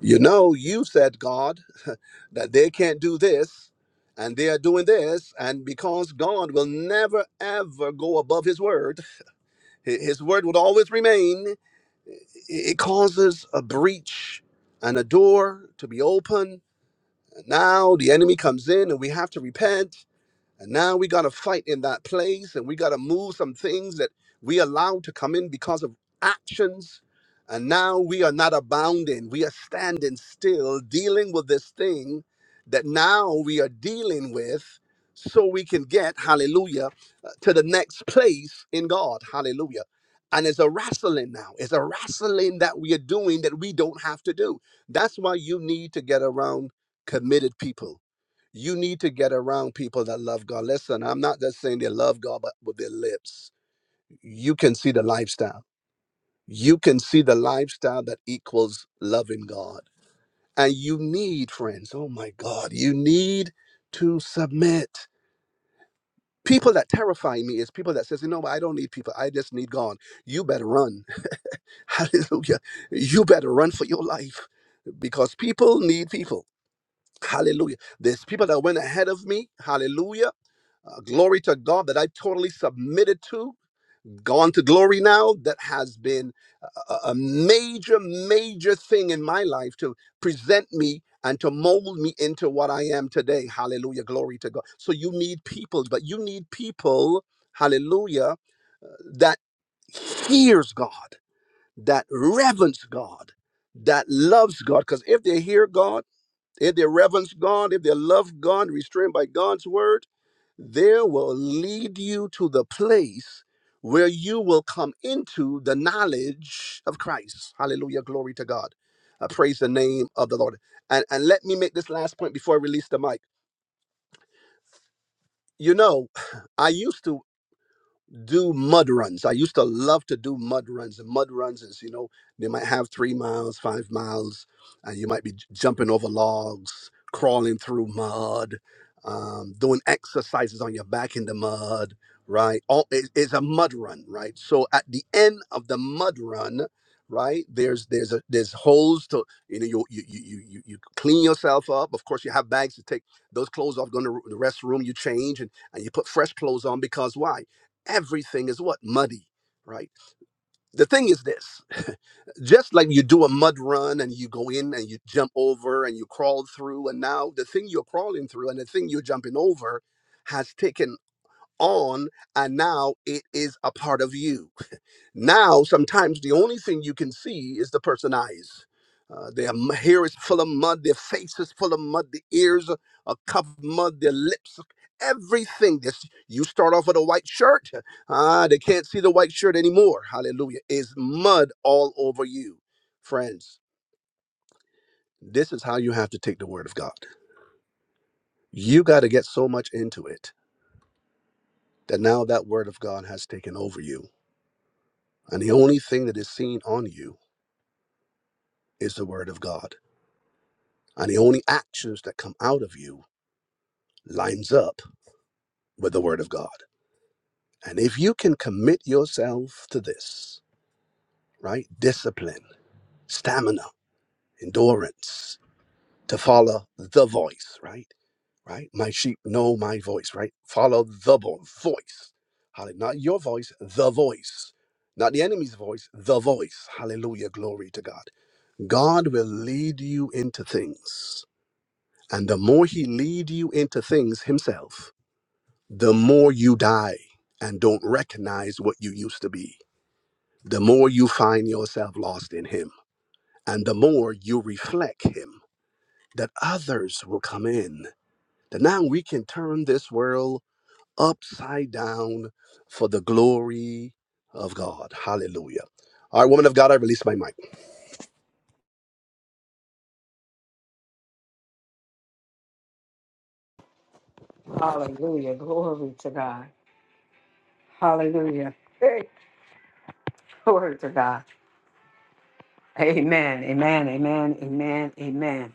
Speaker 16: you know, you said, God, that they can't do this and they are doing this. And because God will never, ever go above his word, hi- his word would always remain, it causes a breach and a door to be open. now the enemy comes in and we have to repent and now we got to fight in that place and we got to move some things that we allowed to come in because of actions. And now we are not abounding. We are standing still dealing with this thing that now we are dealing with so we can get, hallelujah, uh, to the next place in God. Hallelujah. And it's a wrestling now. It's a wrestling that we are doing that we don't have to do. That's why you need to get around committed people you need to get around people that love God. Listen, I'm not just saying they love God, but with their lips, you can see the lifestyle. You can see the lifestyle that equals loving God. And you need, friends, oh my God, you need to submit. People that terrify me is people that says, you know what, I don't need people. I just need God. You better run. Hallelujah. You better run for your life because people need people. Hallelujah. There's people that went ahead of me. Hallelujah Uh, glory to God that I totally submitted to. Gone to glory now. That has been a, a major, major thing in my life to present me and to mold me into what I am today. Hallelujah. Glory to God. So you need people, but you need people, hallelujah, that hears God, that reverence God, that loves God. Because if they hear God, if they reverence God, if they love God, restrained by God's word, there will lead you to the place where you will come into the knowledge of Christ. Hallelujah. Glory to God. I praise the name of the Lord. And, and let me make this last point before I release the mic. You know, I used to. do mud runs. I used to love to do mud runs. And mud runs is, you know, they might have three miles, five miles, and you might be j- jumping over logs, crawling through mud, um, doing exercises on your back in the mud, right? All it, it's a mud run, right? So at the end of the mud run, right there's there's a there's holes to you know you you you you, you you clean yourself up of course you have bags to take those clothes off go to the restroom you change and and you put fresh clothes on because why? everything is what muddy right the thing is this just like you do a mud run and you go in and you jump over and you crawl through and now the thing you're crawling through and the thing you're jumping over has taken on and now it is a part of you now, sometimes the only thing you can see is the person's eyes. Uh, their m- hair is full of mud, their face is full of mud, the ears are are covered with mud, their lips, everything. This you start off with a white shirt, ah, they can't see the white shirt anymore. Hallelujah! Is mud all over you, friends? This is how you have to take the word of God. You got to get so much into it that now that word of God has taken over you, and the only thing that is seen on you is the word of God. and the only actions that come out of you lines up with the word of god and if you can commit yourself to this right discipline stamina endurance to follow the voice right right my sheep know my voice right follow the vo- voice Hallelujah. not your voice the voice not the enemy's voice the voice hallelujah glory to god god will lead you into things and the more he lead you into things himself the more you die and don't recognize what you used to be, the more you find yourself lost in Him, and the more you reflect Him, that others will come in. That now we can turn this world upside down for the glory of God. Hallelujah. All right, woman of God, I release my mic.
Speaker 7: Hallelujah, glory to God. Hallelujah, hey, glory to God. Amen, amen, amen, amen, amen.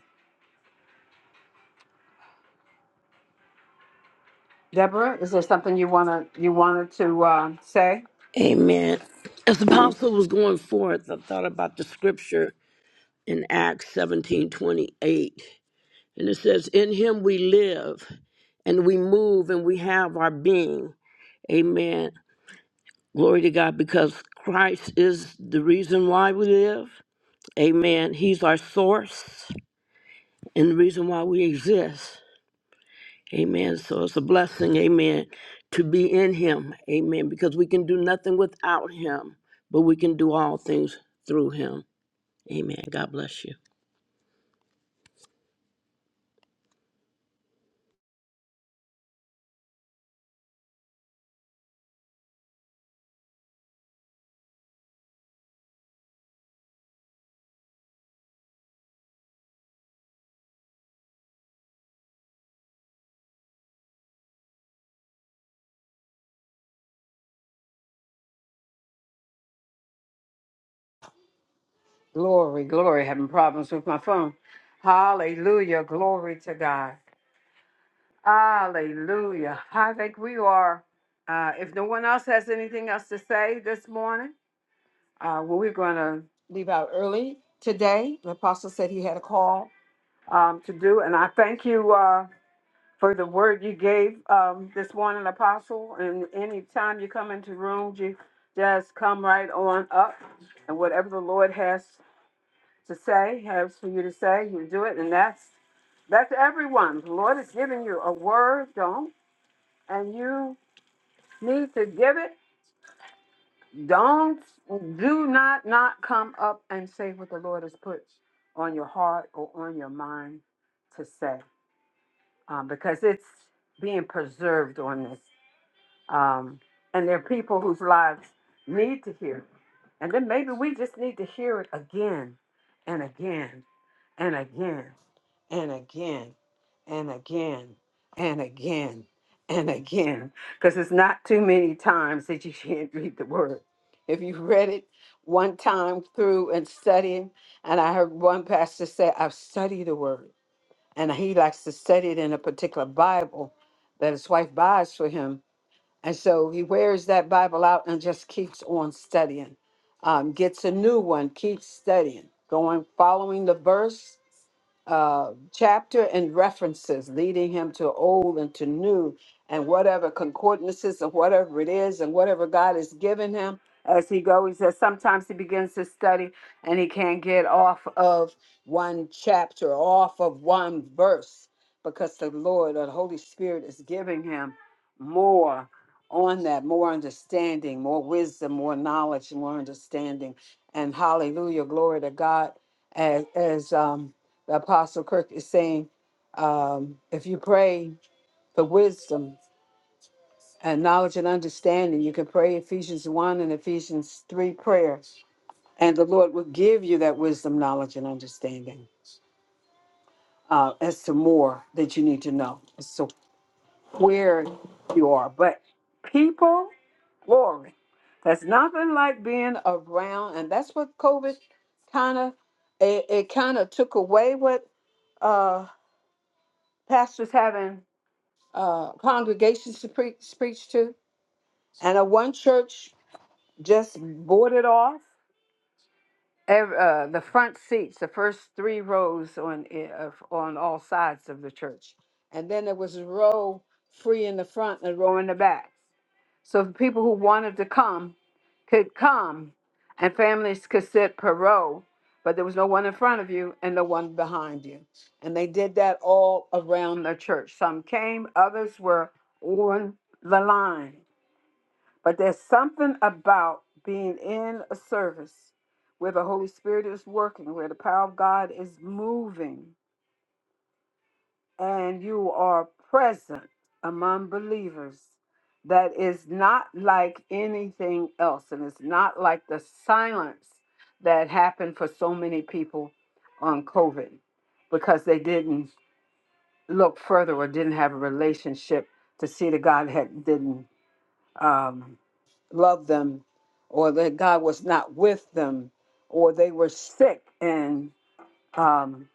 Speaker 7: Deborah, is there something you wanna you wanted to uh, say?
Speaker 17: Amen. As the apostle was going forth, I thought about the scripture in Acts seventeen twenty eight, And it says, In him we live and we move and we have our being. Amen. Glory to God, because Christ is the reason why we live. Amen. He's our source and the reason why we exist. Amen. So it's a blessing, amen, to be in him. Amen. Because we can do nothing without him, but we can do all things through him. Amen. God bless you.
Speaker 7: Glory, glory. Having problems with my phone. Hallelujah, glory to God. Hallelujah. I think we are. Uh, if no one else has anything else to say this morning, uh, well, we're going to leave out early today. The apostle said he had a call um, to do, and I thank you uh, for the word you gave um, this morning, apostle. And any time you come into rooms, you just come right on up, and whatever the Lord has to say, has for you to say, you do it, and that's that's everyone. The Lord is giving you a word. Don't and you need to give it, don't do not not come up and say what the Lord has put on your heart or on your mind to say, um, because it's being preserved on this, um, and there are people whose lives need to hear, it. and then maybe we just need to hear it again and again and again and again and again and again and again because it's not too many times that you can't read the word if you read it one time through and studying and i heard one pastor say i've studied the word and he likes to study it in a particular bible that his wife buys for him and so he wears that Bible out and just keeps on studying. Um, gets a new one, keeps studying, going, following the verse, uh, chapter, and references, leading him to old and to new, and whatever concordances and whatever it is, and whatever God has given him as he goes. He says sometimes he begins to study and he can't get off of one chapter, off of one verse, because the Lord or the Holy Spirit is giving him more on that more understanding, more wisdom, more knowledge, more understanding. And hallelujah, glory to God. As, as um, the Apostle Kirk is saying, um, if you pray for wisdom and knowledge and understanding, you can pray Ephesians 1 and Ephesians 3 prayers, and the Lord will give you that wisdom, knowledge, and understanding uh, as to more that you need to know. where you are. But people, glory. That's nothing like being around, and that's what COVID kind of it, it kind of took away what uh, pastors having uh, congregations to preach, preach to, and a one church just boarded off ev- uh, the front seats, the first three rows on i- of- on all sides of the church, and then there was a row free in the front and a row in the back. So the people who wanted to come could come, and families could sit per row, but there was no one in front of you and no one behind you. And they did that all around the church. Some came, others were on the line but there's something about being in a service where the Holy Spirit is working, where the power of God is moving, and you are present among believers that is not like anything else. And it's not like the silence that happened for so many people on COVID because they didn't look further or didn't have a relationship to see that God had didn't. Um, love them or that God was not with them or they were sick and um,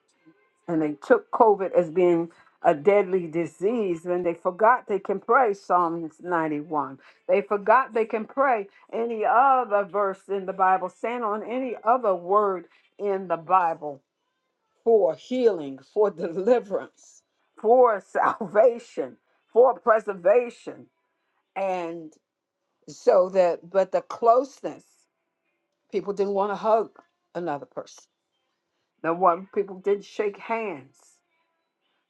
Speaker 7: and they took COVID as being a deadly disease when they forgot they can pray Psalms 91. They forgot they can pray any other verse in the Bible, stand on any other word in the Bible for healing, for deliverance, for salvation, for preservation. And so that, but the closeness. People didn't want to hug another person. The one people didn't shake hands.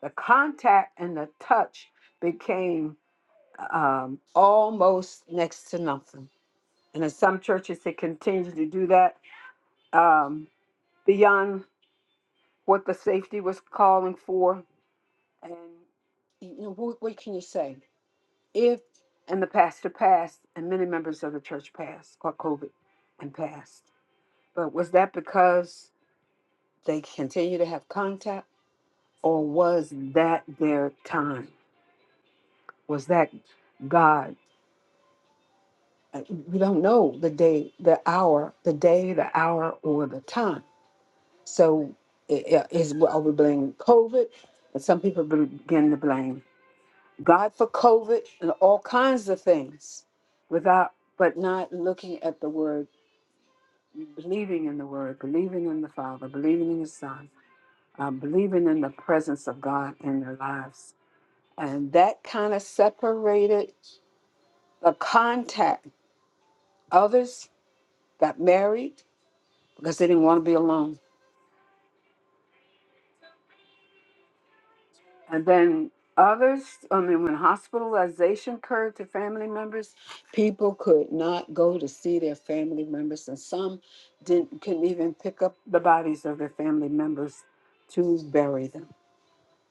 Speaker 7: The contact and the touch became um, almost next to nothing. And in some churches, they continue to do that um, beyond what the safety was calling for. And you know, what, what can you say? If and the pastor passed, and many members of the church passed, caught COVID, and passed. But was that because they continue to have contact? or was that their time? Was that God? Uh, We don't know the day, the hour, the day, the hour, or the time. So i- i- is are we blaming COVID? And some people be- begin to blame God for COVID and all kinds of things, without but not looking at the Word, believing in the Word, believing in the Father, believing in His Son, uh, believing in the presence of God in their lives, and that kind of separated The contact. Others got married because they didn't want to be alone. And then others, I mean, when hospitalization occurred to family members, people could not go to see their family members, and some didn't couldn't even pick up the bodies of their family members to bury them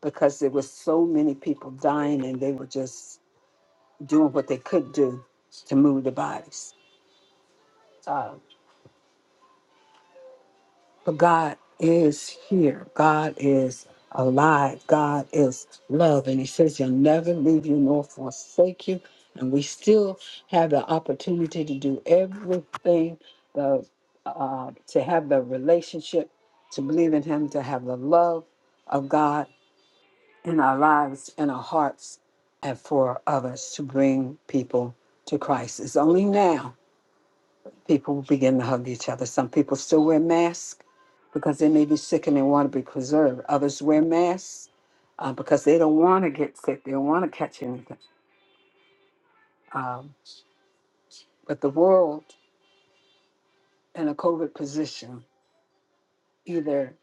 Speaker 7: because there were so many people dying, and they were just doing what they could do to move the bodies. But God is here. God is alive. God is love. And He says, He'll never leave you nor forsake you. And we still have the opportunity to do everything the, uh, to have the relationship, to believe in Him, to have the love of God in our lives, in our hearts, and for others to bring people to Christ. It's only now people will begin to hug each other. Some people still wear masks because they may be sick and they want to be preserved. Others wear masks uh, because they don't want to get sick. They don't want to catch anything. Um, but the world in a COVID position either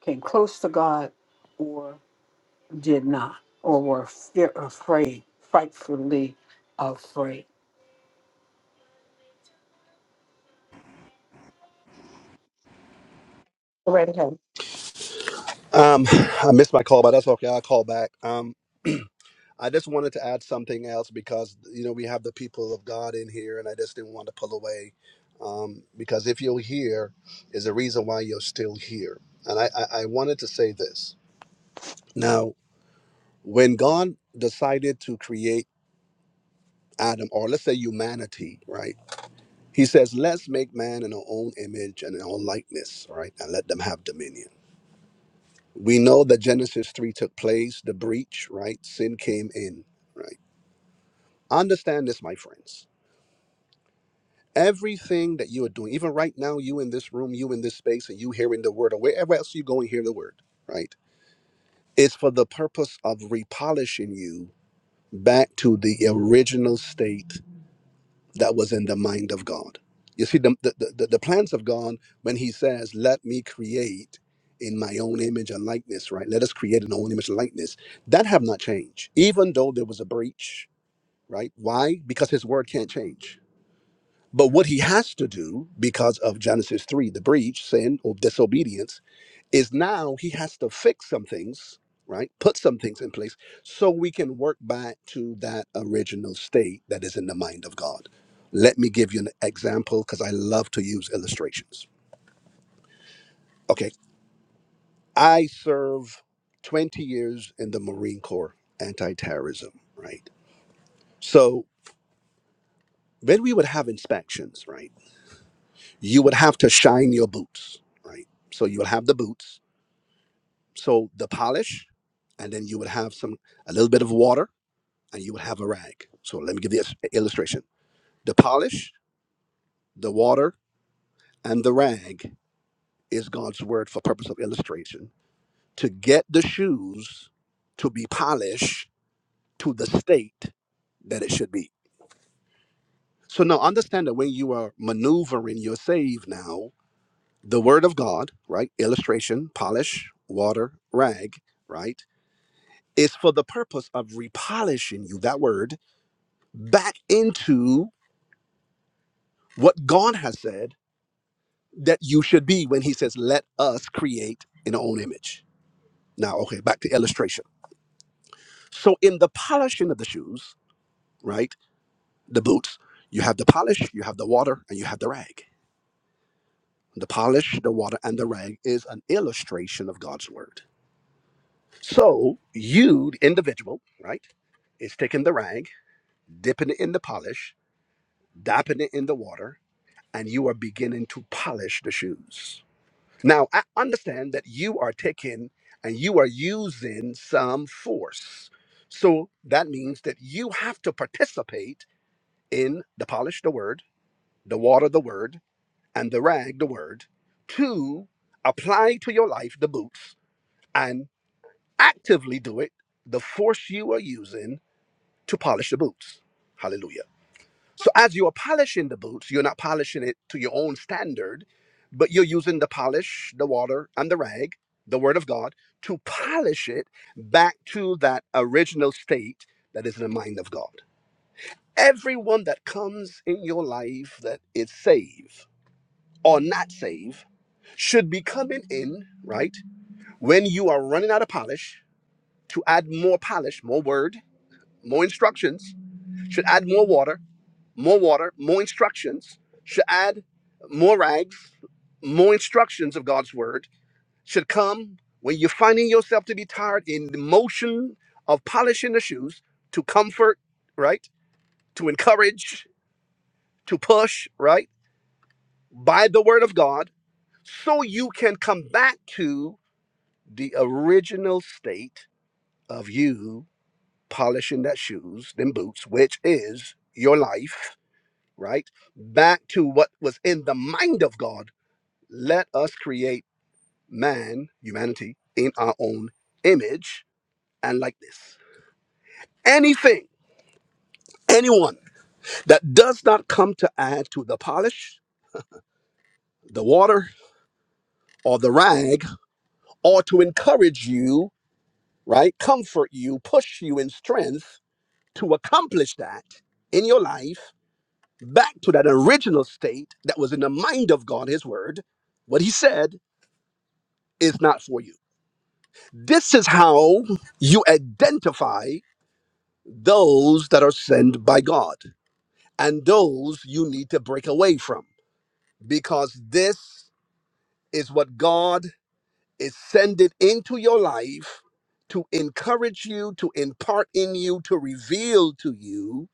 Speaker 7: came close to God or did not, or were fear, afraid, frightfully afraid. Glory to God.
Speaker 16: Um, I missed my call, but that's okay. I'll call back. Um. I just wanted to add something else because you know we have the people of God in here, and I just didn't want to pull away um, because if you're here, is a reason why you're still here. And I, I, I wanted to say this now: when God decided to create Adam, or let's say humanity, right? He says, "Let's make man in our own image and in our likeness, right? And let them have dominion." We know that Genesis three took place, the breach, right? Sin came in, right? Understand this, my friends Everything that you are doing, even right now, you in this room, you in this space, and you hearing the word, or wherever else you go and hear the word, right, It's for the purpose of repolishing you back to the original state that was in the mind of God. You see, the, the, the, the plans of God, when He says, Let me create in my own image and likeness, right? Let us create in our own image and likeness, that have not changed, even though there was a breach, right? Why? Because His word can't change but what he has to do because of Genesis 3, the breach, sin or disobedience, is now he has to fix some things, right? Put some things in place so we can work back to that original state that is in the mind of God. Let me give you an example because I love to use illustrations. Okay, I serve 20 years in the Marine Corps anti terrorism, right? So when we would have inspections, right, you would have to shine your boots, right? So you would have the boots so the polish and then you would have some a little bit of water and you would have a rag so let me give this illustration the polish the water and the rag is god's word for purpose of illustration to get the shoes to be polished to the state that it should be so now understand that when you are maneuvering your save now the word of god right illustration polish water rag right is for the purpose of repolishing you that word back into what God has said that you should be when he says, Let us create in our own image. Now, okay, back to illustration. So, in the polishing of the shoes, right, the boots, you have the polish, you have the water, and you have the rag. The polish, the water, and the rag is an illustration of God's word. So, you, the individual, right, is taking the rag, dipping it in the polish, dapping it in the water, and you are beginning to polish the shoes Now, I understand that you are taking and you are using some force. So that means that you have to participate in the polish, the word, the water, the word, and the rag, the word, to apply to your life the boots and actively do it, the force you are using to polish the boots. Hallelujah. So as you are polishing the boots, you're not polishing it to your own standard, but you're using the polish, the water, and the rag, the word of God, to polish it back to that original state that is in the mind of God. Everyone that comes in your life that is saved or not saved should be coming in, right? When you are running out of polish, to add more polish, more word, more instructions, should add more water more water, more instructions, should add more rags, more instructions of God's word, should come when you're finding yourself to be tired in the motion of polishing the shoes to comfort, right? To encourage, to push, right? By the word of God, so you can come back to the original state of you polishing that shoes, them boots, which is your life, right? Back to what was in the mind of God let us create man, humanity, in our own image and likeness. Anything, anyone that does not come to add to the polish, the water, or the rag, or to encourage you, right, comfort you, push you in strength to accomplish that in your life, back to that original state that was in the mind of God, His Word, what He said is not for you. This is how you identify those that are sent by God and those you need to break away from because this is what God is sending into your life to encourage you, to impart in you, to reveal to you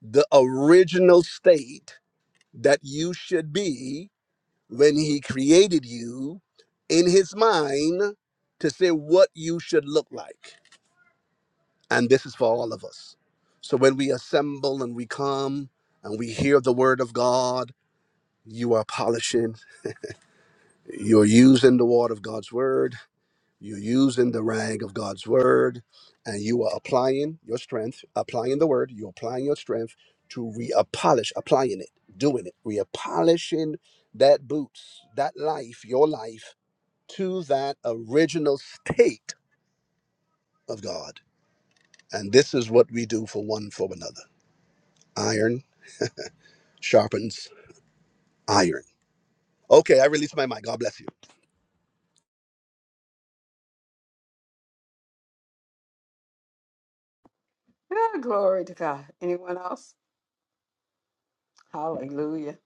Speaker 16: the original state that you should be when He created you in His mind to say what you should look like. And this is for all of us. So when we assemble and we come and we hear the word of God, you are polishing, you're using the word of God's word, you're using the rag of God's word, and you are applying your strength, applying the word, you're applying your strength to re-polish, applying it, doing it, re-polishing that boots, that life, your life, to that original state of God. And this is what we do for one for another. Iron sharpens iron. Okay, I release my mind. God bless you.
Speaker 7: Ah, glory to God. Anyone else? Hallelujah.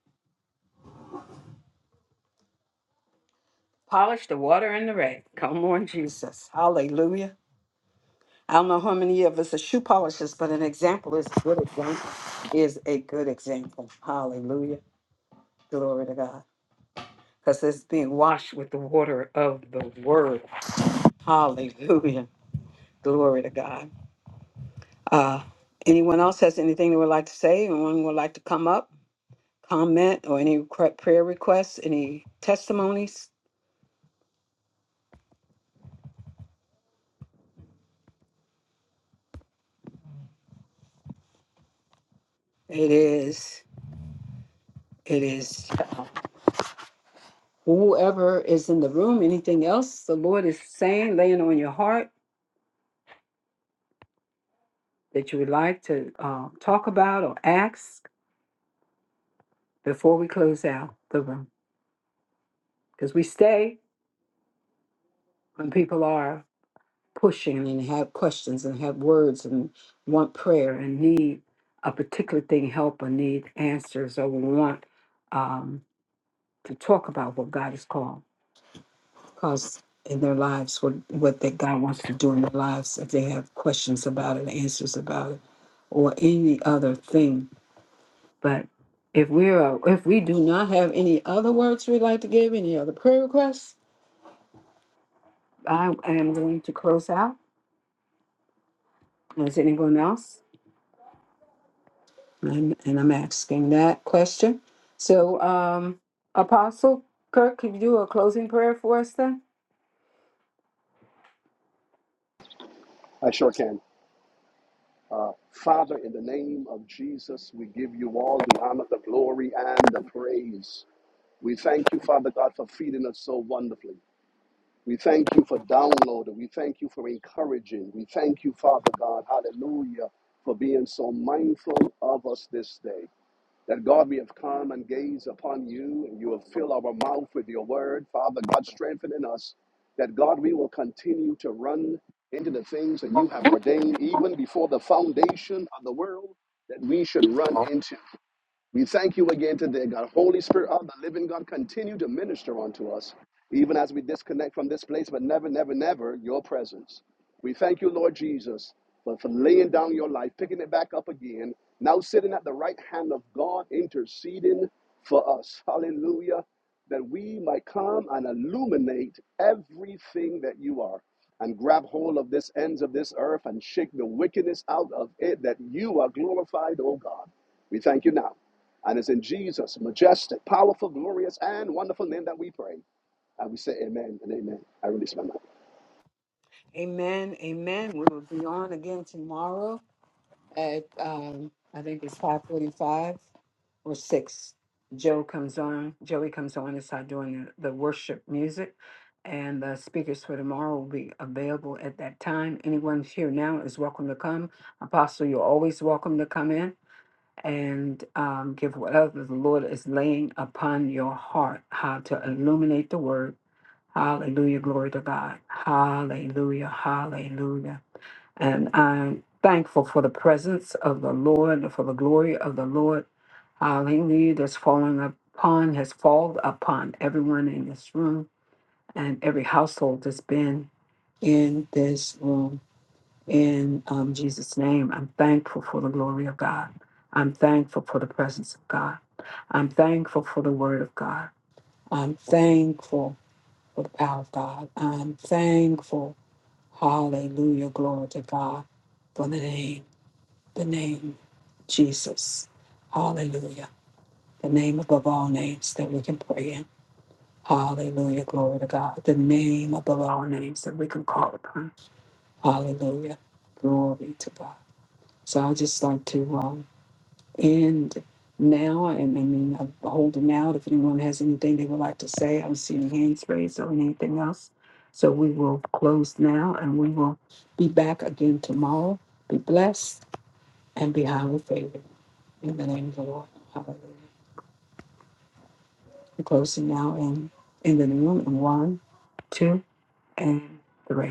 Speaker 7: Polish the water and the red. Come on, Jesus. Hallelujah. I don't know how many of us are shoe polishers, but an example is a good example is a good example. Hallelujah. Glory to God. Because it's being washed with the water of the word. Hallelujah. Glory to God. Uh, anyone else has anything they would like to say? Anyone would like to come up, comment, or any cre- prayer requests, any testimonies? It is, it is uh, whoever is in the room, anything else the Lord is saying, laying on your heart that you would like to um, talk about or ask before we close out the room. Because we stay when people are pushing and have questions and have words and want prayer and need a particular thing help or need answers or want um, to talk about what God has called because in their lives what what that God wants to do in their lives if they have questions about it answers about it or any other thing But if we are, if we do not have any other words we'd like to give, any other prayer requests, I am going to close out. Is anyone else? And, and I'm asking that question. So, um, Apostle Kirk, could you do a closing prayer for us then?
Speaker 16: I sure can. Uh, Father, in the name of Jesus, we give you all the honor, the glory, and the praise. We thank you, Father God, for feeding us so wonderfully. We thank you for downloading. We thank you for encouraging. We thank you, Father God, hallelujah, for being so mindful of us this day. that God, we have come and gaze upon you, and you have filled our mouth with your word. Father, God, strengthen in us that God, we will continue to run into the things that you have ordained, even before the foundation of the world, that we should run into. We thank you again today, God. Holy Spirit of the living God, continue to minister unto us even as we disconnect from this place, but never, never, never your presence. We thank you, Lord Jesus, for, for laying down your life, picking it back up again, now sitting at the right hand of God, interceding for us. Hallelujah. That we might come and illuminate everything that you are and grab hold of this ends of this earth and shake the wickedness out of it that you are glorified, O God. We thank you now. And it's in Jesus' majestic, powerful, glorious, and wonderful name that we pray. I will say amen and amen. I release my mouth.
Speaker 7: Amen. Amen. We will be on again tomorrow at um, I think it's five forty-five or six, Joe comes on, Joey comes on and start doing the, the worship music. And the speakers for tomorrow will be available at that time. Anyone here now is welcome to come. Apostle, you're always welcome to come in and um, give whatever the Lord is laying upon your heart, how to illuminate the word. Hallelujah, glory to God. Hallelujah, hallelujah. And I'm thankful for the presence of the Lord, for the glory of the Lord. Hallelujah. That's fallen upon, has fallen upon everyone in this room and every household that's been in this room. In um, Jesus' name, I'm thankful for the glory of God. I'm thankful for the presence of God. I'm thankful for the word of God. I'm thankful for the power of God. I'm thankful. Hallelujah. Glory to God for the name the name Jesus. Hallelujah. The name above all names that we can pray in. Hallelujah. Glory to God. The name above all names that we can call upon. Hallelujah. Glory to God. So I just like to um, end now. And I mean, I'm holding out. If anyone has anything they would like to say, I don't see any hands raised or anything else. So we will close now and we will be back again tomorrow. Be blessed and be highly favored. In the name of the Lord. Hallelujah. We're closing now in, in the room. in one, two, and three.